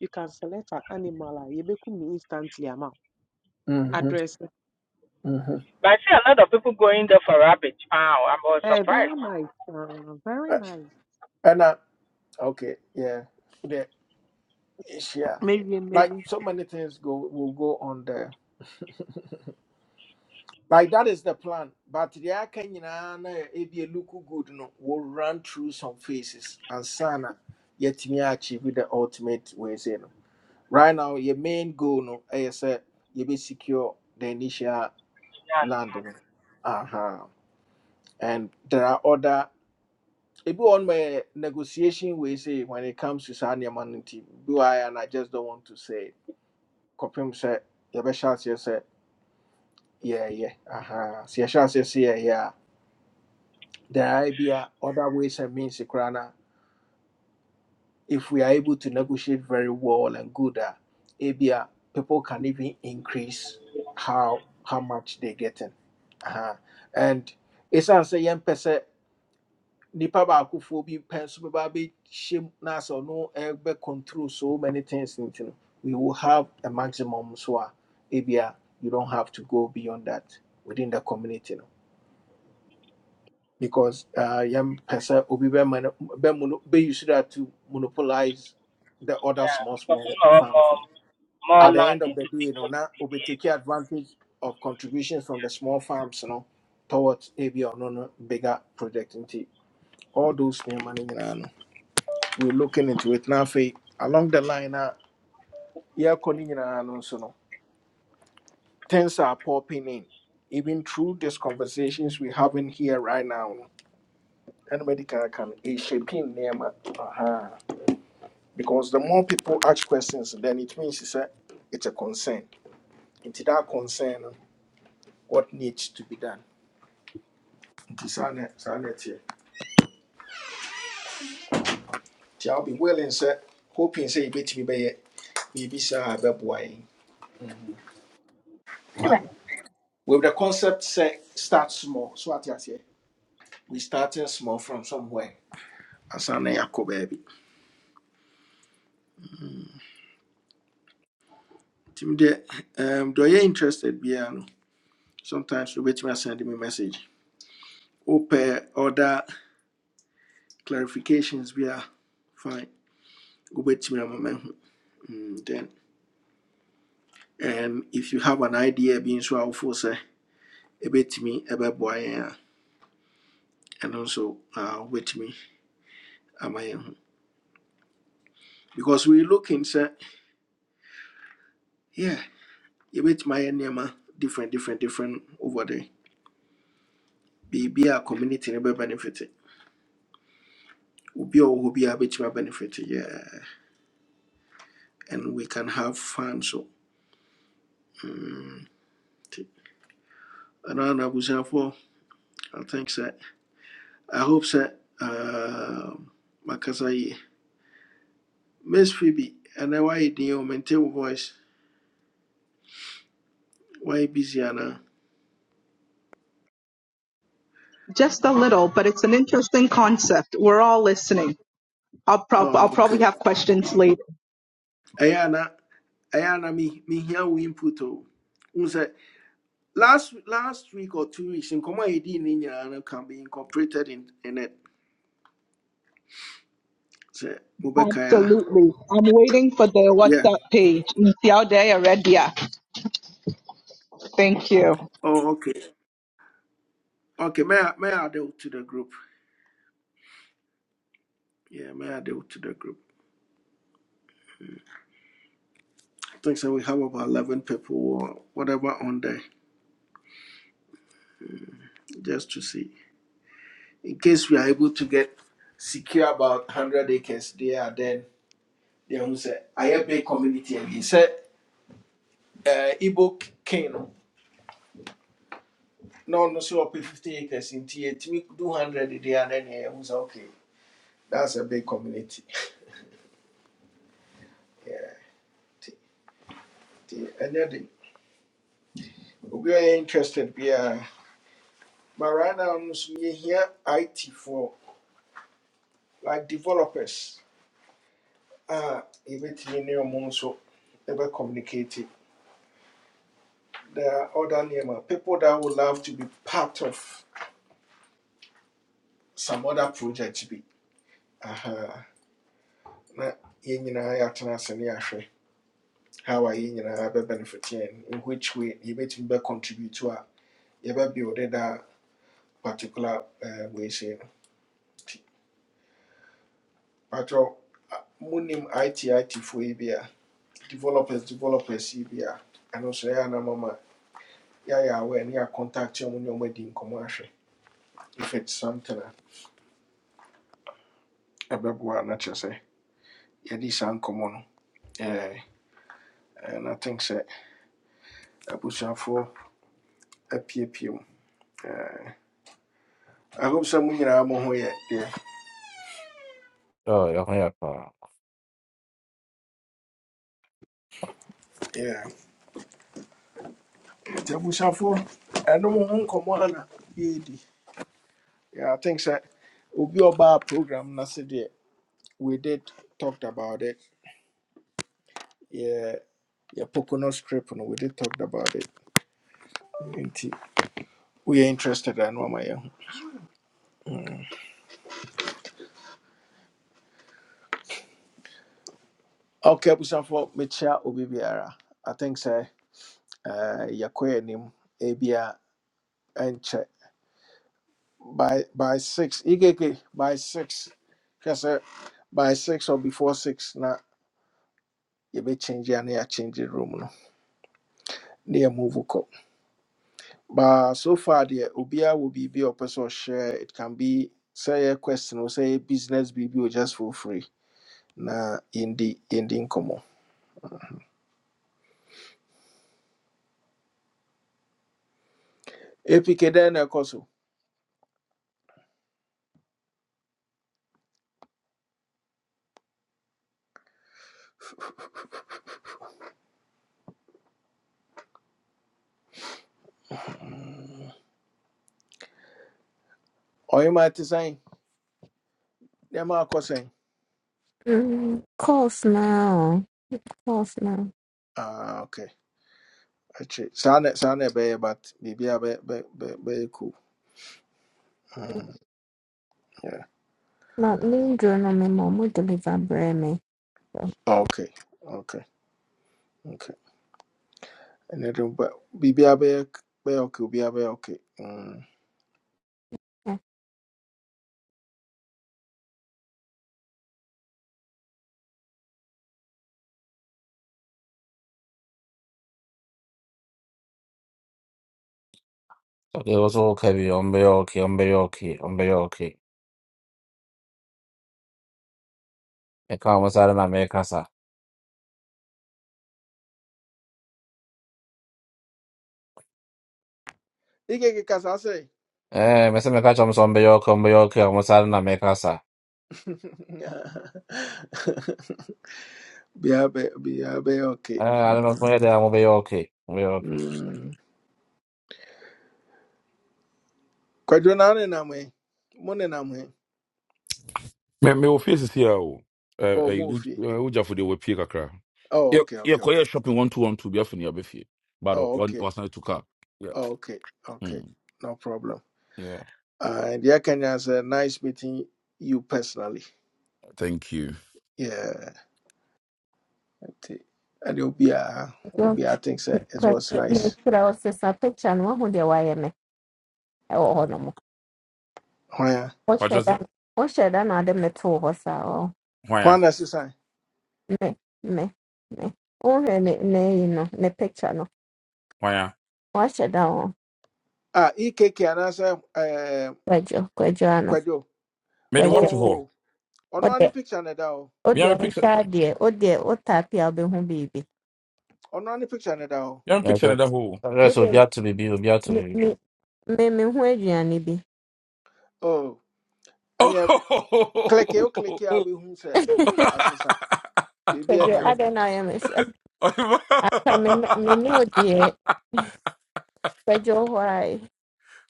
Speaker 14: you can select an animal a, yebekumi instantly ama.
Speaker 1: Mm-hmm.
Speaker 14: Address.
Speaker 1: Mm-hmm.
Speaker 18: But I see a lot of people going there for rabbit. Wow, I was
Speaker 14: Hey, very
Speaker 18: surprised.
Speaker 14: nice. Uh, very
Speaker 1: Uh,
Speaker 14: nice.
Speaker 1: And uh, okay, yeah. The yeah.
Speaker 14: Maybe,
Speaker 1: Like
Speaker 14: maybe.
Speaker 1: so many things go will go on there. Like that is the plan. But the Akanyana if you look good no will run through some phases and sana yet me achieve the ultimate way say no. right now your main goal no ɛyɛ you be secure the initial
Speaker 18: Yeah,
Speaker 1: land Uh-huh. and there are other If you on my negotiation we say when it comes to saa nneɛma do I and i just don't want to say kɔpem said. yɛbɛhyɛ aseɛ sɛ yɛɛyɛ aha sɛ yɛhyɛ aseɛ sɛ yɛɛyɛ a there are bi a other ways and means koraa if we are able to negotiate very well and good, uh, ABR, people can even increase how how much they're getting. Uh-huh. And it's answer yen pese nipa baako fo bi penso be ba be shim na so no ebe control so many things nti no, we will have a maximum so a ABR, you don't have to go beyond that within the community. no because uh yam pesa obi be mono- be mono- be use that to monopolize the other
Speaker 18: yeah,
Speaker 1: small
Speaker 18: because
Speaker 1: small
Speaker 18: more
Speaker 1: farms.
Speaker 18: more
Speaker 1: no.
Speaker 18: more
Speaker 1: At the
Speaker 18: land
Speaker 1: end of the
Speaker 18: into
Speaker 1: day, you know,
Speaker 18: people.
Speaker 1: now obi take advantage of contributions from the small farms, you know, towards AB or no no, bigger project into all those new money you know, We're looking into it now for along the line now yeah calling you know, so no things are popping in. Even through these conversations we're having here right now, no, anybody can can is shaping them. uh because the more people ask questions, then it means it's a, it's a concern. Into that concern, no, what needs to be done? Nti saa na saa na ɛteɛ. Nti I'll be willing, sir. hoping sɛ yɛbɛtumi bɛyɛ biribi saa a ɛbɛboa yɛn. But with the concept sɛ start small, so what you say? We starting small from somewhere. Ansa na baby. baabi. Nti deɛ um, deɛ ɔyɛ interested biara no, sometimes wobɛtumi asend me send me message. Open other clarifications biara, fine. wobɛtumi Mm, then um, if you have an idea bi nso a wofo sɛ ɛbɛtumi ɛbɛboa me, a ɛno nso uh, wobɛtumi ama yɛn ho because we looking sɛ yeah you bet my name uh, different different different over there Be be a community no bɛbenefit obi who be a biara my benefit? yeah and we can have fun so mm, nti ɛno ara na abusuafoɔ i think sɛ i hope sɛ um, makasa yie Miss Phoebe, and why you didn't maintain your voice? Why you busy, Anna?
Speaker 20: Just a little, but it's an interesting concept. We're all listening. I'll, prob- I'll
Speaker 1: Oh,
Speaker 20: probably
Speaker 1: okay.
Speaker 20: have questions later.
Speaker 1: Ayana, Ayana, me, me here we input. Oh, Who said last last week or two weeks in Koma Edi Nina can be incorporated in in it. Say Mubekaya.
Speaker 20: Absolutely. I'm waiting for the
Speaker 1: Yeah.
Speaker 20: WhatsApp page. Ntiaode Eredia. Thank you.
Speaker 1: Oh, okay. Okay. May I, may I add it to the group? Yeah, may I add it to the group? I think so. We have about eleven people or whatever on there just to see. in case we are able to get secure about 100 acres there then they will say i have big community and he said uh Igbo king no no no so up to 50 acres in tea me do 100 there and then yeah who say okay that's a big community *laughs* yeah t- t- and then we are interested yeah but right now we here it for like developers Ah, even to me so ever communicate it. there are other Nema people that would love to be part of some other project. Be uh-huh. na yɛn nyinaa yɛatena ase ne yɛahwɛ how a yɛn nyinaa bɛbenefit yɛn in which way you yɛbɛtumi bɛcontribute to a yɛbɛbuilde that particular uh, way sei no nti patwɛ monim itit foɔ yi bi a developers developers yi bi a ɛno nso ɛyɛ anamama yɛayɛ aware ne yɛacontact ɔmo ne ɔmo adi nkɔmmɔ ahwɛ if it's something uh, a ɛbɛboa na kyerɛ sɛ yɛdi saa nkɔmmɔ no Eh, and I think so. I push apiepie for a P P U. I hope sɛ mo nyinaa mo here. Yeah,
Speaker 15: oh, yɛ ho yɛ paa
Speaker 1: deɛ. Yeah. Nti abusuafoɔ ɛno mo ho nkɔmmɔ ana yɛredi. Yeah, I think we obi a ɔbaa program na se deɛ we did talked about it. Yeah, yeah. Pocono strip no we did talked about it. Nti we are interested ɛno ama yɛn young. Okay, I push abusuafoɔ mekyia obi biara. I think sɛ eh, yɛkɔ yɛn anim ebia ɛnkyɛ by by six ikeke by six kasɛ by six or before six na you be change a na change the room no na move up. but so far deɛ obiara wɔ biribi a ɔpɛ sɛ it can be say a question or say business biribi o just for free na yɛndi yɛndi nkɔmmɔ apk dɛn na koso. so ɔyɛma te sɛn nneɛma akɔ sɛn
Speaker 21: Mm, calls now. Calls now.
Speaker 1: ah okay akyire saa na saa na ɛbɛyɛ but biribiara be be be bɛyɛ cool Mm, yeah.
Speaker 21: Not me journal me mom will deliver bread me.
Speaker 1: okay okay Okay. And then but be be be be okay, bibia be okay. Mm.
Speaker 15: okay wo so woka bi ɔmbɛyɛ okay ɔmbɛyɛ okay ɔmbɛyɛ okay meka ɔmo sare na meka sa
Speaker 1: Ike ke kasa say.
Speaker 15: ɛɛ mɛsɛ meka kyerɛ ɔmo sɛ ɔmbɛyɛ okay ɔmbɛyɛ okay ɔmo sare na meka sa
Speaker 1: *laughs* Be be bia be okay.
Speaker 15: ɛɛ ade no ɔmo yɛ dɛ ɔmo bɛyɛ okay ɔmo bɛyɛ okay
Speaker 1: Mm. Kwadwo na ne na me, Mo ne na me.
Speaker 22: Me me ofie sisi a o. Eh
Speaker 1: Oh, mo
Speaker 22: eh
Speaker 1: fi.
Speaker 22: uja for the we pie kakra.
Speaker 1: Oh,
Speaker 22: Ye
Speaker 1: okay,
Speaker 22: ye
Speaker 1: okay,
Speaker 22: koye
Speaker 1: okay.
Speaker 22: shopping 1212 bi afini abefie. But
Speaker 1: Oh,
Speaker 22: one
Speaker 1: okay.
Speaker 22: was not to car. Yeah.
Speaker 1: Oh, okay. Okay.
Speaker 22: Mm.
Speaker 1: No problem.
Speaker 22: Yeah.
Speaker 1: Uh, and yeah, Kenya is a nice meeting you personally.
Speaker 22: Thank you.
Speaker 1: Yeah. And it'll be a, it'll
Speaker 21: Don't
Speaker 1: be, I think so. it was nice.
Speaker 21: kura osesa picture no ho de waye me. E wo ho no mo.
Speaker 1: Why?
Speaker 21: O
Speaker 22: But just
Speaker 21: sheda. O sheda na de me to ho sa o.
Speaker 1: Why
Speaker 22: why?
Speaker 1: does it sign?
Speaker 21: Me me me. O he ne ne you know ne picture no.
Speaker 22: Why?
Speaker 21: O sheda o.
Speaker 1: Ah, EKK and answer uh
Speaker 21: Kwejo kwejo ano.
Speaker 1: Kwadio.
Speaker 22: Made what
Speaker 21: Kwejo.
Speaker 22: for?
Speaker 1: Oh, on
Speaker 21: O
Speaker 1: any
Speaker 21: de
Speaker 1: picture and down.
Speaker 21: o
Speaker 22: We
Speaker 21: de
Speaker 22: have
Speaker 21: o
Speaker 22: picture.
Speaker 21: sha de o de o tapia be hu bibi.
Speaker 1: On any picture and down.
Speaker 22: We have picture in the
Speaker 15: Evet.
Speaker 22: hole.
Speaker 21: Me
Speaker 15: Neyse o bir
Speaker 21: de
Speaker 15: hatırlıyor, bir o bir
Speaker 21: me
Speaker 15: hatırlıyor.
Speaker 21: me me me hu aduane bi.
Speaker 1: Oh, and yeah,
Speaker 22: Oh,
Speaker 1: click you click here, I'll be who said
Speaker 21: *laughs*
Speaker 1: Asasa. Maybe
Speaker 21: Pedro,
Speaker 1: any of
Speaker 21: Adonai, Mesa.
Speaker 22: *laughs*
Speaker 21: aka menu deɛ Pedro hɔ a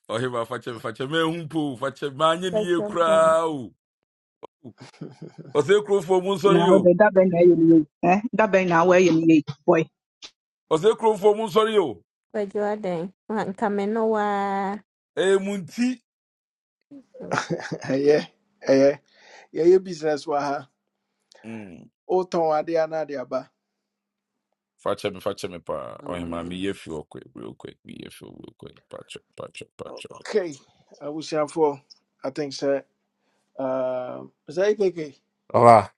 Speaker 22: ɔhema fakyɛ me fakyɛ *laughs* me ahu mpo o, fakyɛ maanyɛ ne yie
Speaker 21: Pedro hɔ
Speaker 22: koraa o ɔsɛ kuromfoɔ mu
Speaker 20: Now,
Speaker 22: nsɔre o
Speaker 20: the dabe na yumi. Eh? Dabe where you yumi. Boy.
Speaker 22: ɔsɛ kuromfoɔ mu nsɔre
Speaker 21: Pedro adɛn nka menu waa
Speaker 22: Eh, munti.
Speaker 1: *laughs* yeah, yeah, yeah, your *laughs* business waha.
Speaker 22: Mm.
Speaker 1: Oh, Tom, I dare not dear ba.
Speaker 22: Fache me, fache me pa. Oh, man, me ye feel quick, real quick. Me ye feel real quick. Pacho, pacho, pacho.
Speaker 1: Okay, I wish you for, I think, sir. Um, is that EKK?
Speaker 15: Ama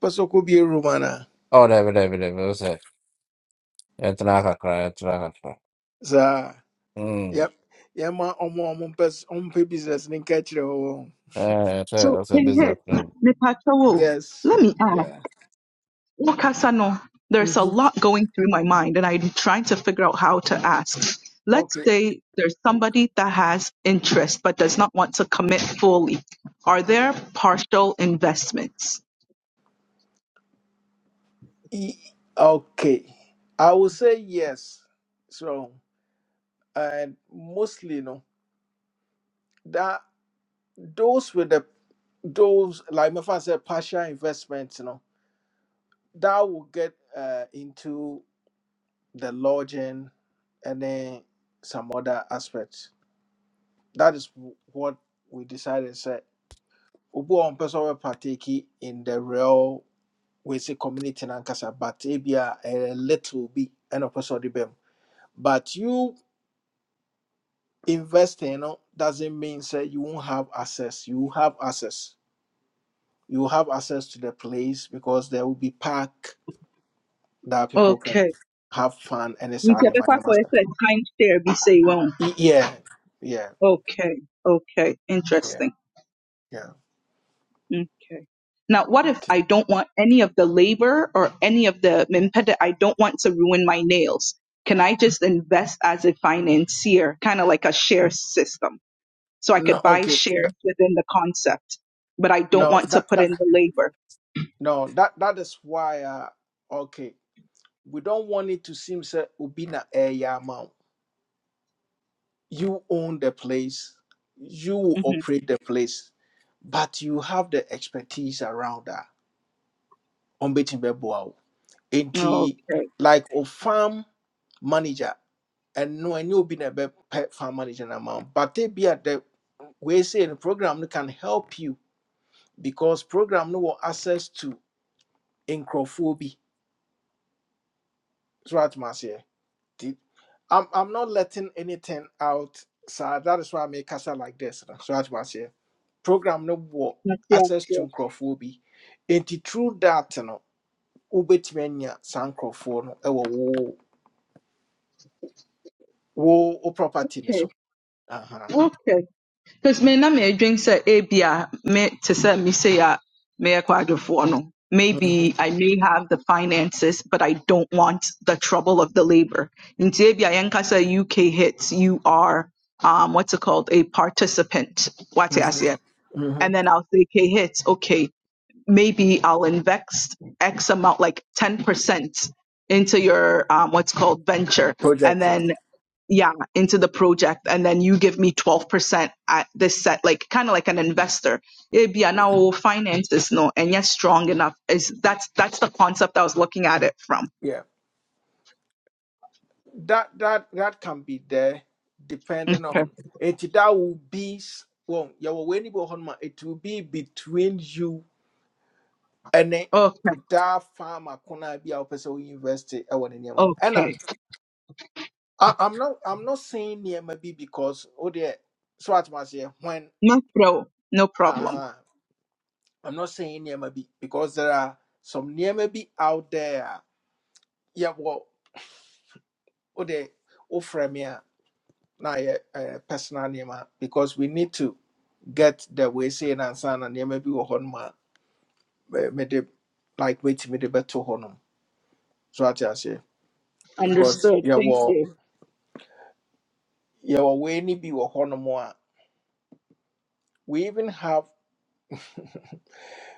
Speaker 1: Paso could be a Romana.
Speaker 15: o ne bile bile bile öse. Yatına kakra, yatına kakra.
Speaker 1: Sir,
Speaker 15: Hmm.
Speaker 1: yep. Yeah, my own business, own business, and catch it
Speaker 15: Evet, evet,
Speaker 20: So,
Speaker 15: öse
Speaker 20: King
Speaker 15: biz de
Speaker 20: Hit,
Speaker 15: hatırlıyoruz.
Speaker 20: me pacho wo.
Speaker 1: Yes.
Speaker 20: Let me ask.
Speaker 1: Yeah.
Speaker 20: Wakasano, there's a
Speaker 1: hmm
Speaker 20: lot going through my mind, and I'm trying to figure out how to ask. Let's
Speaker 1: Okay.
Speaker 20: say there's somebody that has interest but does not want to commit fully. Are there partial investments?
Speaker 1: E- Okay. I will say yes. So, and mostly, you know, that those with the those like my father said, partial investments, you know, that will get uh, into the lodging and then some other aspects. That is wh- what we decided. Said, Ubu on person will partake in the real We say community no ankasa but ebia a a little bi ɛna ɔpɛ sɛ ɔde bɛm but you investing no doesn't mean say you won't have access you have access you have access to the place because there will be park that people can
Speaker 20: Okay.
Speaker 1: have fun and it's
Speaker 20: You
Speaker 1: out
Speaker 20: can be for
Speaker 1: money
Speaker 20: kwa
Speaker 1: master
Speaker 20: time share, be say iwan.
Speaker 1: yeah yeah
Speaker 20: Okay, okay,
Speaker 1: yeah
Speaker 20: interesting.
Speaker 1: yeah
Speaker 20: Okay. Now, what if
Speaker 1: okay.
Speaker 20: I don't want any of the labor or any of the mimpeda? I don't want to ruin my nails. Can I just invest as a financier, kind of like a share system? So I
Speaker 1: no
Speaker 20: could buy
Speaker 1: okay
Speaker 20: shares within the concept, but I don't
Speaker 1: no
Speaker 20: want to
Speaker 1: that
Speaker 20: put
Speaker 1: that
Speaker 20: in the labor.
Speaker 1: no that that is why uh, okay we don't want it to seem sɛ obi na ɛyɛ ama you own the place, you
Speaker 20: hmm
Speaker 1: operate the place, but you have the expertise around that. On betting bebo enti
Speaker 20: Okay.
Speaker 1: like a farm manager, and no, and you'll be the farm manager amount, but they be at the we say the program no can help you because program no will access to encrophobia. So what must say? Did- I'm I'm not letting anything out, sir. That is why I make casa like this. na. So that's why I say program no war
Speaker 20: Ate
Speaker 1: access to
Speaker 20: ase.
Speaker 1: microphobia. And through that, no, ubetumi anya san microphone no ɛwɔ wo wo wo property no
Speaker 20: Okay.
Speaker 1: so. Uh-huh.
Speaker 20: Okay. Because me na me drink say ebi me to say me say a me yɛ kwadwofoɔ no.
Speaker 1: hmm
Speaker 20: Maybe I may have the finances, but I don't want the trouble of the labor. In Tibia, Yankasa UK hits, you are um, what's it called? A participant. What I say?
Speaker 1: hmm
Speaker 20: And then I'll say K hits, okay, maybe I'll invest X amount, like 10% into your um, what's called venture. And
Speaker 1: Project no.
Speaker 20: then yeah into the project and then you give me 12% at this set like kind of like an investor it'd be an hour finance this no and yes strong enough is that's that's the concept i was looking at it from
Speaker 1: Yeah. That that that can be there depending
Speaker 20: okay
Speaker 1: on it that will be s- well, yeah, well, when you go home, it will be between you ɛne
Speaker 20: okay
Speaker 1: that farmer corner be our person we invest it. I want nneɛma mu ɛna
Speaker 20: okay
Speaker 1: I- I- I'm not I'm not saying nneɛma bi because oh dear so at my say when
Speaker 20: no pro no
Speaker 1: uh
Speaker 20: problem
Speaker 1: huh I'm not saying nneɛma bi because there are some nneɛma bi out there yeah well oh dear oh frame yeah now yeah uh, personal nneɛma because we need to get the way saying and answer and nneɛma bi wɔ hɔ nom a me like wait me de beto hɔ nom so at my say because
Speaker 20: understood
Speaker 1: yeah
Speaker 20: thank
Speaker 1: well.
Speaker 20: you
Speaker 1: yɛwɔ wei ne bi wɔ hɔnom a we even have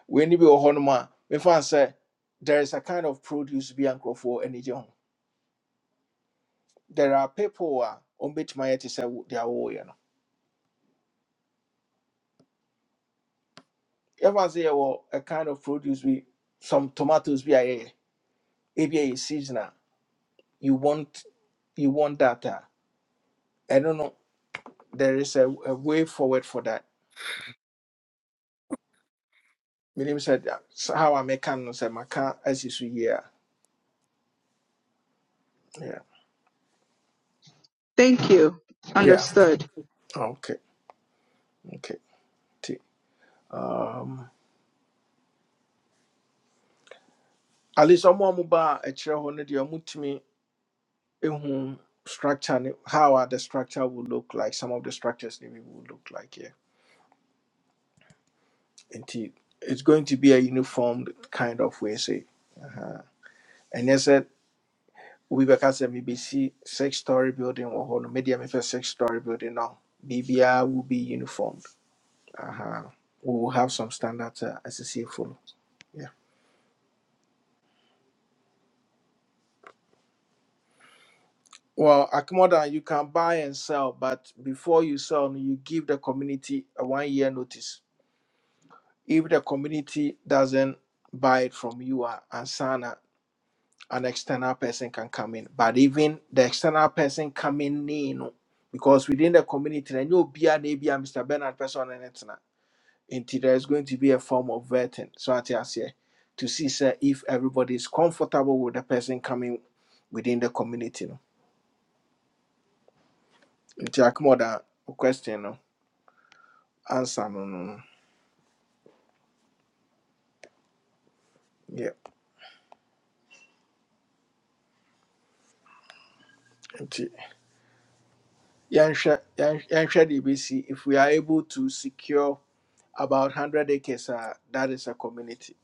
Speaker 1: wei ne bi wɔ hɔnom a mefa sɛ there is a kind of produce bi a nkurɔfoɔ ani gye ho there are people a ɔmbɛtumi ayɛ te sɛ wo- deɛ wɔyɛ no yɛfa sɛ yɛwɔ a kind of produce bi some tomatoes bi a yɛyɛ ebi a yɛ seasonal, you want you want that a ɛno no there is a, a way forward for that menim sɛ da- s- how I make no sɛ maka asi so yie a yeah
Speaker 20: thank you
Speaker 1: yeah
Speaker 20: understood
Speaker 1: okay okay nti at least ɔmo a ɔmo baa ɛkyerɛ hɔ no deɛ ɔmotumi ehu structure ne how are the structure will look like some of the structures maybe will look like here nti it's going to be a uniform kind of way say ɛnyɛ sɛ obi bɛka sɛ mebɛsi six story building wɔ hɔ no medeɛ mepɛ six story building no biribiaa will be uniformed uh we will have some standards uh, as a ɛsesɛ follow yeah well akomodan you can buy and sell but before you sell no, you give the community a one year notice if the community doesn't buy it from you uh, and sana an external person can come in but even the external person coming in no, because within the community then you'll be an abia mr bernard person and it's not until there's going to be a form of vetting so i tell you to see sir, if everybody is comfortable with the person coming within the community no. Nti, Akemoda, wo question no answer no no no. yeah Nti, yɛnhwɛ yɛnhwɛ yɛnhwɛ deɛ if we are able to secure about 100 acres a that is a community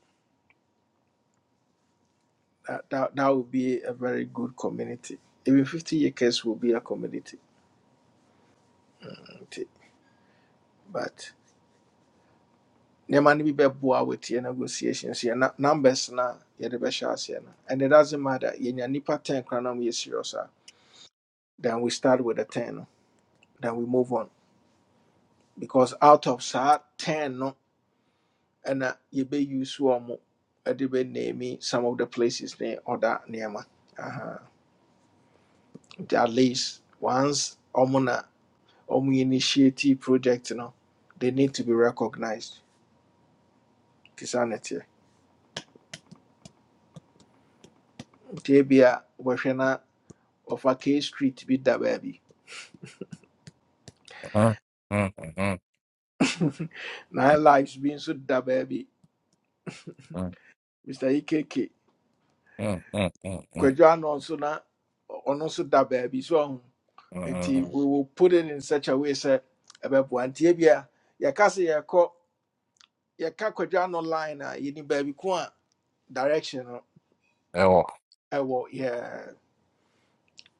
Speaker 1: that, that, that would be a very good community even 50 acres will be a community Okay, but nneɛma no bi bɛboa with yɛ negotiations yɛ numbers na yɛde bɛhyɛ aseɛ no and it doesn't matter yɛnya nipa 10 koraa na yɛ serious a then we start with the 10 no then we move on because out of saa 10 no And ɛna yɛbɛuse wɔn mo ɛde bɛname some of the places ne or that Aha. nti at least once ɔmo na ɔmo initiative project you know, they need to be recognised nti saa na ɛteɛ nti ebia wɔhwɛ na ɔfa k street bi da baby.
Speaker 15: Hı? Hı, hı, hı,
Speaker 1: nine lives bi nso da baby,
Speaker 15: hı,
Speaker 1: mr ekk
Speaker 15: hı, hı, hı, hı,
Speaker 1: kwadwo ano nso na ɔno nso da baabi so ɔho
Speaker 15: hı,
Speaker 1: nti we will put it in such a way sɛ ɛbɛboa nti ebia yɛka sɛ yɛkɔ yɛka kwadwa no line a yɛni baabi ko a direction no ɛwɔ yɛ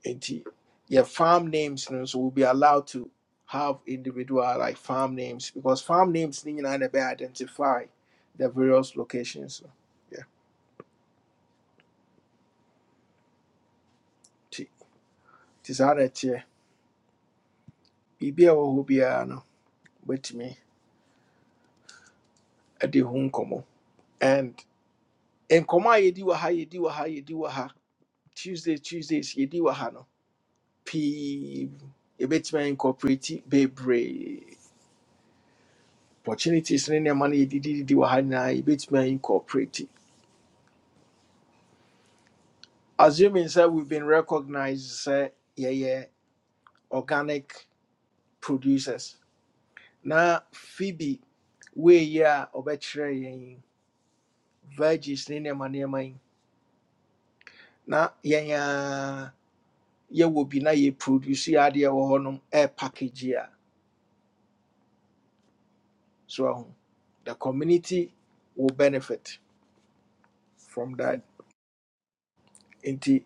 Speaker 1: nti yɛ farm names no so will be allowed to have individual like farm names because farm names no nyinaa na be identify the various locations no Yeah, nti nti saa na ɛteɛ biribi a ɛwɔ hɔ biara no wobɛtumi de ho nkɔmmɔ and nkɔmmɔ a yɛdi wɔ ha yɛdi wɔ ha yɛdi wɔ ha tuesday tuesdays yɛdi wɔ ha no pii yɛbɛtumi incorporate bebree opportunities ne nneɛma no yɛdididi wɔ ha nyinaa yɛbɛtumi a incorporate assuming sɛ we've been recognized say, yeah yeah organic producers Now phoebe weiyi a ɔbɛkyerɛ yɛn yi, veggies ne nneɛma nneɛma yi na yɛn a yɛwɔ bi na yɛproduce yɛ adeɛ wɔ hɔnom air package yi so ahu the community will benefit from that nti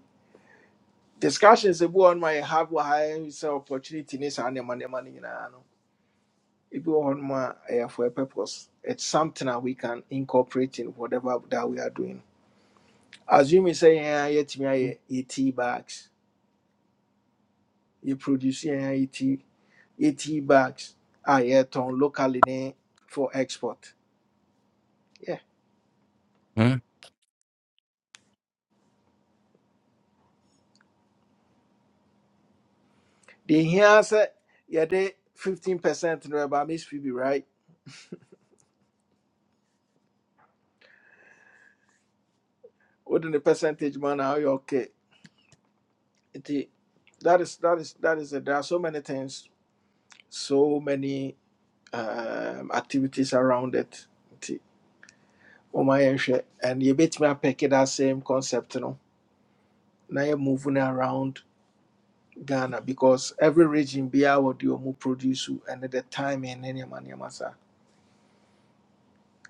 Speaker 1: discussions ebi wɔ hɔnom a yɛhave wɔ ha opportunity in saa nneɛma money no nyinaa no If we want a ɛyɛ for a purpose it's something that we can incorporate in whatever that we are doing assuming sɛ yɛn a yɛtumi ayɛ eighty bags yɛproduce yɛn a eighty eighty bags a yɛtɔn locally ne for export yeah the deɛ hia sɛ yɛde fifteen percent no ɛba miss phoebe right What the percentage man? na you okay nti that is that is that is it there are so many things so many um, activities around it ɔma yɛnhwɛ and yɛbɛtumi apɛke that same concept no Now you're moving around ghana because every region biara wɔde ɔmu produce And the timing ne nneɛma nneɛma saa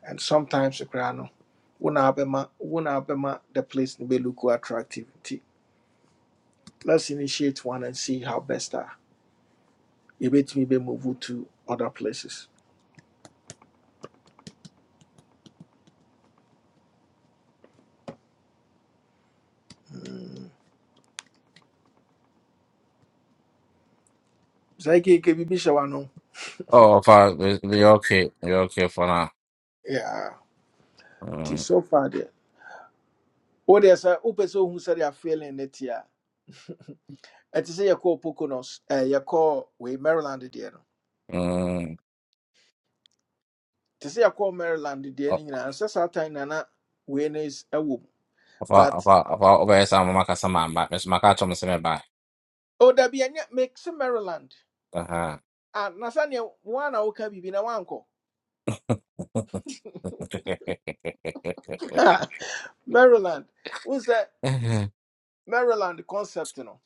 Speaker 1: and sometimes you no wona abɛma wona abɛma the place be bɛlook attractive nti let's initiate one and see how best are. You bet me, yɛbɛtumi move to other places saa keke biribi hyɛ w'ano
Speaker 15: Oh, fa, we we okay, we okay for now.
Speaker 1: yeah nti
Speaker 15: Hmm,
Speaker 1: so far deɛ wodeɛ sɛ wopɛ sɛ ohu sɛdeɛ feeling ne it, a ɛte sɛ yɛkɔɔ poconos eh, yɛkɔɔ we maryland deɛ no
Speaker 15: hmm.
Speaker 1: te sɛ yɛkɔɔ maryland deɛ
Speaker 15: Oh,
Speaker 1: no nyinaa sɛ saa time nana wei no is a womb.
Speaker 15: Afa,
Speaker 1: but
Speaker 15: afa, afa, obeye sa mama kasa mamba. Mes makato meseme ba.
Speaker 1: oh, dabi ɛnyɛ make sɛ maryland
Speaker 15: Aha.
Speaker 1: ah, na sɛneɛ woa na woka biribi na woankɔ
Speaker 15: *laughs*
Speaker 1: *laughs* maryland wohu sɛ maryland concept no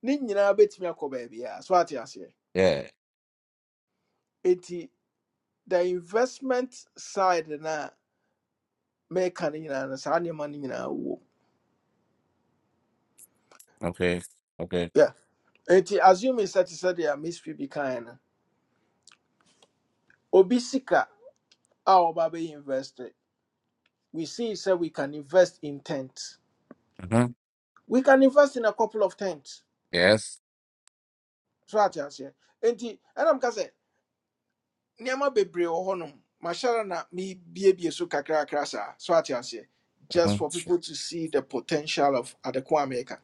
Speaker 1: ne nyinaa bɛtumi baby. baabiaa so ate aseɛ
Speaker 15: Yeah.
Speaker 1: enti the investment side na make mɛka no nyinaa no saa nneɛma no nyinaa
Speaker 15: Okay. Okay.
Speaker 1: yeah. enti assuming sɛ te sɛ deɛ a miss bi kaeɛ no our baby invested. We see so we can invest in tents.
Speaker 15: Mm-hmm.
Speaker 1: We can invest in a couple of tents.
Speaker 15: Yes.
Speaker 1: So I just say, enti, ɛnam ka sɛ nneɛma bebree wɔ hɔnom. Mahyɛra na mebuebue so kakrakra sa. So I just say, just
Speaker 15: Uh-huh.
Speaker 1: for people to see the potential of Adequate America.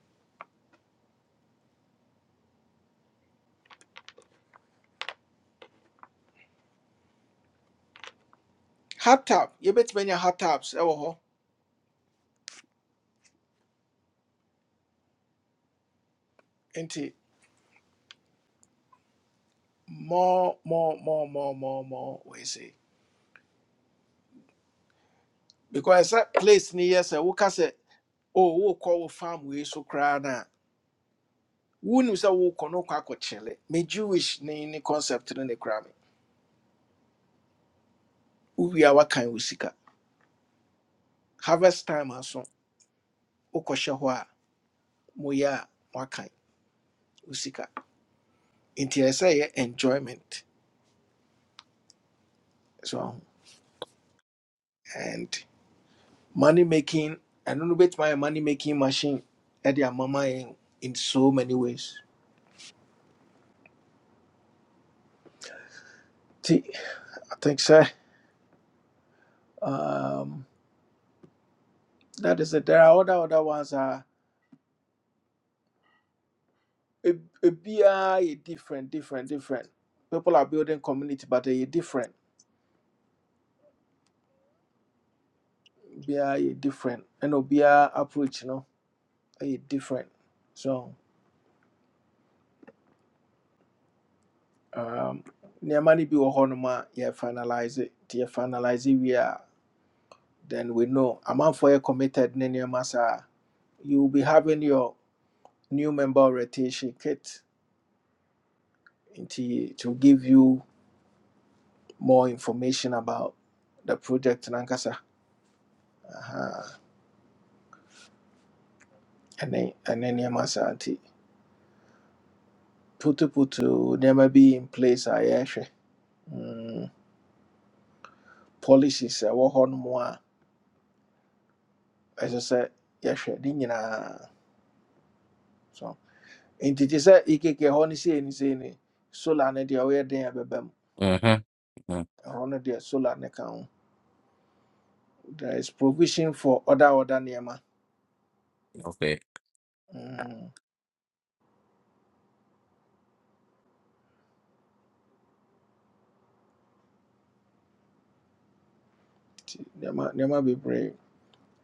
Speaker 1: Hot tap, yɛbɛtumi anya hot taps ɛwɔ hɔ. Enti, more, more, more, more, more, more, we say. Because that place ni say. We woka sɛ, oh, wokɔ wo farm we so koraa na. wonim sɛ wokɔ no wokɔ akɔkyele me jewish ne ne concept no ne kora me wowie a woakan harvest time aso wokɔhyɛ hɔ moya moyɛ usika. woakan wo sika enjoyment so and money making I don't know bit my money making machine ɛde ama mama yɛn in so many ways nti i think so. um, that is it there are other other ones are a ebiaa yɛ different different different people are building community but ɛyɛ different biara yɛ different ɛna obiara approach no ɛyɛ different so um, nneɛma no bi wɔ hɔnom a yɛ finalize it. yɛ finalize it, we a then we know amanfoɔ yɛ committed ne nneɛma saa you will be having your new member orientation kit into to give you more information about the project nankasa Aha, ɛne ɛne nneɛma saa nti putu, putu nneɛma bi in place a yɛrehwɛ mm, policies a ɛwɔ hɔnom a ɛsɛ sɛ yɛhwɛ ne nyinaa so nti te sɛ Ikeke, hɔ no sei ne sei ne solar no deɛ ɔyɛ den a ɛbɛba mu
Speaker 15: Uh-huh. Uh,
Speaker 1: ɛhɔ no deɛ solar no ka ho there is provision for other other nneɛma
Speaker 15: Okay.
Speaker 1: Mm, nti nneɛma nneɛma bebree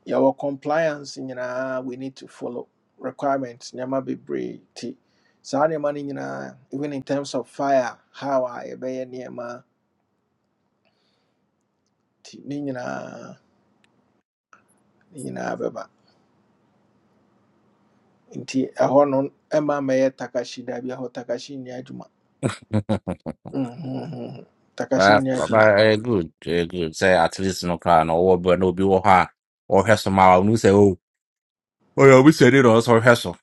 Speaker 1: yɛwɔ compliance nyinaa we need to follow requirements nneɛma bebree nti saa nneɛma no nyinaa even in terms of fire how a yɛbɛyɛ nneɛma nti ne nyinaa ne nyinaa bɛba nti ɛhɔ no ɛma mɛyɛ takashi daabi ɛhɔ takashi nni adwuma
Speaker 15: *laughs*
Speaker 1: Mhm. takashi
Speaker 15: That
Speaker 1: nni adwuma
Speaker 15: that good. eh, good. Say at least no car no or but no be wɔ hɔ a ɔhwɛ so ma no say oh. Oh yeah, we said it also ɔhwɛ so.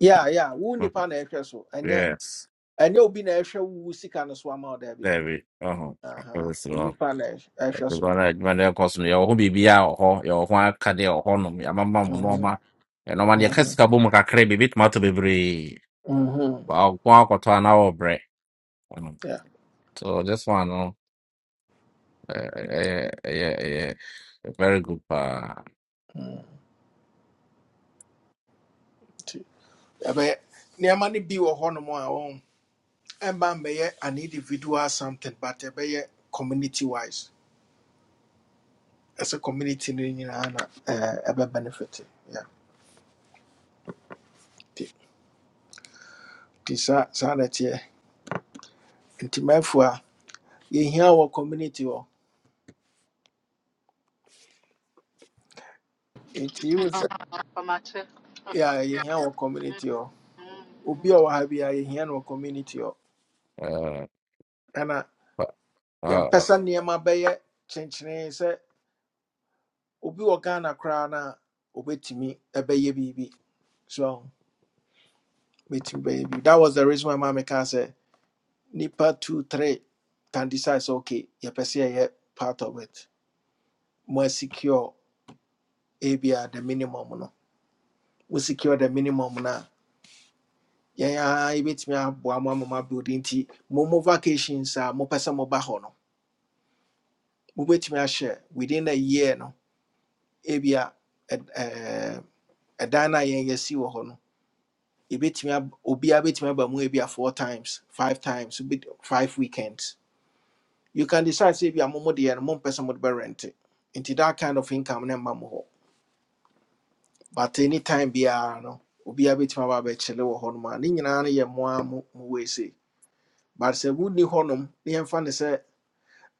Speaker 1: yea yea wo
Speaker 15: Mhm.
Speaker 1: nipa na ɛhwɛ so ɛnyɛ
Speaker 15: Yes.
Speaker 1: ɛnyɛ obi na ɛhwɛ wo sika no so ama wo daabi
Speaker 15: There we. Uh-huh.
Speaker 1: Aha,
Speaker 15: Yes,
Speaker 1: wo
Speaker 15: no.
Speaker 1: nipa na ɛhw- ɛhwɛ
Speaker 15: Because
Speaker 1: so
Speaker 15: I man there cause no your home be a ho your ho aka there ho no ya mama mo no
Speaker 1: Mhm,
Speaker 15: ma. E no ma de
Speaker 1: mhm,
Speaker 15: kasika bo mu kakra bi bit ma to bebre.
Speaker 1: mhm.
Speaker 15: Wow, kwa kwa to na wo brɛ. Mhm.
Speaker 1: Yeah,
Speaker 15: So this one no. Uh, yeah, yeah, yeah. Very good. Uh,
Speaker 1: mhm. nti ɛbɛyɛ nneɛma no bi wɔ hɔnom a wɔn ɛmma mmɛyɛ an individual something but ɛbɛyɛ community wise As a community no nyinaa na ɛɛ, ɛbɛ benefit yeah. nti nti saa saa na ɛteɛ nti mɛfo a yɛhia wɔ community hɔ nti yiwu sɛ
Speaker 5: Uh-huh. for my tip.
Speaker 1: yɛa
Speaker 5: Uh-huh.
Speaker 1: yɛhia wɔ community hɔ
Speaker 5: Mm-hmm.
Speaker 1: obi a ɔwɔ ha bi a yɛhia no wɔ community hɔ
Speaker 15: uh,
Speaker 1: ɛna
Speaker 15: uh,
Speaker 1: yɛmpɛ
Speaker 15: uh,
Speaker 1: sɛ nneɛma bɛyɛ kyenkyene sɛ obi wɔ ghana koraa no a obɛtumi biribi so bɛtumi bɛyɛ biribi that was the reason why ma mekaa sɛ nipa two three can decide sɛ okay yɛpɛ sɛ yɛyɛ part of it mo secure ebia the minimum no We secure the minimum na. Yeah, yeah, I bet aboa a ama mo abuilding nti mo mo vacations are more person more bahono. Mubet me a mopɛ sɛ moba hɔ no mobɛtumi ahyɛ within a year no ebia ɛd- ɛɛm, ɛdan no a yɛn yɛsi wɔ hɔ no yɛbɛtumi a obiara bɛtumi aba mu ebia four times five times obi- five weekends you can decide sɛ ebia mo mo deɛ no mompɛ sɛ mode bɛrente nti that kind of income no mma mo hɔ but anytime biara no Obi a bet aba abɛkyele wɔ hɔnom a ne nyinaa no na mmoa mo a mo wei sei but sɛ wonni hɔnom na yɛmfa no sɛ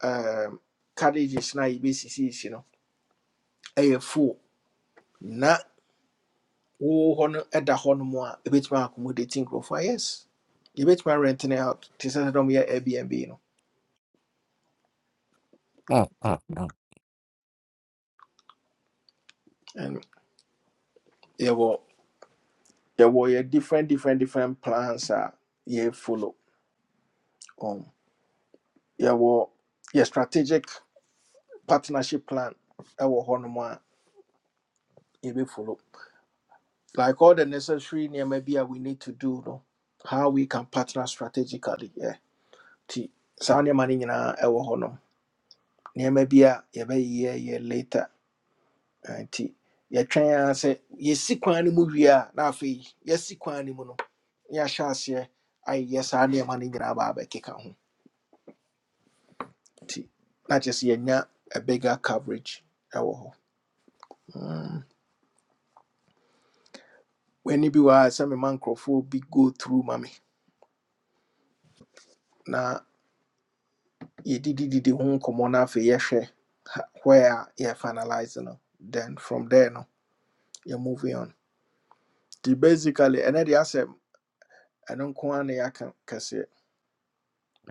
Speaker 1: um, carriages na yɛbɛsisiisi no ɛyɛ full na wowɔ hɔ no ɛda hɔnom a ɛbɛtumi accommodate nkurɔfoɔ a yes yɛbɛtumi rent no out te sɛ sɛ dɛm yɛ airbnb no
Speaker 15: uh,
Speaker 1: Nti,
Speaker 15: uh, uh.
Speaker 1: ɛno, yɛwɔ yɛwɔ yɛ different different different plans a yɛfollow um, yɛwɔ yɛ strategic partnership plan ɛwɔ hɔnom a ebe follow. like all the necessary nneɛma bi we need to do no how we can partner strategically Yeah. nti saa nneɛma no nyinaa ɛwɔ hɔnom nneɛma bi a yɛbɛyɛyɛ later Ah, nti yɛtwɛn ara sɛ yɛsi kwan no mu wie a na afei yɛasi kwan no mu no na yɛahyɛ aseɛ ayɛ saa nneɛma no nyinaa baa bɛkeka ho nti na just sɛ yɛanya a bigger coverage ɛwɔ hɔ w'ani bi wɔ ha some mema nkurɔfoɔ bi go through ma me did did. ho nkɔmmɔ no afei yɛhwɛ ha- where you yɛ finalize no then from there no are moving on nti basically and then deɛ asɛ ɛno nko ara na yɛaka kɛseɛ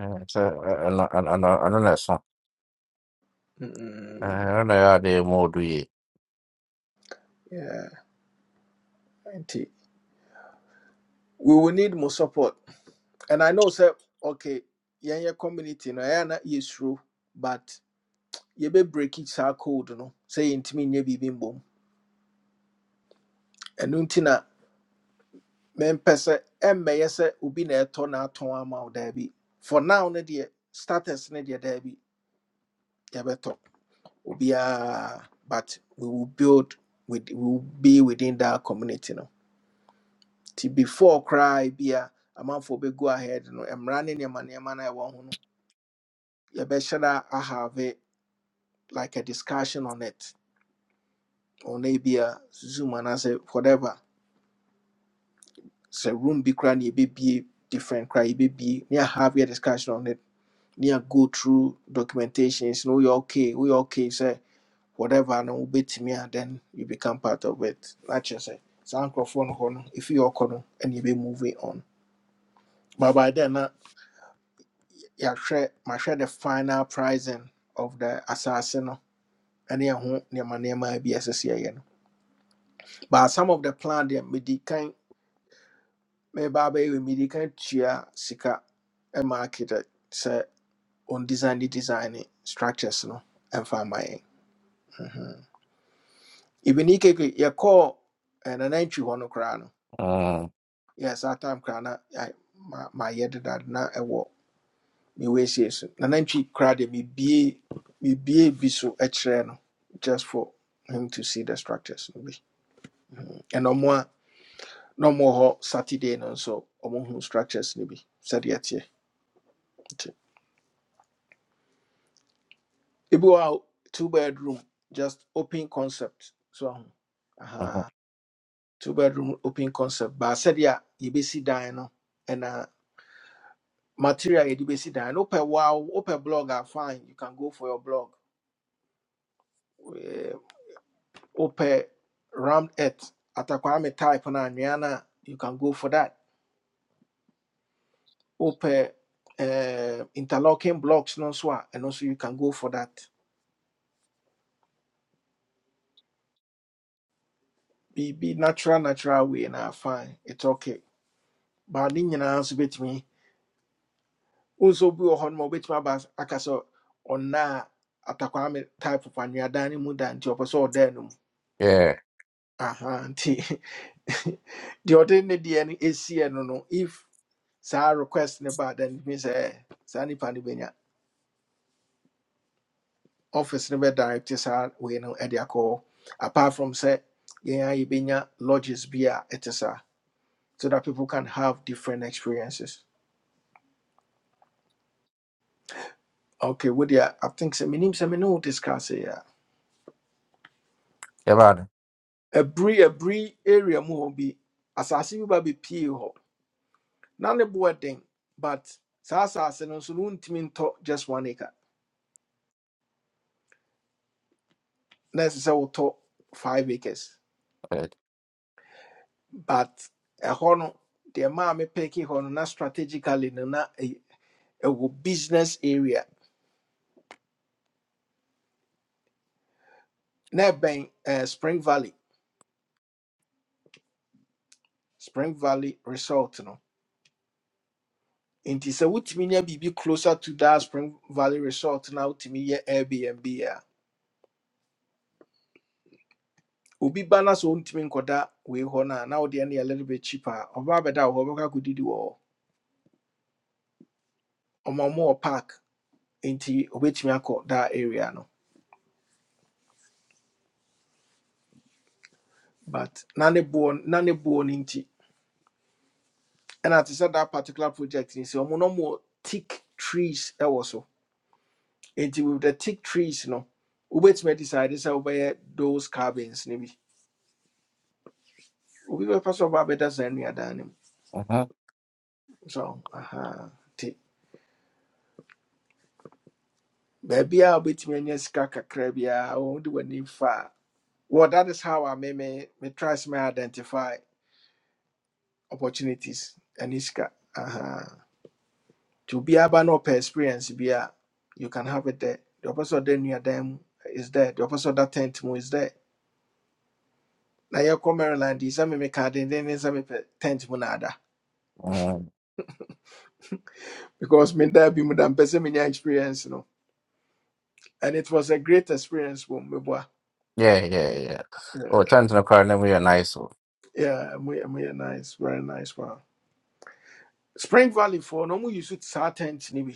Speaker 15: Uh, so, uh, ano- ano- ano- ano na sa-
Speaker 1: Mm,
Speaker 15: uh, ano na yun, di mo duwi.
Speaker 1: yeah we will need more support and i know sɛ okay yeah, yɛnyɛ community no ɛyɛ a it's true. but yɛbɛ break it saa code no say, intimate, sɛ yɛntumi nyɛ biribi mbom ɛno nti na mempɛ sɛ ɛmmɛyɛ sɛ obi na ɛtɔ n'atɔn ama wo Be for now no deɛ status no dear, there Be. daabi yɛbɛtɔ obiara but we will build we will be within that community no nti before cry, bi a man for be go ahead no mmara ne nneɛma nneɛma no a ɛwɔ ho no you better I have ahave like a discussion on it ɔna maybe a zoom and I say whatever Say room be bi you be be different cry You be be. ne have a discussion on it ne go through documentations no woyɛ okay We okay Say whatever no wobɛtumi a then you become part of it na kyerɛ say, saa nkurɔfoɔ no hɔ no ɛfi yɛ ɔkɔ no ɛne on but by then na yɛahwɛ mahwɛ the final pricing of the asase no ɛne ɛho nneɛma nneɛma bi a ɛsɛ sɛ yɛyɛ no but some of the plan deɛ medi kan mɛba abɛyɛ wɔ medi kan tua sika ma architect sɛ on design ne design ne structures no ɛmfa ma yɛn even ikeke yɛkɔɔ ɛnana ntwi hɔ no koraa no
Speaker 15: Uh,
Speaker 1: yes that time koraa na I- ma- mayɛ deda na ɛwɔ me We mewɛsie so na nantwi koraa deɛ mebie mebie bi so e kyerɛ no just for him to see the structures no bi ɛna ɔmo a na ɔmo wɔ saturday no so ɔmo hu structures no bi sɛdeɛ ɛteɛ nti ebi wɔ two bedroom just open concept so aho
Speaker 15: uh-huh.
Speaker 1: aha two bedroom open concept baa sɛdeɛ a yɛbɛsi dan no ɛna material you yɛde bɛsi dan no wopɛ wow wopɛ blog are fine you can go for your blog wopɛ round it atakwame type no anwea no a you can go for that wopɛ eh, interlocking blocks no swa and also you can go for that Be be natural natural way na fine it's okay but ne nyinaa nso bɛtumi wo nso bi wɔ hɔ no ma wobɛtumi aba as- aka sɛ ɔna a atakwame type of anweadan no mu da nti ɔpɛ sɛ ɔda no
Speaker 15: Yeah,
Speaker 1: aha nti *laughs* deɛ ɔde ne *laughs* no no no if sa request ne ba then it means eh, saa nipa no bɛnya office no bɛ direct saa wei no ɛde akɔ apart from sɛ yɛn a yɛbɛnya lodges bi a ɛte so that people can have different experiences okay with well, I think sɛ menim sɛ mene wo discuss here.
Speaker 15: yeah, man.
Speaker 1: a bree a abiri area mu hɔ bi asase bi ba bɛpie hɔ na ne boɔ den but saa asase no nso no wontumi ntɔ just one acre Necessary, ɛsɛ sɛ five acres
Speaker 15: Uh,
Speaker 1: but ɛhɔ no deɛ maa mepɛki hɔ no na strategically no na a business area na ɛbɛn eh, spring valley spring valley resort no nti sɛ wotumi nya biribi closer to that spring valley resort na wotumi yɛ airbnb a obi ba na sɛ ɔntumi nkɔda wei hɔ no a na wode ne a little bit cheaper a ɔba abɛda wɔ hɔ ɔbɛkɔ akɔdidi wɔ hɔ ɔma mo wɔ park nti obɛtumi akɔ that area no but na ne boɔ na ne boɔ no nti ɛna te sɛ that particular project ni sɛ ɔmo no mo thick trees ɛwɔ so Enti with the thick trees no, wobɛtumi decide sɛ wobɛyɛ those cabins no bi. Obi bɛfa so ɔba abɛda saa nnuadan no mu.
Speaker 15: uh-huh.
Speaker 1: So, aha, nti baabi a wobɛtumi anya sika kakra biara, wɔde w'ani fa a. Well, that is how I may me me try to identify opportunities and sika. Aha. To be aba no per experience bi a, you can have it there. The opposite of the nnuadan mu is there. The opposite that tent mu is there. Na yɛkɔ Maryland Is sɛ me meka denden sɛ mepɛ tent mu na ada.
Speaker 15: Uh,
Speaker 1: because me there be more than me nya experience you know and it was a great experience for me boy
Speaker 15: yeah, yeah, yeah.
Speaker 1: yeah
Speaker 15: Oh, chance na kwa na mo yun, nice. oh.
Speaker 1: yeah we we nice very nice wow spring valley for no more you should start tent ni bi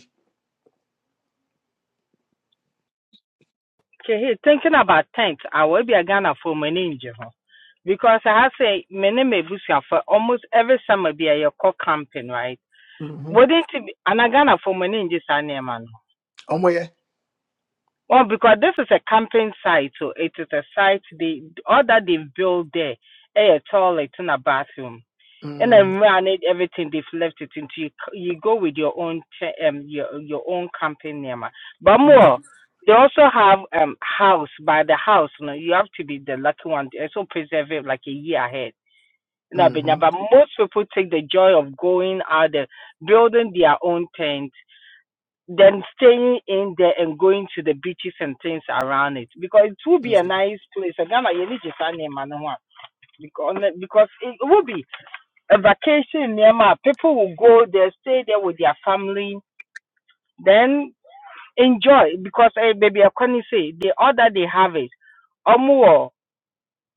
Speaker 18: Okay, hey, thinking about tents, I will be a Ghana for my ninja. ho. Because I have say my name is Busia for almost every summer be a your co camping, right?
Speaker 1: mhm
Speaker 18: Wouldn't it be and I Ghana for my ninjas are near man.
Speaker 1: omo ye
Speaker 18: Well, because this is a camping site, so it is a site they all that they've built there, eh, a toilet and a bathroom. and
Speaker 1: mhm
Speaker 18: then run everything they've left it into you you go with your own ch- um your your own company um, but more
Speaker 1: mhm
Speaker 18: they also have um house by the house you know you have to be the lucky one they also preserve it like a year ahead no but,
Speaker 1: mhm
Speaker 18: but most people take the joy of going out there building their own tent then staying in there and going to the beaches and things around it because it will be a
Speaker 1: mhm
Speaker 18: nice place And Ghana, you need to sign in, man, no one. because because it will be a vacation near my people will go there, stay there with their family, then enjoy because hey, baby, I can say the order they have it. Omuo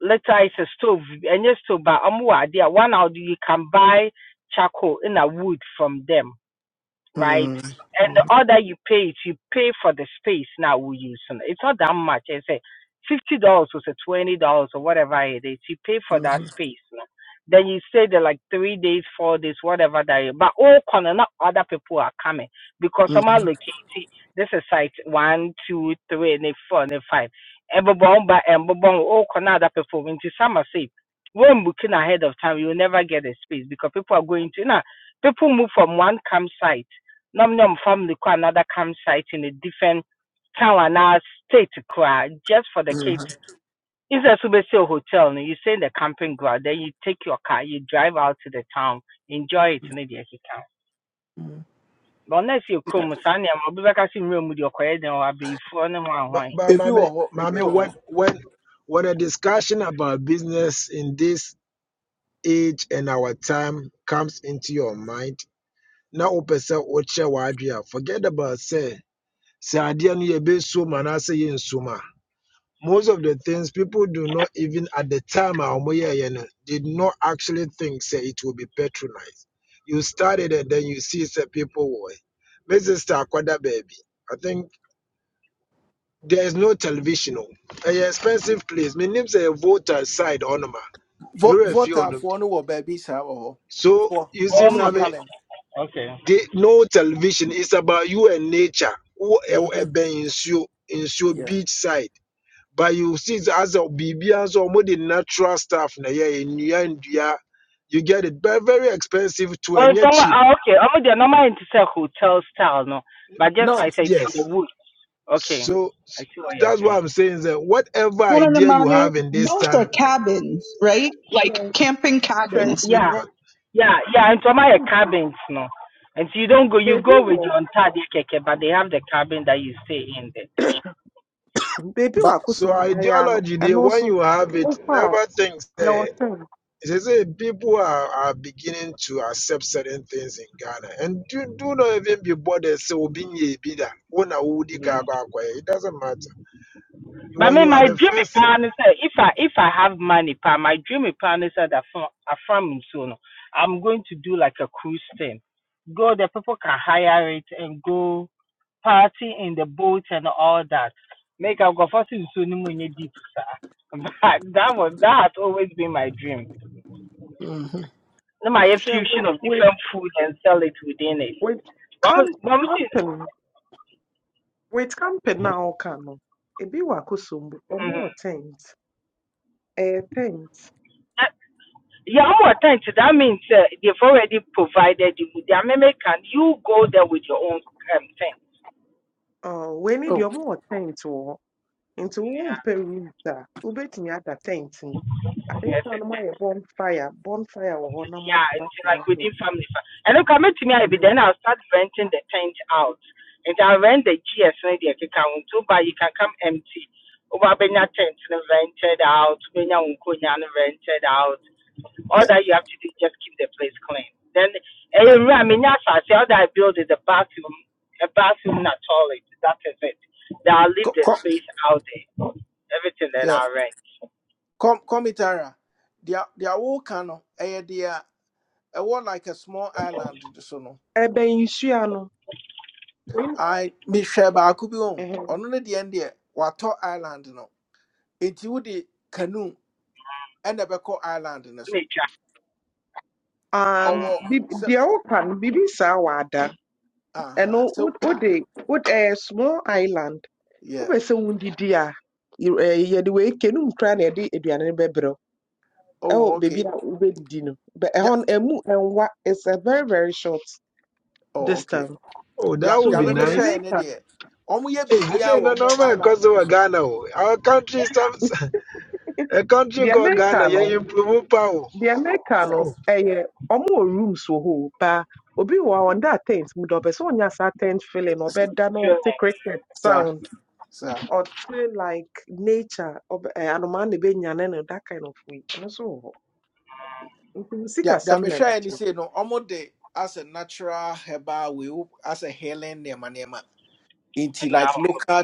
Speaker 18: later it's a stove and yes stove but omuo idea one out you can buy charcoal in a wood from them right?
Speaker 1: mhm
Speaker 18: And the order you pay is you pay for the space now we use. And It's not that much. I say fifty dollars or say twenty dollars or whatever it is. You pay for that space. no? Then you stay there like three days, four days, whatever that is. But all corner, not other people are coming because some
Speaker 1: mhm
Speaker 18: are
Speaker 1: mhm
Speaker 18: located. This is site one, two, three, and then four, and then five. Everyone, but everyone, all corner other people. When you some are safe, when booking ahead of time, you will never get a space because people are going to now. People move from one campsite nam nam family ko another campsite in a different town and our state cry just for the kids.
Speaker 1: mhm.
Speaker 18: Instead of say a hotel, no, you stay in the camping ground, then you take your car, you drive out to the town, enjoy it in the town. But unless you come, Sunday, I'm be back in room with your quiet, then I'll be for no
Speaker 6: But,
Speaker 18: one.
Speaker 6: but
Speaker 1: ebi wɔ
Speaker 6: mommy,
Speaker 1: hɔ ebi
Speaker 6: mommy,
Speaker 1: wɔ hɔ
Speaker 6: when when when a discussion about business in this age and our time comes into your mind, now na opese oche wadria. Forget about say say adia no ye be so man most of the things people do not even at the time a ɔmo yɛɛyɛ no, did not actually think say it will be patronized. You started and then you see say people were. My sister Akwada baby. I think there is no television Oh, Ɛyɛ expensive place. My name sɛ a voter side ɔnom a. Me
Speaker 1: Vo-
Speaker 6: wura fie
Speaker 1: votafoɔ no wɔ baabi saa wɔ hɔ
Speaker 6: So
Speaker 1: for
Speaker 6: you see
Speaker 18: Oh,
Speaker 1: ɔmo sɛ
Speaker 18: more
Speaker 6: maame,
Speaker 1: helen
Speaker 18: camping. Okay.
Speaker 6: the no television It's about you and nature. Wo ɛw-
Speaker 1: mhm
Speaker 6: ɛbɛn nsuo, nsuo
Speaker 1: yeah
Speaker 6: beach side. but you see it as a BB as a more the natural stuff na yeah in India you get it but very expensive too,
Speaker 18: Well,
Speaker 6: and
Speaker 18: it's
Speaker 6: yet
Speaker 18: almo-
Speaker 6: cheap
Speaker 18: ah, okay. I'm there. Normal into say hotel style, no, but just for I
Speaker 1: no
Speaker 18: say it's in
Speaker 6: yes
Speaker 18: the woods. Okay.
Speaker 6: so
Speaker 18: I
Speaker 6: s-
Speaker 18: see what you're
Speaker 6: that's what
Speaker 18: saying.
Speaker 6: I'm saying is that whatever
Speaker 20: I don't know,
Speaker 6: idea you
Speaker 20: mommy.
Speaker 6: have in this
Speaker 20: Those are
Speaker 6: time
Speaker 20: cabins, right? Like
Speaker 14: Sure,
Speaker 20: camping
Speaker 14: sure.
Speaker 20: cabins.
Speaker 6: do
Speaker 18: Yeah.
Speaker 6: not
Speaker 18: Yeah, yeah, and some are
Speaker 14: Thank you.
Speaker 18: cabins, no. And so you don't go, you
Speaker 14: Baby,
Speaker 18: go with your
Speaker 14: wo-
Speaker 18: entire keke, but they have the cabin that you stay in there.
Speaker 14: baby,
Speaker 1: but
Speaker 14: wa
Speaker 6: so
Speaker 14: kusumba ya no,
Speaker 6: ideology the
Speaker 14: and
Speaker 6: when
Speaker 14: also,
Speaker 6: you have it
Speaker 14: ofa
Speaker 6: never think
Speaker 14: your
Speaker 6: that
Speaker 14: watem.
Speaker 6: it is eh, people are, are beginning to accept certain things in Ghana and do, do not even be bothered so being a bidder
Speaker 18: Mm.
Speaker 6: it doesn't matter
Speaker 18: But
Speaker 6: when
Speaker 18: me,
Speaker 6: you are
Speaker 18: my
Speaker 6: the
Speaker 18: dream is
Speaker 6: first
Speaker 18: plan is that if I if I have money, pa, my dream is plan is that from from so no, I'm going to do like a cruise thing. Go there, people can hire it and go party in the boat and all that. Make I go for so no money deep, sir. *laughs* But that was that has always been my dream.
Speaker 1: mhm
Speaker 18: na my
Speaker 14: Sure, wait,
Speaker 18: fusion of
Speaker 14: wait,
Speaker 18: different food and sell it within it.
Speaker 14: wait.
Speaker 18: But I'm,
Speaker 14: Camp,
Speaker 18: but I'm saying,
Speaker 14: camping. Wait, camping now, kano. Ebi wa kusumba. Omo
Speaker 18: mm,
Speaker 14: tent. Eh, tent.
Speaker 18: that, yeah, I'm more time to that means uh, they've already provided you with the American. You go there with your own um, thing.
Speaker 14: Uh, we need
Speaker 1: oh
Speaker 14: your more tent wo. Into womb pay room da. Ubetini ada tent. Ade
Speaker 18: Yes,
Speaker 14: sa
Speaker 18: it
Speaker 14: no ma
Speaker 18: is.
Speaker 14: ye bonfire. Bonfire wo ho na ma
Speaker 18: Yeah, it's like
Speaker 14: na
Speaker 18: within family. fa- And look, I met to me, I be
Speaker 14: mhm,
Speaker 18: then I'll start renting the tent out. And I rent the GS and the account too, but you can come empty. Over Benya tent rented out, Benya Unkonya rented out. all
Speaker 1: me
Speaker 18: that you have to do is just keep the place clean. Then every
Speaker 1: yeah.
Speaker 18: I mean yes, I say all that I build is a bathroom, a bathroom and a toilet. That is it. Then I'll
Speaker 1: Kɔ
Speaker 18: leave the
Speaker 1: kɔ.
Speaker 18: space out there. Everything then I'll rent.
Speaker 1: Com Comitara, their their whole cano, eh, their a war like a small island so no.
Speaker 14: ebe nhyia no
Speaker 1: I mehwɛ baako bi on
Speaker 14: mhm,
Speaker 1: ɔno ne deɛ n deɛ island no nti wode canoe ɛna ɛbɛkɔ island no so
Speaker 18: Nature,
Speaker 14: um
Speaker 1: ɔwɔ
Speaker 14: bi-
Speaker 1: sɛ
Speaker 14: deɛ woka no biribi saa wɔ ada ɛno
Speaker 1: aha so
Speaker 14: wo- wode wode ɛyɛ small island wopɛ
Speaker 1: yeah
Speaker 14: sɛ wodidi a y- Eh, yɛde wei kenum koraa na yɛde aduane no bɛbrɛ wo. ɛwɔ
Speaker 1: oh
Speaker 14: baabi
Speaker 1: okay
Speaker 14: a wobɛdidi no Bɛ- ɛhɔ
Speaker 1: Dea-
Speaker 14: no ɛmu ɛnwa it's a very very short
Speaker 1: oh okay
Speaker 14: distance
Speaker 6: Oh,
Speaker 1: deɛ
Speaker 6: that
Speaker 14: so
Speaker 6: would
Speaker 1: deɛ
Speaker 6: be
Speaker 14: wei deɛ
Speaker 6: nice.
Speaker 1: memehwɛɛ ne
Speaker 14: meka
Speaker 1: deɛ ɔmoyɛ
Speaker 6: Hey, this
Speaker 1: biribiaa
Speaker 6: ain't
Speaker 1: wo
Speaker 6: no
Speaker 1: mo
Speaker 6: normal
Speaker 1: island no
Speaker 6: customer
Speaker 1: so
Speaker 6: Ghana. oh. Our country is some *laughs* a country
Speaker 14: deɛ
Speaker 6: called
Speaker 14: meka
Speaker 6: Ghana. Yeah,
Speaker 14: no
Speaker 6: improve power. Oh,
Speaker 14: deɛ meka
Speaker 1: yeah
Speaker 14: no
Speaker 6: Oh,
Speaker 14: ɛyɛ ɔmo wɔ rooms wɔ hɔ o, paa obi wɔ a ɔnda tent mu da ɔpɛ sɛ ɔnya saa tent feeling na ɔbɛda na ɔte
Speaker 18: children,
Speaker 14: cricket
Speaker 1: Sir,
Speaker 14: sound
Speaker 1: sir.
Speaker 14: ɔte like nature ɔbɛ ɛɛ anomaa na ebenya ne no that kind of way ɛno nso wɔ hɔ nti
Speaker 1: Yeah, yeah,
Speaker 14: sikasɛm
Speaker 1: me
Speaker 14: na
Speaker 1: sure any
Speaker 14: ɛbɛkyerɛ
Speaker 1: say no. Almost the as a natural herbal, we wo- as a healing nema nema into
Speaker 18: and
Speaker 1: like
Speaker 18: now
Speaker 1: local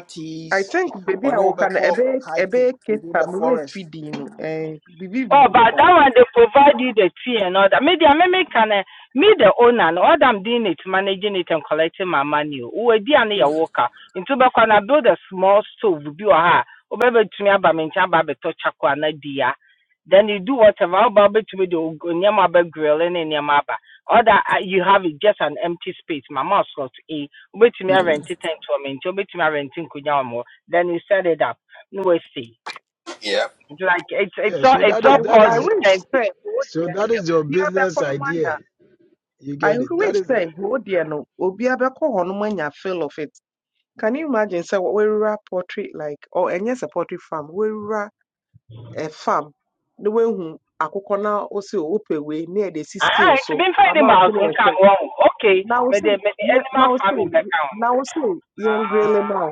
Speaker 14: I
Speaker 1: teas
Speaker 14: think beebi
Speaker 1: or
Speaker 14: a
Speaker 1: no be
Speaker 14: wɔka no
Speaker 1: called
Speaker 14: ɛbɛyɛ
Speaker 1: hiking
Speaker 14: ɛbɛyɛ Cape
Speaker 1: within
Speaker 14: Town
Speaker 1: the
Speaker 14: mmerɛ
Speaker 1: forest.
Speaker 14: fidii no ɛɛ biribi
Speaker 18: Oh,
Speaker 14: biribi
Speaker 18: but
Speaker 1: Mm.
Speaker 18: that
Speaker 14: saa
Speaker 18: one they provide you the tea and all that. Maybe I may make an uh, me the owner and all that I'm doing it, managing it and collecting my money. Who are the only
Speaker 1: Mm.
Speaker 18: worker? Into back when I build a small stove, do a ha. or baby to me about me, about to chakwa na dia. Then you do whatever about to me the nyama grill and nyama. All that uh, you have is just an empty space. My mouse got a wait to me I
Speaker 1: Mm.
Speaker 18: rent it and to me, wait to me renting kunyamo. Then you set it up. No way see
Speaker 1: Yeah.
Speaker 18: like it's it's
Speaker 6: yeah.
Speaker 18: all
Speaker 6: So
Speaker 18: it's
Speaker 6: that
Speaker 14: I
Speaker 18: all
Speaker 6: is
Speaker 14: w-
Speaker 6: that
Speaker 18: cost
Speaker 14: I
Speaker 6: is
Speaker 14: wish
Speaker 18: intensive.
Speaker 14: sɛ wɔwɔ
Speaker 6: so
Speaker 14: deɛ no
Speaker 6: that
Speaker 14: yɛ
Speaker 6: is your
Speaker 14: obiara
Speaker 6: business
Speaker 14: bɛkɔ no mu
Speaker 6: idea.
Speaker 14: ada
Speaker 6: You
Speaker 14: I
Speaker 6: get it. That
Speaker 14: wish
Speaker 6: is it.
Speaker 14: sɛ wɔwɔ deɛ no obiara bɛkɔ hɔ no mu anya feel of it Can you imagine? So wewura poultry like or and yes a poultry farm. Wewura a farm. The way who akukɔ na osi o ope we near the see
Speaker 18: Ah,
Speaker 14: skills
Speaker 18: it's
Speaker 14: so
Speaker 18: been finding
Speaker 14: amount to
Speaker 18: mouse
Speaker 14: the
Speaker 18: will come
Speaker 14: extent.
Speaker 18: wrong. Okay,
Speaker 14: Now
Speaker 18: may
Speaker 14: say
Speaker 18: the may the animal
Speaker 14: now say
Speaker 18: farming back down.
Speaker 14: now say yen grille
Speaker 18: Ah,
Speaker 14: ma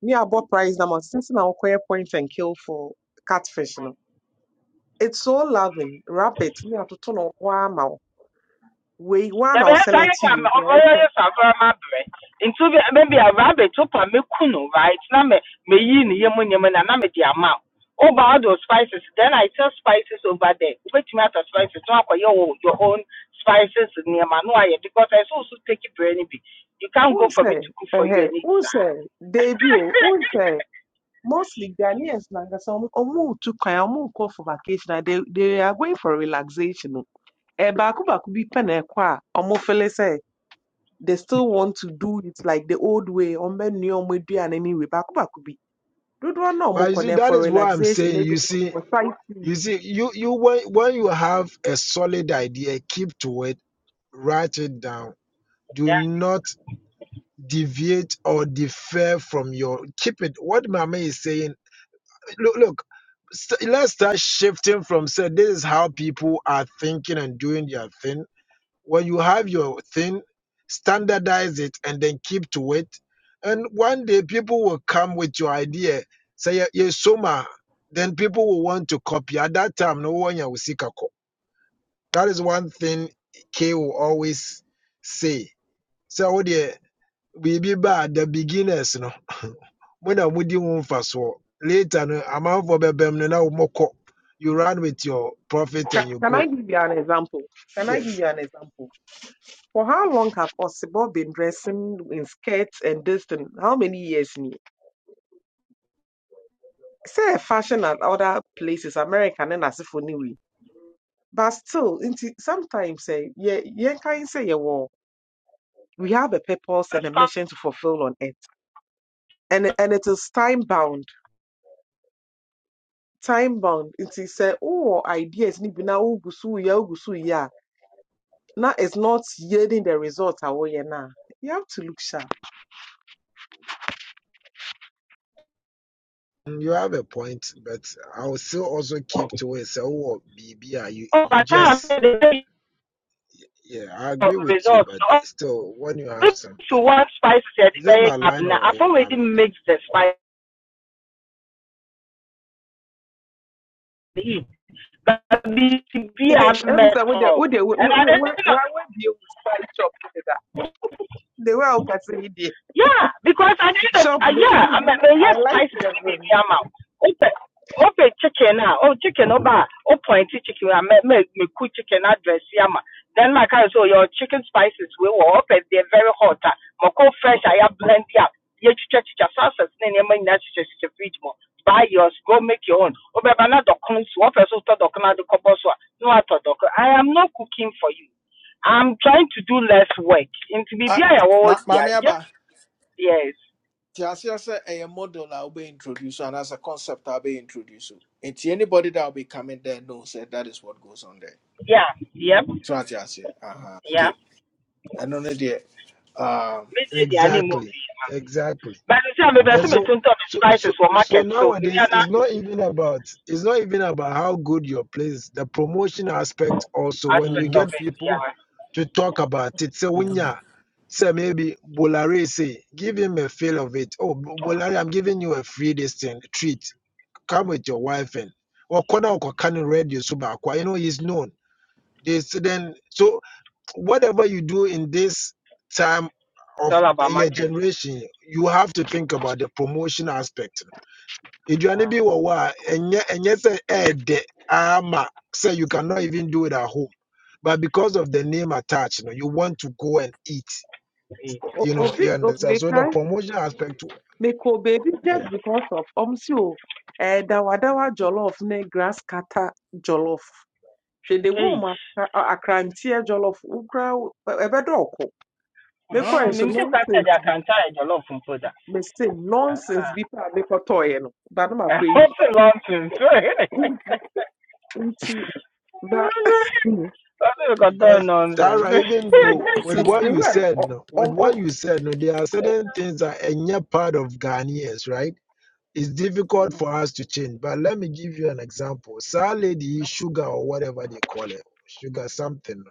Speaker 14: ni abɔ price na ma since na okoye point and kill for catfish no. It's so loving. Rabbit near to turn on wa ma we
Speaker 18: the
Speaker 14: one na
Speaker 18: best
Speaker 14: sell
Speaker 18: I
Speaker 14: it to
Speaker 18: can
Speaker 14: you. They
Speaker 18: over
Speaker 14: are okay.
Speaker 18: your suffer my bread. Into maybe a rabbit up and me kuno right? Now me me yin yemun yemun and I'm a dear mouth. Oh, but all those spices. Then I sell spices over there. Wait me out of spices. No, for your own- your own spices near Manoa because I also take it for anybody. You can't
Speaker 14: Who
Speaker 18: go for me
Speaker 14: say?
Speaker 18: to cook for you
Speaker 14: Eh,
Speaker 18: and eat.
Speaker 14: who say? Debut. Who say? mostly Ghanaians like us, omu to omu call for vacation. and They they are going for relaxation. o. Eh, baako baako bi pɛ na ɛkɔ a ɔmo feel sɛ they still want to do it like the old way. Ɔmo ni ɔmo aduane ni we baako baako bi. Dodoɔ na ɔmo
Speaker 6: But you
Speaker 14: kɔ
Speaker 6: see,
Speaker 14: no, eh,
Speaker 6: that
Speaker 14: for
Speaker 6: is what I'm
Speaker 14: relaxation,
Speaker 6: saying.
Speaker 14: maybe
Speaker 6: You see,
Speaker 14: for
Speaker 6: you
Speaker 14: sightseeing.
Speaker 6: see, you you when when you have a solid idea, keep to it, write it down. Do not deviate or defer from your keep it. What Mama is saying look, look st- let's start shifting from say this is how people are thinking and doing their thing. When you have your thing, standardize it and then keep to it. And one day people will come with your idea, say yes, soma. Then people will want to copy. At that time, no one will seek a copy. That is one thing K will always say. So oh dear, we be bad the beginners, no. When mo na you first, mfasoɔ later no amanfoɔ bɛbɛm no na wɔmɔkɔ you run with your profit and
Speaker 14: Ca-
Speaker 6: you
Speaker 14: Can I
Speaker 6: go
Speaker 14: give you an example? Can I give
Speaker 6: yes
Speaker 14: you an example? For how long have Osibo been dressing in skirts and this thing? How many years? ni? Say fashion at other places, American and as if anyway. But still, nti sometimes eh, yeah, yeah, can say yeah, well, we have a purpose and a
Speaker 18: *laughs* yeah,
Speaker 14: mission to fulfill on it, and and it is time bound. Time bound. Nti say, oh, ideas ni bina ugusu ya ugusu ya. Now it's not yielding the result awoye Now You have to look sharp.
Speaker 6: mm, you have a point but i will still also keep to it So, wowɔ biribi you
Speaker 18: Over
Speaker 6: you
Speaker 18: time, I
Speaker 6: just
Speaker 18: said the
Speaker 6: yeah i agree with you
Speaker 18: results.
Speaker 6: but
Speaker 18: No,
Speaker 6: still when you have
Speaker 18: if you
Speaker 6: something
Speaker 18: want spices, yeah,
Speaker 6: is
Speaker 18: the
Speaker 6: that my
Speaker 18: guy
Speaker 6: line
Speaker 18: gabna.
Speaker 6: or
Speaker 18: I
Speaker 6: am i
Speaker 18: already
Speaker 6: reading
Speaker 18: mix the spice. But be
Speaker 14: *laughs*
Speaker 18: be a
Speaker 14: Ebi sɛ wode
Speaker 18: metal.
Speaker 14: wode wa
Speaker 18: And I
Speaker 14: wa
Speaker 18: didn't
Speaker 14: wa
Speaker 18: know.
Speaker 14: wabie wo spice shop ne da. The way a
Speaker 18: Yeah, because at the end of
Speaker 14: shop
Speaker 18: uh, yeah, I mean,
Speaker 14: *laughs*
Speaker 18: may yes,
Speaker 14: I like
Speaker 18: spices
Speaker 14: the
Speaker 18: be
Speaker 14: room.
Speaker 18: the amount. Open, open chicken now. Oh, chicken over. Oh, pointy chicken. I make make me cook chicken address yama. Then my car so your chicken spices we will open. They're very hot. ah. Moko fresh. I have blend up. Ye chicha chicha sauces. Then you make that chicha chicha fridge more. Buy yours. Go make your own. Oh, but na dokun so. Oh, person start dokun na dokobo so. No ato dokun. I am not cooking for you. I'm trying to do less work. Into be be
Speaker 1: Ah,
Speaker 18: I I will.
Speaker 1: ma,
Speaker 18: Yeah,
Speaker 1: maame
Speaker 18: just
Speaker 1: aba,
Speaker 18: Yes.
Speaker 1: ti ase sɛ ɛyɛ model a wobɛ introduce and as a concept a wobɛ introduce. o. Nti anybody that will be coming there knows that that is what goes on there.
Speaker 18: Yeah. Yep.
Speaker 1: So ate ase, aha,
Speaker 18: Yeah.
Speaker 1: nti ɛno ne deɛ, um,
Speaker 18: Meji the animal.
Speaker 6: exactly exactly
Speaker 18: But you see, I'm maybe I see
Speaker 6: And
Speaker 18: me
Speaker 6: so,
Speaker 18: turn to the
Speaker 6: so,
Speaker 18: spices
Speaker 6: so,
Speaker 18: for
Speaker 6: so
Speaker 18: market. So maybe
Speaker 6: nowadays,
Speaker 18: another
Speaker 6: it's not even about it's not even about how good your play is. The promotion aspect also, when you
Speaker 18: aspect of
Speaker 1: Mhm,
Speaker 6: get
Speaker 18: it.
Speaker 6: people
Speaker 18: Yeah.
Speaker 6: to talk about it, say
Speaker 1: mhm.
Speaker 6: winya, say maybe Bolare say, give him a feel of it. Oh, Bo- Bolare, I'm giving you a free this thing treat. Come with your wife and or corner or can radio super. You know he's known. They s- then so whatever you do in this time
Speaker 18: It's
Speaker 6: of
Speaker 18: all about
Speaker 6: your
Speaker 18: marketing.
Speaker 6: generation, you have to think about the promotion aspect. Aduane
Speaker 18: Yeah.
Speaker 6: bi wɔ hɔ a ɛnyɛ ɛnyɛ sɛ ɛɛdɛ ama sɛ you cannot even do it at home, but because of the name attached, you know, you want to go and eat.
Speaker 18: Hey.
Speaker 14: O-
Speaker 6: You know,
Speaker 14: Obi
Speaker 6: you
Speaker 14: o-
Speaker 6: understand. So the
Speaker 14: mekan
Speaker 6: promotion aspect,
Speaker 14: make baby,
Speaker 6: yeah,
Speaker 14: just because of ọmsi o eh, dawadawa jollof ne grass cutter jollof She de wɔ
Speaker 18: Hey.
Speaker 14: ɔmo aka- a- akranteɛ jollof wokura ɛbɛ dɛ ɔko
Speaker 18: Ah,
Speaker 14: mekɔɛ so
Speaker 18: me think I
Speaker 14: nonsense
Speaker 18: started I
Speaker 14: bi
Speaker 18: can try *laughs* a lot of food.
Speaker 14: me say nonsense bi paa mekɔtɔɔyɛ no ba no makɔ
Speaker 18: And
Speaker 14: awie
Speaker 18: also nonsense. *laughs*
Speaker 14: nti ba
Speaker 18: I'm
Speaker 14: *laughs*
Speaker 18: Also we got done
Speaker 6: because
Speaker 18: nonsense.
Speaker 6: Tara,
Speaker 18: *laughs*
Speaker 6: even though with
Speaker 14: nonsense
Speaker 6: what
Speaker 14: de
Speaker 6: you
Speaker 14: wɛ
Speaker 6: said, no, with
Speaker 14: ɔm
Speaker 6: what you said, no, there are certain things that are not part of Ghanaians, right? It's difficult for us to change, but let me give you an example. Sir Lady Sugar or whatever they call it, Sugar something.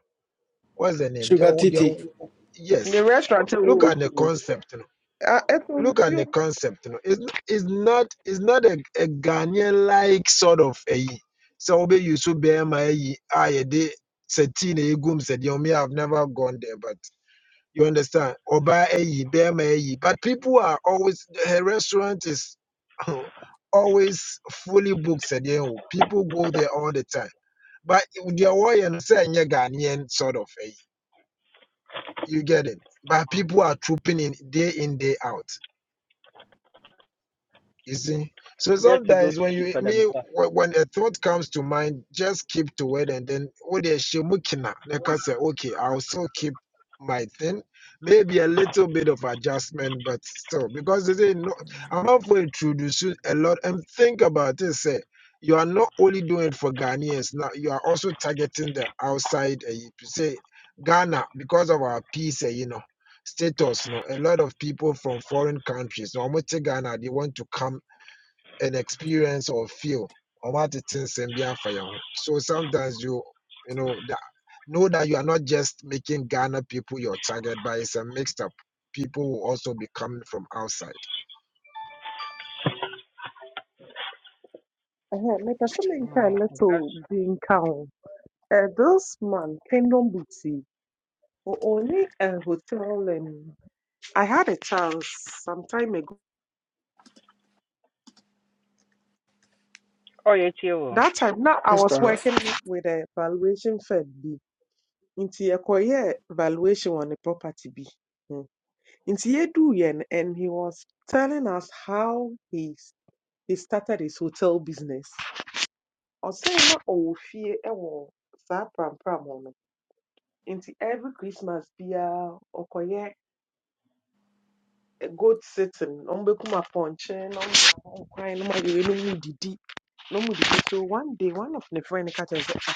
Speaker 6: What's the name? They,
Speaker 1: sugar
Speaker 6: they,
Speaker 1: titi,
Speaker 6: yes.
Speaker 14: the restaurant a ɛwɔ
Speaker 6: Look at
Speaker 14: osu
Speaker 6: the
Speaker 14: no
Speaker 6: concept. You know.
Speaker 14: a, ɛtɔ
Speaker 6: Look at
Speaker 14: nsuo
Speaker 6: the concept. You know. It's it's not it's not a, a Ghanaian like sort of a so we used to be you so bear my I de said you may have never gone there, but you understand? Oba eyi, bema eyi. But people are always her restaurant is *laughs* always fully booked. said, you know, People go there all the time. But the warrior saying Ghanaian sort of a you get it. But people are trooping in day in, day out. You see, so
Speaker 18: Just to go
Speaker 6: sometimes when
Speaker 18: see it
Speaker 6: you
Speaker 18: for
Speaker 6: me
Speaker 18: themselves.
Speaker 6: when when a thought comes to mind, just keep to it, and then what they shemukina. Like I say, okay, I'll still keep my thing, maybe a little bit of adjustment, but still because they say no, I'm not for introducing a lot. And think about it, say you are not only doing it for Ghanaians now, you are also targeting the outside. Uh, say Ghana because of our peace, eh, you know status no a lot of people from foreign countries no ọmụ te ghana they want to come an experience or feel or what it is and be a fire. So sometimes you you know that know that you are not just making Ghana people your target, but it's a mixed up. People will also be coming from outside.
Speaker 14: ɛhɛn mepɛ sɛ menka
Speaker 18: Mm,
Speaker 14: ne
Speaker 18: that's,
Speaker 14: to bi nka ho Uh, this man, Kingdom Boutique, were only a hotel. And I had a chance some time ago.
Speaker 18: oh, yeah, too.
Speaker 14: That time, now I was
Speaker 1: Mr.
Speaker 14: working with a valuation firm. Be into a career valuation on a property. Be into a do yen, and he was telling us how he s- he started his hotel business. I say na owo fie ɛwɔ saa pram pram hɔ no. Nti every Christmas bia ɔkɔyɛ goat sitting na ɔmbɛkum apɔnkye na ɔma nkwan na ɔma yɛwei na ɔmudidi na ɔmudidi so one day one of ne friend ka kyerɛ no sɛ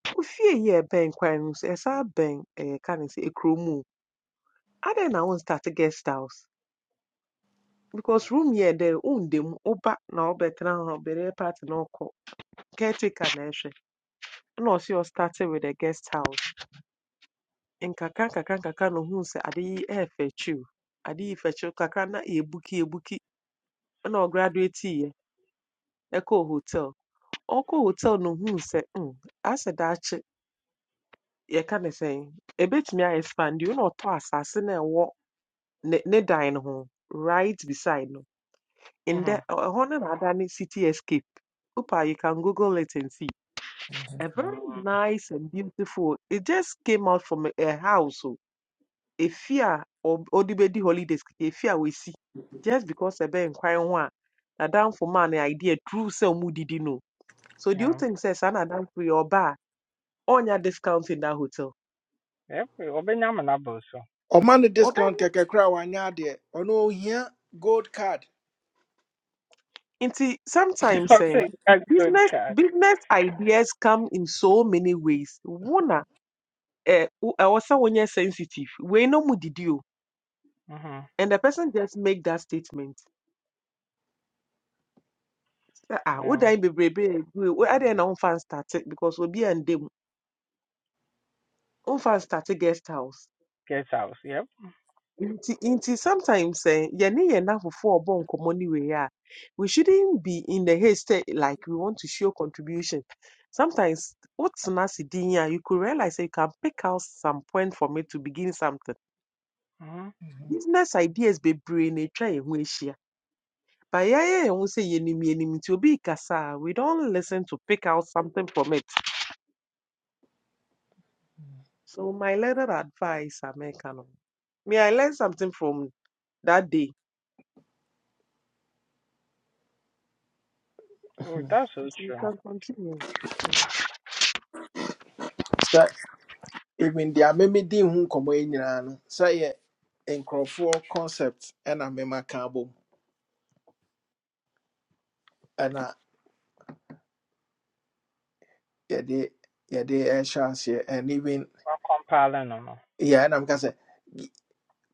Speaker 14: ah ofie yi a ɛbɛn kwan no so ɛsan bɛn ɛyɛ ka ne then I o adɛn start a guest house because room yɛ dɛ wonda mu woba na wobɛtena hɔ bɛrɛ party na ɔkɔ caretaker na ɛhwɛ ɛna ɔse ɔstarte with a guest house In Kaka nkakra nkakra na ohuu sɛ ade yi ɛɛfɛkyiw ade yi fɛkyiw Kaka na yɛbuki yɛbuki ɛna graduate here. ɛkɔɔ hotel ɔkɔɔ hotel no huu sɛ mm, asɛ daakye yɛka ne sɛn ɛbɛtumi A expand you na ɔtɔ asase no a ɛwɔ ne, ne dan no ho right beside no
Speaker 18: Mm-hmm.
Speaker 14: ndɛ ɛ- ɛhɔ no na ada city escape Upa, you can Google it and see. A very
Speaker 18: Mm,
Speaker 14: nice and beautiful. It just came out from a, a house. So, a fear or odibedi holidays. efi A fear we see just because ɛbɛn kwan ho a ben crying one. Now down for man idea true so didi no. So do you
Speaker 18: yeah.
Speaker 14: think says an down for your bar? Onya discount in that hotel.
Speaker 18: Yep. Obeying So. *laughs* neighbors.
Speaker 1: ɔma no discount
Speaker 14: Obena.
Speaker 1: kɛkɛ koraa wanyɛ adeɛ ɔno ohia gold card
Speaker 14: Inti sometimes eh,
Speaker 18: Okay, that's good,
Speaker 14: business
Speaker 18: cat.
Speaker 14: business ideas come in so many ways. Wona, eh, wo- eh, also when you're sensitive, we no mu did you,
Speaker 18: Mm-hmm.
Speaker 14: and the person just make that statement. Ah, would
Speaker 18: Well,
Speaker 14: I be brave? I didn't know fans started because we'll be and them. Unfan started guest house.
Speaker 18: guest house. Yep.
Speaker 14: Nti, nti sometimes eh, yɛne yɛn afofo a ɔbɔ nkɔmmɔ no wei a, we shouldn't be in the haste sɛ like we want to show contribution. Sometimes wotena ase din a you could realize sɛ you can pick out some point from it to begin something.
Speaker 18: Mm-hmm.
Speaker 1: Mhm.
Speaker 14: Business ideas bebree na atwa yɛn ho ahyia. But yɛayɛ yɛn ho sɛ yɛnim yɛnim nti obi kasa a we don't listen to pick out something from it. So my little advice a mɛka no. Me I learn something from that day.
Speaker 18: Oh, that's so
Speaker 14: Nti you
Speaker 18: true.
Speaker 14: can continue.
Speaker 1: sɛ even deɛ di ho nkɔmmɔ yi nyinaa no sɛ ye nkurɔfoɔ concept ɛna mema ka bom ɛna yɛde yɛde ɛhyɛ aseɛ and even
Speaker 18: Well, compiling, no, no.
Speaker 1: yɛ ɛna meka sɛ y-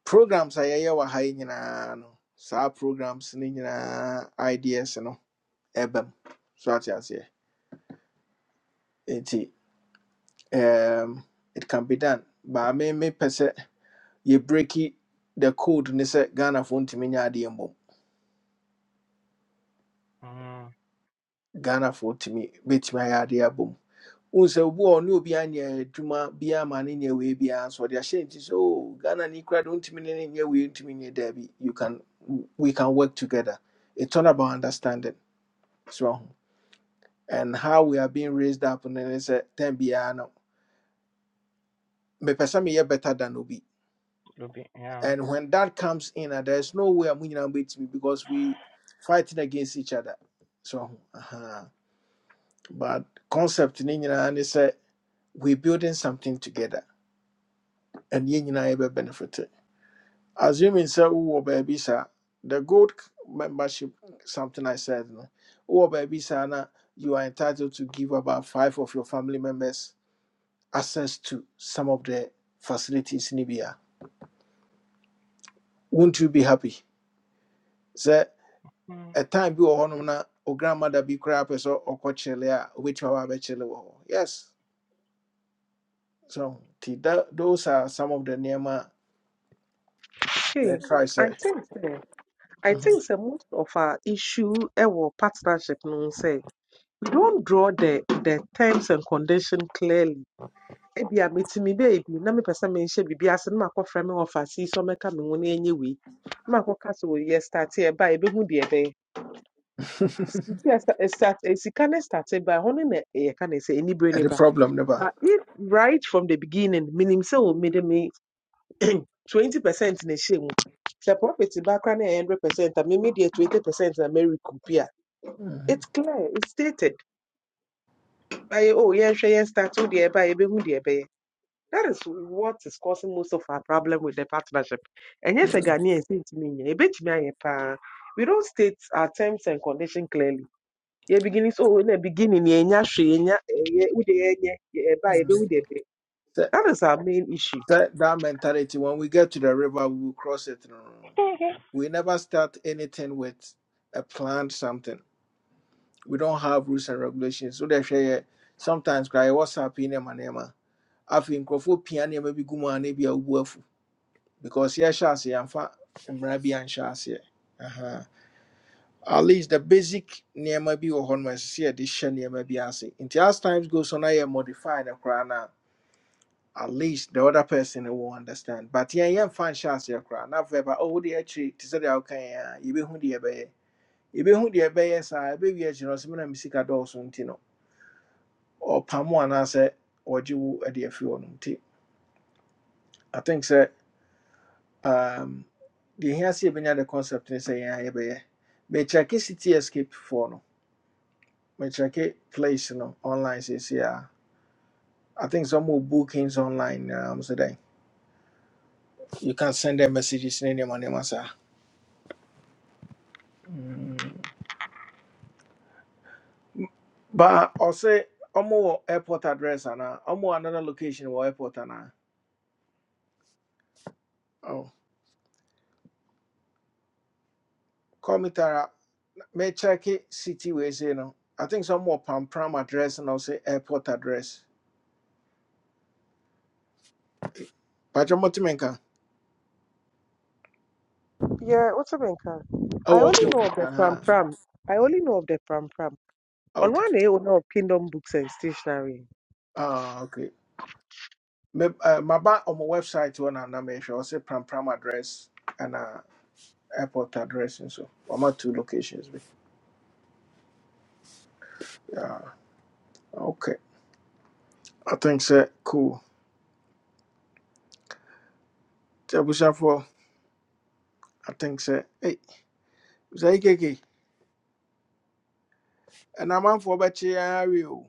Speaker 1: programs a yɛyɛ wɔ ha yi nyinaa no saa programs no nyinaa ideas no ɛbɛm so ate aseɛ nti um, it can be done but I mean, me mepɛ yɛbreki the code ne sɛ ghanafoɔ ntumi nyɛ adeɛ mmom
Speaker 18: Mm-hmm.
Speaker 1: ghanafoɔ tumi bɛtumi ayɛ adeɛ abom wohu sɛ obi wɔ hɔ, ne obi anyɛ adwuma biaa ma ne nyɛ wei biaa so ɔde ahyɛ nti sɛ o ghana ni kora de wontumi ne nya we ntimi ne nyɛ wei ntumi nyɛ daabi you can we can work together it's all about understanding so and how we are being raised up ne ne sɛ tan biaa no mepɛ me meyɛ better than obi
Speaker 18: be yeah.
Speaker 1: and when that comes in a, there's no way a mo beat me because we fighting against each other so Uh huh. But concept ni nyinaa ne sɛ we building something together and yɛn nyinaa yɛbɛ benefit. Assuming sɛ wowɔ baabi saa, the gold membership something I said no, wowɔ baabi saa na you are entitled to give about five of your family members access to some of the facilities ni bi a, won't you be happy? Sɛ
Speaker 18: Mm.
Speaker 1: a time bi wɔ hɔnom na o grandmother bi koraa pɛ sɛ ɔkɔ kyele a, obetumi aba abɛkyele wɔ hɔ. Yes, so nti tha- those are some of the nneɛma a Yeah,
Speaker 14: Hey,
Speaker 1: try
Speaker 14: I
Speaker 1: say.
Speaker 14: think say, I
Speaker 1: uh
Speaker 14: think say most of our issue ɛwɔ partnership no ho we don't draw the the terms and condition clearly. Ebi a metumi baabi na mepɛ sɛ menhyɛ biribi ase na makɔfrɛ me wɔfa si sɛ ɔmmɛka me ho na ɛnyɛ wei. Na makɔka sɛ o yɛ start ɛba a yɛbɛhu deɛ ɛbɛyɛ.
Speaker 1: *laughs*
Speaker 14: Nti ɛsa- start, ɛ- Sika ne start e ba ɛhɔ no na yɛka ne sɛ anibere ne
Speaker 1: And the
Speaker 14: ba.
Speaker 1: problem never.
Speaker 14: But if right from the beginning menim sɛ o mede me twenty percent na ɛhyɛ mu sɛ profit ba koraa na hundred percent a mimi deɛ twenty percent na mary kumpi
Speaker 1: Mhm.
Speaker 14: it's clear it's stated by oh yɛnhwɛ yɛn start wo deɛ ɛba yɛbɛhu that is what is causing most of our problem with the partnership ɛnyɛ sɛ
Speaker 1: Mhm.
Speaker 14: ghanaians ntumi nyɛ yɛbɛtumi ayɛ paa we don't state our terms and condition clearly yɛ beginning so oh na beginning yɛnya hwee yɛnya ɛyɛ wo deɛ ɛnyɛ ɛba yɛbɛhu
Speaker 1: Mhm.
Speaker 14: deɛ ɛbɛyɛ
Speaker 1: Say,
Speaker 14: that is our main issue
Speaker 1: say that mentality. When we get to the river, we will cross it. No, no, no. no.
Speaker 18: *laughs*
Speaker 1: We never start anything with a planned something. We don't have rules and regulations. So they share sometimes cry what's happening in my name. I think Crawford piano maybe good man, maybe a wolf because yeah, shall see. I'm fat. Mrabi and shall see. Uh huh. at least the basic nneɛma bi wɔ hɔ no ɛsɛ sɛ yɛde hyɛ nneɛma bi ase nti as time goes on na yɛ modify no koraa no at least the other person will understand but yɛn yɛmfa nhyɛ aseɛ koraa na afei ba oh wode akyiri te sɛ deɛ woka yɛn a yɛbɛhu deɛ ɛbɛyɛ yɛbɛhu deɛ ɛbɛyɛ saa ɛbɛwie akyiri no ɔsɛ mena me sika dɔɔso nti no ɔpam wo anaasɛ ɔgye wo de afi hɔ no nti i think sɛ um, deɛ hia sɛ yɛbɛnya the concept ne sɛ yɛn a yɛbɛyɛ mekyɛke city escape foɔ no Me check it place you know, online says yeah. I think some more bookings online now. Um, so then you can send them messages in any money, massa. Mm. But uh, I'll say, I'm more airport address and uh, I'm more another location or airport and uh, oh, call me Tara. May check it city ways, you know. I think some more pam pam address and I'll say airport address. But you're Motimenka.
Speaker 14: Yeah, what's up, Enka? I
Speaker 1: Oh,
Speaker 14: only
Speaker 1: okay,
Speaker 14: know
Speaker 1: okay.
Speaker 14: of the
Speaker 1: Uh
Speaker 14: Pram
Speaker 1: huh.
Speaker 14: Pram. I only know of the Pram Pram. On
Speaker 1: Okay.
Speaker 14: one day, owner of Kingdom Books and Stationery.
Speaker 1: Ah, okay. Me, uh, my back on my website, one and I make sure I say pam pam address. and uh airport address and nso wɔama two locations bi yeah. okay i think so. cool nti for. i think sɛ ei sɛ ikeke ɛna amanfoɔ bɛkye awe o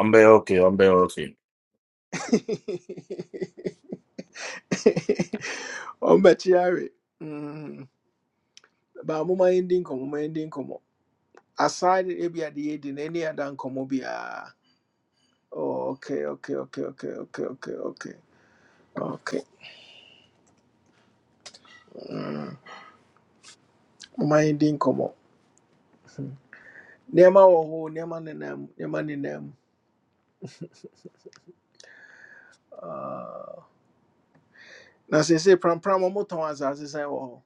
Speaker 15: Ambe okay, ambe okay.
Speaker 1: ɔmbɛkye awe Mm. ba moma ending nkɔmmɔ moma ending nkɔmmɔ aside ebia de yɛdi no *laughs* any other nkɔmmɔ biaa Oh, okay okay okay okay okay okay okay okay moma yɛndi nkɔmmɔ Nema wɔ hɔ nneɛma nenam nneɛma Ah. na sɛ sɛ prampram ɔmotɔn asase sɛn wɔ hɔ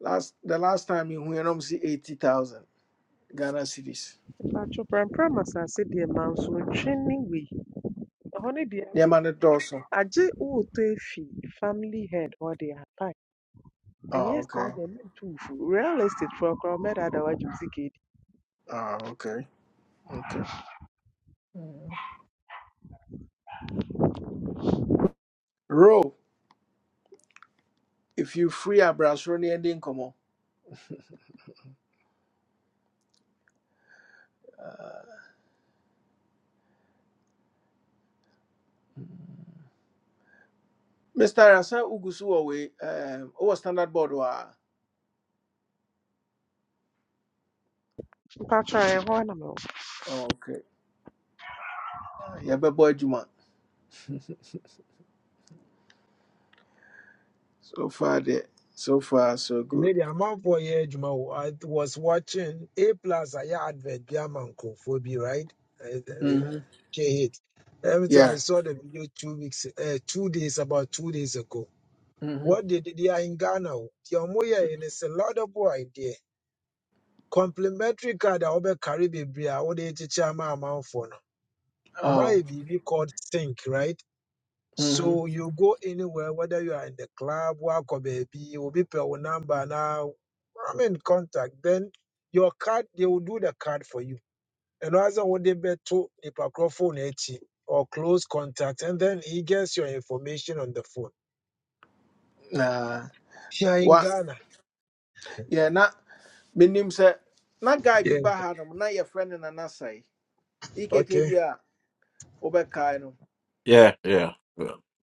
Speaker 1: last the last time mehuɛ no m see 80000 ghana cedis. cities
Speaker 14: Pacho Pram Pram as I said, the monsoon training we. Honey, dear,
Speaker 1: nneɛma no dɔɔso
Speaker 14: Aje Utefi, family head, or they are packed. And
Speaker 1: Ah,
Speaker 14: yes, they are
Speaker 1: okay
Speaker 14: them too. Real estate for a crowd, made at our juicy kid.
Speaker 1: Ah, okay okay Mm. ro if you free abrasoro ne ɛde nkɔmmɔ mr rasa wogu so wɔ um, wowɔ standard board wɔ
Speaker 14: Pacho, I want to know.
Speaker 1: Oh, okay Ah, yɛbɛbɔ adwuma *laughs* so far deɛ so far so good
Speaker 6: Lady, I'm out for year, Juma. I was watching A plus. I hear advert Biaman Kofobi, right?
Speaker 1: mm -hmm.
Speaker 6: J Everything I
Speaker 1: yeah
Speaker 6: saw the video two weeks, uh, two days about two days ago.
Speaker 1: mm -hmm.
Speaker 6: What they did they are in Ghana? Your moya and it's a lot of boy there. complimentary card a wobɛkare bebree a wode kyekyɛ ama amanfoɔ no
Speaker 1: oh.
Speaker 6: ɔmayɛ biribi called think right
Speaker 1: mm -hmm.
Speaker 6: so you go anywhere whether you are in the club woakɔ baabi obi pɛ wo number na i mean contact then your card they will do the card for you ɛno ara sɛ wode bɛto nipa korɔ phone no akyi or close contact and then he gets your information on the phone
Speaker 1: nah.
Speaker 6: here in
Speaker 1: What?
Speaker 6: ghana
Speaker 1: Yeah, na menim sɛ na guy bi
Speaker 6: yeah
Speaker 1: ba ha nom na yɛfrɛ no nana sɛe ekk
Speaker 6: okay
Speaker 1: bi a wobɛkae no
Speaker 15: Yeah, yeah.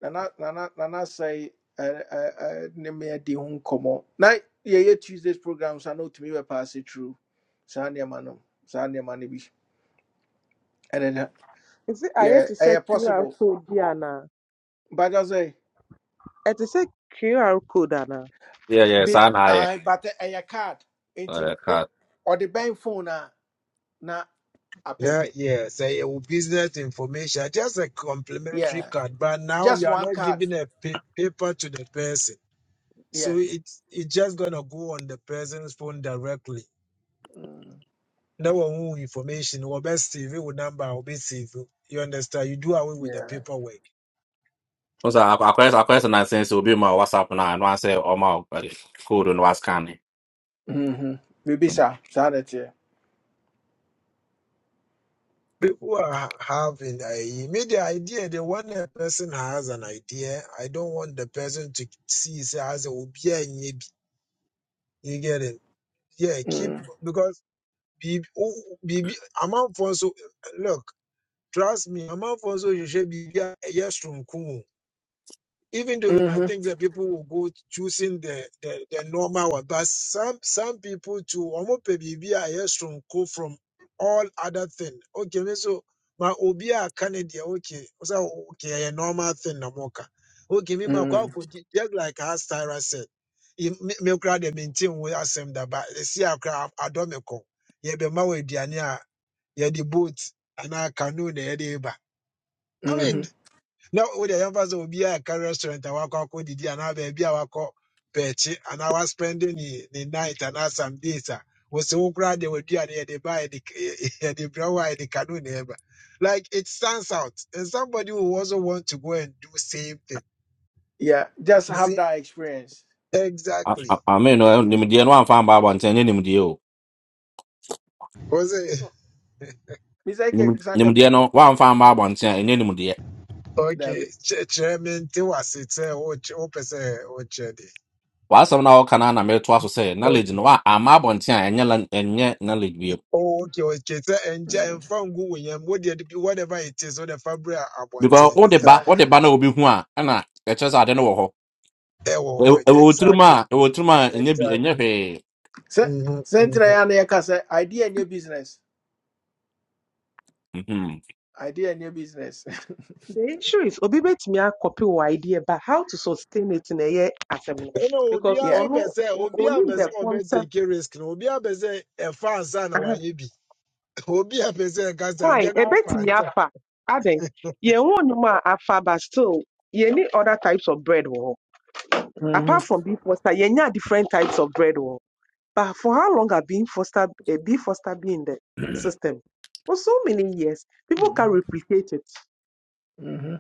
Speaker 1: nana nana nana sɛe ɛ- ɛ- ɛ, ne meadi ho nkɔmmɔ na yɛyɛ tuesdays program so a na ɔtumi bɛpaase tru saa nneɛma no saa nneɛma no bi ɛne no
Speaker 14: Is it I had to
Speaker 1: yɛ
Speaker 14: say
Speaker 1: ɛyɛ
Speaker 14: QR
Speaker 1: possible
Speaker 14: code, Diana?
Speaker 1: bagya sɛ
Speaker 14: It is a QR code, Anna.
Speaker 15: Yeah, yeah,
Speaker 1: bi
Speaker 15: sana aye.
Speaker 1: ae, but ɛyɛ card nti
Speaker 15: Uh,
Speaker 1: wo-
Speaker 15: ka-
Speaker 1: ɔde bɛn phone a na
Speaker 6: Now,
Speaker 1: apɛkɛ
Speaker 6: yes, a business information, just a complimentary
Speaker 1: yeah
Speaker 6: card. But now
Speaker 1: just
Speaker 6: you are
Speaker 1: one
Speaker 6: not
Speaker 1: card
Speaker 6: giving a pa- paper to the person, so
Speaker 1: yeah
Speaker 6: it's it's just gonna go on the person's phone directly.
Speaker 1: Mm,
Speaker 6: No one who information or best CV or number or best CV. You understand? You do away with the
Speaker 1: yeah
Speaker 6: paperwork.
Speaker 15: Kwanza, ak- akwes- akwes na sense, ubi ma WhatsApp na, anwa se, oma, uh, kudu na wascan.
Speaker 1: Mm-hmm. Maybe so. Sanity.
Speaker 6: People are ha- having a media idea. The one a person has an idea, I don't want the person to see say as a obi a nyɛ bi." You get it? Yeah, keep
Speaker 1: Mm.
Speaker 6: because. biribi wo- wo- biribi look trust me amanfoɔ nso hwehwɛ be a ɛyɛ soronko even though you
Speaker 1: Mm-hmm.
Speaker 6: might
Speaker 1: Mm.
Speaker 6: think that people will go choosing the the, the normal one but some some people too wɔn pɛ biribi a ɛyɛ soronko from all other thing okay me so my obia a aka ne deɛ okay ɔsɛ okay a normal thing Namoka. okay me ma kɔ
Speaker 1: Mm-hmm.
Speaker 6: just like how Sarah said im- me me kura de maintain wo asɛm da I esi akora adɔ me kɔ yɛbɛma wɔ aduane a yɛde boat anaa canoe na yɛde reba i
Speaker 1: Mm-hmm.
Speaker 6: mean now na wode will be a car restaurant and walk out with the a wakɔ akɔdidi anaa baabi a wakɔ pɛɛkye anaa waspɛnde ne the the night and I some days a wɔsɛ wo koraa deɛ waduane yɛde ba yɛde *laughs* yɛde brɛ wo a yɛde *laughs* canoe na ɛba like it stands out and somebody who also want to go and do same thing
Speaker 1: Yeah. Just
Speaker 6: you
Speaker 1: have
Speaker 6: see
Speaker 1: that experience.
Speaker 15: A-
Speaker 6: exactly
Speaker 15: a- Amen. No,
Speaker 1: Yeah.
Speaker 15: nimdeɛ no wamfa mba abɔnten ɛnyɛ nimdeɛ o.
Speaker 6: was it
Speaker 1: Mr. Ike
Speaker 15: Nim- Nimdeɛ
Speaker 1: Sankabium.
Speaker 15: no wamfa mba abɔnten a ɛnyɛ nimdeɛ.
Speaker 6: okay
Speaker 1: Dabi.
Speaker 6: chairman? kyerɛ me nte wase oh, wokyɛ- wopɛ sɛ wokyerɛ
Speaker 15: W'asɛm na wɔka no ara na metoa so sɛ knowledge no wa ama abɔnten a ɛnyɛ la- ɛnyɛ knowledge bio.
Speaker 6: Okay, okay. So and ja, and
Speaker 1: Mm.
Speaker 6: from Guyam, what did whatever it is, or the fabric abonte.
Speaker 15: Because wode
Speaker 6: Is that
Speaker 15: ba
Speaker 1: Ta.
Speaker 6: what
Speaker 15: wode ba
Speaker 6: you
Speaker 15: na obi hu a ɛna ɛkyerɛ sɛ ade no wɔ hɔ.
Speaker 6: eh, oh,
Speaker 15: Ɛw-
Speaker 6: like,
Speaker 15: Ɛwɔ tirim a
Speaker 6: exactly.
Speaker 15: ɛwɔ tirim a ɛnyɛ bi ɛnyɛ
Speaker 6: Exactly.
Speaker 15: hwee.
Speaker 1: Se
Speaker 6: Mm-hmm,
Speaker 1: Sentra
Speaker 6: mm-hmm.
Speaker 1: yana yaka se idea in business.
Speaker 15: Mhm.
Speaker 1: Idea in business.
Speaker 14: The issue is obi betumi copy wɔ idea but how to sustain it in a year no
Speaker 6: You know, Obi
Speaker 1: *laughs*
Speaker 14: because
Speaker 1: yeah.
Speaker 6: also
Speaker 14: ɔno
Speaker 6: say, Obi
Speaker 14: only
Speaker 6: abese
Speaker 14: the
Speaker 6: obe
Speaker 14: concept
Speaker 6: take a risk. no, Obi abese a fan son or
Speaker 14: aha
Speaker 6: yebi. *laughs* Obi abese a gas
Speaker 14: fine
Speaker 6: idea na
Speaker 14: ebetumi
Speaker 6: fan son.
Speaker 14: afa adɛn yɛn wɔn a afa but still yɛn other types of bread wo. hɔ
Speaker 1: Mm-hmm.
Speaker 14: apart from beef pasta yɛn nya different types of bread wɔ But for how long have been foster uh, been foster been in the system? For so many years, people can replicate it.
Speaker 1: Mm-hmm.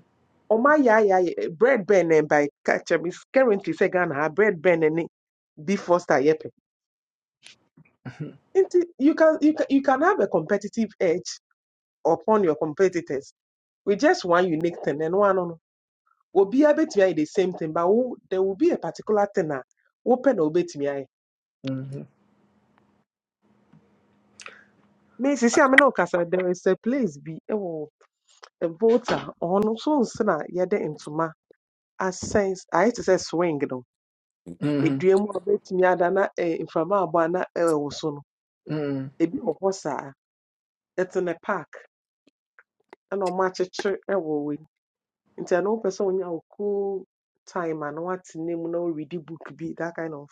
Speaker 14: Oma ya ya ya- bread burn and by catcher is currently say Ghana ha, bread burn and be foster yepe.
Speaker 1: Mm-hmm.
Speaker 14: You can you can you can have a competitive edge upon your competitors with just one unique thing and one on obi abetumi ayɛ the same thing but wo, there will be a particular thing a wopɛ na Me, ayɛ. Me sisi amena okasa there is a place be. oh, the voter ɔno nso nsi na yɛde ntoma asɛn s- ayɛ te sɛ swing no
Speaker 1: Mm-hmm.
Speaker 14: edua mu a obetumi ada na eh, mframa abɔ a na ɛwɔ so no
Speaker 1: Mm-hmm.
Speaker 14: ebi wɔ hɔ saa ɛte ne park ɛna ɔmo akyekyere ɛwɔ wɔ yi nti ɛno wopɛ sɛ onya wo cool time a na wate ne mu na woredi book bi that kind of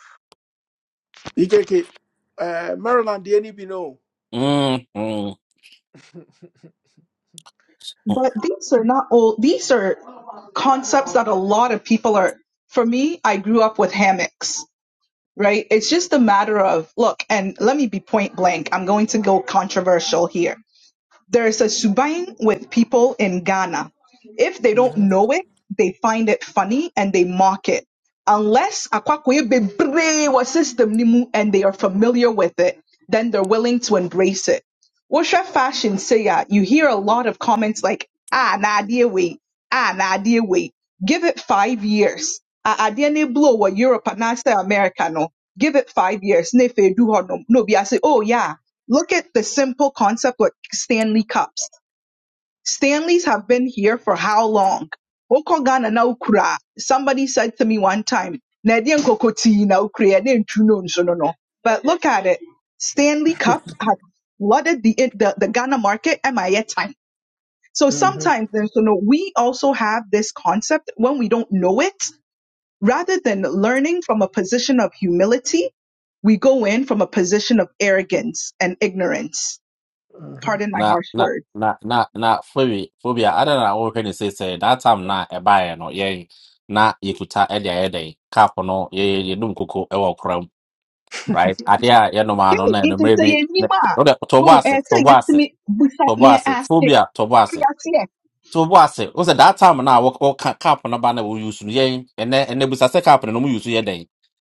Speaker 1: Ikeke. Uh, Maryland, the NB no. *laughs*
Speaker 15: Mm, mm.
Speaker 20: But these are not old, these are concepts that a lot of people are. For me, I grew up with hammocks, right? It's just a matter of, look, and let me be point blank. I'm going to go controversial here. There's a subaing with people in Ghana. If they don't
Speaker 1: Mm-hmm.
Speaker 20: know it, they find it funny and they mock it. Unless akwakwe bebree wɔ system ni mu and they are familiar with it, then they're willing to embrace it. Wosha fashion say ya, you hear a lot of comments like, ah, na idea wait, ah, na idea wait. Give it five years. Ah, idea ne blow what Europe and I say America no. Give it five years. Ne fe do no. No be I say, oh yeah. Look at the simple concept with Stanley Cups. Stanleys have been here for how long? Wokɔ Ghana na ukura. Somebody said to me one time, na ɛdeɛn nkokotii na wokura ɛdeɛn ntu no nso no no?" But look at it. Stanley Cup has flooded the, the, the Ghana market at my time. So
Speaker 1: Mm-hmm.
Speaker 20: sometimes then, so no, we also have this concept when we don't know it, rather than learning from a position of humility, we go in from a position of arrogance and ignorance
Speaker 1: Mm-hmm.
Speaker 20: Pardon my
Speaker 15: Na
Speaker 20: harsh
Speaker 15: na
Speaker 20: words.
Speaker 15: na na na phobia phobia I don't ada na wɔhwɛ ne say say. that time na e buy no yɛn na yekuta e ɛde e dɛn cap no ye ye dum koko e koram
Speaker 1: *laughs*
Speaker 15: right? Ade a yɛnom ano
Speaker 20: Okay,
Speaker 15: na
Speaker 20: if you
Speaker 15: enumerɛ
Speaker 20: say
Speaker 15: bi
Speaker 20: it, you
Speaker 15: ne-
Speaker 20: ma.
Speaker 15: wode tɔbɔ
Speaker 20: Boom,
Speaker 15: ase
Speaker 20: and say
Speaker 15: tɔbɔ
Speaker 20: it to
Speaker 15: ase
Speaker 20: me, but
Speaker 15: tɔbɔ
Speaker 20: something I
Speaker 15: ase
Speaker 20: ask it.
Speaker 15: phobia tɔbɔ
Speaker 20: What
Speaker 15: ase
Speaker 20: do
Speaker 15: tɔbɔ ase o sɛ that time na wɔ wɔka cap no ba na wɔyi use no yɛn ɛnɛ ɛnɛ busa sɛ cap no na use yi su yɛ dɛn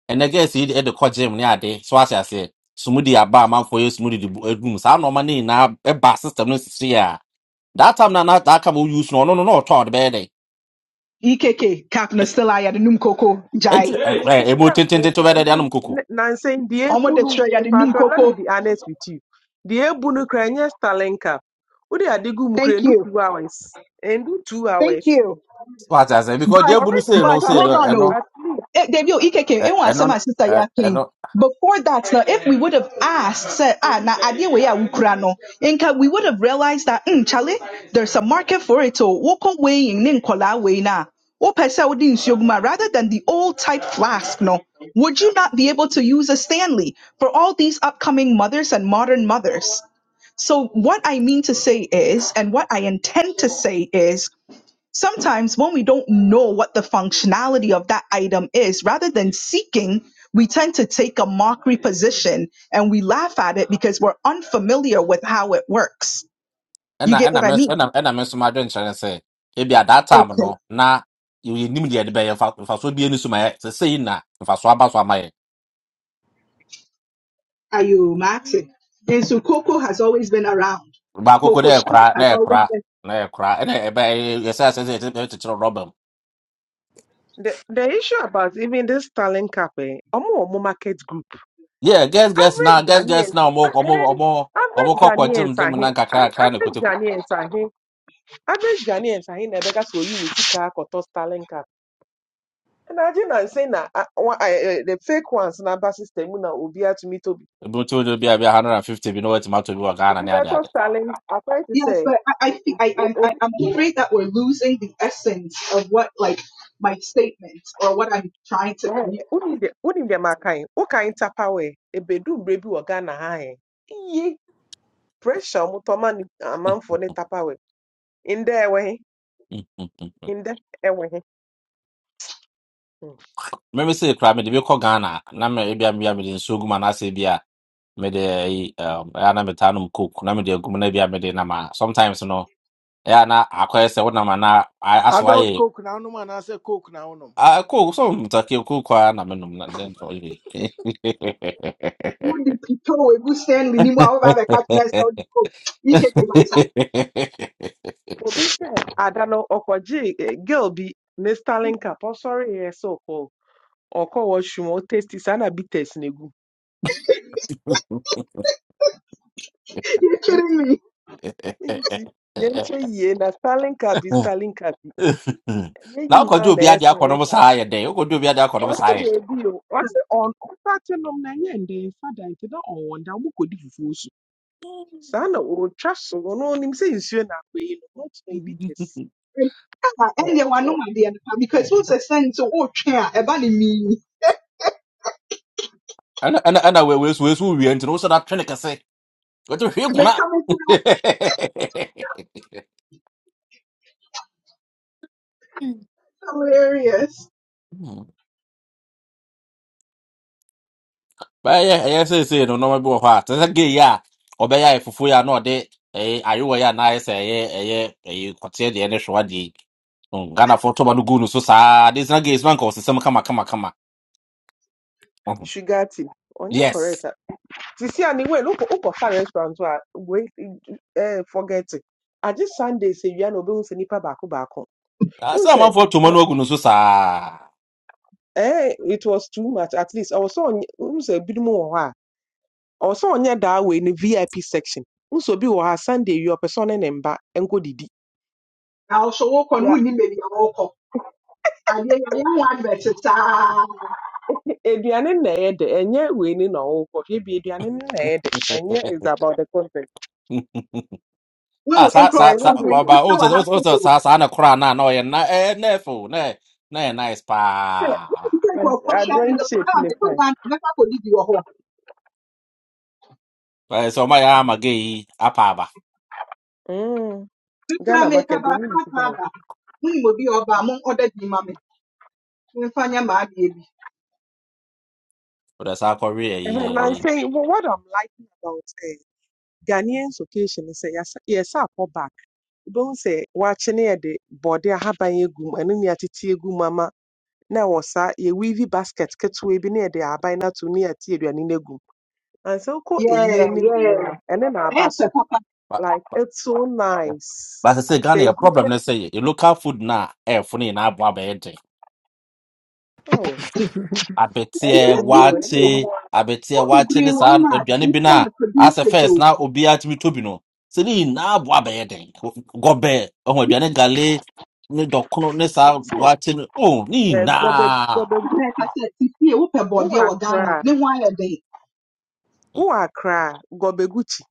Speaker 15: ɛnɛ gɛɛsi yi de ɛde kɔ gym ne ade so ahyɛ aseɛ sumudi aba amanfoɔ yɛ sumudi de bu edum saa nɔɔma ne nyinaa ɛba system no sisi a that time na na that cap wɔyi use no ɔno no na ɔtɔ a ɔde bɛyɛ
Speaker 20: you say? EKK, Captain Stella, ya the num coco, Jai.
Speaker 15: dɛn ɛnti ɛɛ
Speaker 14: Mepe
Speaker 15: emu
Speaker 14: cap na
Speaker 15: tententen to
Speaker 14: ɛka
Speaker 15: bɛyɛ dɛ de
Speaker 14: even
Speaker 15: anum koko
Speaker 14: ne- nansɛn deɛ
Speaker 20: Omo
Speaker 14: ebu
Speaker 20: de
Speaker 14: no
Speaker 20: Treya, the num
Speaker 14: mepatɔ let me
Speaker 20: coco.
Speaker 14: be honest with you deɛ ebu no kora ɛnyɛ starlink cap wode ade gu mu kora
Speaker 20: Thank
Speaker 14: ɛndu
Speaker 20: you.
Speaker 14: two hours ɛndu two
Speaker 20: Thank
Speaker 14: hours
Speaker 20: you.
Speaker 15: so ahyɛ aseɛ because deɛ
Speaker 20: But
Speaker 15: ebu no sei
Speaker 14: Original
Speaker 15: no
Speaker 20: but
Speaker 15: sei
Speaker 20: hold
Speaker 14: talent
Speaker 20: on
Speaker 14: cap,
Speaker 15: no ɛno
Speaker 20: though.
Speaker 14: at least.
Speaker 20: Eh, Dave, yo, EKK, it was my sister
Speaker 15: ɛ-
Speaker 20: yeah king.
Speaker 15: ɛno
Speaker 20: Before that, now, if we would have asked, said, ah, na idea we are Ukrano, inca, we would have realized that, mm, Charlie, there's a market for it. So, walk away in Ninkola way na. Or pesa odin siogma, rather than the old type flask, no. Would you not be able to use a Stanley for all these upcoming mothers and modern mothers? So, what I mean to say is, and what I intend to say is, Sometimes when we don't know what the functionality of that item is, rather than seeking, we tend to take a mockery position and we laugh at it because we're unfamiliar with how it works. You
Speaker 15: ɛna
Speaker 20: get
Speaker 15: ɛna
Speaker 20: what
Speaker 15: me
Speaker 20: I
Speaker 15: nso
Speaker 20: mean?
Speaker 15: ɛna ɛna me nso m'adwenkyerɛ ne sɛ ebi a that time no
Speaker 20: Okay.
Speaker 15: na yɛnim deɛ de bɛyɛ mfa mfasoɔ bi ani so ma yɛ sɛ sei na mfasoɔ aba so ama yɛ
Speaker 20: Are you Martin? And so Coco has always been around.
Speaker 15: baako ko na
Speaker 20: Coco
Speaker 15: yɛ
Speaker 20: Chanel
Speaker 15: kora na
Speaker 20: has
Speaker 15: yɛ kora
Speaker 20: always been.
Speaker 15: na yɛ kora ɛna ɛbɛ yɛsɛ asɛ sɛ yɛtɛ kyekyere rɔba mu
Speaker 14: The, the issue about even this talent cap, eh, omo omo market group.
Speaker 15: yeah guess guess na
Speaker 14: Average
Speaker 15: guess guess
Speaker 14: Ghanaians,
Speaker 15: na ɔmo
Speaker 14: ah,
Speaker 15: ɔmo
Speaker 14: eh,
Speaker 15: ɔmo ɔmo
Speaker 14: average
Speaker 15: kɔ kɔ gyim
Speaker 14: Ghanaians
Speaker 15: gyim
Speaker 14: are
Speaker 15: na
Speaker 14: here.
Speaker 15: nkakra nkakra na
Speaker 14: Average
Speaker 15: kote ko
Speaker 14: Ghanaians are here. Average Ghanaians are here. Nebeka so you will see car kotos talent cap. And I didn't say na ah, wa- ah, eh, eh, the fake ones na ba system na obi to me to be.
Speaker 15: ebi mo ti o bi a bi a hundred and fifty bi na wɔte ma to bi wɔ ghana
Speaker 14: Obi
Speaker 15: ne
Speaker 14: be
Speaker 15: ade
Speaker 14: kotos
Speaker 15: ade
Speaker 14: talent. I try to
Speaker 20: Yes,
Speaker 14: say
Speaker 20: but I, I, think- I,
Speaker 14: o-
Speaker 20: I'm- I,
Speaker 14: obi.
Speaker 20: I'm afraid that we're losing the essence of what, like, my statement or what I'm trying to
Speaker 14: Eh,
Speaker 20: communicate.
Speaker 14: unim de unim de makai. O kain tapa we. Ebedu baby wagana hae. Iye. Pressure ọmụtọma ni amanfo ne tapawe. Ndị enweghị,
Speaker 15: Mm, mm, mm.
Speaker 14: ndị enweghị. Hmm.
Speaker 15: Meme sɛ koraa mede bi kɔ Ghana na me ebia mea mede nsuo gu mu anaasɛ bi a mede ayi um, ɛyɛ a na metaa nom coke na mede agu mu na bi a mede nam a sometimes no ɛyɛ a na akɔyɛ sɛ wonam a na a- asɛ
Speaker 1: adult
Speaker 15: woayɛ
Speaker 1: coke na anom anaasɛ coke na wonom
Speaker 15: Ah, coke so mtakɛ coke a na menom na dɛn nka woyɛ
Speaker 20: Would Pito Egu Stanley ni mu a woba abɛka kyerɛ sɛ wode kɔ yi keke baisa
Speaker 14: Obi sɛ adano okoji eh, girl bi ne Starling sorry ɔsɔreeɛ sɛ ɔkɔ ɔkɔ washroom ɔtesti saa na bitters na egu. Nti
Speaker 20: kidding me
Speaker 14: nti yɛnhwɛ yie na Starling Cup yi Starling Cup yi ɛnyɛ
Speaker 15: na wokɔgye
Speaker 14: na
Speaker 15: obi
Speaker 14: ɛyɛ
Speaker 15: ade
Speaker 14: Starling
Speaker 15: akɔnom
Speaker 14: Cup.
Speaker 15: saa yɛ dɛn wokɔgye obi ade akɔnom
Speaker 14: Ɔsi
Speaker 15: saa yɛ
Speaker 14: de bi o, ɔsi ɔn ɔsaakye nom na ye ndɛn fa dan nti na ɔwɔn da ɔmo kɔdi fufuo so. Saa na otwa so ɔno onim sɛ nsuo na akɔ no, not na
Speaker 20: Ah, ɛndeɛ wanom adeɛ no pa because wo sɛ sɛn nti wotwe a ɛba ne mii
Speaker 15: ɛna ɛna ɛna wei- wei so- wei so wie nti no wo sɛ na twene kɛse
Speaker 20: meka me to no
Speaker 15: 我就是血统了。bɛyɛ
Speaker 20: hilarious
Speaker 15: ɛyɛ sɛ sɛ no na ɔmabɔ hɔ a sɛ sɛ gei a ɔbɛyɛ afufuo yi a na ɔde ɛyɛ ayewa a na ayɛ sɛ ɛyɛ ɛyɛ ɛyɛ kɔteɛ deɛ ne soa deɛ ghanafoɔ tɔba no no so saa de sena gei sma nka ɔsesɛm kamakama kama kama. *laughs*
Speaker 14: sugar tea. Onye
Speaker 15: yes
Speaker 14: correct. ah. Ti see anyway, look up for far restaurant wa we eh forget it. I just Sunday say you no be un say nipa baako baako.
Speaker 15: Ah,
Speaker 14: Un
Speaker 15: sɛ
Speaker 14: say
Speaker 15: amanfoɔ tɔma no no so saa
Speaker 14: eh it was too much at least. I was so un say bi mu wɔ hɔ a. I was so onye da we in VIP section. Un so bi wɔ hɔ a Sunday your person ne mba enko didi.
Speaker 20: na wo so wokɔ no
Speaker 14: Yeah.
Speaker 20: wonnim baabi a wɔrekɔ adeɛ yɛayɛ ho advert saa
Speaker 14: Eduane na ɛyɛ de enye we ni na ɔwɔ kɔ hwɛ bi eduane no na ɛyɛ de enye is about the content.
Speaker 15: Ah,
Speaker 20: wohu
Speaker 15: saa
Speaker 14: For
Speaker 15: saa
Speaker 20: nkurɔfo
Speaker 15: saa
Speaker 14: example,
Speaker 20: bebree
Speaker 14: say,
Speaker 15: baba wo
Speaker 20: nso
Speaker 15: sɛ
Speaker 20: hwɛ
Speaker 15: wo
Speaker 20: have
Speaker 15: sɛ-
Speaker 20: to.
Speaker 15: na a na ɔyɛ na na ɛfo na ɛ- na nice
Speaker 20: sɛ o sɛ
Speaker 15: pa。
Speaker 20: wohu sɛ nkurɔfoɔ
Speaker 14: a a
Speaker 20: hwɛ
Speaker 14: drawing
Speaker 20: ndɛ
Speaker 14: shape
Speaker 20: a
Speaker 14: ne
Speaker 20: mekɔ
Speaker 14: fine.
Speaker 20: ghana mɛkɔ akɔdidi wɔ hɔ
Speaker 15: But so my ama gay apaba.
Speaker 14: Mm.
Speaker 20: mekora
Speaker 14: Ghana
Speaker 20: mepɛ
Speaker 14: market, they only
Speaker 20: baako
Speaker 14: look
Speaker 20: aka bad
Speaker 14: down.
Speaker 20: monim We a ɔba our mo ɔda bi ma me memfa nyɛ m'adeɛ bi
Speaker 15: But that's how Korea yeah
Speaker 14: And I'm
Speaker 15: yeah.
Speaker 14: saying, well, what I'm liking about uh, Ghanaians occasion is, yes, yes, I call back. Don't say, watching it, the body, I have by a gum, and then you have to tea gum, mama. Now, was a weavy basket, catch be near the abina to near tea, and in a gum. And so, call a year,
Speaker 20: Yeah, yeah.
Speaker 14: and then our
Speaker 20: Essa
Speaker 14: basso.
Speaker 15: But
Speaker 14: Like,
Speaker 15: but
Speaker 14: it's so
Speaker 15: yeah.
Speaker 14: nice.
Speaker 15: but I say Ghana a
Speaker 14: Ben,
Speaker 15: problem let's say a local food na eh funny na abo abete.
Speaker 14: oh, and
Speaker 15: Abete
Speaker 14: no
Speaker 20: particular
Speaker 14: more, and no
Speaker 20: equity,
Speaker 15: wate
Speaker 14: more.
Speaker 15: abete
Speaker 20: what the
Speaker 15: wate ne
Speaker 20: brain
Speaker 15: sa
Speaker 20: one man,
Speaker 15: aduane
Speaker 20: they
Speaker 15: bi
Speaker 20: want
Speaker 15: na
Speaker 20: to produce
Speaker 15: as a
Speaker 20: it
Speaker 15: first
Speaker 20: too.
Speaker 15: na obi atimi to no. Se ni na abo abete. Gobe oh aduane gale ne dokono ne
Speaker 14: Me
Speaker 15: sa
Speaker 14: too.
Speaker 15: wate no. Oh ni
Speaker 14: Eh, Gobe,
Speaker 15: na.
Speaker 14: gobe, good.
Speaker 20: And like I said, if you whoop a
Speaker 14: Oh,
Speaker 20: body
Speaker 14: I
Speaker 20: or Ghana,
Speaker 14: cry.
Speaker 20: then why are they?
Speaker 14: Uwakra Gobeguchi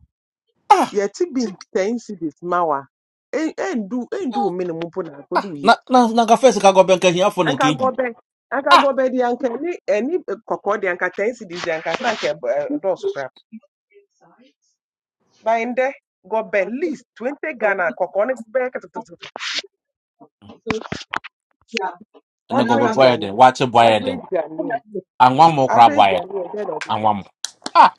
Speaker 15: Ah
Speaker 14: yɛte bi ten cities ma wa En- endu endu wo minimum mpo na akodu wo yie
Speaker 15: na na na ka first ka gobe nka hiafo ne
Speaker 14: anka
Speaker 15: nka
Speaker 14: gobe anka
Speaker 15: Ah
Speaker 14: gobe di anka ni eni koko di anka ten cities di anka sanka ɛb- ɛ- ɛdɔɔso kra by ndɛ gobe least 20
Speaker 20: so.
Speaker 14: Ghana koko ne bɛyɛ
Speaker 20: So, yeah.
Speaker 15: ne
Speaker 20: And I've
Speaker 15: gobe
Speaker 14: average
Speaker 20: rather
Speaker 15: boy den
Speaker 14: Ghanaian
Speaker 15: wate boy
Speaker 14: average Ghanaian
Speaker 15: angwang mo kra
Speaker 14: average
Speaker 15: boy
Speaker 14: Ghanaian dɛ na
Speaker 15: angwang mo ah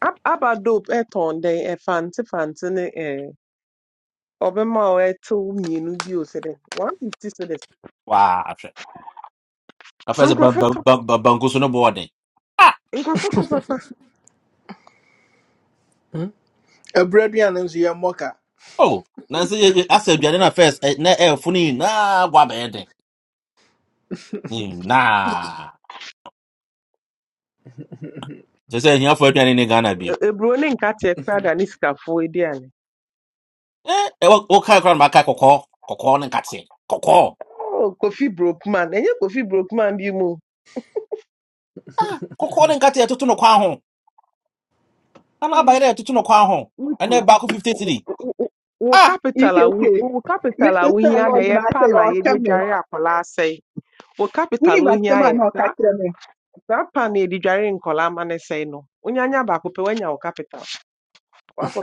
Speaker 14: Ab- aba dope ɛtɔn dɛn ɛfante fancy ne ɛɛ ɔbɛma wo ɛtew mmienu bio sɛ dɛ 150 cedis
Speaker 15: wa hwɛ na
Speaker 14: so
Speaker 15: first ba ba
Speaker 14: nkurɔfoɔ
Speaker 15: ba ba- banku so no boarding ah
Speaker 14: Nkurɔfo kɔ papa.
Speaker 1: Hmm? ɛberɛ aduane nso yɛ mmɔka
Speaker 15: oh na se asa aduane na first eh, na air funi na wa ba yɛ den Mm, na se se hia fo aduane ne Ghana bio
Speaker 14: E- Eburo ne nkate koraa da ne sikafoɔ edi ane.
Speaker 15: eh eh, wo wo kai kra ma kai kokɔ kokɔ ne nkate kokɔ
Speaker 14: Oh, Kofi Brookman. Enye Kofi Brookman bi mu.
Speaker 15: kokɔ ne nkate ɛtoto no kwan ho na na abayɛ ɛtoto no kwan ho ɛnɛ
Speaker 14: Wutu.
Speaker 15: baako 53
Speaker 14: Wo wo- wo
Speaker 15: ah
Speaker 14: capital a wo
Speaker 20: EKK,
Speaker 14: capital
Speaker 20: make
Speaker 14: a
Speaker 20: sure say
Speaker 14: wohia de
Speaker 20: Lord, you
Speaker 14: yɛ
Speaker 20: I
Speaker 14: pan
Speaker 20: say,
Speaker 14: na
Speaker 20: oh,
Speaker 14: yɛde
Speaker 20: tell me,
Speaker 14: adware akwadaa sɛe. Wo
Speaker 20: when
Speaker 14: capital
Speaker 20: you
Speaker 14: a
Speaker 20: must
Speaker 14: wohia
Speaker 20: come and
Speaker 14: yɛ
Speaker 20: not
Speaker 14: saa
Speaker 20: catch me.
Speaker 14: saa pan na yɛde dware nkwadaa ma ne sɛe no. Unyanya ba kope woanya wo capital.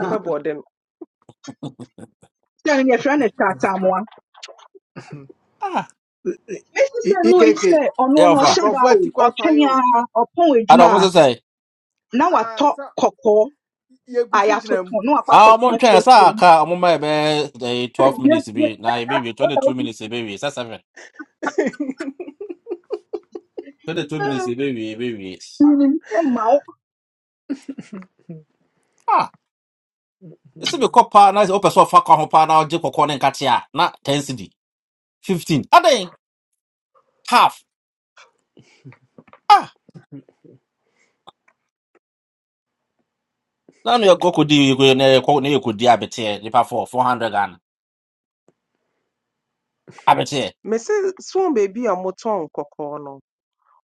Speaker 20: Ah,
Speaker 14: bɔɔde
Speaker 20: tell me your friend is Tatamoa.
Speaker 15: ah
Speaker 20: Mr. St. Louis
Speaker 1: ikeke
Speaker 20: sɛ ɔno
Speaker 15: yeah
Speaker 20: no
Speaker 15: ofa
Speaker 20: ɔhyɛ
Speaker 1: nkurɔfoɔ
Speaker 20: o,
Speaker 1: ati kɔ
Speaker 20: ɔtwɛn
Speaker 1: apae o
Speaker 20: ara, ɔpɔn
Speaker 15: ada mo se
Speaker 20: na
Speaker 1: Ah,
Speaker 20: watɔ
Speaker 1: sa
Speaker 20: kɔkɔɔ a
Speaker 1: yɛgu so gyina
Speaker 20: yɛatoto
Speaker 1: mu
Speaker 20: na wakɔ
Speaker 15: Ah, mon
Speaker 20: akɔtena
Speaker 15: train, ça,
Speaker 20: twerɛsɛm.
Speaker 15: car, mon my the 12 minutes, baby. now, baby, 22 minutes, baby, that's seven. 22 minutes, baby, baby.
Speaker 20: ma
Speaker 15: Ah, it's a bit copper, nice, open so far, come up, now, Jacob Corning, Katia, not 10 city. 15. Ah, then, half. Ah, now, you could do, you go. you could, you could, you could, you for 400 and, I bet you.
Speaker 14: Me se so baby a wɔtɔn kɔkɔɔ no.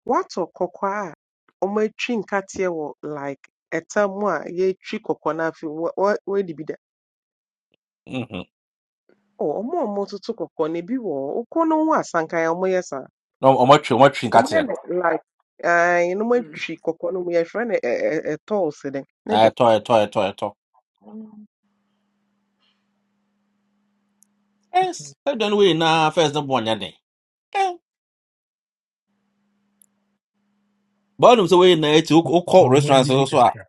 Speaker 14: Wɔatɔ kɔkɔɔ a wɔatwi nkateɛ wɔ like tam a yɛtwi kɔkɔɔ no afei wɔ wɔ woedi bi dɛ
Speaker 15: Mm-hmm.
Speaker 14: oh wɔn a wɔtoto kɔkɔɔ no ebi wɔ hɔ, wokɔ no ho asanka a wɔyɛ saa.
Speaker 15: No, much, much, in
Speaker 14: Wɔyɛ
Speaker 15: Katia.
Speaker 14: no like ae na wɔatwi kɔkɔɔ no mu yɛfrɛ no ɛ ɛ ɛ ɛtɔɔs dɛn ne
Speaker 15: Eh,
Speaker 14: dɛ.
Speaker 15: toy, toy, toy, toy. Yes, I don't win, now, first, the one, yeah, then. Eh, but I'm so waiting, it's, you call
Speaker 6: Mamun *laughs*
Speaker 15: restaurants,
Speaker 6: didi
Speaker 15: also.
Speaker 6: kakra.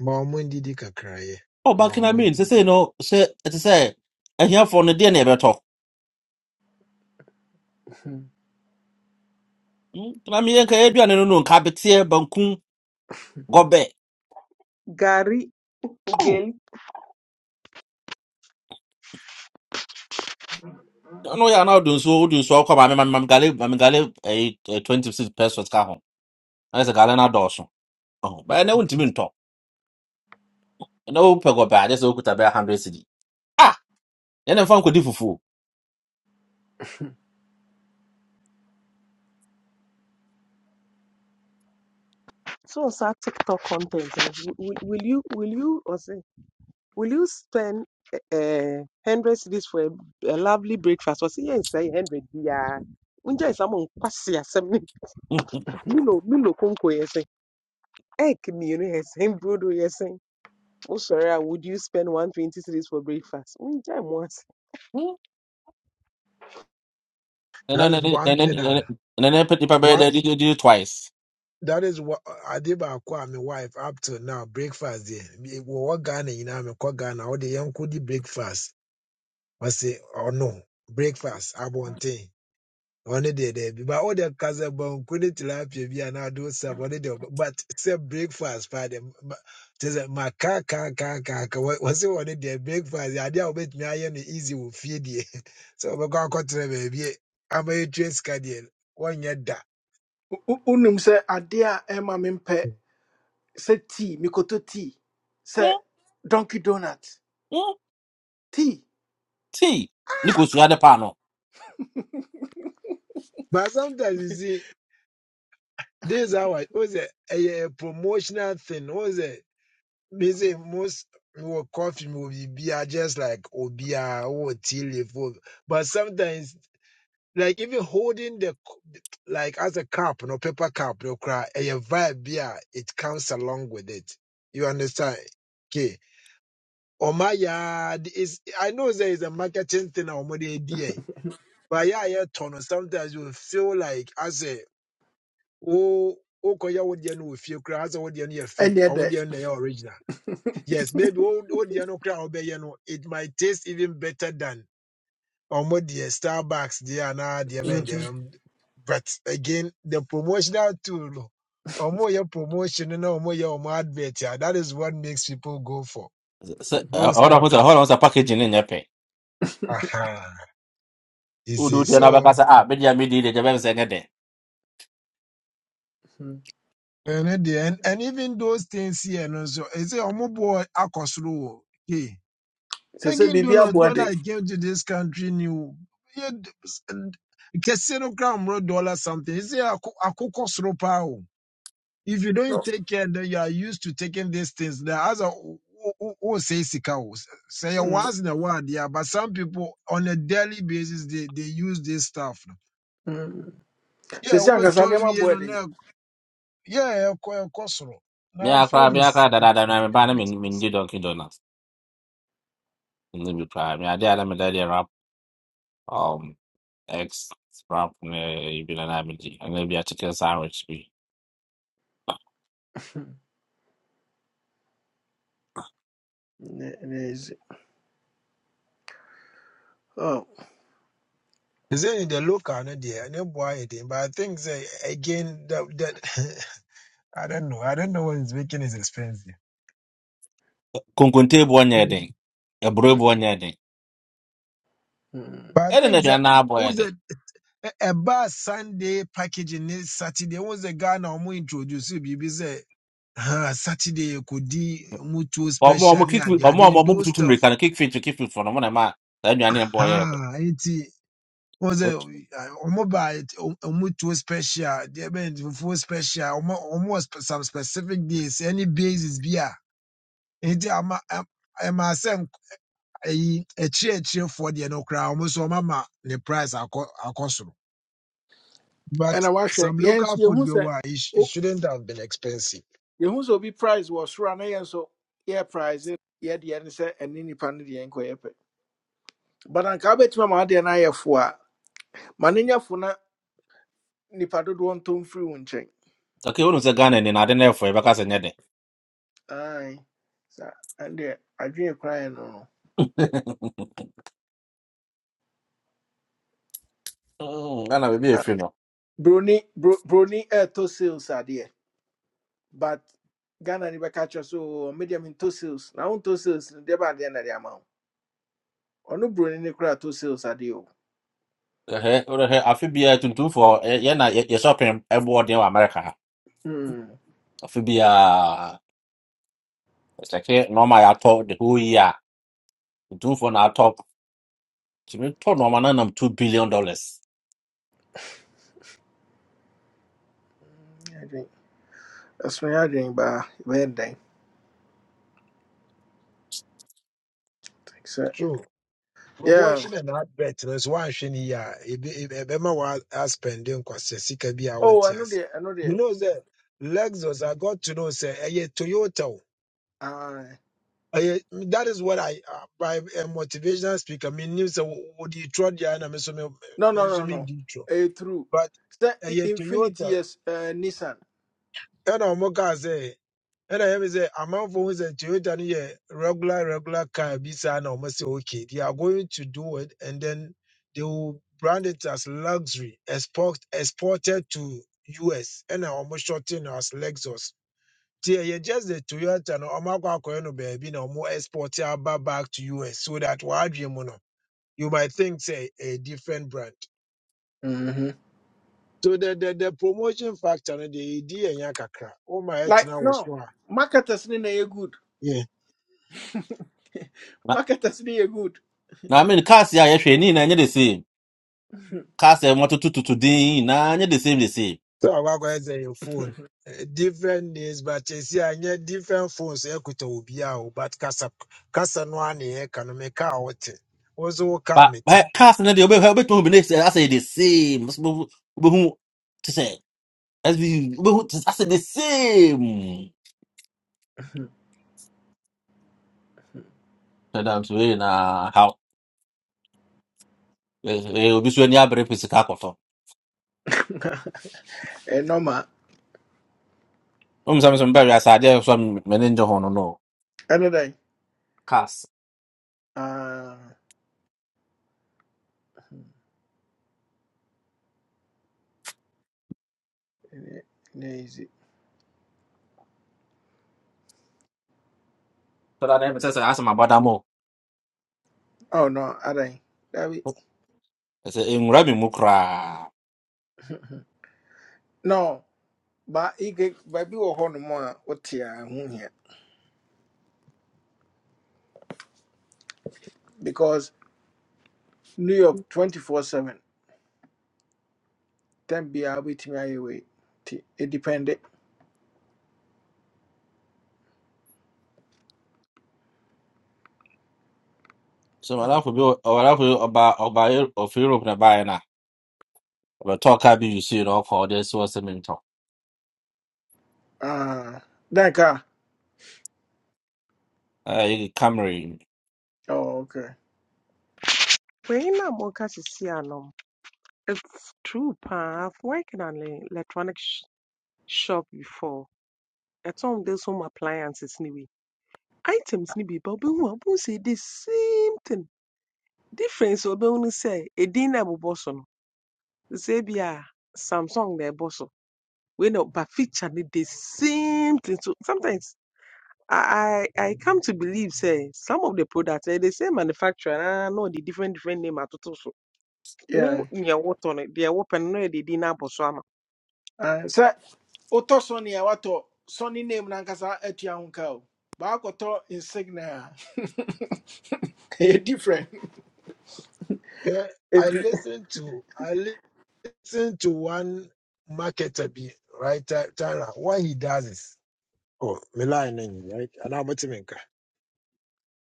Speaker 6: Mamun didi kakra ye.
Speaker 15: Oh, back in Ɔba
Speaker 6: Mamun
Speaker 15: kena Say
Speaker 6: didi
Speaker 15: say
Speaker 6: kakra.
Speaker 15: no Say sɛ ɛte sɛ ahiafoɔ no deɛ ne ɛbɛtɔ kena me yɛnka yɛaduane no no nka beteɛ go back.
Speaker 14: Gari
Speaker 15: Oh,
Speaker 14: gel
Speaker 15: no, you are na ɔyɛ ana wode nsuo wode I'm I'm gale I'm ɛyi A 26 pesos ka ho ɛyɛ sɛ gale no adɔɔso Oh, bɛyɛ nɛ wontumi ntɔ ɛnɛ wopɛ gɔbɛ a ɛyɛ sɛ wokuta bɛyɛ 100 cedi ah ɛnɛ mfa nkɔdi fufuo
Speaker 14: so saa TikTok content no will, will you will you or say? Will you spend uh, 100 cities for a, a lovely breakfast? Or say, yes, say 100 yeah. Unja is among kwasi asem *laughs* ni
Speaker 15: Mm,
Speaker 14: milo milo konko yesen. Egg mino yesen brodo yesen. Oh sorry, ah, would you spend 120 cities for breakfast? Unja mwase.
Speaker 15: mm. ɛnɛ
Speaker 6: That is
Speaker 15: ɛnɛ-
Speaker 6: one
Speaker 15: ɛnɛ-
Speaker 6: thing.
Speaker 15: ɛnɛ-
Speaker 6: Ah,
Speaker 15: ɛnɛ then bɛyɛ then de de- de twice
Speaker 6: That is what I did by my wife up to now breakfast deɛ We wɔwɔ Ghana you know. nyinaa mekɔ Ghana wɔde yɛn nko di breakfast wɔsi ɔno breakfast abɔnten ɔne deɛ dɛbi ba ɔde kasa banku ne tilapia bi a na ado sap ɔne deɛ ɔbɛ- but sɛ breakfast father, just ma te sɛ ma kaa kaa kaa kaa kaa wɔ wɔsi ɔne deɛ breakfast deɛ adeɛ a wɔbɛtumi ayɛ no easy wɔ fie *laughs* to sɛ wɔbɛkɔ akɔtena baabi ama yɛtua sika deɛ wɔnyɛ that.
Speaker 1: Wo- wo- wonim sɛ adeɛ tea mikoto tea Se
Speaker 15: Mm,
Speaker 1: donkey donut
Speaker 15: mm.
Speaker 1: tea
Speaker 15: tea you kosua ne paa no
Speaker 6: but sometimes you see. This hour was a, a, promotional thing. Was it? Me say most will coffee movie be just like obia or tea leaf. or- But sometimes, like even holding the c- like as a cup, no paper cup, no cry. A vibe beer, it comes along with it. You understand? Okay. Oh my yard is I know there is a marketing thing or more idea. But yeah, yeah, ton. Sometimes you feel like as a wo wokɔyɛ wo deɛ no wɔ fie koraa sɛ wo deɛ no yɛ fake
Speaker 1: ɛneɛ
Speaker 6: ɔmo
Speaker 1: dɛ
Speaker 6: deɛ no na ɛyɛ original yes maybe wo wo deɛ no koraa a wobɛyɛ no it might taste even better than ɔmo deɛ starbucks deɛ anaa deɛ bɛn deɛ ɛm, but again the promotional tool no ɔmo yɛ promotion no na ɔmo yɛ ɔmo advert a that is what makes people go for
Speaker 15: sɛ ɛ,
Speaker 6: those
Speaker 15: ɔhɔ na hold
Speaker 6: stuff
Speaker 15: on,
Speaker 6: no
Speaker 15: hold on. ho sɛ packaging no nyɛ pɛ
Speaker 6: aha you see
Speaker 15: udu tena
Speaker 6: so
Speaker 15: bakasa ah bidi ya midi ile jabe sengede
Speaker 6: ɛno deɛ and, and even those things here no nso ɛsɛ sɛ ɔmo boɔ akɔ soro hey.
Speaker 1: Se se
Speaker 6: Dunkin'
Speaker 1: bibia
Speaker 6: Donuts,
Speaker 1: aboa
Speaker 6: when I came to this country, new Casino Crown wrote dollar something. He said, Akoko Sropao. If you
Speaker 1: No,
Speaker 6: don't take care, then you are used to taking these things. There as a who say sika o. say once in a while, yeah. But some people on a daily basis they, they use this stuff. no.
Speaker 1: Se
Speaker 6: Yeah,
Speaker 1: se
Speaker 6: over
Speaker 1: ankasa
Speaker 6: toy
Speaker 1: nneɛma
Speaker 6: we no na yeah, ɛkɔ- ɛkɔ soro.
Speaker 15: mi
Speaker 6: Now
Speaker 15: akra
Speaker 6: food
Speaker 15: mi
Speaker 6: is
Speaker 15: akra da
Speaker 6: is,
Speaker 15: da da na
Speaker 6: is
Speaker 15: me bana
Speaker 6: getting
Speaker 15: min
Speaker 6: expensive.
Speaker 15: min ji donki donut ni bi pra mi ade ala me dadi rap um ex rap ne ibi na na mi ji ana bi a chicken sandwich bi
Speaker 1: ne ne ezi oh
Speaker 6: They say in the local no dear, no boy anything. But I think say again that that *laughs* I don't know. I don't know what he's making is expensive.
Speaker 15: kunkunte bu onye
Speaker 6: Right.
Speaker 15: den ebro bu onye den
Speaker 1: mm.
Speaker 6: But I
Speaker 15: ene na
Speaker 6: think
Speaker 15: bia
Speaker 6: that
Speaker 15: na abo ye
Speaker 6: was
Speaker 15: den
Speaker 6: a a a bar Sunday package in this Saturday was a guy now more introduce you be say uh, Saturday you could do mutual
Speaker 15: omo omo
Speaker 6: special
Speaker 15: kick
Speaker 6: yeah they are
Speaker 15: omo omo
Speaker 6: doing
Speaker 15: omo
Speaker 6: those
Speaker 15: tutu mi
Speaker 6: stuff.
Speaker 15: kan kick fit to kick fit for no mo na ma da nyu ane bo ye
Speaker 6: Aha, it was
Speaker 15: den
Speaker 6: a mobile mutual special, they meant full special, almost some specific days, any basis beer. nti ama am- ɛma sɛ nk- ayi akyirɛkyirɛfoɔ deɛ no koraa ɔmo nso ɔmama ne price akɔ akɔ but
Speaker 1: ɛna wahwɛ
Speaker 6: some
Speaker 1: yɛn nso
Speaker 6: local
Speaker 1: yɛhu
Speaker 6: food bi
Speaker 1: sɛ
Speaker 6: wɔ it sh- it
Speaker 1: o-
Speaker 6: shouldn't have been expensive
Speaker 1: yɛhu sɛ obi prize wɔ soro a na yɛn So, yɛ prize yɛdeɛ ne sɛ ɛne nipa no deɛ nkɔyɛ pɛ but anka wobɛtumi ama wodeɛ no ayɛ fo a ma no nya fo na nipa dodoɔ ntɔ mfiri wo nkyɛn
Speaker 15: okay wonu se gana ni na ade na efo e bakasa nyede
Speaker 1: ae sa ɛndeɛ adwene koraeɛ no no
Speaker 15: mm gana bi bi
Speaker 1: Ah,
Speaker 15: e
Speaker 1: broni bro- broni ɛɛtɔ sales adeɛ but ghana ni bɛka kyerɛ so medium me deɛ mentɔ sales na wontɔ sales are deɛ baadeɛ na de ama wo ɔno broni ne koraa tɔ sales adeɛ o
Speaker 15: Ɛhɛ, wode hwɛ, afe biara tuntumfoɔ yɛ- yɛna yɛ- yɛsɔpem ɛboɔ den wɔ America ha.
Speaker 1: Hmm.
Speaker 15: Afe biara sɛke nɔɔma a yɛatɔ the whole year a tuntumfoɔ na atɔ tumi tɔ nɔɔma no nam two billion dollars.
Speaker 1: I think that's my I drink by bad day. So
Speaker 6: true
Speaker 1: yeah.
Speaker 6: promotion and advert no nso woanhwɛ no yie a ebe- ebe- ɛbɛma woaspɛnde nkwasɛ sika bi a
Speaker 1: Oh,
Speaker 6: wonte
Speaker 1: I know
Speaker 6: ase
Speaker 1: the I know the
Speaker 6: you know the lexus i got to know say ɛyɛ toyota o
Speaker 1: uh
Speaker 6: ɛyɛ that is what i uh, by a motivational speaker menim sɛ wo- wode trɔ deɛ a na me nso me-
Speaker 1: no
Speaker 6: me
Speaker 1: no
Speaker 6: nso
Speaker 1: no no.
Speaker 6: medi trɔ
Speaker 1: A true.
Speaker 6: but
Speaker 1: So i-
Speaker 6: ɛyɛ
Speaker 1: infinity
Speaker 6: Toyota
Speaker 1: yes uh, Nissan.
Speaker 6: ɛna ɔmo kaa sɛ ɛna yɛm sɛ amanfo ho sɛ Toyota no yɛ regular regular car bi saa na ɔmo sɛ okay they are going to do it and then they will brand it as luxury export exported to US ɛna ɔmo shorten as Lexus. Ti ɛyɛ just the Toyota no ɔmo akɔ akɔyɛ no baabi na ɔmo export aba back to US so that wɔadwe mu no you might think say a different brand.
Speaker 1: Mm-hmm.
Speaker 6: So the the, the promotion factor no the idea nya kakra. Oh my etna
Speaker 1: Like
Speaker 6: was
Speaker 1: no.
Speaker 6: so a.
Speaker 1: Marketers ni na good.
Speaker 6: Yeah.
Speaker 1: *laughs*
Speaker 15: Na
Speaker 1: Marketers ni ye good.
Speaker 15: na I mean cars a yɛhwɛ ne nyinaa nyɛ the same. Cars a wɔtotototo den nyinaa nyɛ the same the same.
Speaker 6: So I go say your phone. Eh, Different names, but you see, I different phones. Ekuta ubia o, but kasa kasa no ane economic out. Also
Speaker 15: But but
Speaker 6: kamete.
Speaker 15: eh, cars no deɛ wobɛhwɛ wobɛtumi ahu bi ne sɛ asɛ the same. Wo- Wobɛhu te sɛ SUV wobɛhu te sɛ asɛ the same.
Speaker 1: *laughs*
Speaker 15: Sɛ dam so ei na how eh, eh, obi so ani abere pɛ sika
Speaker 1: Eh normal.
Speaker 15: Um, some
Speaker 1: Mm-hmm.
Speaker 15: some very as idea some meninja hono no
Speaker 1: Another day.
Speaker 15: cast.
Speaker 1: Uh ne ne easy.
Speaker 15: So that name says I asked my brother more.
Speaker 1: Oh no, I don't. That we
Speaker 15: I say in Rabbi Mukra.
Speaker 1: no. But he get baby or horn more what here? because New York 24 7, then be a bit me away. It depended.
Speaker 15: So my life will be our life will about about of Europe na buy na. But talk I be you see it all for this was a mentor.
Speaker 1: Ah, Danka.
Speaker 15: Uh, Camry
Speaker 1: Oh, okay.
Speaker 14: When na mo kasi si anom. It's true pa. I've worked in an e- electronic sh shop before. At some there's home appliances anyway. Items ni bi but bu say the same thing difference a wobɛhu ne sɛ edin na ɛbobɔ so no sɛ bi samsung na ɛbɔ so wei na but feature ne the same thing so sometimes I, I I come to believe say some of the products eh, they the same manufacturer and I know the different different name atoto so who
Speaker 1: Yeah.
Speaker 14: near what no deɛ wopɛ open, na yɛde din no abɔ so ama
Speaker 1: Uh, sir, Oto Sonny, I want to Sonny name Nankasa at Yanko. Bakoto insignia. *laughs* A different.
Speaker 6: Yeah, I
Speaker 1: It
Speaker 6: listen to I listen to one marketer be right Ty- Tyra. What he does is oh me line na nyi, right. And I'm motimenka.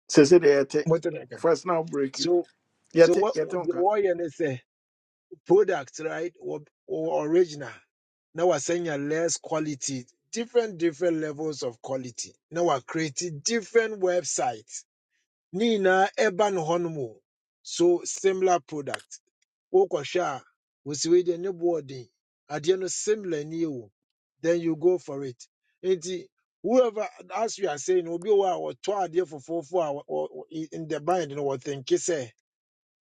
Speaker 1: says it yet.
Speaker 6: Motimenka.
Speaker 1: First now break it.
Speaker 6: So so
Speaker 1: Yet,
Speaker 6: what
Speaker 1: yet,
Speaker 6: the
Speaker 1: unka.
Speaker 6: warrior they say. product, right, or, or original. Now we're saying a less quality, different, different levels of quality. Now we're creating different websites. Nina urban honmo. So similar product. Okosha, Usiwede boarding. At the end of similar new, then you go for it. Nti, whoever, as we are saying, will be our two idea for four four in in the bind and what think you say?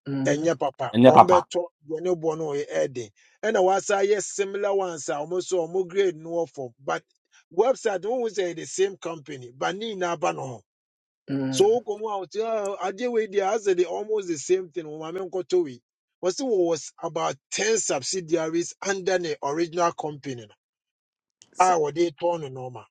Speaker 1: Mhm.
Speaker 6: ɛnyɛ papa
Speaker 15: and your papa.
Speaker 6: ɔmbɛtɔ deɛ ne boɔ no ɔyɛ ɛden ɛna wasa yɛ similar ones a ɔmo so ɔmo grade no wɔ but website no, wohu sɛ the same company but ne nyinaa ba no ho
Speaker 1: hmm.
Speaker 6: so wokɔ mu a wote "Oh, adeɛ wei deɛ asɛ de almost the same thing wɔ maame nkɔtɔ wei wɔse wɔwɔ about 10 subsidiaries under the original company no a wɔde tɔn no nɔɔma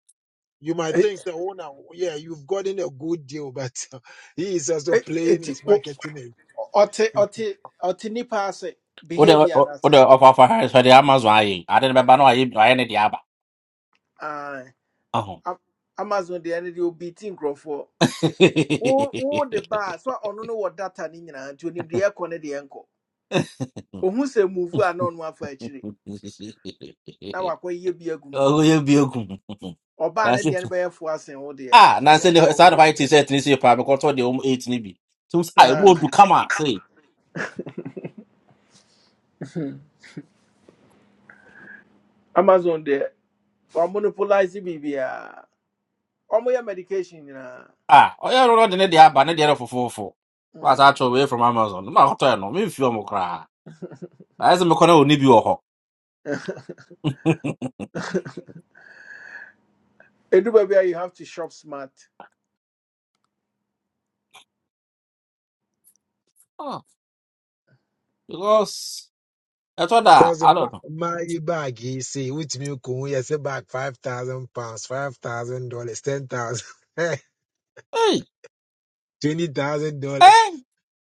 Speaker 6: You might
Speaker 1: It,
Speaker 6: think that, oh, now, yeah, you've gotten a good deal, but *laughs* he is also
Speaker 1: it,
Speaker 6: playing
Speaker 1: it, it,
Speaker 6: his
Speaker 1: it,
Speaker 6: marketing.
Speaker 1: it, it, it, it, it,
Speaker 15: Ode
Speaker 1: it,
Speaker 15: ode
Speaker 1: it,
Speaker 15: of our hands for the Amazon. I I didn't remember no I I any the other.
Speaker 1: Aye.
Speaker 15: Oh.
Speaker 1: Am- Amazon deɛ no deɛ obi ti nkurɔfoɔ
Speaker 15: *laughs*
Speaker 1: wo wo de baa so a ɔno no wɔ data no nyinaa nti onim deɛ ɛkɔ ne deɛ nkɔ ohu sɛ move anon one for actually. Now I call ye be a na ɔno afa akyire na wakɔyɛ bi agu mu
Speaker 15: Oh, you be a
Speaker 1: ɔbaa ne
Speaker 15: good.
Speaker 1: deɛ
Speaker 15: *laughs*
Speaker 1: no bɛyɛ fo asen wo deɛ
Speaker 15: Ah, na
Speaker 1: nti
Speaker 15: sɛ deɛ
Speaker 1: yɛmfa wo
Speaker 15: saa de hɔ
Speaker 1: deɛ
Speaker 15: ayɛ te sɛ ɛtene sɛ paa mekɔtɔ deɛ wɔm ɛtene bi tum sɛ a ɛmu
Speaker 1: Ah,
Speaker 15: odu kama sei
Speaker 1: amazon deɛ wamonopolize biribiaa ɔmoyɛ medication nyinaa
Speaker 15: ah ɔyɛ no no de ne deɛ aba ne deɛ no fofofo waasa
Speaker 1: Mm.
Speaker 15: atwɛ away from amazon ne maakɔtɔɛ no memfi ɔ mo koraa ayɛ sɛ mekɔ na ɔni bi wɔ hɔ
Speaker 1: ɛdu baabi you have to shop smart
Speaker 15: *laughs* Ah, because ɛtɔ da
Speaker 6: Cause
Speaker 15: a I
Speaker 6: my
Speaker 15: don't know.
Speaker 6: my bag, he say, which me kun yes a bag five thousand pounds, five thousand dollars, ten thousand, *laughs*
Speaker 15: Hey,
Speaker 6: twenty thousand dollars,
Speaker 15: hey,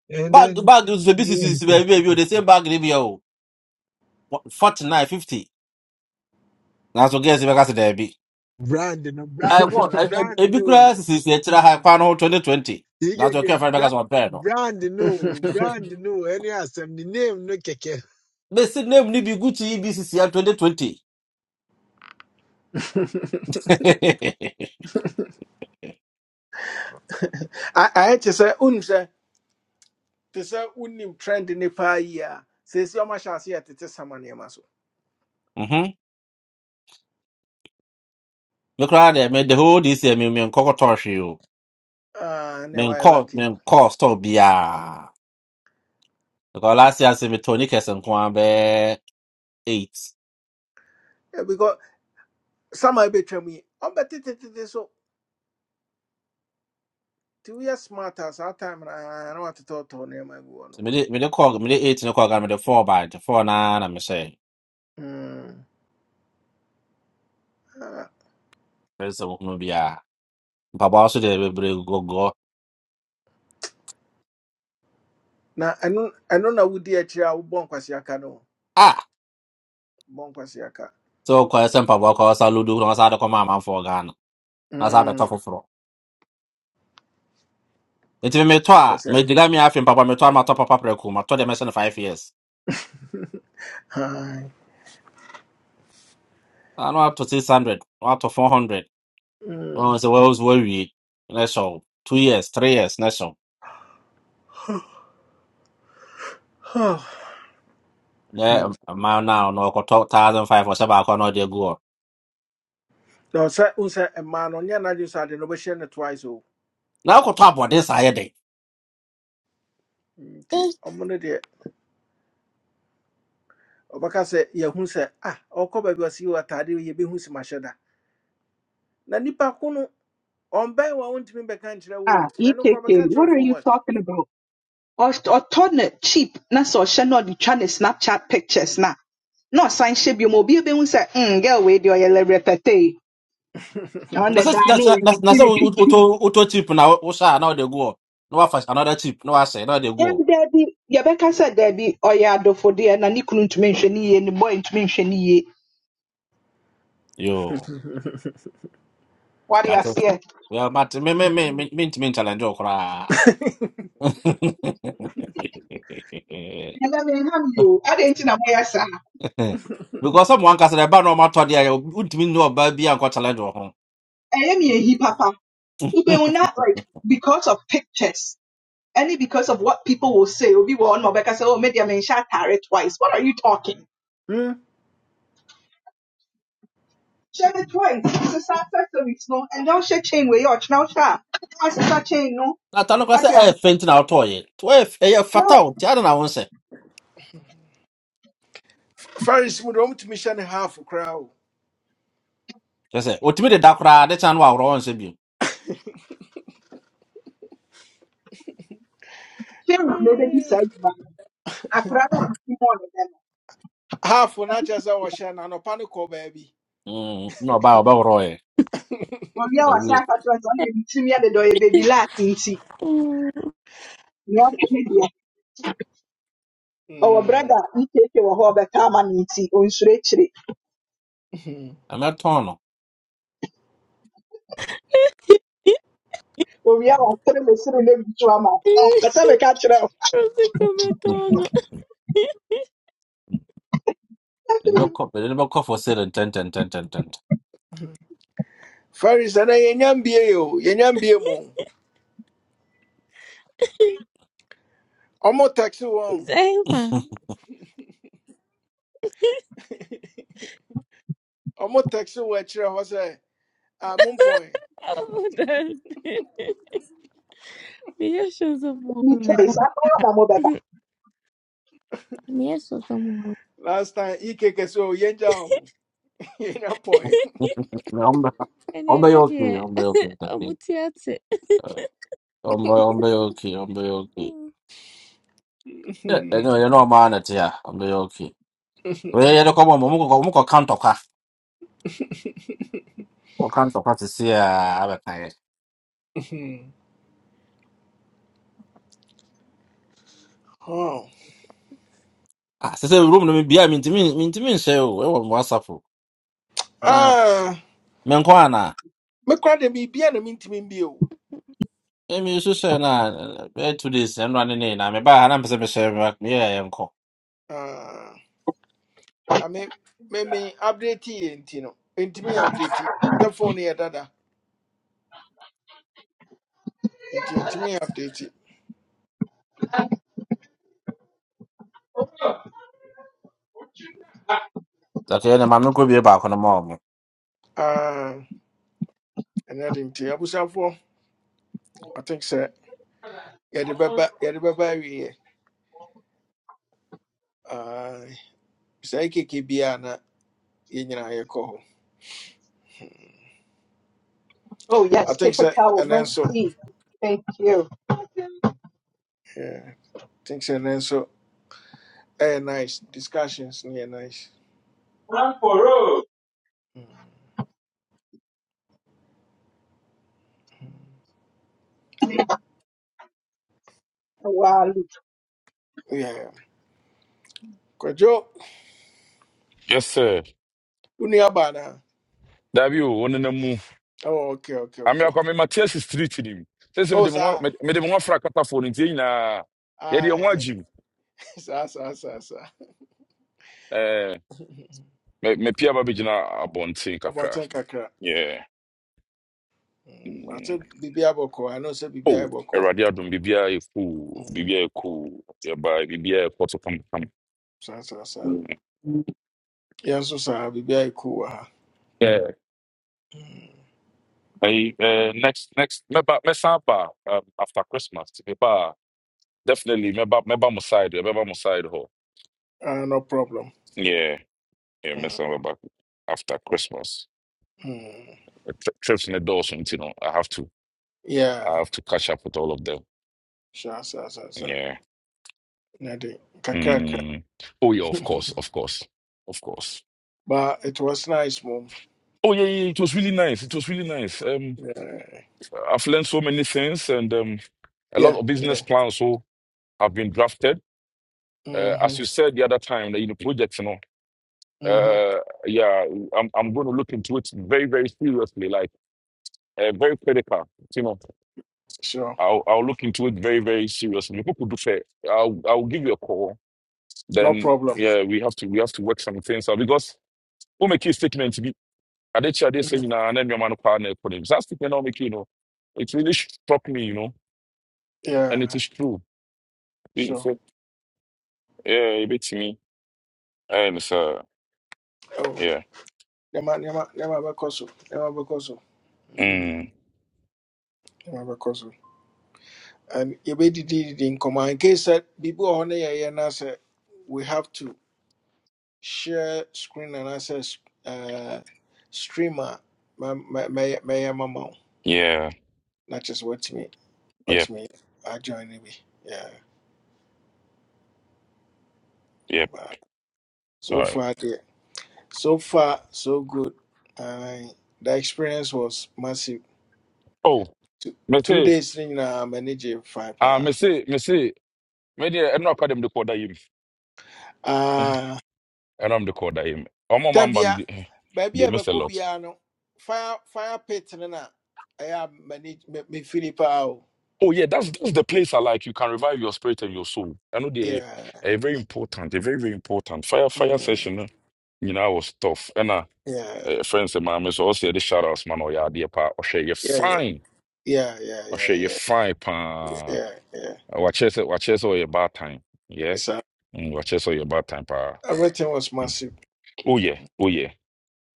Speaker 6: and
Speaker 15: bag
Speaker 6: then
Speaker 15: bag nso bi
Speaker 6: yeah,
Speaker 15: sisisisi baabi a bi o
Speaker 6: *laughs*
Speaker 15: de same bag ne bi a o forty nine fifty. Nanso girls bɛka sɛ daabi.
Speaker 6: brand no brand
Speaker 15: Ɛwɔ
Speaker 6: no brand
Speaker 15: ebi
Speaker 6: no,
Speaker 15: kura sisisi akyire ha kwan no twenty twenty.
Speaker 6: you can
Speaker 15: Nanso ɔkɛ
Speaker 6: get
Speaker 15: fɛn bɛka
Speaker 6: brand
Speaker 15: sɛ ɔbɛn no.
Speaker 6: brand new, brand new. any as the name no keke
Speaker 15: bɛsi said name ni bi gu to ebcc a 2020
Speaker 1: *laughs* A-
Speaker 15: *laughs*
Speaker 1: ayɛ te sɛ wonim sɛ te sɛ wonim trend ne paa yi a seesi ɔmahyɛ aseɛ tete sama nneɛma so
Speaker 15: Mhm. me koraa deɛ me the whole this year me menkɔkɔtɔ hwee o
Speaker 1: Ah, ne why
Speaker 15: menkɔ
Speaker 1: lucky.
Speaker 15: menkɔ store biaa because last year se metɔ knickers nko a bɛɛ eight
Speaker 1: Yeah, because some I betray me. I'm better so to we are smart as our time and I don't want to talk to him my go
Speaker 15: so mede mede kɔ mede eight ne kɔɔ me mede four by nti four na na mehyɛ
Speaker 1: on.
Speaker 15: fɛn sɛ wohunu biaa mpaboa so deɛ bebree gɔgɔ
Speaker 1: Now I know I know na would actually a would bonk no.
Speaker 15: ah
Speaker 1: Bonk was yaka.
Speaker 15: So kwa sɛ papa kwa sa na wɔsa de kɔma amanfoɔ ghana na sa
Speaker 1: Hmm.
Speaker 15: bɛtɔ foforɔ nti metɔ a
Speaker 1: Was yaka.
Speaker 15: megyina me afe mpaboa metɔ a matɔ papa prɛko matɔ deɛ mɛhyɛ no five years
Speaker 1: Hi.
Speaker 15: I know up to 600, up to 400.
Speaker 1: Hmm.
Speaker 15: Oh, so what was worried? National, two years, three years, national.
Speaker 1: Huh.
Speaker 15: Yeah, um, a man now, no, go talk thousand five or seven, I can not go.
Speaker 1: No, sir, unsa a man on na I just no an ovation twice oh.
Speaker 15: Now, I go talk about this, I day.
Speaker 1: Nti ɔmono deɛ ɔbɛka sɛ yɛhu sɛ ah ɔkɔ baabi a ɔsi wɔ atade yɛbɛhu si mahyɛ da na nipa ko no On ɔmbae wa wontumi bɛka nkyerɛ wo o na ne kora
Speaker 20: EKK,
Speaker 1: bɛka
Speaker 20: what
Speaker 1: kyerɛ
Speaker 20: are
Speaker 1: for
Speaker 20: you
Speaker 1: what
Speaker 20: talking about? Ɔs- Ɔtɔ ne cheap na sɛ ɔhyɛ na ɔde Snapchat pictures na na sign hyɛ bio mobile. Be ebehu say, mm girl wei deɛ ɔyɛ lɛ- rɛpɛtɛ yi. Ɔno deɛ
Speaker 15: That's that's
Speaker 20: daa na
Speaker 15: that's that's auto auto chip now. Osha, now they go. No, I first another chip. No, I say, now they go.
Speaker 20: Dabi, yɛbɛka sɛ dabi ɔyɛ adɔfodeɛ na ne kunu ntumi nhwɛ ne yie, ne boy ntumi nhwɛ ne yie.
Speaker 15: Yo,
Speaker 20: I
Speaker 15: that's it.
Speaker 20: aseɛ.
Speaker 15: Well, but me me me me me me challenge okra.
Speaker 1: *laughs*
Speaker 15: *laughs*
Speaker 20: you. I didn't know nti I moyɛ
Speaker 15: Eh, because someone can say about normal to the wouldn't mean no about be and got challenge or home.
Speaker 20: I am me ehi papa. Wobehu na like because of pictures. Any because of what people will say. Obi wɔ hɔ na ɔbɛka sɛ, oh, media menhyɛ atare twice. What are you talking?
Speaker 1: hmm?
Speaker 20: Hyɛ it twice. It's Sesa accessories no. And don't hyɛ chain wei ɔkyena Now a. Why sesa chain no?
Speaker 15: Na tano kwa
Speaker 20: Wate
Speaker 15: se
Speaker 20: aseɛ.
Speaker 15: eh faint na auto ye. To eh eh
Speaker 20: No,
Speaker 15: fatal ti ada na won se.
Speaker 1: Faris mu de ɔmutumi hyɛ ne half crowd.
Speaker 15: Je se ultimate de dakra de chan wa ro won se bi.
Speaker 20: chain na ɛbɛdi saa
Speaker 1: Half,
Speaker 20: adwuma no. Akwadaa no a ɔte mu a ɔyɛ dɛn no,
Speaker 1: Hmm. Half no akyerɛ sɛ wɔhyɛ no anɔpa no kɔ baabi.
Speaker 15: Mm no ba ba ro ye.
Speaker 20: wɔwia wasa
Speaker 15: Obi
Speaker 20: akakyerɛ sɛ ɔne bɛbitiri mi adeda ɔyɛ baby last nti
Speaker 16: *laughs*
Speaker 20: nea ɔka ne deɛ ɔwɔ
Speaker 1: Mm.
Speaker 20: brada ekeke wɔ hɔ a ɔbɛka ama no nti onsuro akyire
Speaker 1: *laughs*
Speaker 15: am not tono.
Speaker 20: owia wasere mesere na ebi to ama kasa
Speaker 16: *laughs*
Speaker 20: meka kyerɛ wo
Speaker 16: Você comentou no...
Speaker 15: Ele ko ele ko *laughs* for sale and ten ten ten ten ten.
Speaker 1: Faris ɛnɛ yɛnya mbie o yɛnya mbie *laughs* mu.
Speaker 16: *laughs*
Speaker 1: Ɔmo taxi wɔn
Speaker 16: Zeba.
Speaker 1: ɔmo taxi wɔ akyirɛ hɔ sɛ a mo point.
Speaker 16: Oh, Rosie Cametano. Zaiba. Niyesho za
Speaker 20: ne
Speaker 16: muone.
Speaker 20: choice akɔyɛ na
Speaker 16: Niyesho za muone.
Speaker 1: Last time ike kɛse o yɛngya wɔn yɛnya mpɔn.
Speaker 15: *laughs* Ombe
Speaker 16: Ene
Speaker 15: ombe yoki
Speaker 16: nadiye.
Speaker 15: ombe yoki tapi.
Speaker 16: Amutiate.
Speaker 15: Ombe ombe yoki ombe yoki. Eh eh no ye no ma na ti ya ombe yoki. We ye de ko mo mo ko mo ko count wɔka ntɔkwa te se a abɛkaeɛ Ah, sɛ sɛ rom no mebia mentimi mentimi nhyɛ o ɛwɔ me whatsapp o na menkɔ ana
Speaker 1: Mekora *laughs* *laughs* de biribiara na mentumi mbie o.
Speaker 15: ɛmi so hyɛ no a bɛyɛ two days ɛnoa ne ne na mebaa ha na mpɛ sɛ mehyɛ meyɛɛ yɛnkɔ
Speaker 1: Ah. I mean, me me update yɛ nti no ntumi me update yi. sɛ phone no yɛ dada nti ntumi me update yi.
Speaker 15: dake ɛne ma menkɔ bie baako no ma
Speaker 1: Ah, ɛnɛ de nti abusuafoɔ i think sɛ yɛde bɛba yɛde bɛba awieɛ bisae keke biaa na yɛn nyinaa yɛkɔ hɔ
Speaker 20: oh yes
Speaker 1: i think sɛ
Speaker 20: typical
Speaker 1: ɛnɛ nso
Speaker 20: mercy thank you
Speaker 1: yeah, i think sɛ ɛnɛ nso ɛyɛ nice discussions no yɛ nice Mm,
Speaker 20: wow
Speaker 1: yeah. kwadwo
Speaker 22: Yes, sir.
Speaker 1: wo nua no
Speaker 22: Dabi o, one na mu.
Speaker 1: oh, okay okay
Speaker 22: Ami
Speaker 1: okay
Speaker 22: akwa me Matthias street ni. Sese me
Speaker 1: oh
Speaker 22: de mo
Speaker 1: saa
Speaker 22: me de mo fra kata phone nti na. Ye
Speaker 1: Ah,
Speaker 22: de mo
Speaker 1: eh,
Speaker 22: agim.
Speaker 1: *laughs* saa saa saa *laughs*
Speaker 22: Eh,
Speaker 1: *laughs*
Speaker 22: me me pia ba be gina abonten kakra.
Speaker 1: abɔnten kakra
Speaker 22: Yeah.
Speaker 1: Mm, ase
Speaker 22: Mm.
Speaker 1: biribiara bɔkɔ ano sɛ biribiara
Speaker 22: Oh,
Speaker 1: bɔkɔ
Speaker 22: Eradi adum bibia e cool, bibia
Speaker 1: Mm,
Speaker 22: e cool. Yeah, bye, bibia e photo come
Speaker 1: saa saa saa yɛn nso saa biribiara yɛ cool wɔ ha
Speaker 22: come.
Speaker 1: Mm,
Speaker 22: Hey, uh, next next meba mesa ba um, after Christmas meba definitely meba meba mo side meba mo side ho
Speaker 1: ah, no problem
Speaker 22: yeah yeah
Speaker 1: Mm,
Speaker 22: mesa meba after Christmas
Speaker 1: mm,
Speaker 22: Uh, tri- trips in the door so you know I have to I
Speaker 1: yeah
Speaker 22: have to catch up with all of them
Speaker 1: saa saa saa saa
Speaker 22: yeah
Speaker 1: na de kakrakra
Speaker 22: mm. oh yeah of course
Speaker 1: *laughs*
Speaker 22: of course of course
Speaker 1: but it was nice mom
Speaker 22: oh yeah, yeah it was really nice it was really nice um
Speaker 1: yeah
Speaker 22: I've learned so many things and um a
Speaker 1: yeah
Speaker 22: lot of business
Speaker 1: yeah
Speaker 22: plans so have been drafted uh, as
Speaker 1: mm-hmm,
Speaker 22: you said the other time the you know, projects you know
Speaker 1: mm-hmm.
Speaker 22: Uh, yeah, I'm I'm going to look into it very, very seriously, like uh, very critical. You know,
Speaker 1: sure
Speaker 22: I'll I'll look into it very, very seriously. People do fair. I'll I'll give you a call.
Speaker 1: no
Speaker 22: Then
Speaker 1: problem
Speaker 22: yeah, we have to we have to work some things out because who make you statement to be I did share this
Speaker 1: mm,
Speaker 22: and then your man power neck for him. That statement i make you know. It really struck me, you know, and it
Speaker 1: yeah
Speaker 22: is true. It-
Speaker 1: sure
Speaker 22: so, yeah, a bit to me. And so
Speaker 1: oh
Speaker 22: yeah.
Speaker 1: nneɛma nneɛma nneɛma bɛkɔ so nneɛma bɛkɔ so Mm,
Speaker 22: Mm,
Speaker 1: nneɛma bɛkɔ so and you yɛbɛdidididi nkɔmmɔ in command. In case that people no yɛyɛ na we have to share screen and s- uh, streamer, my my my my mɛyɛ mama
Speaker 22: yeah,
Speaker 1: not just watch me, watch
Speaker 22: yep,
Speaker 1: me, I join me. Yeah,
Speaker 22: yep.
Speaker 1: but
Speaker 22: All
Speaker 1: so
Speaker 22: right.
Speaker 1: far deɛ so far so good Aye, the experience was massive
Speaker 22: Oh,
Speaker 1: two two
Speaker 22: Mercedes.
Speaker 1: days no nyinaa m'ani five
Speaker 22: Ah, me
Speaker 1: hour.
Speaker 22: say, me say, me dey. I'm not them the call that him. Eh,
Speaker 1: paa
Speaker 22: eh, no, I'm not the call that him. I'm a man,
Speaker 1: Tabia,
Speaker 22: but they
Speaker 1: baabi
Speaker 22: they
Speaker 1: a
Speaker 22: miss a
Speaker 1: bɛkɔ
Speaker 22: lot.
Speaker 1: biara no, fire fire pit no na ɛyɛ a m'ani me firi paa o.
Speaker 22: Oh yeah, that's that's the place I like. You can revive your spirit and your soul. I know they
Speaker 1: Yeah,
Speaker 22: are very important. They're very very important. Fire fire
Speaker 1: mm,
Speaker 22: session. eh, You know, I was tough. And uh,
Speaker 1: yeah,
Speaker 22: eh, friends and my so also the shout outs man. Oh yeah, dear pa. Oh share you
Speaker 1: yeah, yeah,
Speaker 22: fine.
Speaker 1: yeah, yeah,
Speaker 22: Oh share you
Speaker 1: yeah,
Speaker 22: fine pa.
Speaker 1: yeah, yeah.
Speaker 22: Oh, Watch it, watch it. Oh your bad time. Yeah,
Speaker 1: So
Speaker 22: Mm, watch it. Oh your bad time pa.
Speaker 1: everything was
Speaker 22: Mm.
Speaker 1: massive.
Speaker 22: Oh yeah, oh yeah.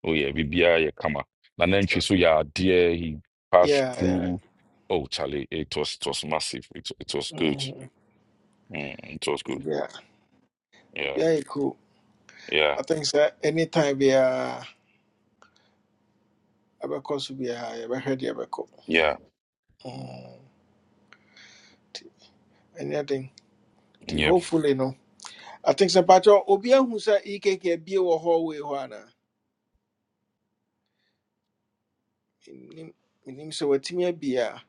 Speaker 22: Oh yeah, Bibia yeah kama. And then she
Speaker 1: So,
Speaker 22: saw yeah dear he passed
Speaker 1: yeah, yeah,
Speaker 22: through. Oh Charlie, it was it was massive. It it was good.
Speaker 1: mm,
Speaker 22: Mm, it was good.
Speaker 1: yeah.
Speaker 22: Yeah.
Speaker 1: Yeah, cool.
Speaker 22: Yeah.
Speaker 1: I think so. Anytime biara ɛbɛkɔ so biara yɛbɛhwɛ deɛ ɛbɛkɔ.
Speaker 22: Yeah.
Speaker 1: Mm, nti Anything. Nti
Speaker 22: Yep.
Speaker 1: hopefully no. I think sɛ patro obi ahu sɛ EKK abie wɔ hallway hɔ ana. Nim- menim sɛ watumi abi a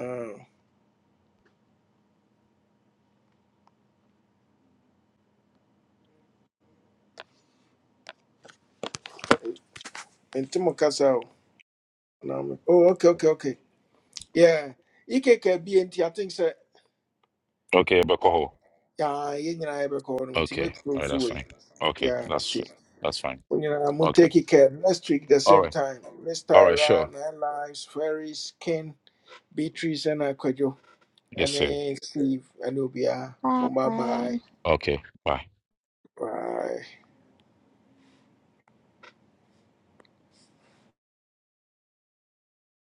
Speaker 1: ah, mo kasa o Na me- oh, okay okay okay yeah ikeka bi enti i think sɛ
Speaker 22: Okay,
Speaker 1: ah,
Speaker 22: Bekoho.
Speaker 1: ah, yɛn nyinaa yɛbɛkɔ hɔ no nti
Speaker 22: Okay. All
Speaker 1: mɛkuro
Speaker 22: right,
Speaker 1: so
Speaker 22: that's
Speaker 1: wei
Speaker 22: fine. Okay,
Speaker 1: yeah
Speaker 22: that's
Speaker 1: nti
Speaker 22: that's fine.
Speaker 1: mo nyinaa mo
Speaker 22: Okay.
Speaker 1: take care next week the
Speaker 22: All
Speaker 1: same
Speaker 22: right.
Speaker 1: time miss
Speaker 22: All right,
Speaker 1: tyra
Speaker 22: sure.
Speaker 1: nine lives ferries skin. beatrice and akwadwo
Speaker 22: Yes, sir.
Speaker 1: ɛne steve ɛne obiaa mo bye
Speaker 16: Bye.
Speaker 1: bye
Speaker 22: Okay. Bye.
Speaker 1: bye